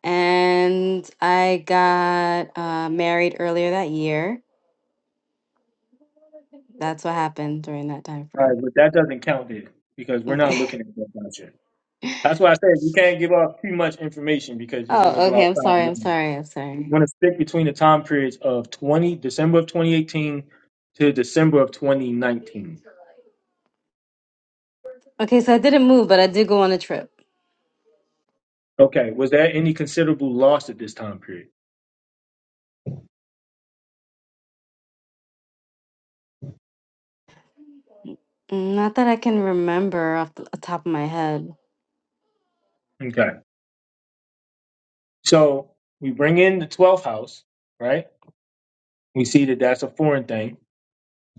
S12: And I got uh, married earlier that year. That's what happened during that time
S1: All right,
S12: frame.
S1: but that doesn't count there because we're
S12: Okay.
S1: not looking at that yet. That's why I said you can't give off too much information because you're going to
S12: Oh,
S1: go
S12: okay. I'm sorry. I'm
S1: outside.
S12: sorry. I'm
S1: We
S12: sorry.
S1: want to stick between the time periods of 20 December of 2018 to December of 2019.
S12: Okay, so I didn't move, but I did go on a trip.
S1: Okay, was there any considerable loss at this time period?
S12: Not that I can remember off the top of my head.
S1: Okay, so we bring in the 12th house, right? We see that that's a foreign thing.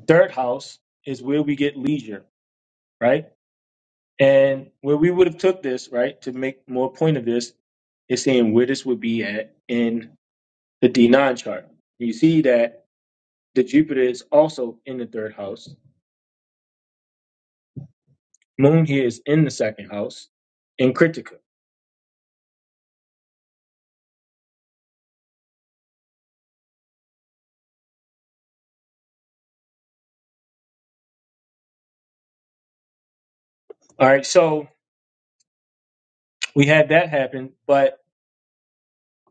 S1: Third house is where we get leisure, right? And where we would have took this, right, to make more point of this, is saying where this would be at in the D9 chart. You see that the Jupiter is also in the third house Moon here is in the second house in Critica. All right, so we had that happen, but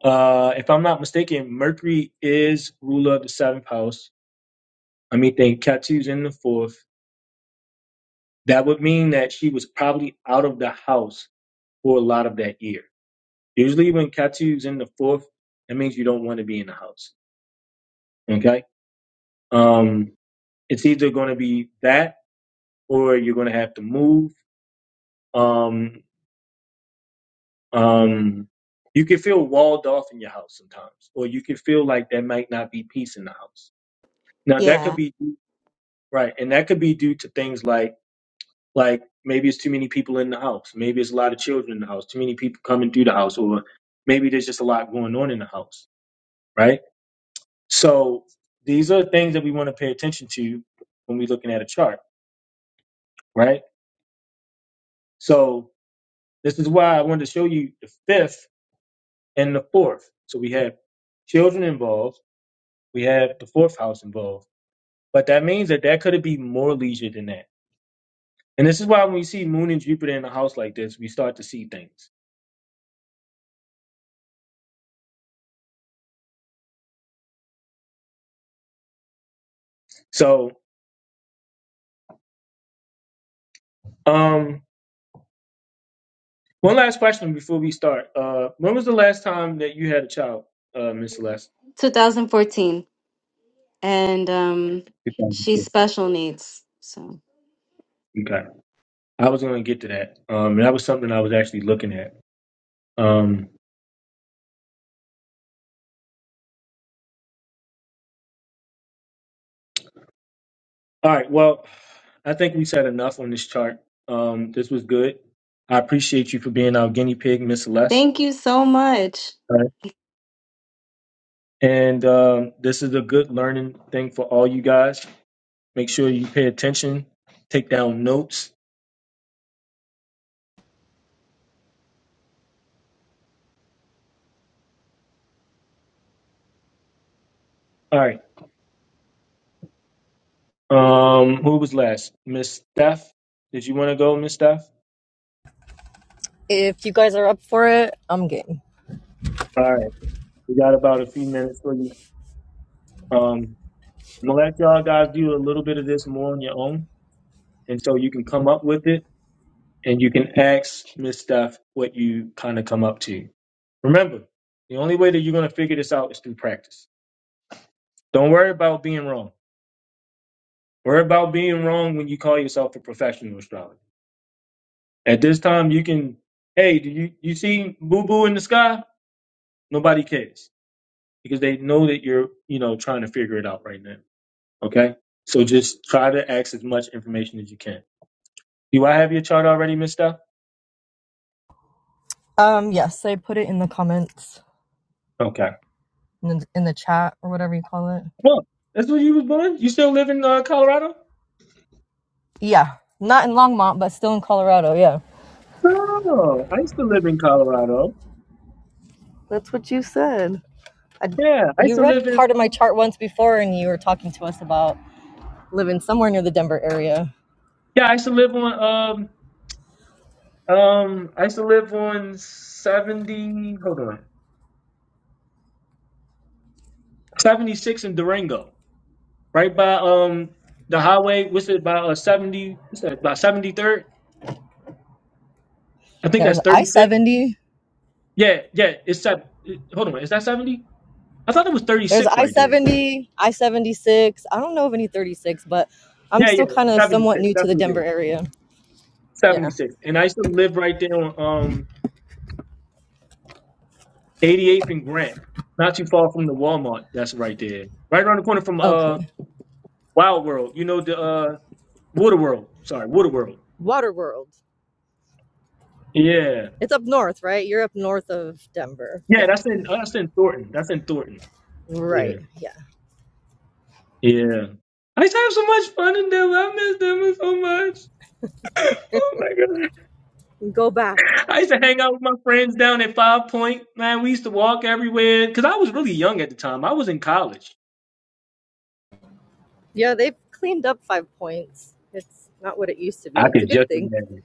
S1: uh, if I'm not mistaken, Mercury is ruler of the seventh house. I mean, think Ketu's in the fourth. That would mean that she was probably out of the house for a lot of that year. Usually, when Ketu's in the fourth, that means you don't want to be in the house. Okay, um, it's either going to be that or you're going to have to move. Um, Um, you can feel walled off in your house sometimes, or you can feel like there might not be peace in the house. Now that could
S12: Yeah,
S1: be right, and that could be due to things like like maybe it's too many people in the house, maybe it's a lot of children in the house, too many people coming through the house, or maybe there's just a lot going on in the house, right? So these are things that we want to pay attention to when we're looking at a chart, right? So this is why I wanted to show you the fifth and the fourth. So we have children involved We have the fourth house involved. But that means that that could be more leisure than that. And this is why when we see Moon and Jupiter in a house like this, we start to see things. So, um, one last question before we start. Uh, when was the last time that you had a child, uh, Miss Celeste?
S12: 2014. And um, she's
S1: 2004.
S12: special needs. So
S1: Okay. I was going to get to that. Um, and that was something I was actually looking at. Um, all right. Well, I think we said enough on this chart. Um, this was good. I appreciate you for being our guinea pig, Miss Celeste.
S12: thank you so much.
S1: And um, this is a good learning thing for all you guys. Make sure you pay attention, take down notes. All right. Um, who was last? Miss Steph. Did you want to go, Miss Steph?
S11: If you guys are up for it, I'm game.
S1: All right. We got about a few minutes for you. Um, I'm gonna let y'all guys do a little bit of this more on your own, and so you can come up with it, and you can ask Miss Steph what you kind of come up to. Remember, the only way that you're gonna figure this out is through practice. Don't worry about being wrong Worry about being wrong when you call yourself a professional astrologer. At this time, you can, hey, do you, you see boo boo in the sky? Nobody cares because they know that you're, you know, trying to figure it out right now. Okay. So just try to access as much information as you can. Do I have your chart already, Miss Steph?
S11: Um, yes, I put it in the comments
S1: Okay.
S11: in the, in the chat or whatever you call it.
S1: Well, that's where you was born? You still live in uh, Colorado?
S11: Yeah, not in Longmont, but still in Colorado. Yeah.
S1: No, I used to live in Colorado.
S11: That's what you said. I,
S1: Yeah, I used
S11: You
S1: to
S11: read
S1: live in.
S11: part of my chart once before, and you were talking to us about living somewhere near the Denver area.
S1: Yeah, I used to live on. Um, um, I used to live on seventy. Hold on. 76 in Durango, right by um the highway. What's it by uh, 70? What's that by 73rd? I think
S11: There's
S1: that's
S11: I
S1: 36.
S11: 70.
S1: Yeah, yeah. It's seven. Hold on, is that 70? I thought it was
S11: There's
S1: 36
S11: I
S1: right there.
S11: 70, I 76. I don't know of any 36, but I'm
S1: Yeah, yeah,
S11: still kind of somewhat
S1: 76.
S11: new to
S1: That's
S11: the
S1: what it
S11: Denver
S1: is.
S11: area. Yeah.
S1: 76. And I used to live right there on um 88th and Grant, not too far from the Walmart. That's right there, right around the corner from uh
S11: Okay.
S1: Wild World. You know the uh Water World. Sorry, Water World.
S11: Waterworld.
S1: Yeah,
S11: It's up north, right? You're up north of Denver.
S1: yeah.
S11: Yeah.
S1: That's in uh, that's in Thornton. That's in Thornton. Yeah.
S11: Right. Yeah.
S1: Yeah. I used to have so much fun in Denver. I miss Denver so much. Oh my god.
S11: Go back.
S1: I used to hang out with my friends down at Five Point. Man, we used to walk everywhere. Cause I was really young at the time. I was in college.
S11: Yeah, they've cleaned up five points. It's not what it used to be.
S1: I
S11: It's a
S1: could
S11: good
S1: just
S11: thing.
S1: imagine.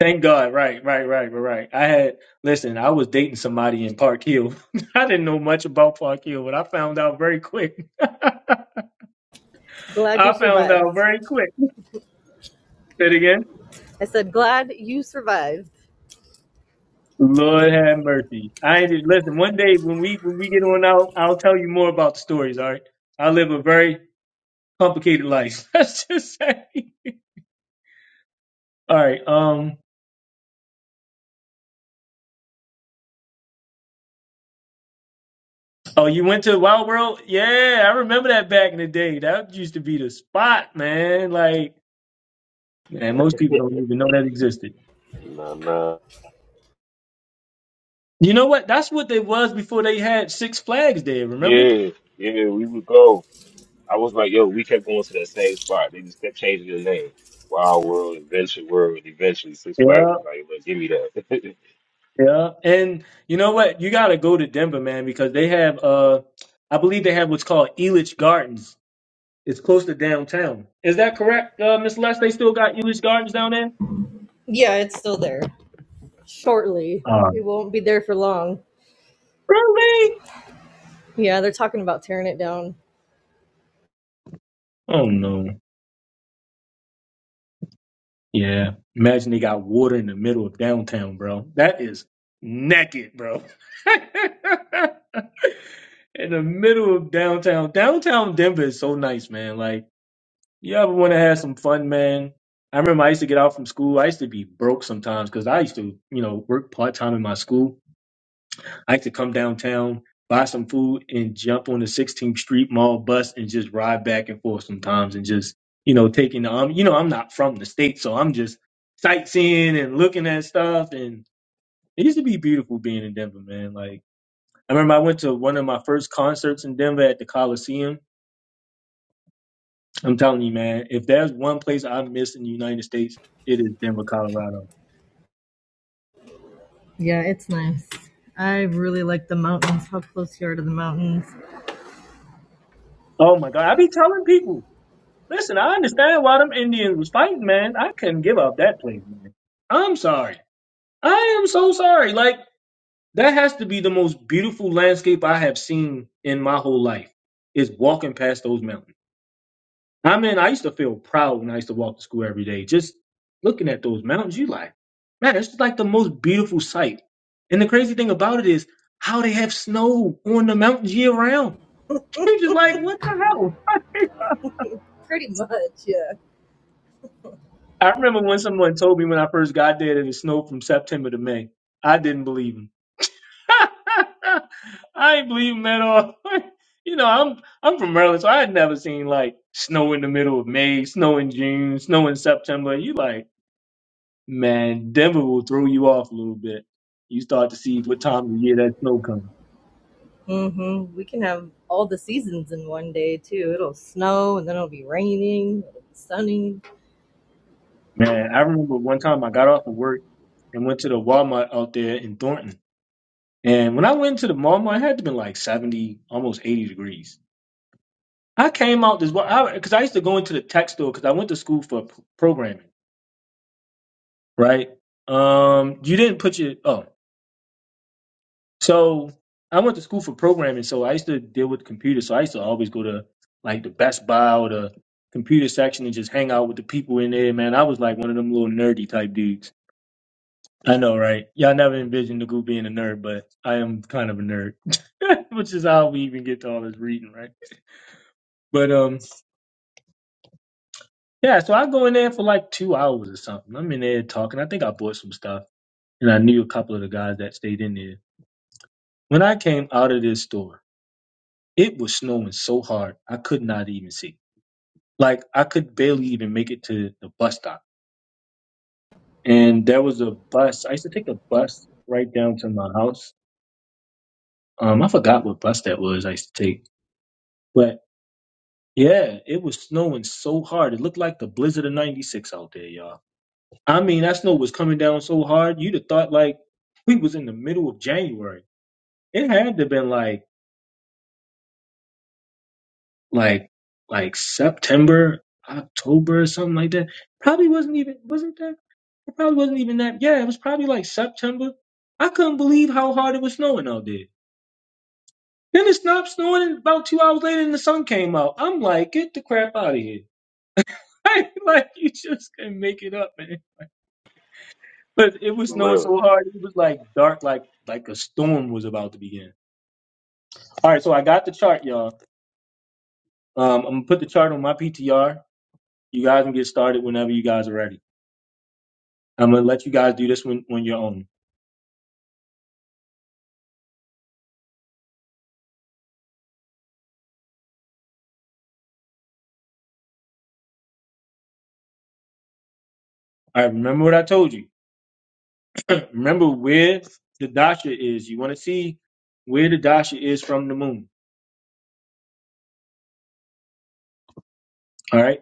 S1: Thank God. Right, right, right, right, right. I had listen, I was dating somebody in Park Hill. I didn't know much about Park Hill, but I found out very quick. I
S11: Glad you
S1: found
S11: survived.
S1: out very quick. Say it again.
S11: I said, glad you survived.
S1: Lord have mercy. I ain't just listen. One day when we when we get on out, I'll tell you more about the stories. All right. I live a very complicated life. Let's just say. All right. Um. Oh, you went to Wild World? Yeah, I remember that back in the day. That used to be the spot, man. Like, man, most people don't even know that existed.
S10: Nah nah.
S1: You know what? That's what they was before they had Six Flags there. Remember?
S10: Yeah, yeah, we would go. I was like, yo, we kept going to that same spot. They just kept changing the name. Wild World, Adventure World, eventually Six Flags
S1: Yeah,
S10: was like, well, give me that.
S1: yeah. And you know what? You gotta go to Denver, man, because they have uh, I believe they have what's called Elitch Gardens It's close to downtown. Is that correct, uh, Miss Les? They still got English Gardens down there?
S11: Yeah, it's still there. Shortly.
S1: Uh,
S11: It won't be there for long.
S1: really?
S11: Yeah, they're talking about tearing it down.
S1: Oh no. Yeah. Imagine they got water in the middle of downtown, bro. That is naked, bro. in the middle of downtown. Downtown Denver is so nice, man. Like, you ever want to have some fun, man? I remember I used to get out from school. I used to be broke sometimes because I used to, you know, work part time in my school. I could come downtown, buy some food, and jump on the 16th Street Mall bus and just ride back and forth sometimes, and just you know taking the um, you know I'm not from the state, so I'm just sightseeing and looking at stuff, and it used to be beautiful being in Denver, man. Like I remember I went to one of my first concerts in Denver at the Coliseum. I'm telling you, man, if there's one place I miss in the United States, it is Denver, Colorado.
S11: Yeah, it's nice. I really like the mountains. How close you are to the mountains.
S1: Oh my God, I be telling people. Listen, I understand why them Indians was fighting, man. I couldn't give up that place, man. I'm sorry. I am so sorry. Like that has to be the most beautiful landscape I have seen in my whole life. Is walking past those mountains. I mean, I used to feel proud when I used to walk to school every day, just looking at those mountains. You like, man, it's just like the most beautiful sight. And the crazy thing about it is how they have snow on the mountains year round. You're just like, what the hell?
S11: Pretty much, yeah.
S1: I remember when someone told me when I first got there that it snowed from September to May. I didn't believe him. I ain't believe him at all. you know, I'm I'm from Maryland, so I had never seen like snow in the middle of May, snow in June, snow in September. You like, man, Denver will throw you off a little bit. You start to see what time of the year that snow comes.
S11: Mm-hmm. We can have all the seasons in one day too. It'll snow and then it'll be raining. It'll be sunny.
S1: Man, I remember one time I got off of work and went to the Walmart out there in Thornton. And when I went to the Walmart, it had to been like 70, almost 80 degrees I came out this well because I, 'cause I used to go into the tech store because I went to school for p- programming, right? Um, you didn't put your oh, so I went to school for programming, so I used to deal with computers. So I used to always go to like the Best Buy or the computer section and just hang out with the people in there. Man, I was like one of them little nerdy type dudes. I know, right? Y'all never envisioned the group being a nerd, but I am kind of a nerd, which is how we even get to all this reading, right? But um. Yeah, so I go in there for like two hours or something. I'm in there talking. I think I bought some stuff, and I knew a couple of the guys that stayed in there. When I came out of this store, it was snowing so hard I could not even see. Like I could barely even make it to the bus stop. And there was a bus. I used to take a bus right down to my house. Um, I forgot what bus that was. I used to take, but yeah, it was snowing so hard. It looked like the blizzard of '96 out there, y'all I mean, that snow was coming down so hard, you'd have thought like we was in the middle of January. It had to have been like like like September, October, or something like that. Probably wasn't even wasn't that it probably wasn't even that yeah, it was probably like September. I couldn't believe how hard it was snowing out there. Then it stopped snowing and about two hours later and the sun came out. I'm like, get the crap out of here. Like, like you just can make it up, man. But it was
S10: For
S1: snowing
S10: real,
S1: so hard, it was like dark, like like a storm was about to begin. All right, so I got the chart, y'all. Um, I'm gonna put the chart on my PTR. You guys can get started whenever you guys are ready. I'm gonna let you guys do this one on your own. All right, remember what I told you. remember where the dasha is. You want to see where the dasha is from the moon. All right.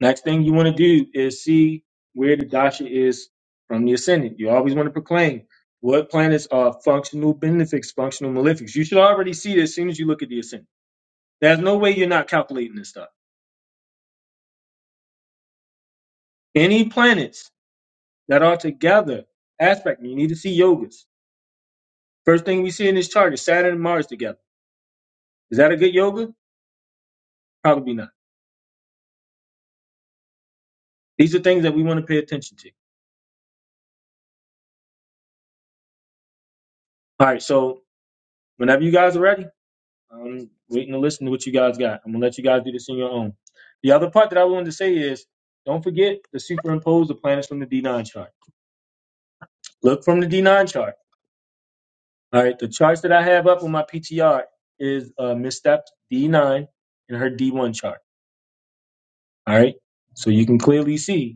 S1: Next thing you want to do is see where the dasha is from the ascendant. You always want to proclaim what planets are functional benefics, functional malefics. You should already see this as soon as you look at the ascendant. There's no way you're not calculating this stuff. Any planets that are together. Aspect. You need to see yogas. First thing we see in this chart is Saturn and Mars together. Is that a good yoga? Probably not. These are things that we want to pay attention to. All right. So whenever you guys are ready, I'm waiting to listen to what you guys got. I'm gonna let you guys do this on your own. The other part that I wanted to say is don't forget to superimpose the planets from the D9 chart. Look from the D9 chart. All right. The charts that I have up on my PTR is uh, Miss Steps D9 and her D1 chart. All right. So you can clearly see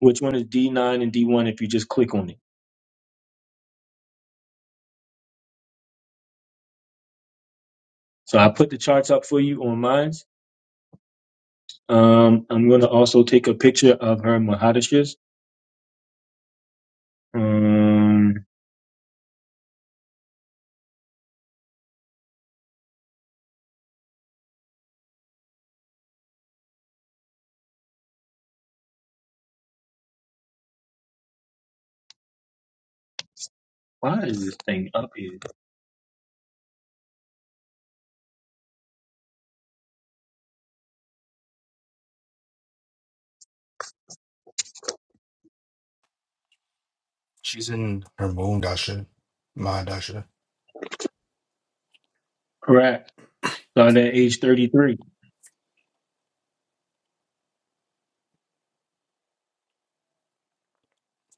S1: which one is D9 and D1 if you just click on it. So I put the charts up for you on mine. Um, I'm going to also take a picture of her Mahadashis. Um, why is this thing up here?
S4: She's in her moon dasha, my dasha.
S1: Correct. Start at age 33.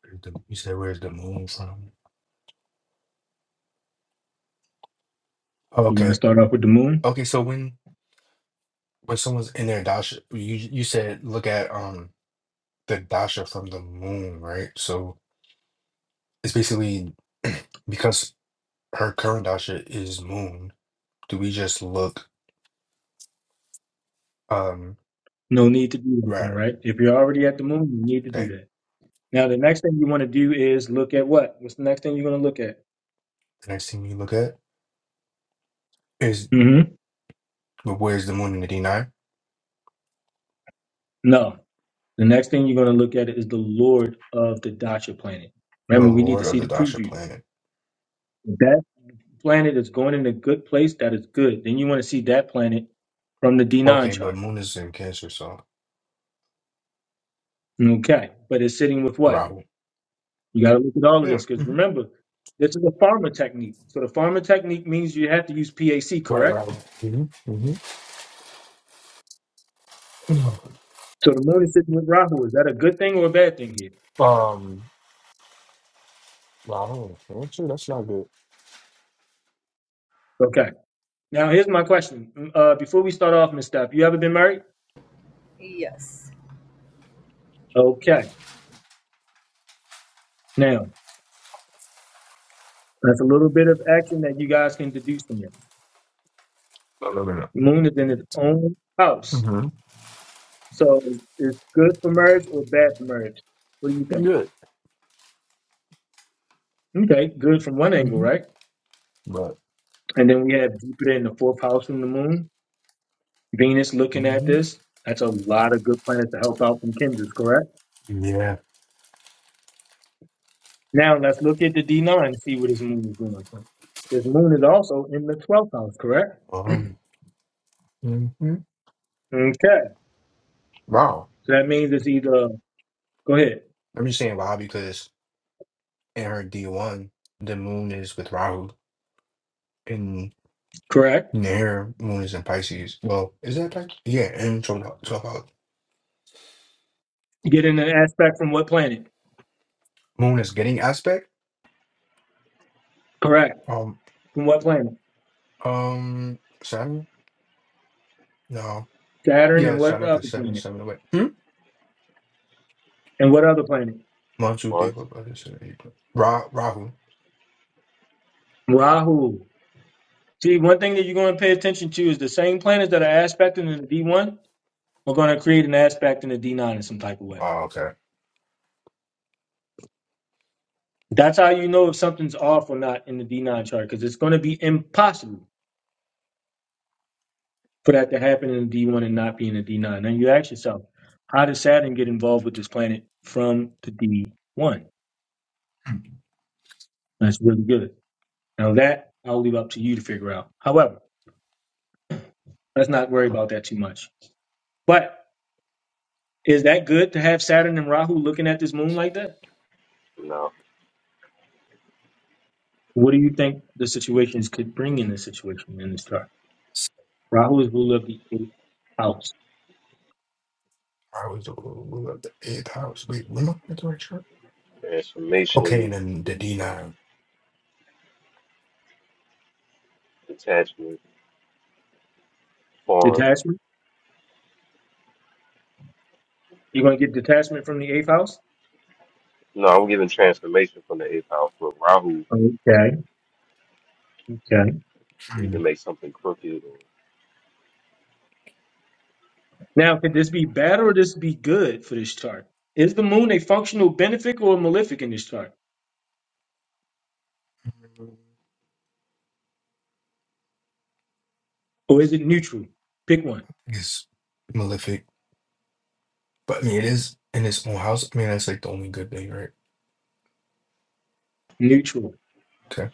S4: Where's the- You said where's the moon from? Oh,
S1: You want to
S4: okay,
S1: start off with the moon?
S4: okay. So when when someone's in their dasha, you you said look at um the dasha from the moon, right? So it's basically because her current dasha is moon. Do we just look um
S1: No need to do that
S4: right?
S1: then, right? If you're already at the moon, you need to do
S4: Okay,
S1: that. Now, the next thing you want to do is look at what? What's the next thing you're going to look at?
S4: the next thing we look at is
S1: hmm
S4: well, where's the moon in the D nine?
S1: No. The next thing you're going to look at is the Lord of the Dacha planet.
S4: The
S1: Remember, we need to
S4: lord of
S1: see the
S4: the dasha
S1: preview.
S4: planet.
S1: planet is going in a good place, that is good. Then you want to see that planet from the D9
S4: Okay, but
S1: chart.
S4: moon is in Cancer, so
S1: Okay. But it's sitting with what?
S4: Rahu.
S1: You got to look at all of
S4: Yeah.
S1: this because
S4: hmm
S1: remember, this is a farmer technique. So the farmer technique means you have to use PAC,
S4: Right,
S1: correct?
S4: right. hmm hmm
S1: So the moon is sitting with Rahu. Is that a good thing or a bad thing here?
S4: Um, well, I don't know. That's that's not good.
S1: Okay. Now, here's my question. Mm, Uh, before we start off, Miss Stapp, you ever been married?
S11: Yes.
S1: Okay. Now, that's a little bit of action that you guys can deduce from this.
S4: No, no, no,
S1: The
S4: no.
S1: moon is in its own house.
S4: hmm
S1: So is is good for marriage or bad for marriage? What do you think?
S4: Good.
S1: Okay, good from one angle,
S4: hmm
S1: right?
S4: But
S1: And then we have Jupiter in the fourth house from the moon, Venus looking at
S4: hmm
S1: this. That's a lot of good planets to help out from Kinders, correct?
S4: yeah.
S1: Now let's look at the D9 and see where this moon is going. This moon is also in the 12th house, correct?
S4: Um. hmm
S1: Okay,
S4: Wow.
S1: so that means it's either, go ahead,
S4: I'm just saying wow because in her D1, the moon is with Rahu and
S1: correct?
S4: their moon is in Pisces. Well, is that Pisces? Yeah, and so, so uh,
S1: You get an aspect from what planet?
S4: moon is getting aspect.
S1: Correct.
S4: Um,
S1: From what planet?
S4: um, Saturn. No,
S1: Saturn
S4: yeah,
S1: and what
S4: Saturn because
S1: other
S4: Saturn is
S1: planet?
S4: seven away. Hmm?
S1: And what other planet?
S4: Manchu
S10: Mars.
S4: Deepa Buddhist Ra Rahu.
S1: Rahu. See, one thing that you're going to pay attention to is the same planners that are aspecting in the D1 are going to create an aspect in the D9 in some type of way.
S4: Oh, okay.
S1: That's how you know if something's off or not in the D9 chart because it's going to be impossible for that to happen in the D1 and not be in the D9. Now you ask yourself, how does Saturn get involved with this planet from the D1? That's really good. Now that I'll leave up to you to figure out. However, let's not worry about that too much. But is that good to have Saturn and Rahu looking at this moon like that?
S10: No.
S1: What do you think the situations could bring in this situation in this chart? Rahu is ruler of the eighth house.
S4: Rahu is the ruler of the eighth house. Wait, when am I the right chart? Okay, and
S10: Transformation,
S4: then the D
S10: movement,
S4: nine
S10: detachment, farm.
S1: Detachment? You're going to get detachment from the eighth house?
S10: No, I'm giving transformation from the eighth house, but Rahu
S1: Okay, okay.
S10: either makes something crooked or
S1: Now, could this be bad or this be good for this chart? Is the moon a functional benefic or malefic in this chart? Or is it neutral? Pick one.
S4: is malefic. But I mean it is in its own house. I mean that's like the only good thing, right?
S1: Neutral.
S4: Okay.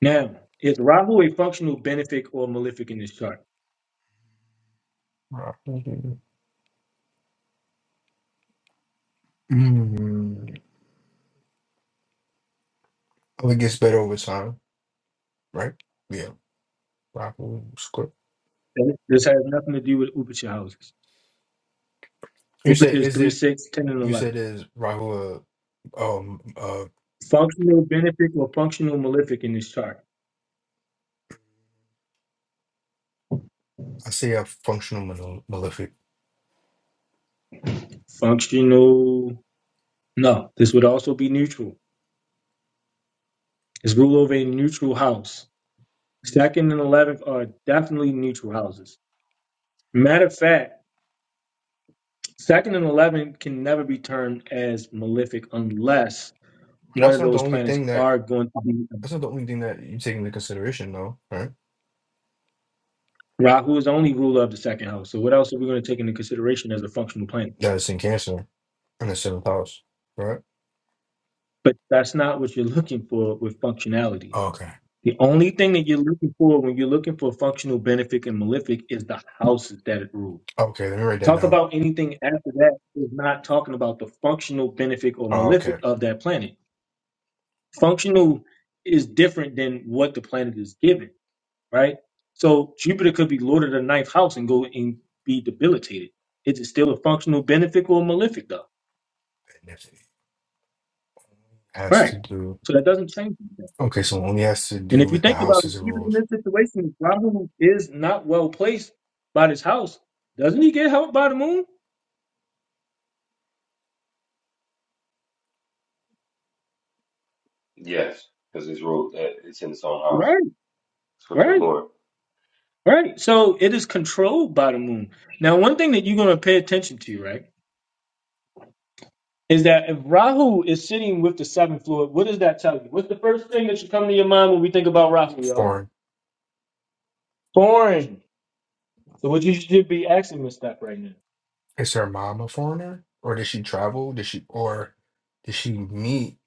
S1: Now, is Rahu a functional benefic or malefic in this chart?
S4: Rahu. Mm. I think it gets better over time, right? Yeah. Rahu script.
S1: This has nothing to do with Upacha houses.
S4: You
S1: Upacha
S4: said
S1: is
S4: is
S1: 3,
S4: it
S1: 6, 10, and
S4: you
S1: 11.
S4: said is Rahu a um uh
S1: Functional benefic or functional malefic in this chart?
S4: I say a functional male- malefic.
S1: Functional. No, this would also be neutral. It's rule of a neutral house. Second and eleventh are definitely neutral houses. Matter of fact, second and eleventh can never be termed as malefic unless
S4: But
S1: one
S4: that's
S1: of
S4: not the
S1: those
S4: only
S1: planets
S4: thing that
S1: are going to be.
S4: That's not the only thing that you take into consideration, though, right?
S1: Rahu is the only ruler of the second house. So what else are we going to take into consideration as a functional planet?
S4: That it's in Cancer in the seventh house, right?
S1: But that's not what you're looking for with functionality.
S4: Okay.
S1: The only thing that you're looking for when you're looking for functional, benefic, and malefic is the houses that it rules.
S4: Okay, let me write
S1: To
S4: that
S1: talk
S4: down.
S1: about anything after that is not talking about the functional benefit or
S4: Oh, okay.
S1: malefic
S4: And
S1: of that planet. Functional is different than what the planet is given, right? So Jupiter could be lord of the ninth house and go and be debilitated. Is it still a functional benefic or malefic though?
S4: if it Has
S1: Right.
S4: to do.
S1: So that doesn't change anything.
S4: Okay, so only has to
S1: And
S4: do
S1: if you
S4: with the
S1: think about it,
S4: houses and
S1: even in
S4: rules.
S1: this situation, Rahu is not well placed by this house. Doesn't he get help by the moon?
S10: Yes, because it's ruled that it's in its own house.
S1: Right,
S10: It's with the
S1: right.
S10: Lord.
S1: Right. So it is controlled by the moon. Now, one thing that you're going to pay attention to, right, is that if Rahu is sitting with the seventh lord, what does that tell you? What's the first thing that should come to your mind when we think about Rahu, y'all?
S4: Foreign.
S1: Foreign. So what you should be asking Miss Steph right now.
S4: Is her mom a foreigner? Or did she travel? Did she, or did she meet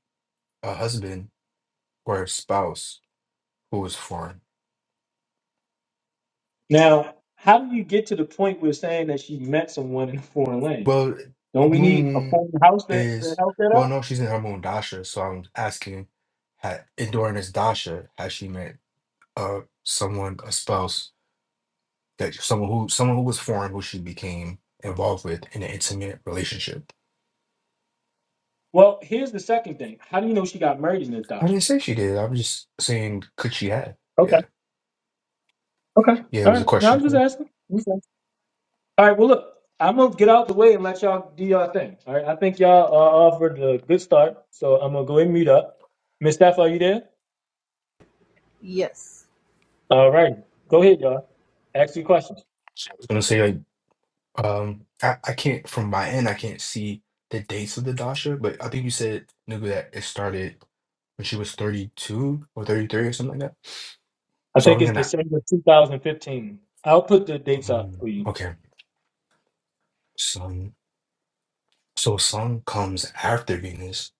S4: a husband or a spouse who was foreign?
S1: Now, how do you get to the point where saying that she met someone in a foreign land?
S4: Well,
S1: Don't we need a
S4: Moon
S1: foreign house that to
S4: is,
S1: help that
S4: well, no,
S1: up?
S4: she's in her Moon Dasha. So I'm asking, had, during this Dasha, has she met? uh someone a spouse that someone who someone who was foreign who she became involved with in an intimate relationship
S1: Well, here's the second thing. How do you know she got married in this
S4: i didn't
S1: doctrine?
S4: say she did i was just saying could she have
S1: Okay.
S4: yeah
S1: Okay.
S4: yeah it
S1: All
S4: was a
S1: right. Now
S4: question
S1: I'm just
S4: here
S1: asking. All right, well, look, I'm gonna get out the way and let y'all do y'all thing. All right, I think y'all uh, offered a good start, so I'm gonna go ahead and mute up. Miss Steph, are you there?
S11: Yes.
S1: All right, go ahead, y'all. Ask your questions.
S4: i was gonna say like um i, I can't from my end i can't see the dates of the dasha but i think you said nigga that it started when she was 32 or 33 or something like that
S1: I
S4: so
S1: think
S4: i'm
S1: it's
S4: gonna
S1: December 2015. I'll put the dates up
S4: um
S1: for you.
S4: okay sun so sun comes after venus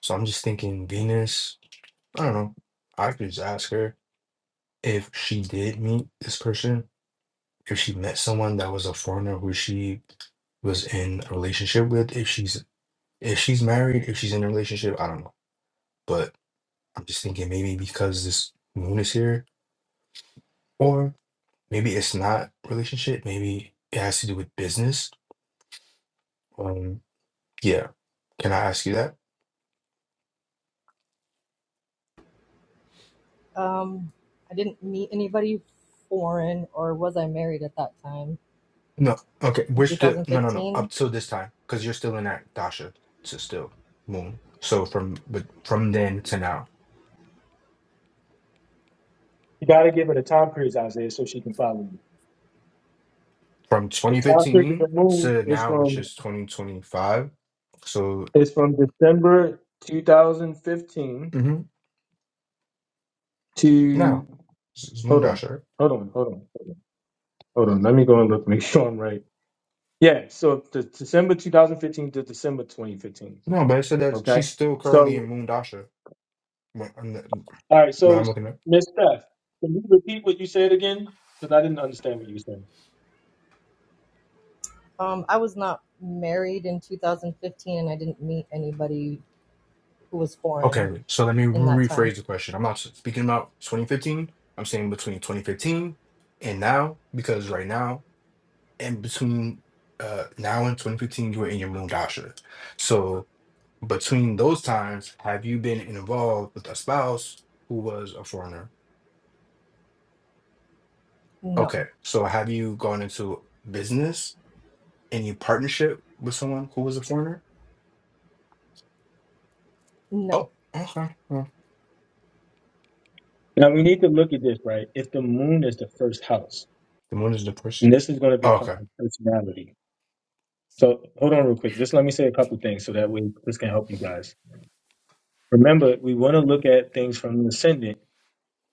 S4: so i'm just thinking venus I don't know. I could just ask her if she did meet this person, if she met someone that was a foreigner who she was in a relationship with, if she's if she's married, if she's in a relationship, I don't know. But I'm just thinking maybe because this moon is here, or maybe it's not relationship, maybe it has to do with business. Um yeah. Can I ask you that?
S11: Um, I didn't meet anybody foreign, or was I married at that time
S4: No. Okay.
S11: in
S4: Which the no no no
S11: 2015?
S4: up till this time, because you're still in that Dasha to still moon. So from but from then to now.
S1: You gotta give her the time periods, Isaiah, so she can follow you.
S4: from
S1: The time period of the
S4: 2015
S1: moon
S4: to
S1: is
S4: now,
S1: from
S4: which is 2025. So
S1: is from December 2015
S4: hmm
S1: to.
S4: now, it's it's
S1: Hold on,
S4: Moondasher.
S1: hold on, hold on, hold on. Hold on. Let me go and look. Make sure I'm right. Yeah, so the December 2015 to December 2015.
S4: No, but it said that
S1: Okay.
S4: she's still currently
S1: So,
S4: in Moondasher. When I'm,
S1: all right.
S4: when
S1: So,
S4: I'm looking at.
S1: Miss Steph, can you repeat what you said again? Because I didn't understand what you were saying.
S11: Um, I was not married in 2015, and I didn't meet anybody who was foreign
S4: Okay, so let me
S11: in that time.
S4: rephrase the question. I'm not speaking about 2015. I'm saying between 2015 and now, because right now and between uh now and 2015, you were in your Moondasher. So between those times, have you been involved with a spouse who was a foreigner?
S11: No,
S4: Okay, so have you gone into business and you partnership with someone who was a foreigner?
S11: no.
S4: Oh, okay. Well,
S1: Now, we need to look at this, right? If the moon is the first house,
S4: the one is the
S1: and
S4: person.
S1: this is going to
S4: Oh,
S1: become
S4: okay.
S1: my personality. So, hold on real quick. Just let me say a couple things so that way this can help you guys. Remember, we want to look at things from the ascendant,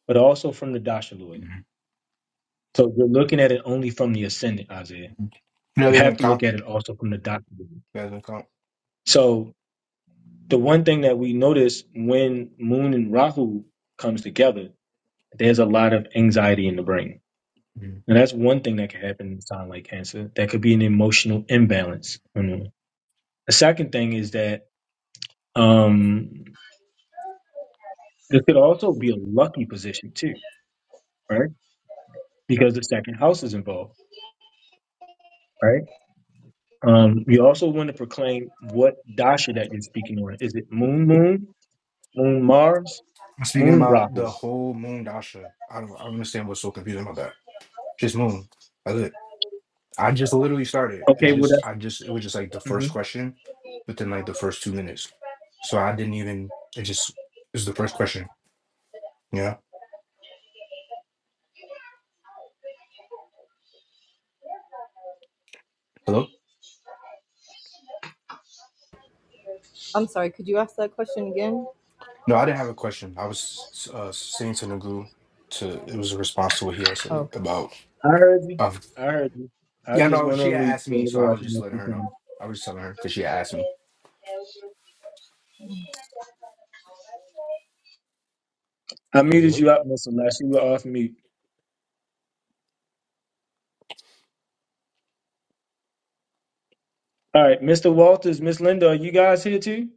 S1: but also from the dashalud.
S4: Mhm.
S1: So, you're looking at it only from the ascendant, Isaiah.
S4: That
S1: You
S4: doesn't
S1: have to look
S4: count.
S1: at it also from the dashalud.
S4: That doesn't count.
S1: So, the one thing that we notice when Moon and Rahu comes together, there's a lot of anxiety in the brain.
S4: Mhm.
S1: And that's one thing that can happen in a sign like Cancer. That could be an emotional imbalance. on The second thing is that um, this could also be a lucky position too, right? Because the second house is involved, right? Um, you also want to proclaim what dasha that you're speaking on. Is it Moon Moon, Moon Mars,
S4: I'm speaking
S1: Moon
S4: about the
S1: Rahu?
S4: whole moon dasha. I don't, I don't understand what's so confusing about that. Just moon. That's it. I just literally started. It's
S1: Okay, well
S4: just,
S1: that's
S4: I just, it was just like the
S1: mhm.
S4: first question within like the first two minutes. So I didn't even, it just, it was the first question. Yeah. Hello?
S11: I'm sorry. Could you ask that question again?
S4: No, I didn't have a question. I was uh, saying to Nagu to it was a response to what he had said
S11: Okay.
S4: about.
S1: I heard you.
S4: Um,
S1: I heard you. I
S4: yeah,
S1: just
S4: no,
S1: went
S4: she
S1: on
S4: had
S1: mute.
S4: asked
S1: so
S4: me,
S1: that
S4: so I
S1: way I
S4: was
S1: can
S4: just
S1: let
S4: letting
S1: you
S4: her know.
S1: finish.
S4: I was just telling her because she had asked me.
S1: I muted you up, Miss Unless you were off mute. All right, Mr. Walters, Miss Linda, are you guys here too?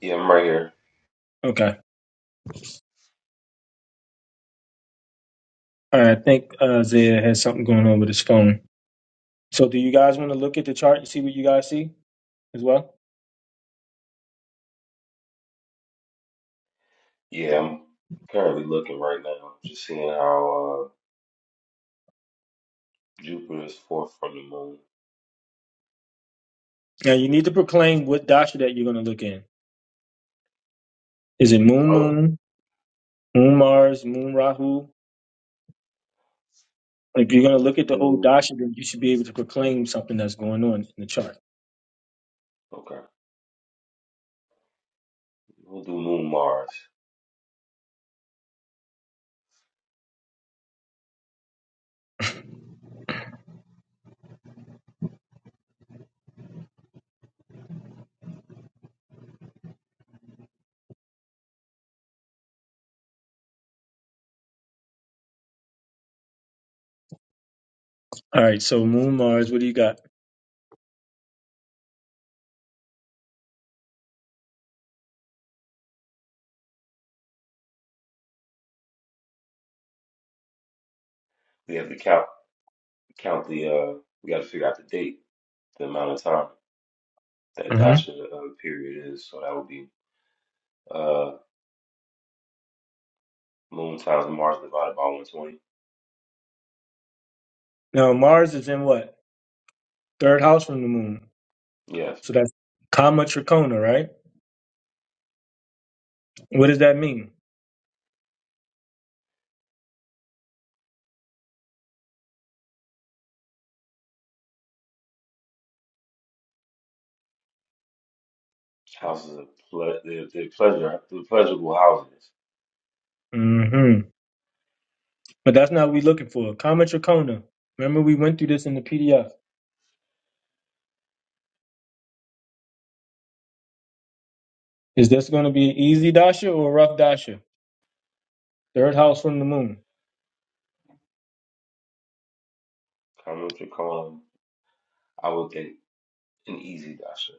S10: Yeah, I'm right here.
S1: Okay. All right. I think uh, Zaya has something going on with his phone. So, do you guys want to look at the chart and see what you guys see as well?
S10: Yeah, I'm currently looking right now, just seeing how uh, Jupiter is fourth from the moon.
S1: Now, you need to proclaim what dasha that you're going to look in. Is it Moon
S10: Oh,
S1: Moon, Moon Mars, Moon Rahu? If you're going to
S10: let's
S1: look at the whole
S10: do.
S1: dasha, then you should be able to proclaim something that's going on in the chart.
S10: Okay, we'll do Moon Mars.
S1: All right. So, Moon Mars, what do you got?
S10: We have to count count the. uh We got to figure out the date, the amount of time that
S1: Mm-hmm.
S10: Dasha uh, period is. So that would be uh Moon times Mars divided by 120.
S1: Now Mars is in what? Third house from the moon.
S10: Yes.
S1: So that's Kama Tricona, right? What does that mean?
S10: Houses of ple- they're, pleasure, the pleasurable houses.
S1: hmm But that's not what we're looking for. Kama Tricona. Remember we went through this in the PDF. Is this going to be an easy dasha or a rough dasha? Third house from the moon.
S10: Carmen Tricona, I would think an easy dasher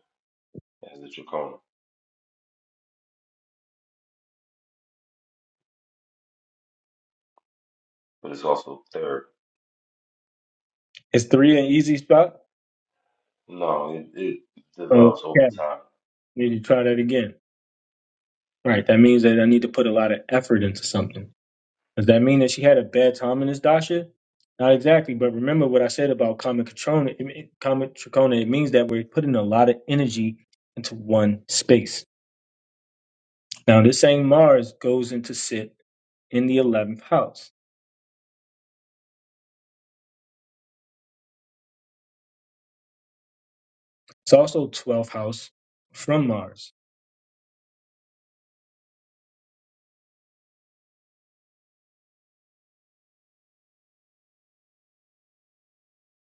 S10: as the Tricona, but it's also third.
S1: Is three an easy spot?
S10: No, it, it develops over
S1: Okay.
S10: time.
S1: Need to try that again. Right. That means that I need to put a lot of effort into something. Does that mean that she had a bad time in this dasha? Not exactly, but remember what I said about common katrona. It, it- common trachona. It means that we're putting a lot of energy into one space. Now, this same Mars goes into sit in the eleventh house. It's also twelfth house from Mars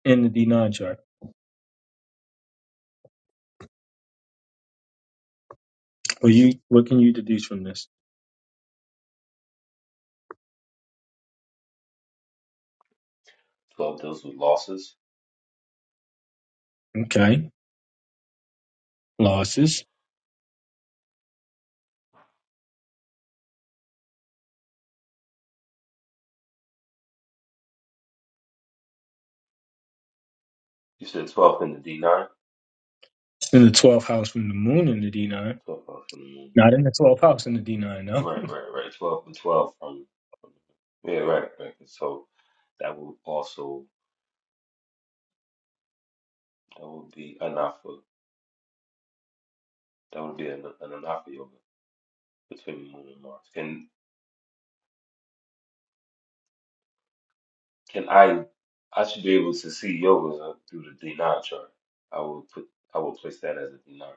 S1: in the D9 chart. Well, you what can you deduce from this?
S10: Twelve deals with losses.
S1: Okay, losses
S10: You said twelve in the D nine,
S1: It's in the twelfth house from the Moon in the D9.
S10: twelve off in the movement.
S1: Not in the twelfth house in the D9. No.
S10: Right, right, right. Twelve, with twelve from, from yeah, right, right. So that would also that would be enough for that would be an, an enough for yoga between Moon and Mars. and. Can I? I should be able to see yogas uh, through the dinar chart. I will put. I will place that as a dinar.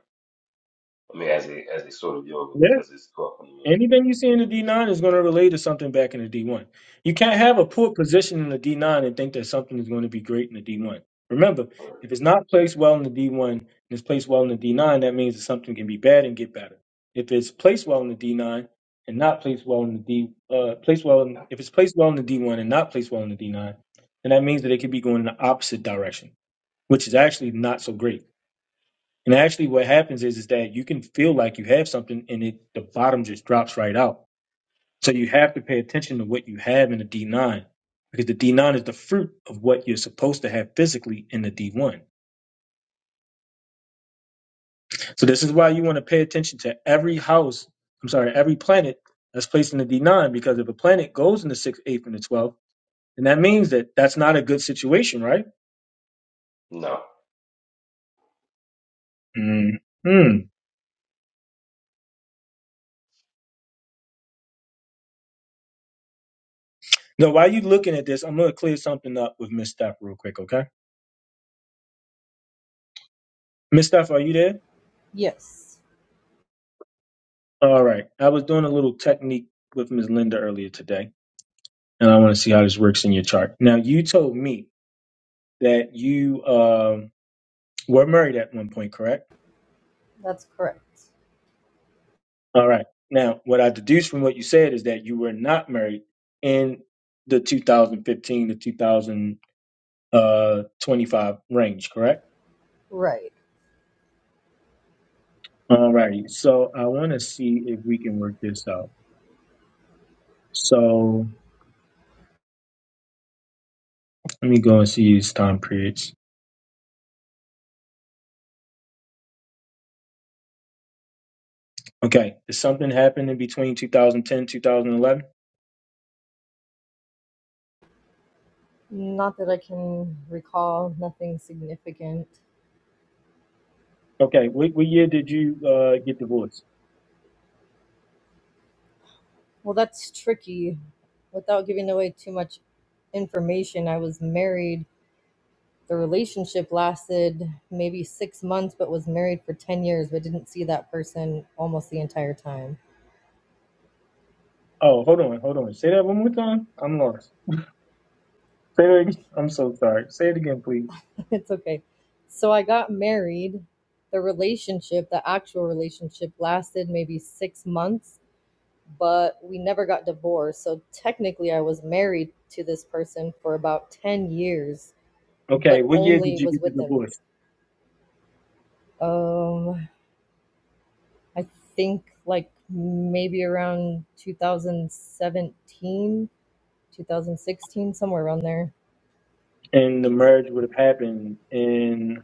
S10: I mean, as a as a sort of yoga because it's twelve hundred.
S1: Anything you see in the D9 is going to relate to something back in the D1. You can't have
S10: Okay.
S1: a poor position in the D9 and think that something is going to be great in the D1. Remember,
S10: okay.
S1: if it's not placed well in the D1 and it's placed well in the D9, that means that something can be bad and get better. If it's placed well in the D9 and not placed well in the D, uh, placed well in, if it's placed well in the D1 and not placed well in the D9, then that means that it could be going in the opposite direction, which is actually not so great. And actually, what happens is is that you can feel like you have something and it the bottom just drops right out so you have to pay attention to what you have in the D9 because the D9 is the fruit of what you're supposed to have physically in the D1. So this is why you want to pay attention to every house, I'm sorry, every planet that's placed in the D9 because if a planet goes in the 6th, 8th, and the 12th, then that means that that's not a good situation, right?
S10: No,
S1: Mm. Hmm. Now while you are looking at this, I'm going to clear something up with Miss Steph real quick, okay? Miss Steph, are you there?
S11: Yes,
S1: All right. I was doing a little technique with Miss Linda earlier today. and I want to see how this works in your chart. Now, you told me that you um, were married at one point, correct?
S11: that's correct.
S1: All right. Now, what I deduced from what you said is that you were not married in the 2015 to 2025 range, correct?
S11: Right.
S1: All righty. So I want to see if we can work this out. So let me go and see these time periods. Okay. Did something happen in between 2010 2011?
S11: Not that I can recall. Nothing significant.
S1: Okay. What, what year did you uh, get divorced?
S11: Well, that's tricky. Without giving away too much information, I was married the relationship lasted maybe six months, but was married for 10 years, but didn't see that person almost the entire time.
S1: Oh, hold on, hold on. Say that one more time. I'm lost. Say that again. I'm so sorry. Say it again, please.
S11: it's okay. So I got married. The relationship, the actual relationship, lasted maybe six months, but we never got divorced. So technically, I was married to this person for about 10 years,
S1: Okay,
S11: but
S1: what year did
S11: only
S1: you
S11: was
S1: get the
S11: with him.
S1: divorce?
S11: Um, I think like maybe around 2017, 2016, somewhere around there.
S1: And the merge would have happened in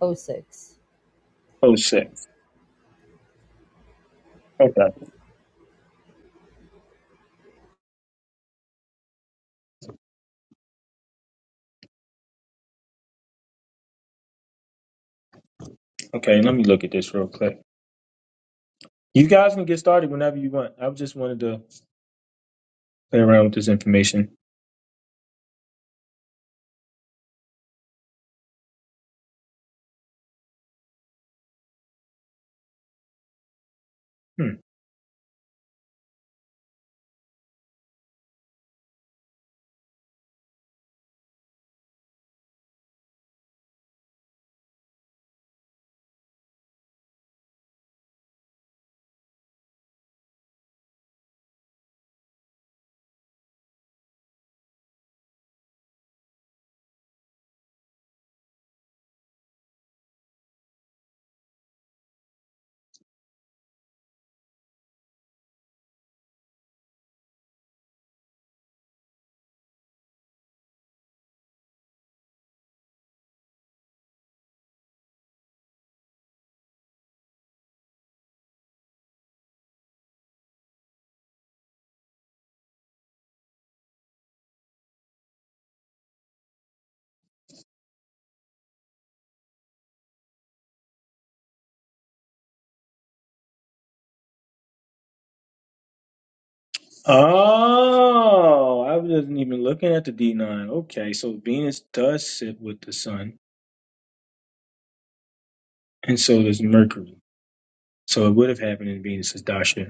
S11: Oh six.
S1: oh six. Okay. Okay, let me look at this real quick. You guys can get started whenever you want. I just wanted to play around with this information. Hmm. Oh, I wasn't even looking at the D9. Okay, so Venus does sit with the sun, and so does Mercury. So it would have happened in Venus's dasha.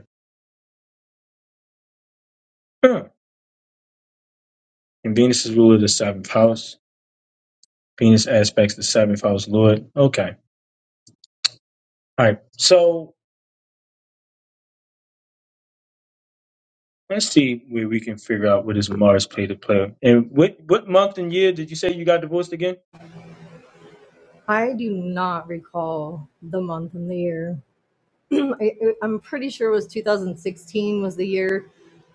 S1: Huh. and Venus is ruler of the seventh house. Venus aspects the seventh house lord. Okay. All right. So let's see where we can figure out what is Mars play to play. And what what month and year did you say you got divorced again?
S11: I do not recall the month and the year. I, I- I'm pretty sure it was 2016 was the year.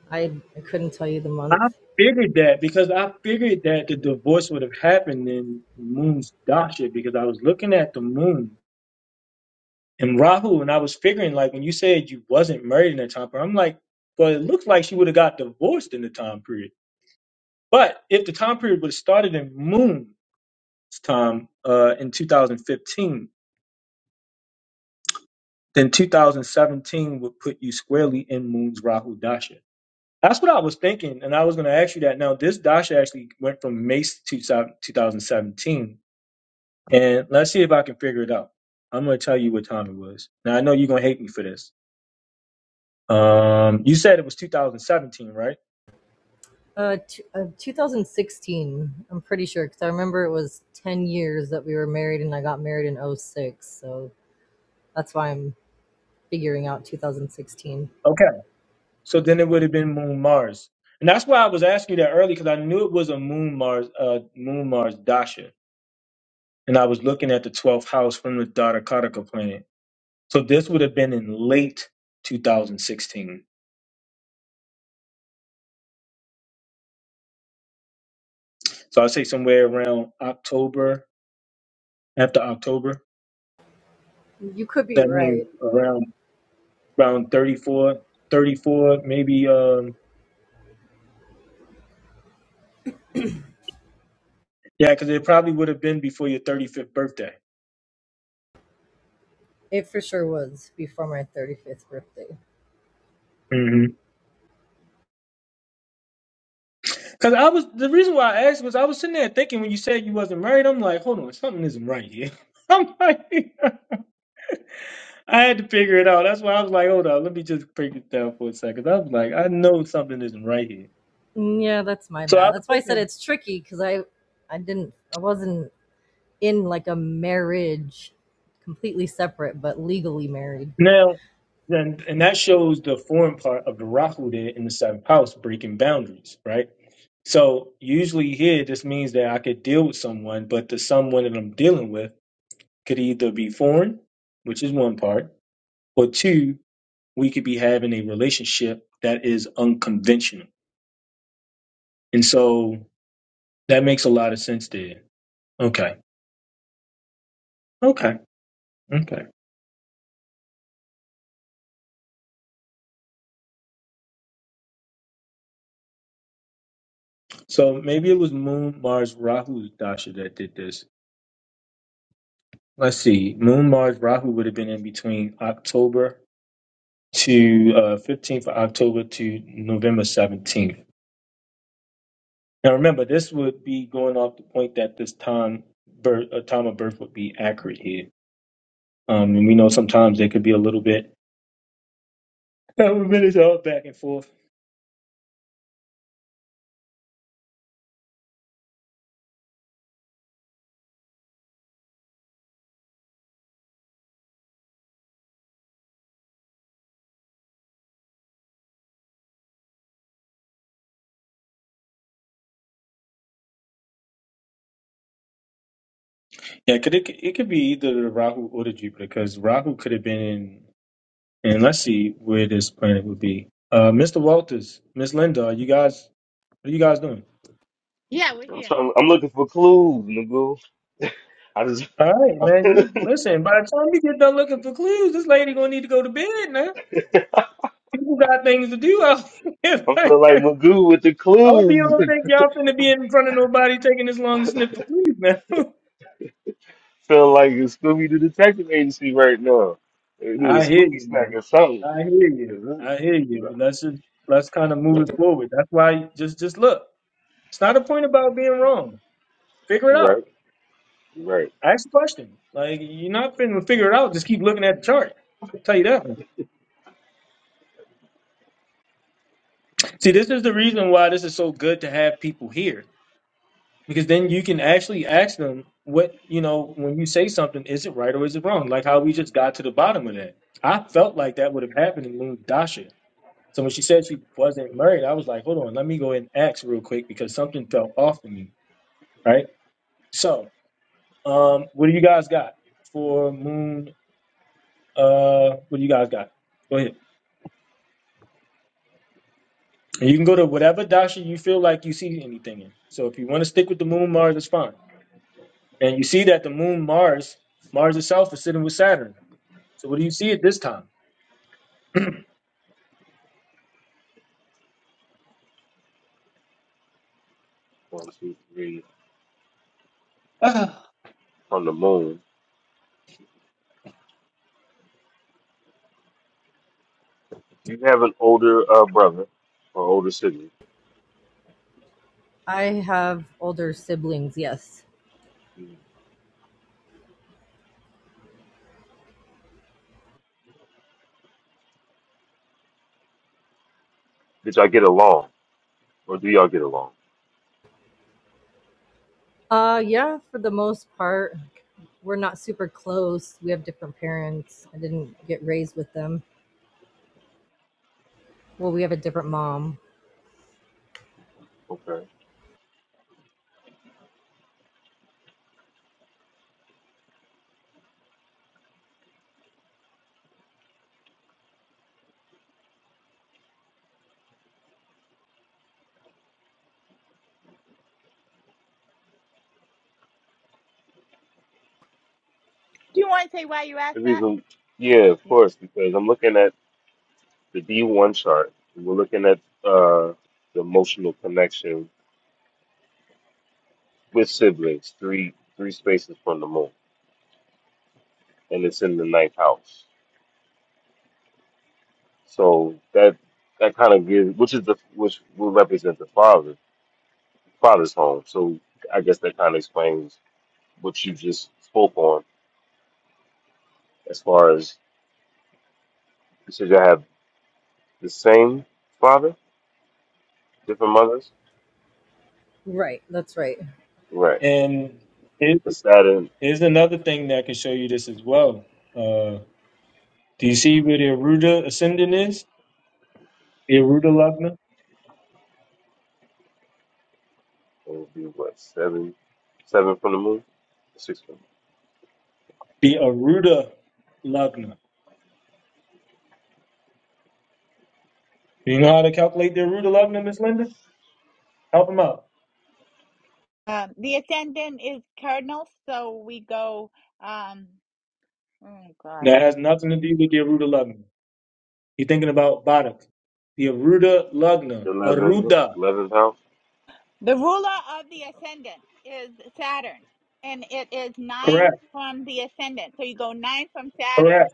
S11: I, I couldn't tell you the month.
S1: I figured that because I figured that the divorce would have happened in Moon's dasha because I was looking at the moon and Rahu and I was figuring like when you said you wasn't married in that time period, I'm like, well, it looked like she would have got divorced in the time period. But if the time period would have started in Moon, time uh, in 2015, then 2017 would put you squarely in Moon's Rahu Dasha. That's what I was thinking, and I was going to ask you that. Now, this Dasha actually went from May to 2017, and let's see if I can figure it out. I'm going to tell you what time it was. Now, I know you're going to hate me for this. Um, you said it was 2017, right?
S11: Uh, t- uh, 2016, I'm pretty sure, because I remember it was 10 years that we were married and I got married in oh six, So that's why I'm figuring out 2016.
S1: Okay. So then it would have been Moon Mars. And that's why I was asking you that early because I knew it was a Moon Mars, uh, Moon Mars Dasha. and I was looking at the 12th house from the Dharakataka planet. So this would have been in late 2016. So I'd say somewhere around October, after October.
S11: You could be
S1: That
S11: right.
S1: means around around 34, 34, maybe. Um, yeah, because it probably would have been before your 35th birthday.
S11: It for sure was before my 35th birthday.
S1: Because I was the reason why I asked was I was sitting there thinking when you said you wasn't married, I'm like, hold on, something isn't right here. I'm like, I had to figure it out. That's why I was like, hold on, let me just break this down for a second. I was like, I know something isn't right here.
S11: Mm, Yeah, that's my
S1: So I
S11: bad.
S1: was
S11: That's why I said
S1: thinking
S11: it's tricky because I, I didn't, I wasn't in like a marriage, completely separate but legally married.
S1: now, then, and that shows the foreign part of the Rahu there in the seventh house breaking boundaries, right? So usually here, this means that I could deal with someone, but the someone that I'm dealing with could either be foreign, which is one part, or two, we could be having a relationship that is unconventional. And so that makes a lot of sense there. Okay. Okay. Okay. So maybe it was Moon, Mars, Rahu, Dasha that did this. Let's see. Moon, Mars, Rahu would have been in between October to uh, 15th of October to November 17th. Now remember, this would be going off the point that this time birth, uh, time of birth would be accurate here. Um, and we know sometimes they could be a little bit a little bit all back and forth. Yeah, could it it could be either the Rahu or the Jupiter because Rahu could have been in. And let's see where this planet would be. Uh, Mr. Walters, Miss Linda, are you guys, what are you guys doing?
S10: I'm trying. I'm looking for clues, Magoo. I just.
S1: All right,
S10: I
S1: man. you- Listen, by the time you get done looking for clues, this lady gonna need to go to bed now. People got things to do out here.
S10: feel like
S1: I
S10: Magoo with the
S1: hope you
S10: clues.
S1: don't think y'all finna be in front of nobody taking this long to sniff for clues, man.
S10: feel like a Scooby Doo detective agency right now. They a
S1: I hear
S10: Scooby
S1: you,
S10: snack
S1: man.
S10: or something.
S1: I hear you.
S10: Is it?
S1: I hear you.
S10: You're
S1: Let's just let's kind of move it forward. That's why just just look. It's not a point about being wrong. Figure it out.
S10: right. right.
S1: Ask the question. Like you're not finna figure it out. Just keep looking at the chart. tell you that. See, this is the reason why this is so good to have people here because then you can actually ask them what you know when you say something. Is it right or is it wrong? Like how we just got to the bottom of that. I felt like that would have happened in Moon Dasha. So when she said she wasn't married, I was like, hold on, let me go ahead and ask real quick because something felt off to me. Right. So, um, what do you guys got for Moon? Uh, what do you guys got? Go ahead. And you can go to whatever dasha you feel like you see anything in. So if you want to stick with the moon Mars, that's fine. And you see that the moon Mars, Mars itself is sitting with Saturn. So what do you see at this time?
S10: One, two, three. On the moon. You have an older uh, brother or older sibling?
S11: I have older siblings. Yes.
S10: Did y'all get along, or do y'all get along?
S11: Uh, yeah. For the most part, we're not super close. We have different parents. I didn't get raised with them. Well, we have a different mom.
S10: Okay. The reason, yeah, of course, because I'm looking at the D1 chart. and We're looking at uh, the emotional connection with siblings, three three spaces from the moon, and it's in the ninth house. So that that kind of gives, which is the which will represent the father, father's home. So I guess that kind of explains what you just spoke on as far as. you said you have. The same father, different mothers.
S11: Right. That's right.
S10: Right.
S1: And here's
S10: The Saturn
S1: here's another thing that can show you this as well. Uh, do you see where the Aruda ascendant is? The Aruda Lagna?
S10: it would be what seven, seven from the moon, six from
S1: The Aruda Lagna. Do you know how to calculate the Aruda Lagna, Miss Linda? Help him out. That has nothing to do with the Aruda Lagna. You're thinking about Barak. The Aruda Lagna.
S10: the eleven,
S1: Aruda.
S10: eleventh house,
S1: Correct, correct.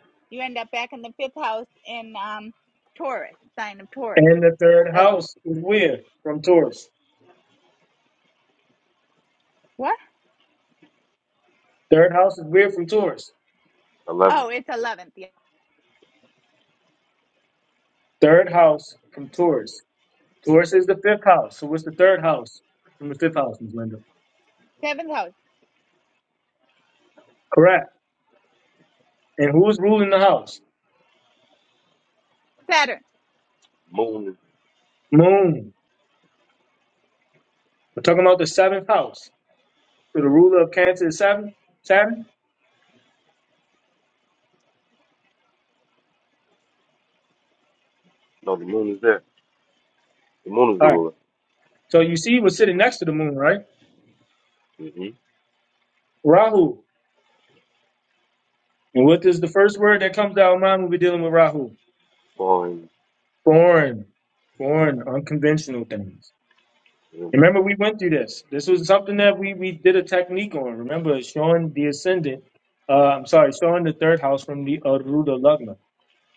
S1: And the third house is weird from Taurus. Third house is weird from Taurus.
S10: eleven
S1: Third house from Taurus. Taurus is the fifth house. So what's the third house from the fifth house, Ms. Linda? Correct. And who's ruling the house?
S10: moon. is-
S1: Moon. We're talking about the seventh house. So the ruler of Cancer is seven? Saturn?
S10: No, the moon is there. The moon is the
S1: All right.
S10: ruler.
S1: So you see, we're sitting next to the moon, right?
S10: Mm-hmm.
S1: Rahu. And what is the first word that comes to our mind when we're dealing with Rahu?
S10: Falling
S1: Foreign. Foreign, unconventional things. Remember,
S10: eventually.
S1: we went through this. This was something that we, we did a technique on. Remember, showing the ascendant, uh, I'm sorry, showing the third house from the Aruda Lagna.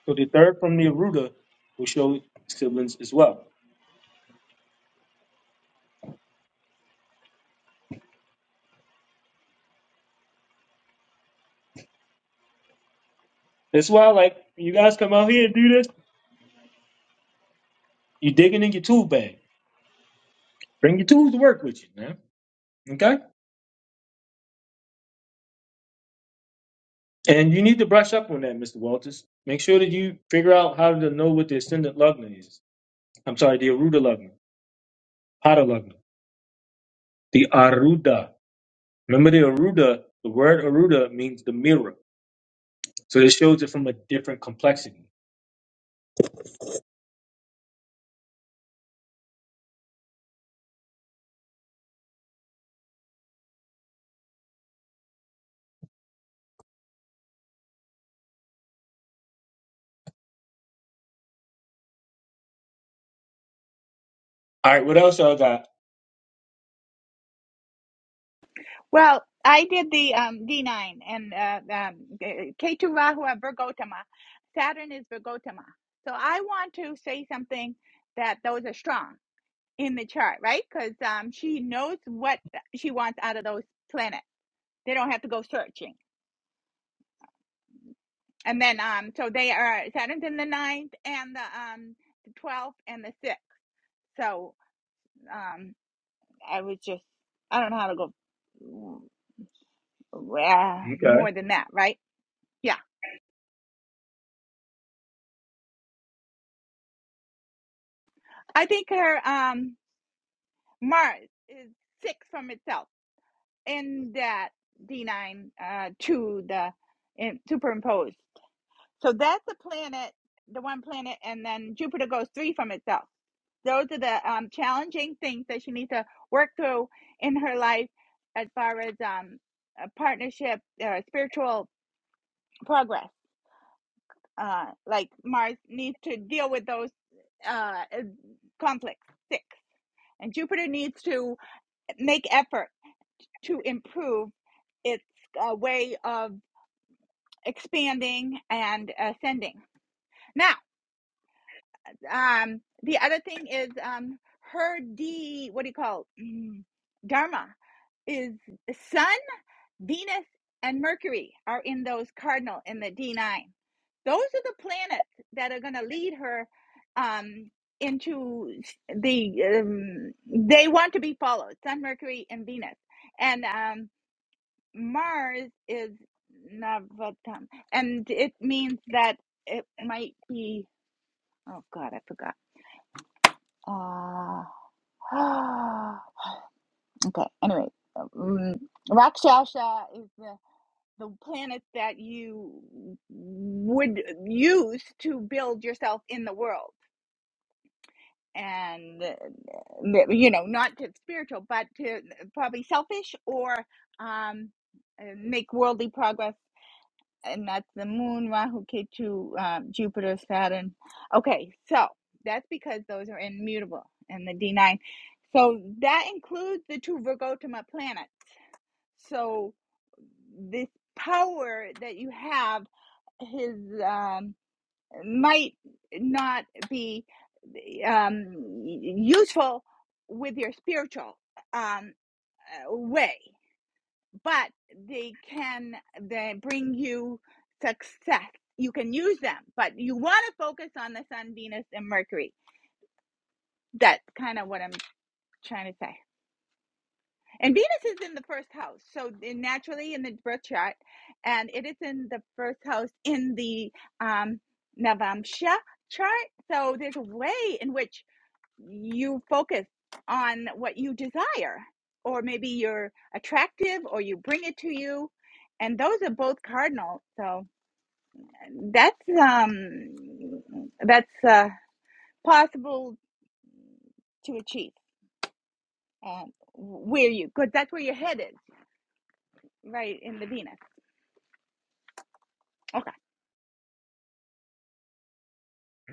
S1: So the third from the Aruda will show siblings as well. That's why, like, when you guys come out here and do this, you're digging in your tool bag. Bring your tools to work with you, man. Okay? And you need to brush up on that, Mr. Walters. Make sure that you figure out how to know what the ascendant Lagna is. I'm sorry, the Aruda Lagna, Hada Lagna, the Aruda. Remember the Aruda, the word Aruda means the mirror. So it shows it from a different complexity. All right, what else y'all got? Okay.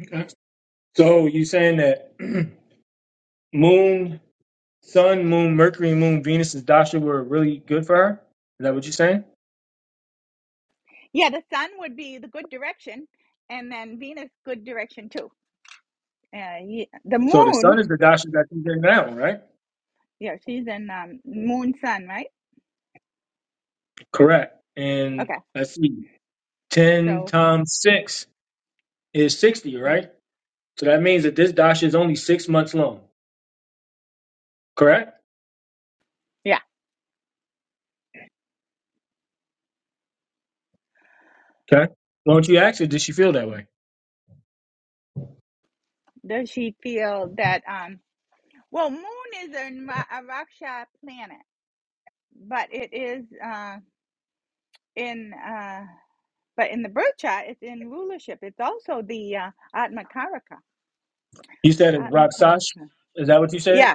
S1: okay. So you saying that moon, sun, moon, Mercury, moon, Venus, and Dasha were really good for her? Is that what you're saying? So the sun is the Dasha that you're getting now, right? Correct. And let's see, 10 times 6 is 60, right? So that means that this Dasha is only six months long, correct? Okay. Why don't you ask her, did she feel that way? You said it's Raksash. Is that what you said?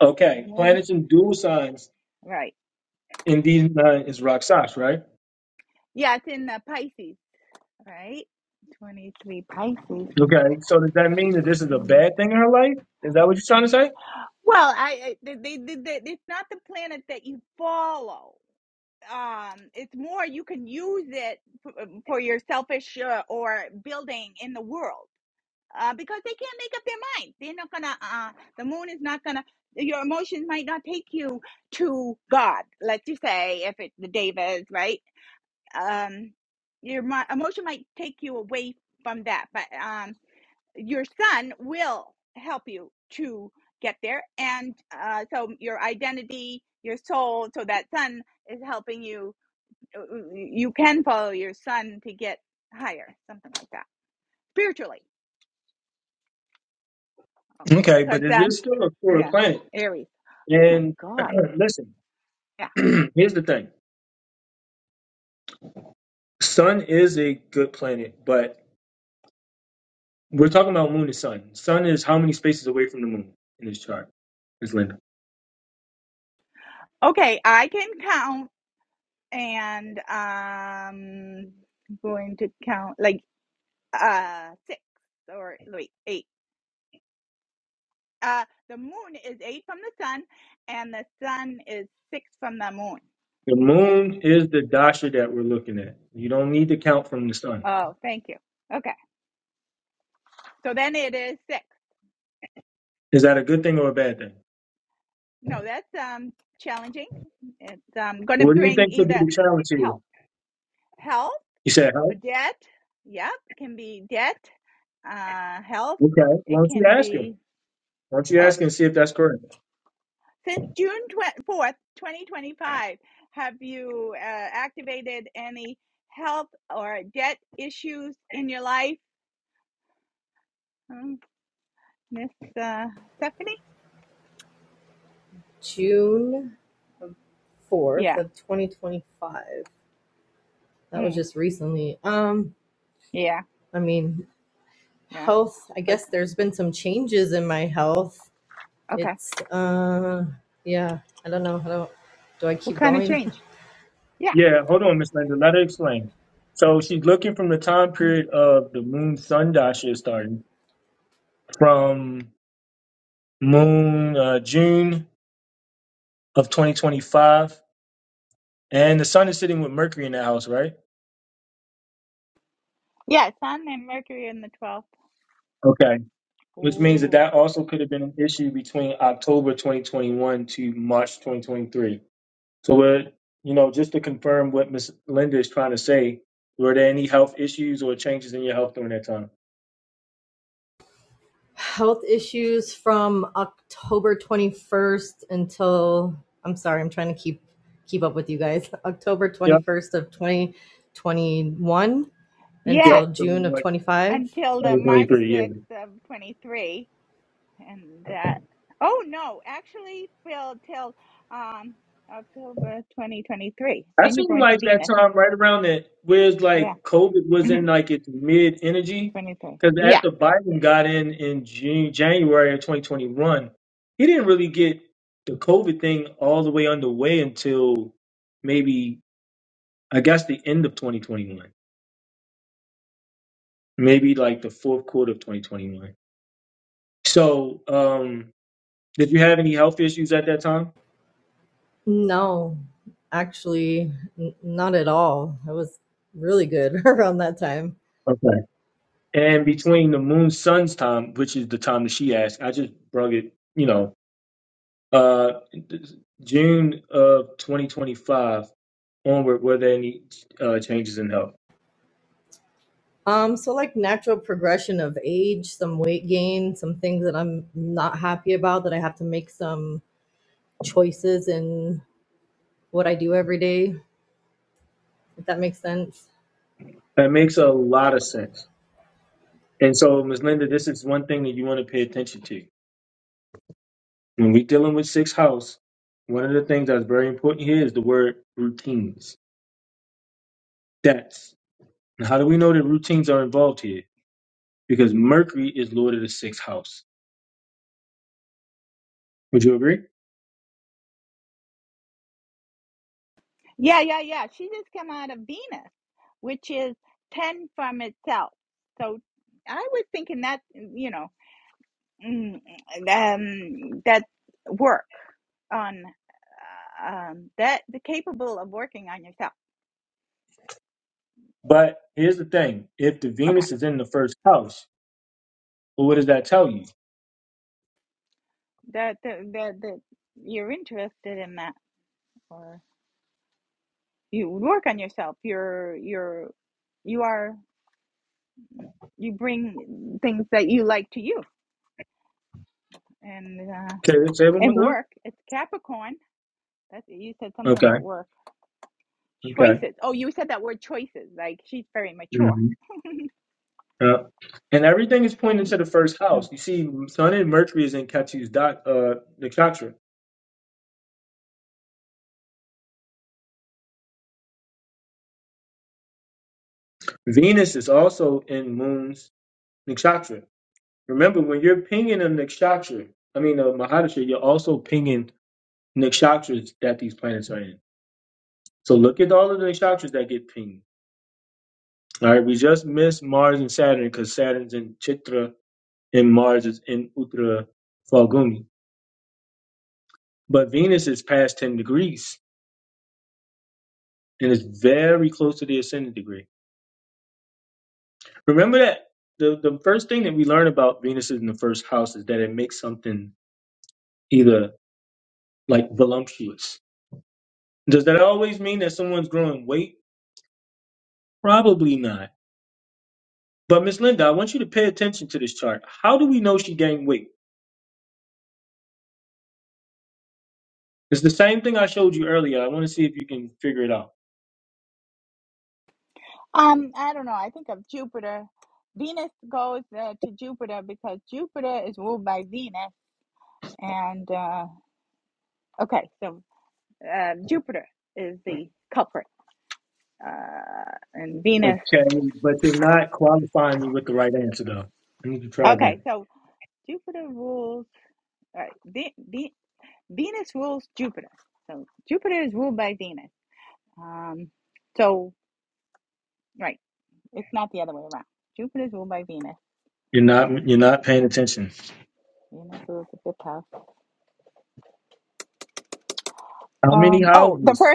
S1: Okay. Planets in dual signs in these nine is Raksash, right? Okay. So does that mean that this is a bad thing in her life? Is that what you're trying to say? Okay, but is this still a quarter planet? And listen, here's the thing. Sun is a good planet, but we're talking about moon and sun. Sun is how many spaces away from the moon in this chart? Is Linda. The moon is the dasha that we're looking at. You don't need to count from the sun. Is that a good thing or a bad thing? What do you think could be the challenge here? He said, huh? Okay. Why don't you ask her? Why don't you ask her and see if that's correct?
S11: June 4th of 2025. That was just recently. Um I mean, health, I guess there's been some changes in my health. It's, uh, yeah, I don't know. How do, do I keep going?
S1: Yeah, hold on, Miss Linda. Let her explain. So she's looking from the time period of the moon sun dasha starting from moon uh, June of 2025. And the sun is sitting with Mercury in the house, right? Okay. Which means that that also could have been an issue between October 2021 to March 2023. So, what you know, just to confirm what Miss Linda is trying to say, were there any health issues or changes in your health during that time?
S11: health issues from October 21st until, I'm sorry, I'm trying to keep, keep up with you guys. October
S1: Yep,
S11: 21st of 2021 until
S1: yep. So,
S11: June of
S1: like
S11: 25.
S1: 2023, yeah. I seem like that time right around that, whereas like COVID was in like its mid energy, because after Biden got in in June, January of 2021, he didn't really get the COVID thing all the way underway until maybe, I guess, the end of 2021, maybe like the fourth quarter of 2021. So, um, did you have any health issues at that time?
S11: No, actually, n- not at all. I was really good around that time
S1: Okay. And between the moon sun's time, which is the time that she asked, I just brung it, you know, uh, June of 2025 onward, were there any uh, changes in health?
S11: Um, so like natural progression of age, some weight gain, some things that I'm not happy about that I have to make some choices in what I do every day, if that makes sense.
S1: That makes a lot of sense. And so, Ms. Linda, this is one thing that you want to pay attention to. When we're dealing with sixth house, one of the things that's very important here is the word routines. That's. And how do we know that routines are involved here? because Mercury is Lord of the sixth house. Would you agree? But here's the thing: if the Venus is in the first house, well, what does that tell you? Okay, let's say it one more time. Okay, okay. hmm Yeah. And everything is pointing to the first house. You see, Sun and Mercury is in Ketu's dot, uh, nakshatra. Venus is also in Moon's nakshatra. Remember, when you're pinging a nakshatra, I mean a mahadasha, you're also pinging nakshatras that these planets are in. So look at all of the nakshatras that get pinged. All right, we just missed Mars and Saturn because Saturn's in Chitra and Mars is in Uttara Falguni. But Venus is past 10 degrees and is very close to the ascendant degree. Remember that the, the first thing that we learn about Venus in the first house is that it makes something either like voluptuous. Does that always mean that someone's growing weight? Probably not. But Miss Linda, I want you to pay attention to this chart. How do we know she gained weight? It's the same thing I showed you earlier. I want to see if you can figure it out. Okay, but you're not qualifying me with the right answer though. I need to try again. You're not you're not paying attention. How many houses?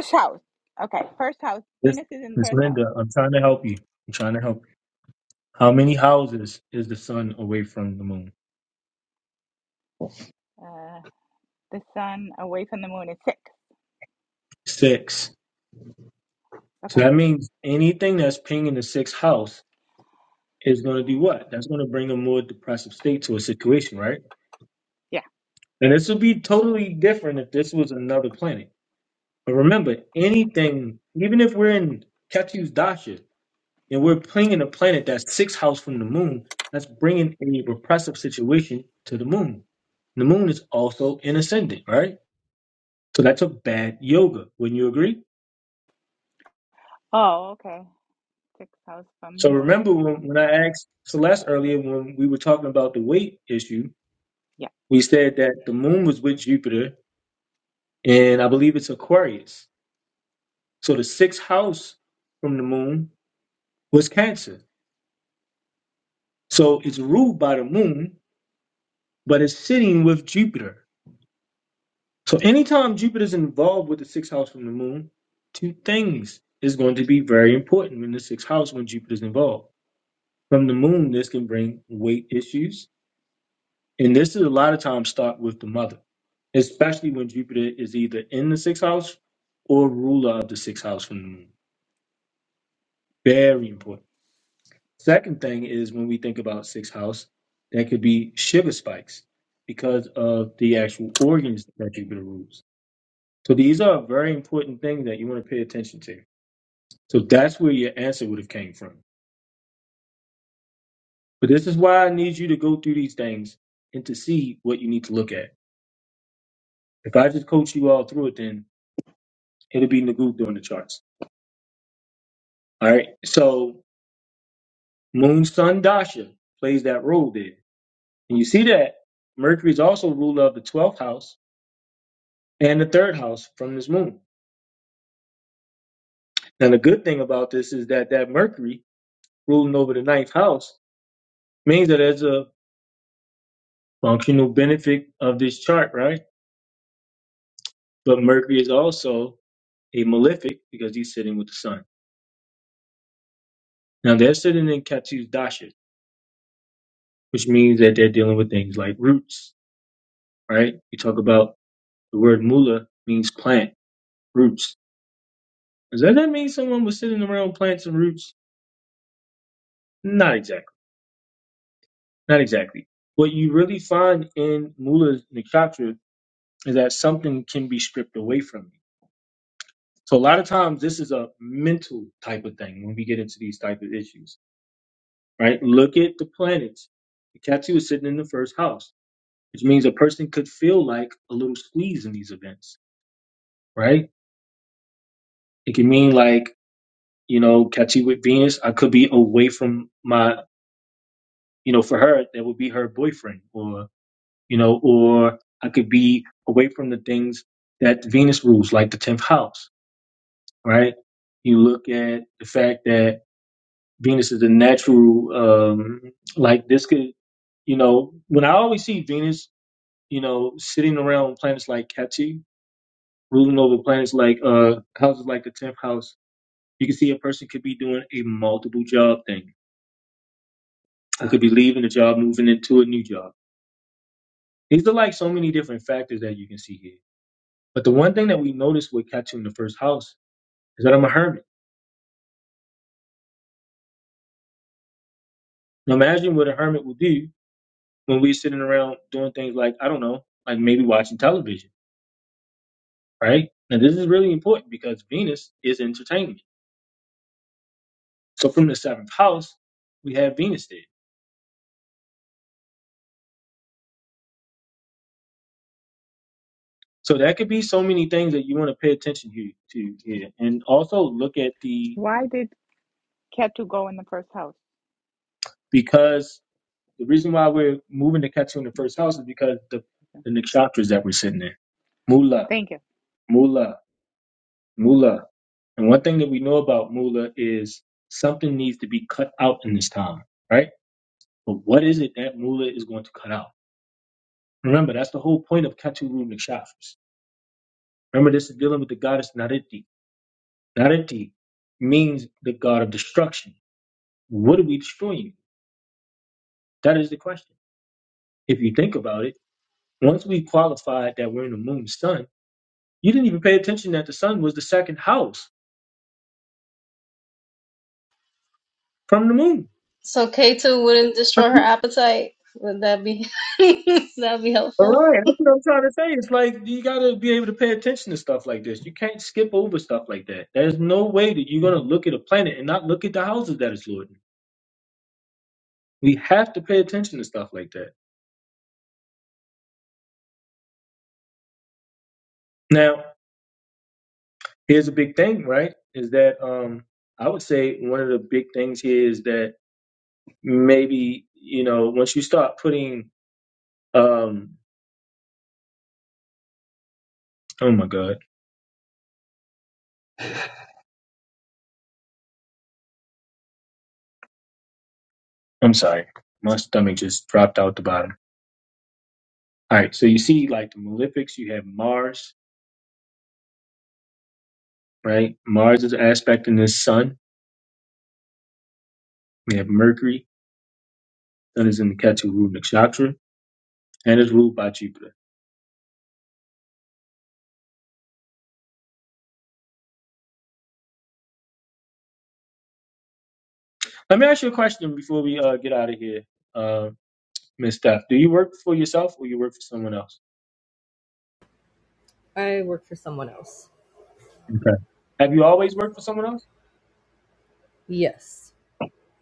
S1: Miss Miss Linda, I'm trying to help you. I'm trying to help you. How many houses is the sun away from the moon? Six. So that means anything that's pinging the sixth house is going to do what? That's going to bring a more depressive state to a situation, right? And this would be totally different if this was another planet. But remember, anything, even if we're in Ketu's dasha, And we're playing in a planet that's six house from the moon. That's bringing a repressive situation to the moon. The moon is also an ascendant, right? So that's a bad yoga. Wouldn't you agree? So remember when, when I asked Celeste earlier when we were talking about the weight issue, we said that the moon was with Jupiter, and I believe it's Aquarius. So the sixth house from the moon was Cancer. So it's ruled by the moon, but it's sitting with Jupiter. So anytime Jupiter is involved with the sixth house from the moon, two things is going to be very important in the sixth house when Jupiter is involved. From the moon, this can bring weight issues. And this is a lot of times start with the mother, especially when Jupiter is either in the sixth house or ruler of the sixth house from the moon. Very important. Second thing is when we think about sixth house, that could be sugar spikes because of the actual organs that Jupiter rules. So these are very important things that you want to pay attention to. So that's where your answer would have came from. But this is why I need you to go through these things and to see what you need to look at. If I just coach you all through it, then it'll be Nagu doing the charts. All right. So Moon Sun Dasha plays that role there. And you see that Mercury is also ruler of the 12th house and the third house from this moon. And the good thing about this is that that Mercury ruling over the ninth house means that there's a functional benefit of this chart, right? But Mercury is also a malefic because he's sitting with the sun. Now they're sitting in Ketu's dasha, which means that they're dealing with things like roots, right? We talk about the word mula means plant, roots. Does that that mean someone was sitting around plants and roots? Not exactly. Not exactly. What you really find in mula's nakshatra is that something can be stripped away from you. So a lot of times this is a mental type of thing when we get into these type of issues right? Look at the planets. The Ketu is sitting in the first house, which means a person could feel like a little squeeze in these events, right? It can mean like, you know, Ketu with Venus, I could be away from my, you know, for her, that would be her boyfriend or, you know, or I could be away from the things that Venus rules, like the 10th house, right? You look at the fact that Venus is a natural, um, like this could, you know, when I always see Venus you know, sitting around planets like Ketu, ruling over planets like uh houses like the tenth house, you can see a person could be doing a multiple job thing. I could be leaving a job, moving into a new job. These are like so many different factors that you can see here. But the one thing that we notice with Ketu in the first house is that I'm a hermit. Now imagine what a hermit would do when we're sitting around doing things like, I don't know, like maybe watching television, right? Now this is really important because Venus is entertainment. So from the seventh house, we have Venus there. So that could be so many things that you want to pay attention to, to here. And also look at the because the reason why we're moving to Ketsu in the first house is because the the nakshatras that we're sitting in. Mula, mula, mula. And one thing that we know about mula is something needs to be cut out in this time, right? But what is it that mula is going to cut out? Remember, that's the whole point of Ketu Ru nakshatras. Remember, this is dealing with the goddess Nariti. Nariti means the god of destruction. What are we destroying? That is the question. If you think about it, once we qualified that we're in the moon's sun, you didn't even pay attention that the sun was the second house from the moon.
S12: So K2 wouldn't destroy her appetite. Would that be would that be
S1: All
S12: helpful?
S1: right, that's what I'm trying to say. It's like you got to be able to pay attention to stuff like this. You can't skip over stuff like that. There's no way that you're going to look at a planet and not look at the houses that it's lord We have to pay attention to stuff like that. Now, here's a big thing, right? Is that um, I would say one of the big things here is that maybe you know once you start putting Um. Oh my god. I'm sorry. My stomach just dropped out the bottom. All right. So you see, like the malefics, you have Mars, right? Mars is aspecting the sun. We have Mercury. Sun is in the Ketu Rub Nakshatra and is ruled by Jupiter. Let me ask you a question before we uh, get out of here, uh, Miss Steph. Do you work for yourself or you work for someone else?
S11: I work for someone else.
S1: Okay. Have you always worked for someone else?
S11: Yes.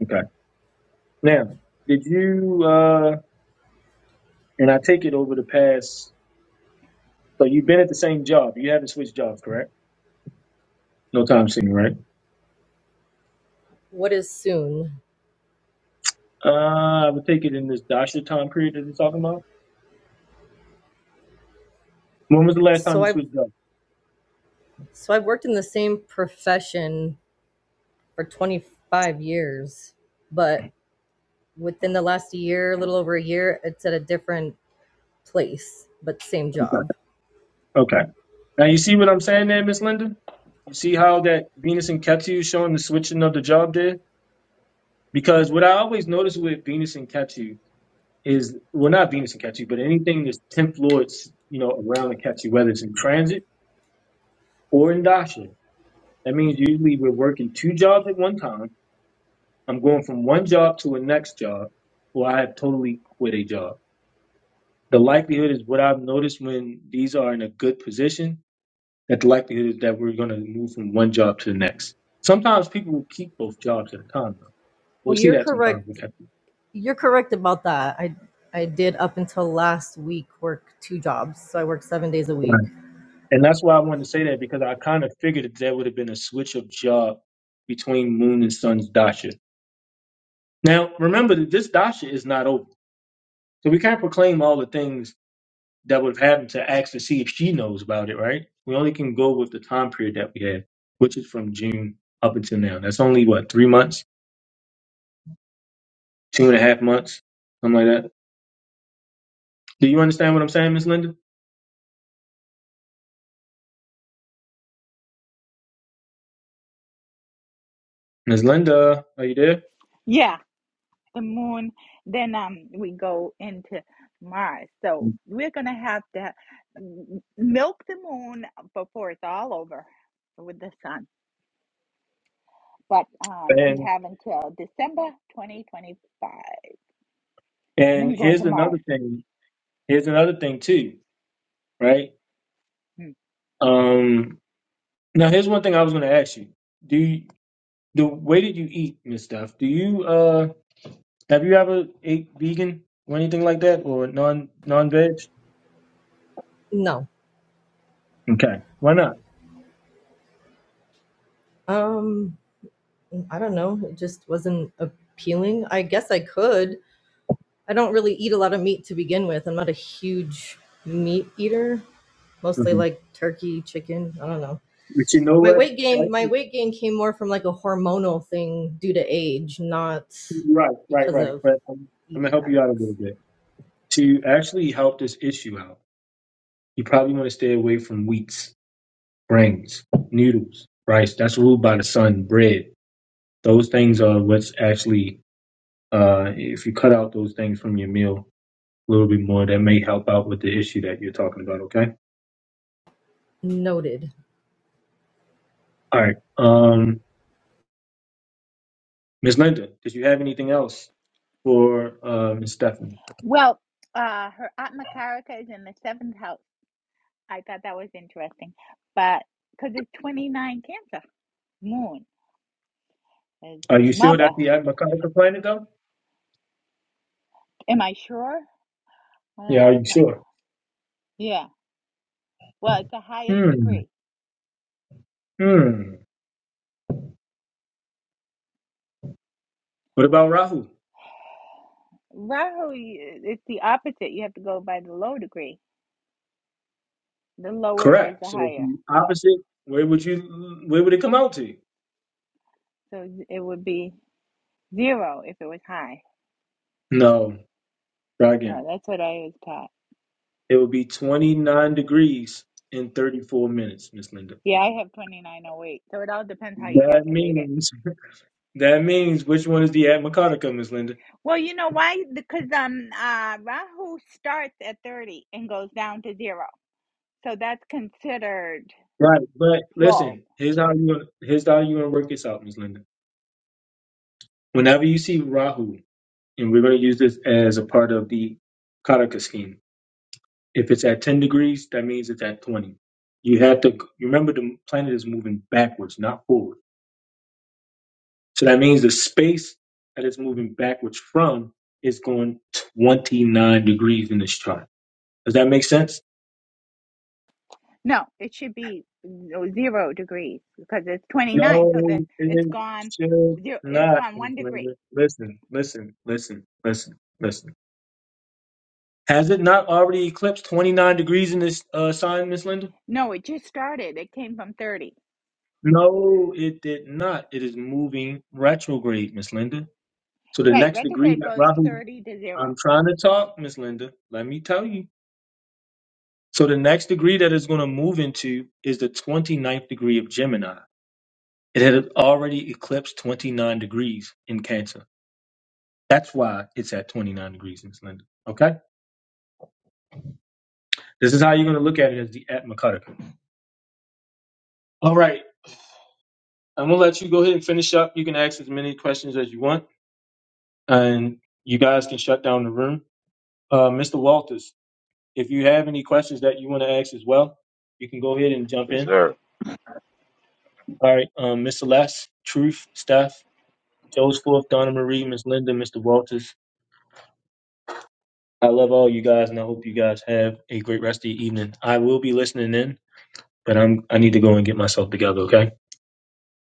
S1: Okay. Now, did you? Uh, and I take it over the past. So you've been at the same job. You haven't switched jobs, correct? No time soon, right?
S11: What is soon?
S1: Uh, I would take it in this Dasha time period that you're talking about. When was the last time
S11: So
S1: you
S11: I've
S1: switched jobs?
S11: so I've worked in the same profession for 25 years, but within the last year, a little over a year, it's at a different place, but same
S1: Okay.
S11: job.
S1: Okay. Now you see what I'm saying there, Miss Linda? You see how that Venus and Ketu is showing the switching of the job there? Because what I always notice with Venus and Ketu is, well, not Venus and Ketu, but anything that's 10th lords, you know, around the Ketu, whether it's in transit or in Dasha, that means usually we're working two jobs at one time. I'm going from one job to a next job, or I have totally quit a job. the likelihood is what I've noticed when these are in a good position, that the likelihood is that we're going to move from one job to the next. Sometimes people will keep both jobs at a time. Though.
S11: Well,
S1: We'll see
S11: you're
S1: that
S11: correct
S1: sometimes with Captain.
S11: You're correct about that. I I did up until last week work two jobs, so I worked seven days a week.
S1: Right. And that's why I wanted to say that because I kind of figured that there would have been a switch of job between Moon and Sun's Dasha. Now, remember that this Dasha is not over. So we can't proclaim all the things that would have happened to ask to see if she knows about it, right? We only can go with the time period that we had, which is from June up until now. That's only what, three months, two and a half months, something like that. Do you understand what I'm saying, Miss Linda? Miss Linda, are you there? And and here's another thing. Here's another thing too, right? Um now here's one thing I was gonna ask you. Do you the way that you eat, Miss Duff, do you uh have you ever ate vegan or anything like that or non non veg?
S11: No,
S1: Okay. Why not?
S11: um, I don't know. It just wasn't appealing. I guess I could. I don't really eat a lot of meat to begin with. I'm not a huge meat eater. Mostly
S1: hmm
S11: like turkey, chicken. I don't know.
S1: But you know
S11: My
S1: what?
S11: weight gain, my
S1: Actually,
S11: weight gain came more from like a hormonal thing due to age, not
S1: Right, right,
S11: because
S1: right.
S11: of
S1: But I'm, I'm gonna
S11: eating
S1: help you out a
S11: habits.
S1: little bit to actually help this issue out. You probably want to stay away from wheats, grains, noodles, rice. That's ruled by the sun. Bread. Those things are what's actually. Uh, if you cut out those things from your meal a little bit more, that may help out with the issue that you're talking about. Okay.
S11: Noted.
S1: All right. Um, Ms. Linda, did you have anything else for uh, Ms. Stephanie? Are you sure that's the Atmaconic planet, though? Yeah. Are you sure? Hmm. Hmm. What about Rahu? Correct. So if you opposite, where would you where would it come out to? No. Try again. It would be twenty nine degrees in thirty four minutes, Miss Linda. That means that means which one is the Atmacodica, Miss Linda? Right. But listen, here's how you gonna here's how you're gonna work this out, Miss Linda. Whenever you see Rahu, and we're gonna use this as a part of the karaka scheme If it's at 10 degrees, that means it's at 20. You have to you remember the planet is moving backwards, not forward. So that means the space that it's moving backwards from is going 29 degrees in this chart. Does that make sense? No, it should not. Miss Linda. Listen, listen, listen, listen, listen. Has it not already eclipsed 29 degrees in this uh, sign, Miss Linda? No, it did not. It is moving retrograde, Miss Linda. So the next degree that Rahu, I'm trying to talk, Miss Linda. Let me tell you. So the next degree that it's going to move into is the 29th degree of Gemini. It had already eclipsed 29 degrees in Cancer. That's why it's at 29 degrees, Miss Linda. Okay? This is how you're going to look at it as the Atmakataka. All right. I'm going to let you go ahead and finish up. You can ask as many questions as you want, and you guys can shut down the room. Uh, Mr. Walters, if you have any questions that you want to ask as well, you can go ahead and jump
S10: Yes,
S1: in.
S10: sir.
S1: All right, um, Miss Celeste, Truth, Steph, Joe's Fourth, Donna Marie, Miss Linda, Mr. Walters. I love all you guys, and I hope you guys have a great rest of your evening. I will be listening in, but I'm I need to go and get myself together. Okay,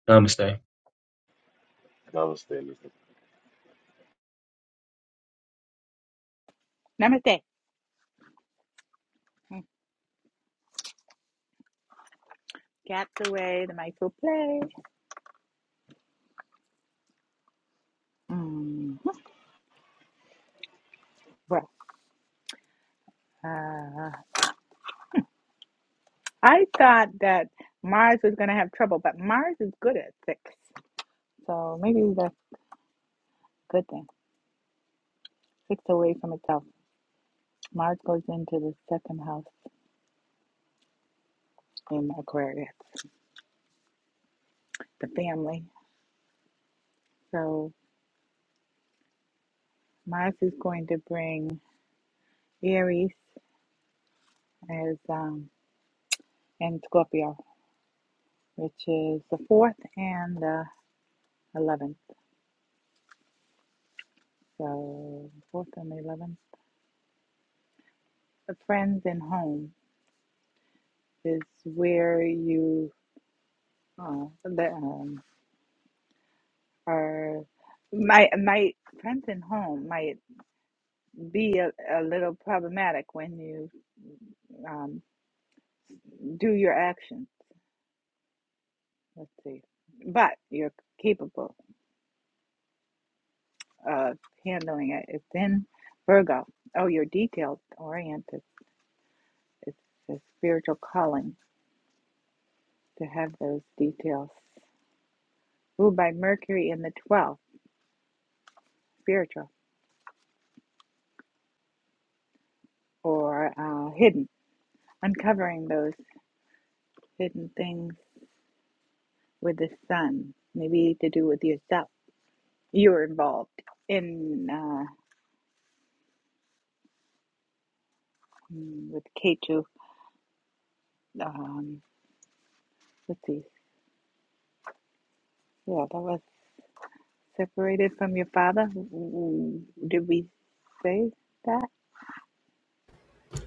S1: Namaste.
S10: Namaste. Mister.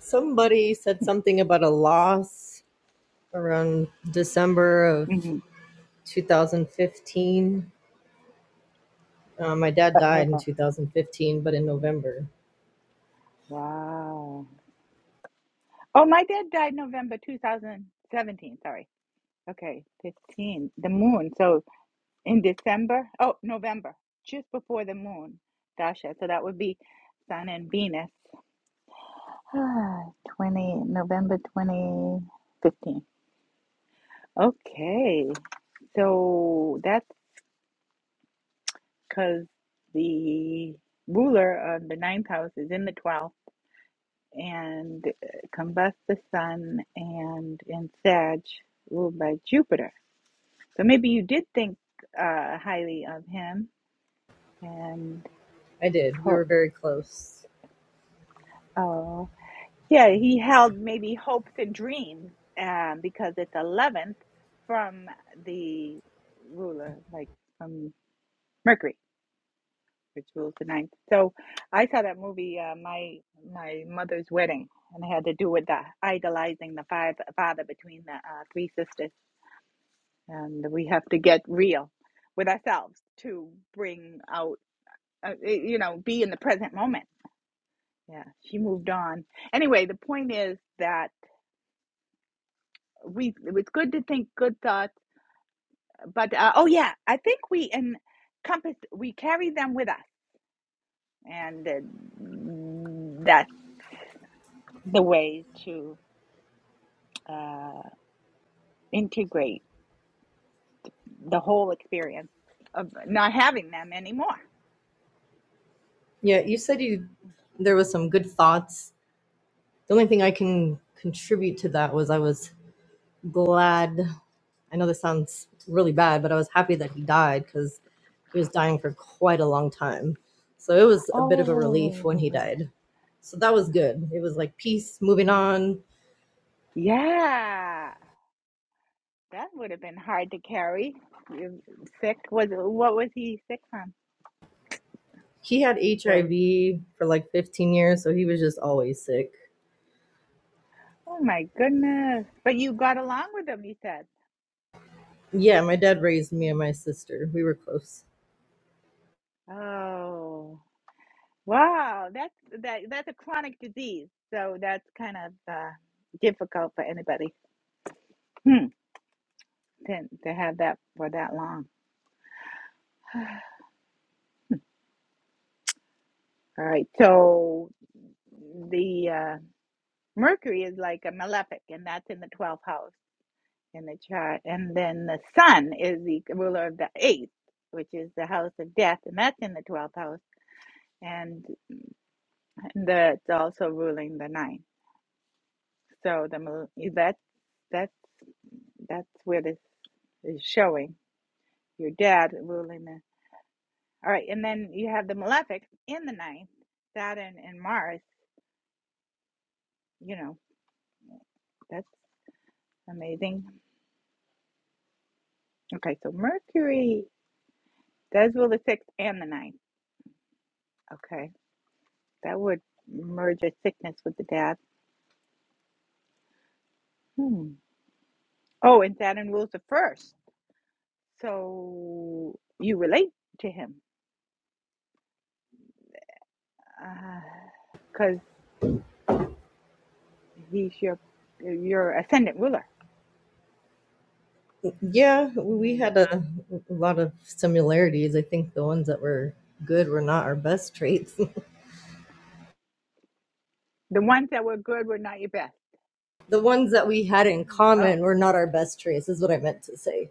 S11: Somebody said something about a loss around December of 2015. Uh, my dad died in 2015, but in November. I did. We were very close. Yeah, you said you there was some good thoughts. The only thing I can contribute to that was I was glad. I know this sounds really bad, but I was happy that he died because he was dying for quite a long time. So it was a bit of a relief when he died. So that was good. It was like peace, moving on. He had HIV for like 15 years, so he was just always sick. Yeah, my dad raised me and my sister. We were close. Yeah, we had a, a lot of similarities. I think the ones that were good were not our best traits. the ones that we had in common were not our best traits is what i meant to say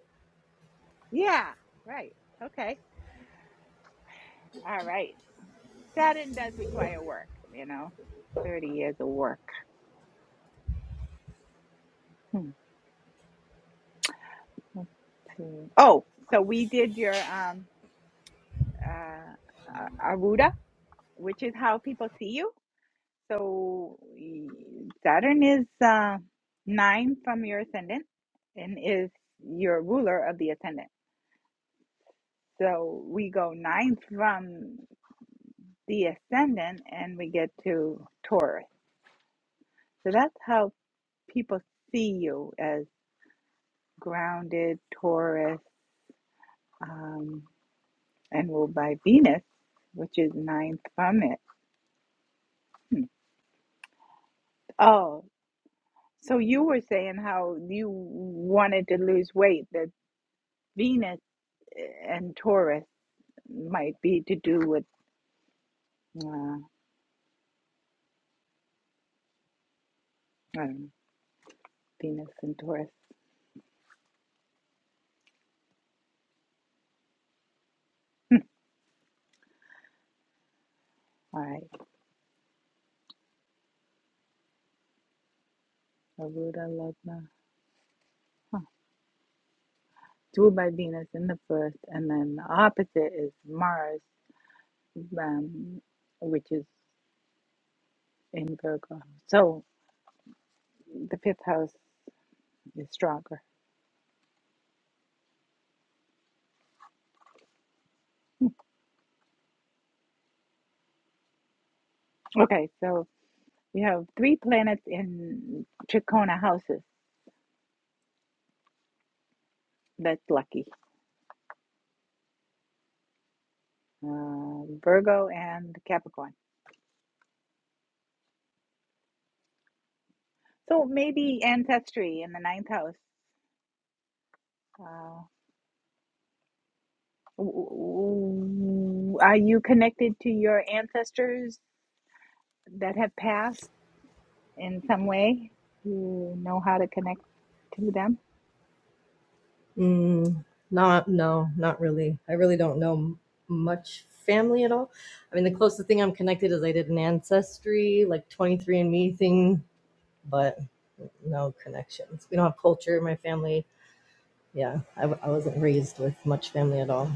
S11: mm, not no not really i really don't know m- much family at all i mean the closest thing i'm connected is i did an ancestry like 23andme thing but no connections we don't have culture in my family Yeah, I, w- I wasn't raised with much family at all.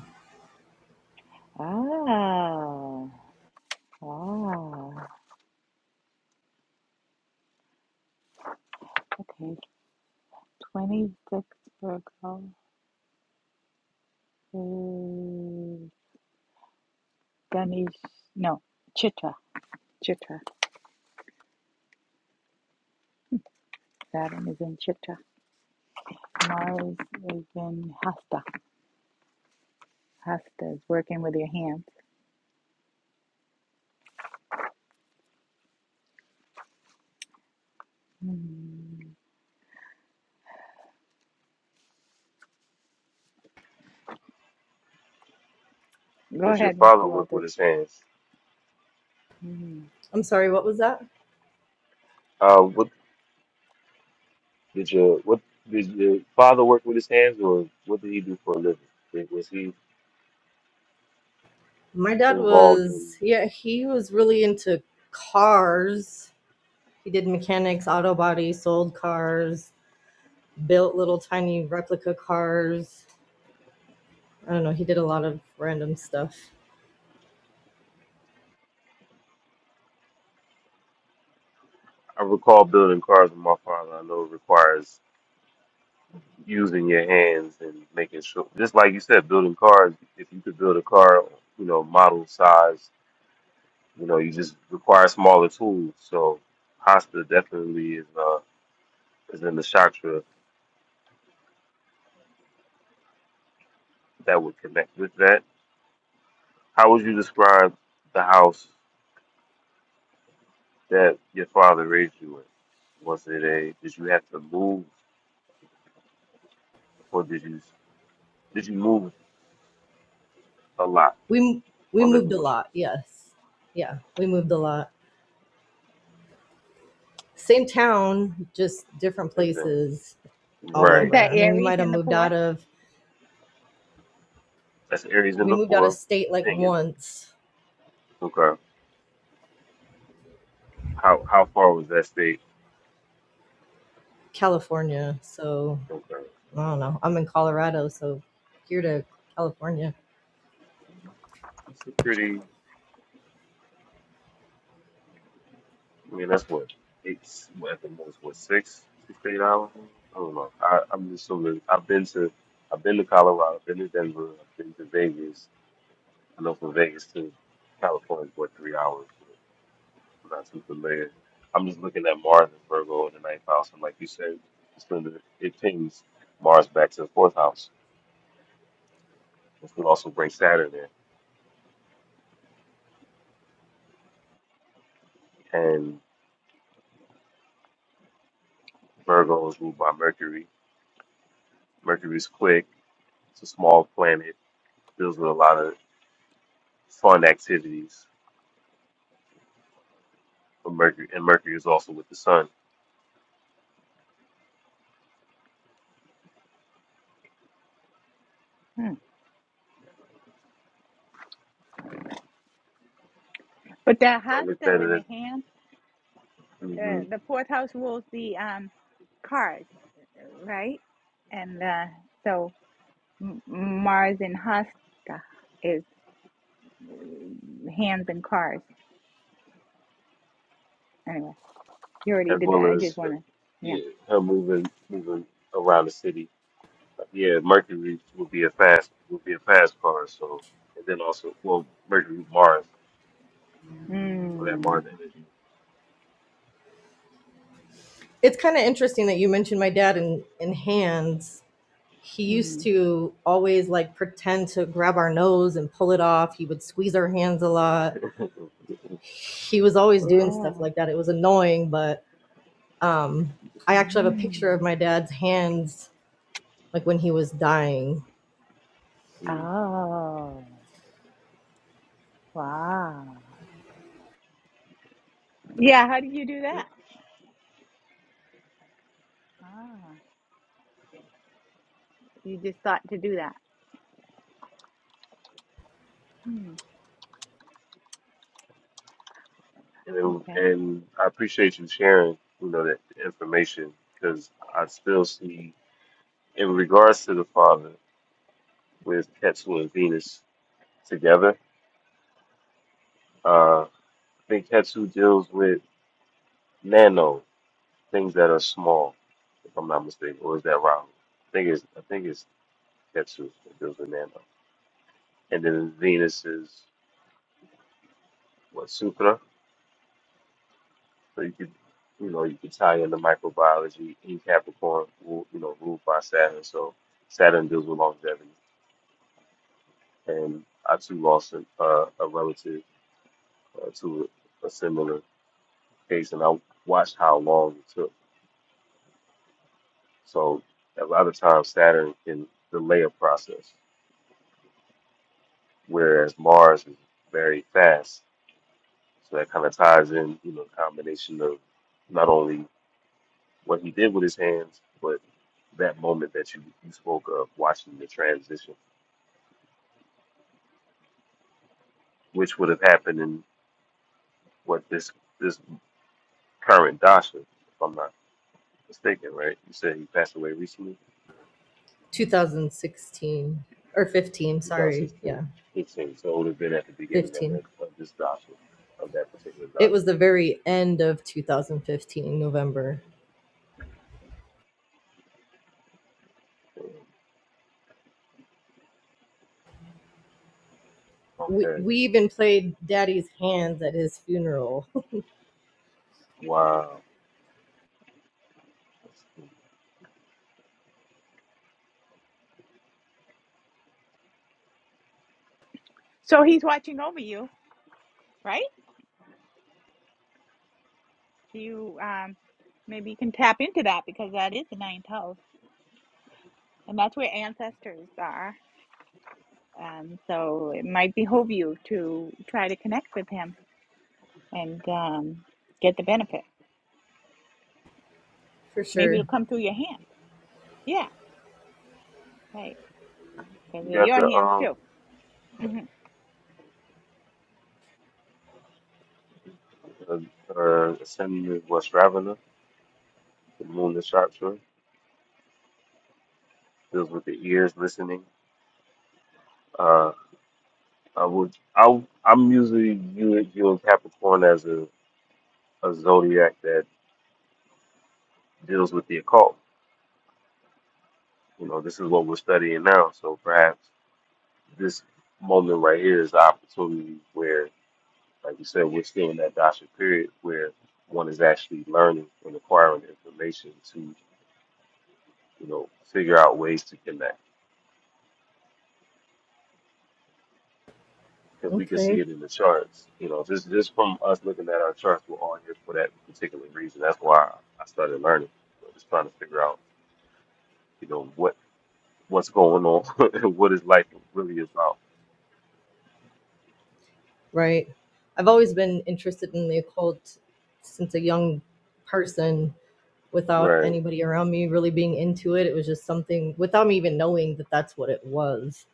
S10: Did your father work with his hands?
S11: I'm sorry, what was that?
S10: Uh, what did your what did your father work with his hands, or what did he do for a living? Did- Was he
S11: My dad
S10: involved in?
S11: was, yeah, he was really into cars. He did mechanics, auto body, sold cars, built little tiny replica cars. I don't know, he did a lot of random stuff.
S10: I recall building cars with my father. I know it requires using your hands and making sure, just like you said, building cars. If you could build a car, you know, model size, you know, you just require smaller tools. So Hasta definitely is uh, is in the chakra that would connect with that. How would you describe the house that your father raised you in? Was it a? Did you have to move, or did you did you move a lot
S11: we we
S10: while
S11: moved
S10: living
S11: a
S10: with
S11: lot yes yeah we moved a lot same town just different
S10: your family?
S11: places all
S10: Right.
S11: over i mean we might have moved out of
S10: That's Aries
S11: we
S10: number
S11: moved out of
S10: four.
S11: state like
S10: Singing.
S11: once
S10: Okay. How how far was that state
S11: california so
S10: from Cali?
S11: i don't know i'm in colorado so here to california
S10: I mean, that's what eight what, at the most what six six to eight hours. I don't know. I, I'm just so good. I've been to I've been to Colorado. I've been to Denver. I've been to Vegas. I know from Vegas to California's what three hours. But I'm not too familiar. I'm just looking at Mars and Virgo in the ninth house, and like you said, it's going to it pings Mars back to the fourth house, which will also bring Saturn in. And Virgo is ruled by Mercury. Mercury's quick. It's a small planet deals with a lot of fun activities. For Mercury and Mercury is also with the sun. So I looked at it as, hmm as well as her, yeah, her moving moving around the city. Yeah, Mercury would be a fast would be a fast car. So and then also well Mercury Mars or that Mars energy.
S11: it's kind of interesting that you mentioned my dad in in hands he used to always like pretend to grab our nose and pull it off he would squeeze our hands a lot he was always
S10: uh,
S11: doing stuff like that it was annoying but Um, I actually have a picture of my dad's hands, like when he was dying,
S10: mm. and it- and I appreciate you sharing you know that information because I still see in regards to the father with Ketu and Venus together. Uh, I think Ketsu deals with nano things that are small, if I'm not mistaken, or is that Rahu? I think it's I think it's Ketsu that deals with nano, and then Venus is what sutra. So you could you know you could tie in the microbiology in Capricorn, ru- you know, ruled by Saturn. So Saturn deals with longevity, and I too lost an, uh, a relative uh, to a similar case, and I watched how long it took So a lot of times Saturn can delay a process, whereas Mars is very fast. So that kind of ties in, you know, combination of not only what he did with his hands, but that moment that you, you spoke of, watching the transition, which would have happened in what this this current Dasha, if I'm not mistaken, right? You said he passed away recently,
S11: 2016 or 15. Sorry,
S10: 2016.
S11: yeah,
S10: 15. So it would have been at the beginning of,
S11: 15.
S10: that, of this Dasha, of that particular
S11: It was
S10: Dasha.
S11: the very end of 2015, November. We
S10: Okay.
S11: we even played Daddy's hands at his funeral,
S10: Wow.
S11: for sure.
S10: You got the um uh, uh ascending of Ravana, the moon is sharpshooter, deals with the ears listening. Uh I would I I'm usually view- viewing Capricorn as a, a zodiac that deals with the occult. You know, this is what we're studying now. So perhaps this moment right here is the opportunity where, like you said, we're still in that dasha period where one is actually learning and acquiring information to, you know, figure out ways to connect. because we can
S11: Okay,
S10: see it in the charts. You know, just just from us looking at our charts, we're on here for that particular reason. That's why I started learning, So just trying to figure out, you know, what what's going on, and what is life really about,
S11: right. I've always been interested in the occult since a young person without
S10: right?
S11: anybody around me really being into it. It was just something without me even knowing that that's what it was.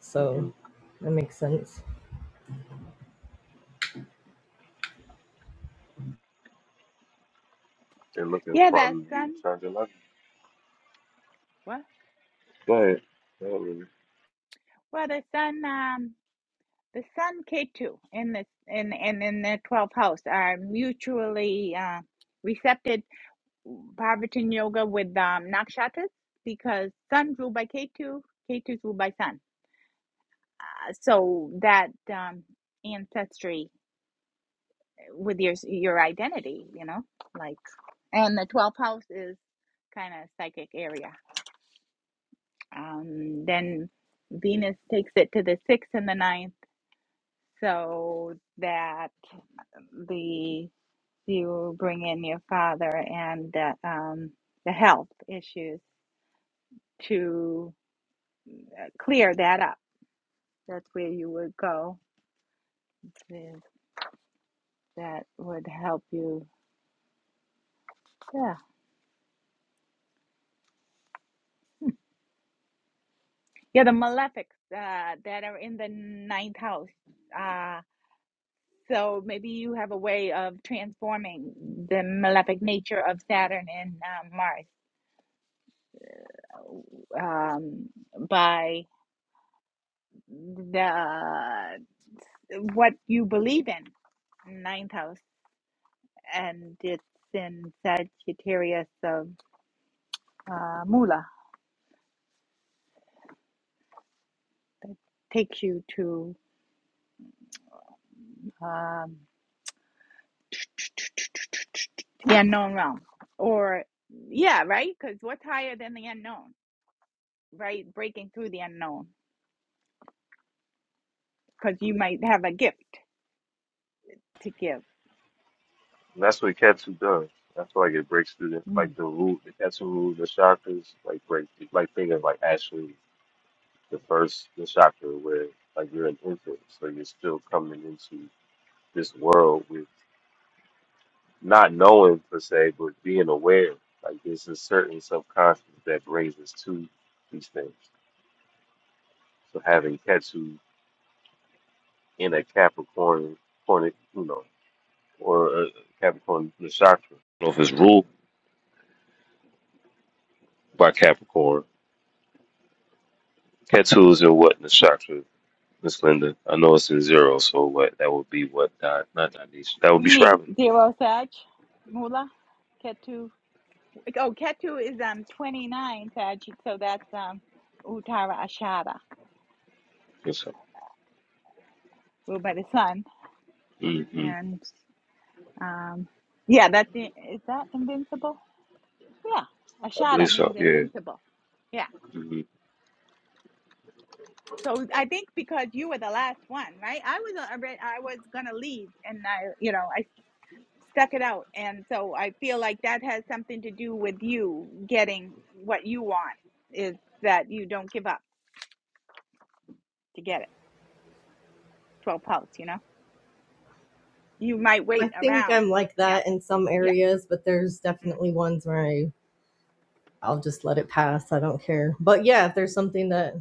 S11: So
S10: hmm
S11: that makes sense.
S10: And looking from the charts of life. Go ahead. Go ahead, Ruby. And that's what Katsu does. I feel like it breaks through the, like the root, the Katsu root, the chakras, like break, like thinking like actually the first the chakra where like you're an infant, so you're still coming into this world with not knowing per se, but being aware. Like there's a certain subconscious that brings us to these things. So having Ketu in a Capricorn, Capricorn, you know, or a Capricorn Nakshatra. I don't know if it's ruled by Capricorn. Ketu is in what Nakshatra, Miss Linda? I know it's in zero, so what that would be what Di- not Dionysia. That would be Shravana. I think so. hmm I believe so. Yeah. Mm-hmm.
S11: I think I'm like that in some areas, but there's definitely ones where I, I'll just let it pass. I don't care. But yeah, if there's something that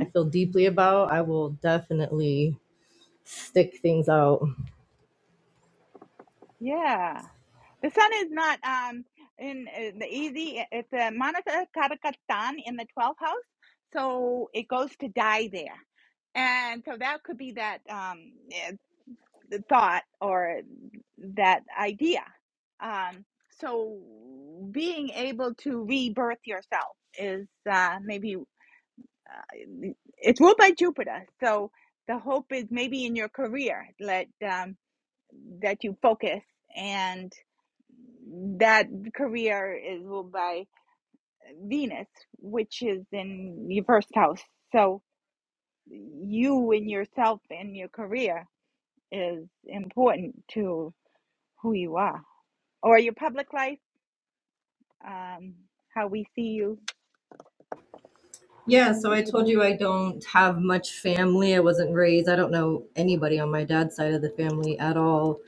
S11: I feel deeply about, I will definitely stick things out. Yeah, so I told you I don't have much family. I wasn't raised, I don't know anybody on my dad's side of the family at all.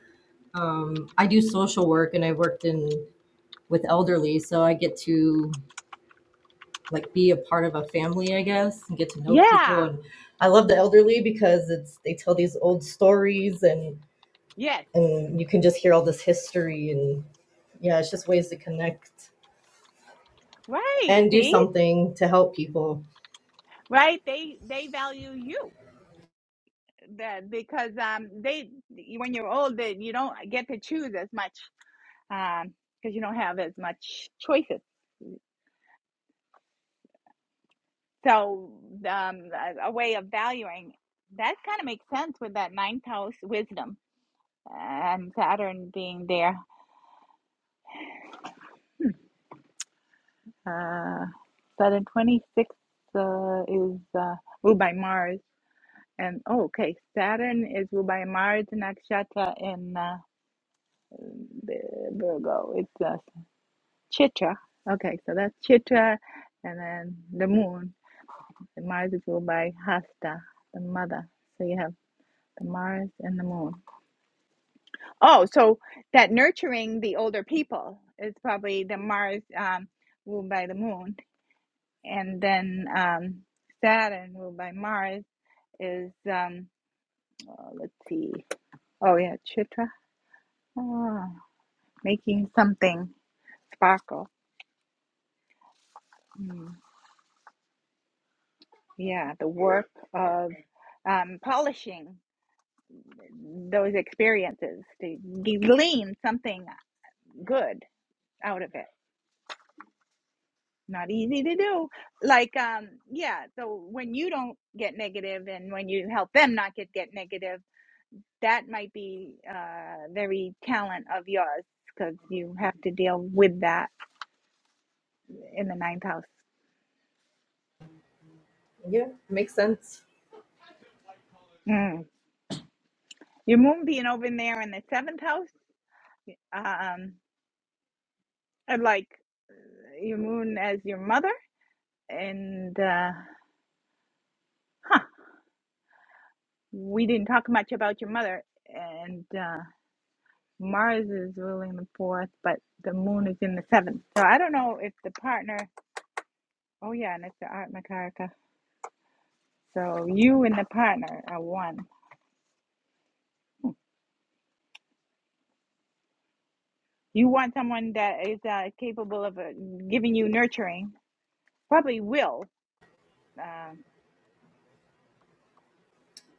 S11: Um, I do social work and I worked in with elderly, so I get to like be a part of a family, I guess, and get to know people. And I love the elderly because it's they tell these old stories and and you can just hear all this history and yeah, it's just ways to connect and do something to help people. Yeah, makes sense.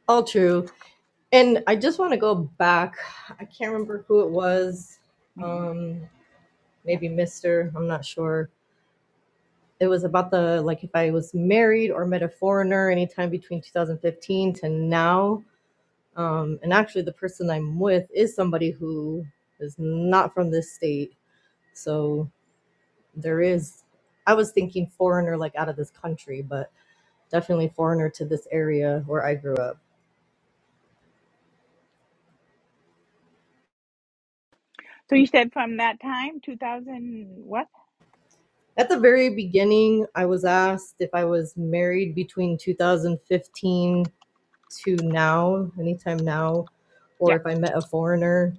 S11: All true. And I just want to go back. I can't remember who it was. Um, maybe Mister. I'm not sure it was about the like if I was married or met a foreigner anytime between 2015 to now. Um, and actually, the person I'm with is somebody who is not from this state. So there is, I was thinking foreigner, like out of this country, but definitely foreigner to this area where I grew up. At the very beginning, I was asked if I was married between 2015 to now, anytime now, or if I met a foreigner.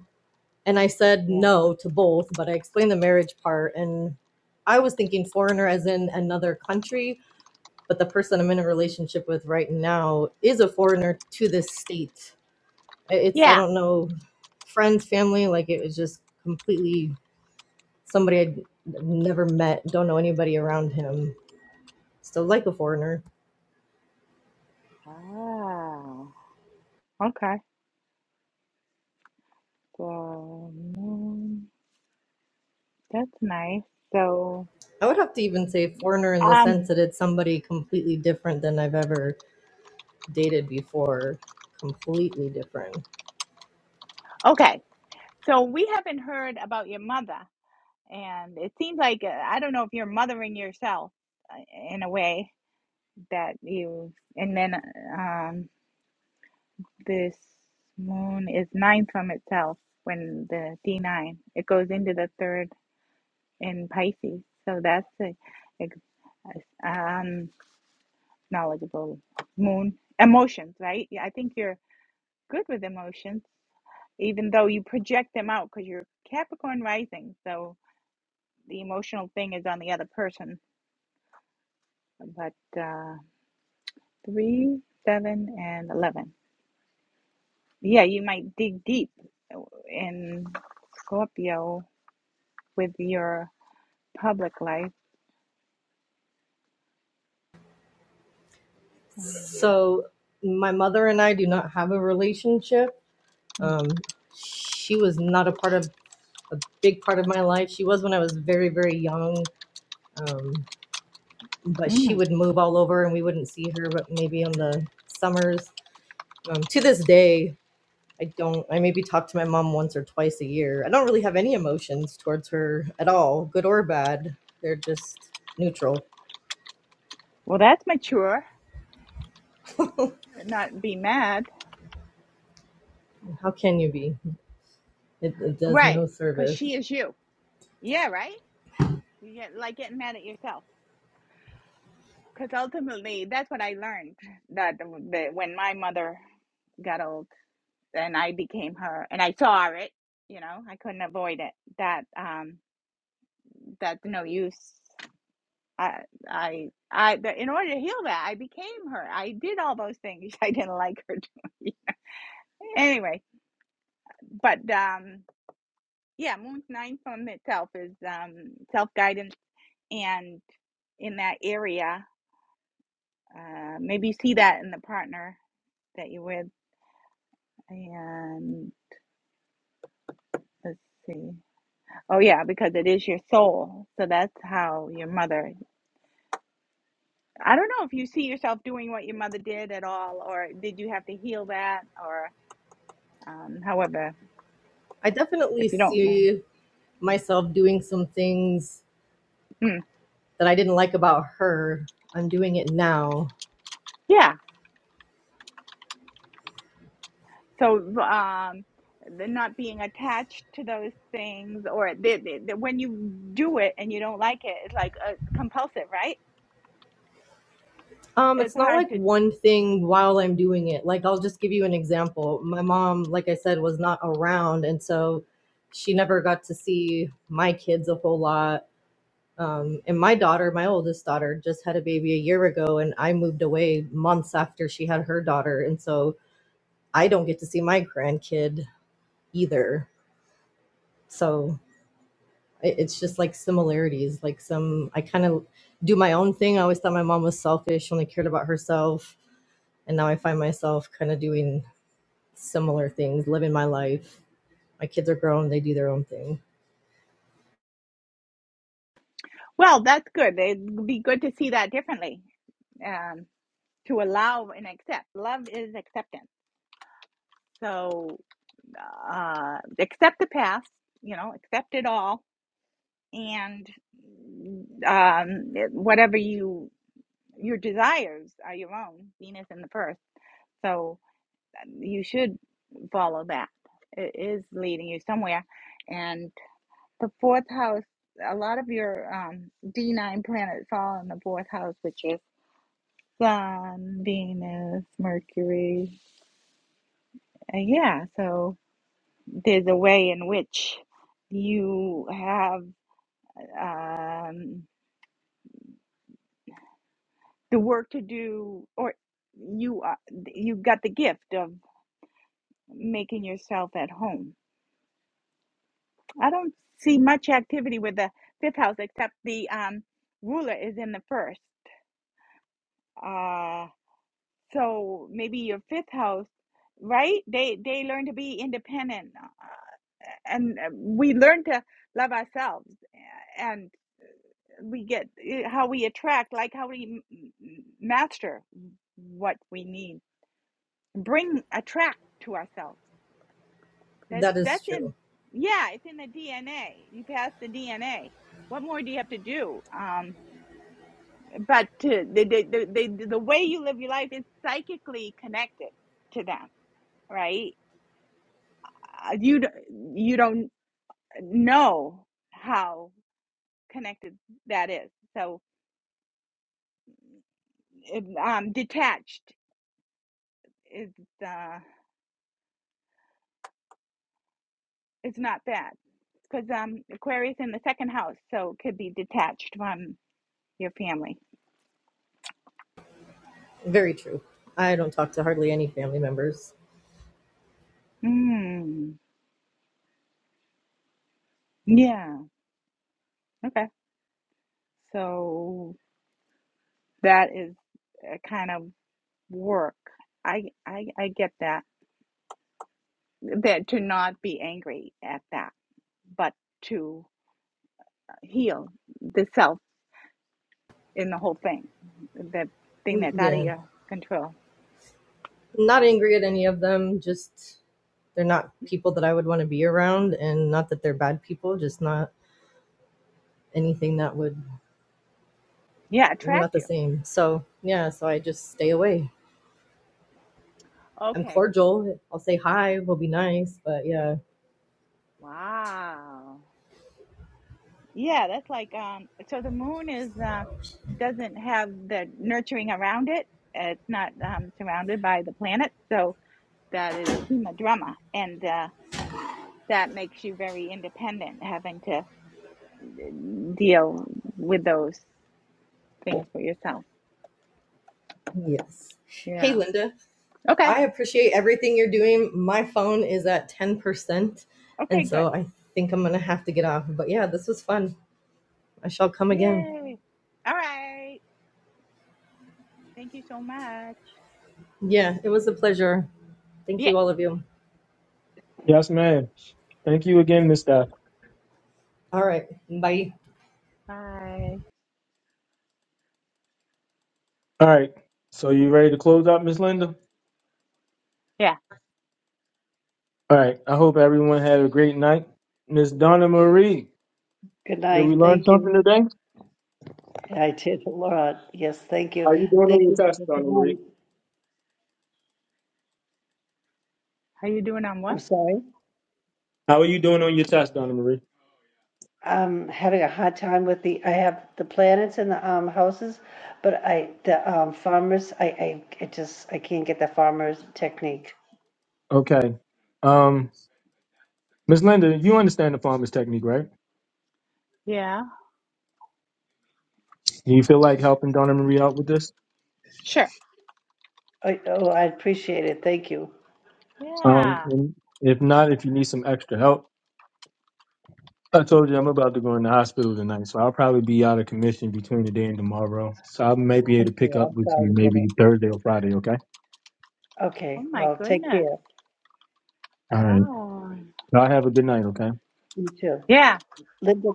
S11: And I said no to both, but I explained the marriage part. And I was thinking foreigner as in another country, but the person I'm in a relationship with right now is a foreigner to this state. It's I don't know friends, family, like it was just completely somebody I'd never met, don't know anybody around him. So like a foreigner. I would have to even say foreigner in the sense that it's somebody completely different than I've ever dated before. Completely different. So my mother and I do not have a relationship. Um, she was not a part of a big part of my life. She was when I was very, very young. Um, but she would move all over and we wouldn't see her, but maybe on the summers. Um, to this day, I don't, I maybe talk to my mom once or twice a year. I don't really have any emotions towards her at all, good or bad. They're just neutral. How can you be? It, it does no service. I definitely see myself doing some things that I didn't like about her, I'm doing it now. Um, it's not like one thing while I'm doing it. Like I'll just give you an example. My mom, like I said, was not around, and so she never got to see my kids a whole lot. Um, and my daughter, my oldest daughter, just had a baby a year ago, and I moved away months after she had her daughter, and so I don't get to see my grandkid either. So I- it's just like similarities like some i kind of do my own thing i always thought my mom was selfish only cared about herself and now i find myself kind of doing similar things living my life my kids are grown they do their own thing that is true very true i don't talk to hardly any family members Mm, yeah not angry at any of them just they're not people that i would want to be around and not that they're bad people just not anything that would we're not the same. So yeah, so I just stay away. I'm cordial. I'll say hi. We'll be nice. But yeah. Yes. Hey Linda, I appreciate everything you're doing. My phone is at ten percent, and so I think I'm gonna have to get off. But yeah, this was fun. I shall come again. Yeah, it was a pleasure. Thank you, all of you.
S1: Yes, ma'am. Thank you again, Miss Steph.
S11: All right. Bye.
S1: All right, so you ready to close out, Miss Linda? All right. I hope everyone had a great night, Miss Donna Marie.
S3: Good
S1: Did we
S3: night.
S1: learn
S3: Thank you.
S1: something today?
S3: I did a lot. Yes, thank you.
S1: How are you doing on
S3: Thank
S1: your
S3: you.
S1: test,
S3: Linda.
S1: Donna
S3: Good
S1: Marie?
S3: night. I'm sorry.
S1: How are you doing on your test, Donna Marie?
S3: I'm having a hard time with the, I have the planets in the um, houses, but I, the um, farmers, I, I, it just, I can't get the farmers technique.
S1: Okay. Um. Miss Linda, you understand the farmer's technique, right? Do you feel like helping Donna Marie out with this?
S3: I, oh, I appreciate it. Thank you.
S1: Um, and if not, if you need some extra help, I told you I'm about to go in the hospital tonight, so I'll probably be out of commission between today and tomorrow. So I might be able
S3: Okay,
S1: to pick up
S3: I'm
S1: with
S3: sorry
S1: you
S3: to hear
S1: maybe
S3: that.
S1: Thursday or Friday, okay?
S3: Okay, well, take care.
S1: All right. Y'all have a good night, okay?
S3: You too. Linda,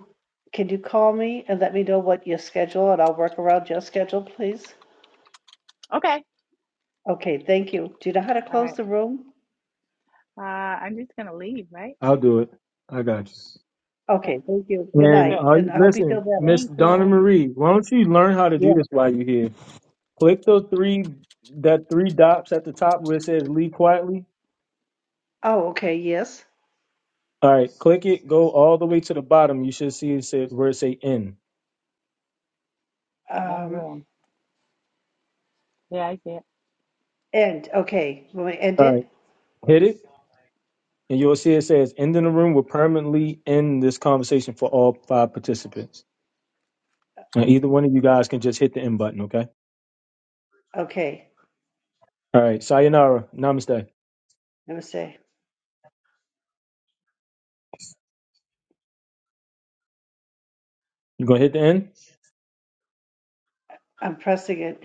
S3: can you call me and let me know what your schedule, and I'll work around your schedule, please? Okay, thank you. Do you know how to close the room?
S1: I'll do it. I got you.
S3: Okay, thank you. Good
S1: And
S3: night,
S1: uh,
S3: and I hope you feel
S1: listen,
S3: better.
S1: Miss Donna Marie, why don't you learn how to do
S3: Yeah.
S1: this while you're here? Click those three that three dots at the top where it says "Leave Quietly."
S3: Oh, okay, yes.
S1: All right, click it. Go all the way to the bottom. You should see it says where it say end.
S3: Um, End. Okay. will we end
S1: All
S3: it?
S1: right, hit it, and you'll see it says end in the room. will permanently end this conversation for all five participants. Now, either one of you guys can just hit the end button. Okay.
S3: Okay.
S1: All right. Sayonara. Namaste.
S3: Let me say,
S1: You gonna hit the end?
S3: I'm pressing it.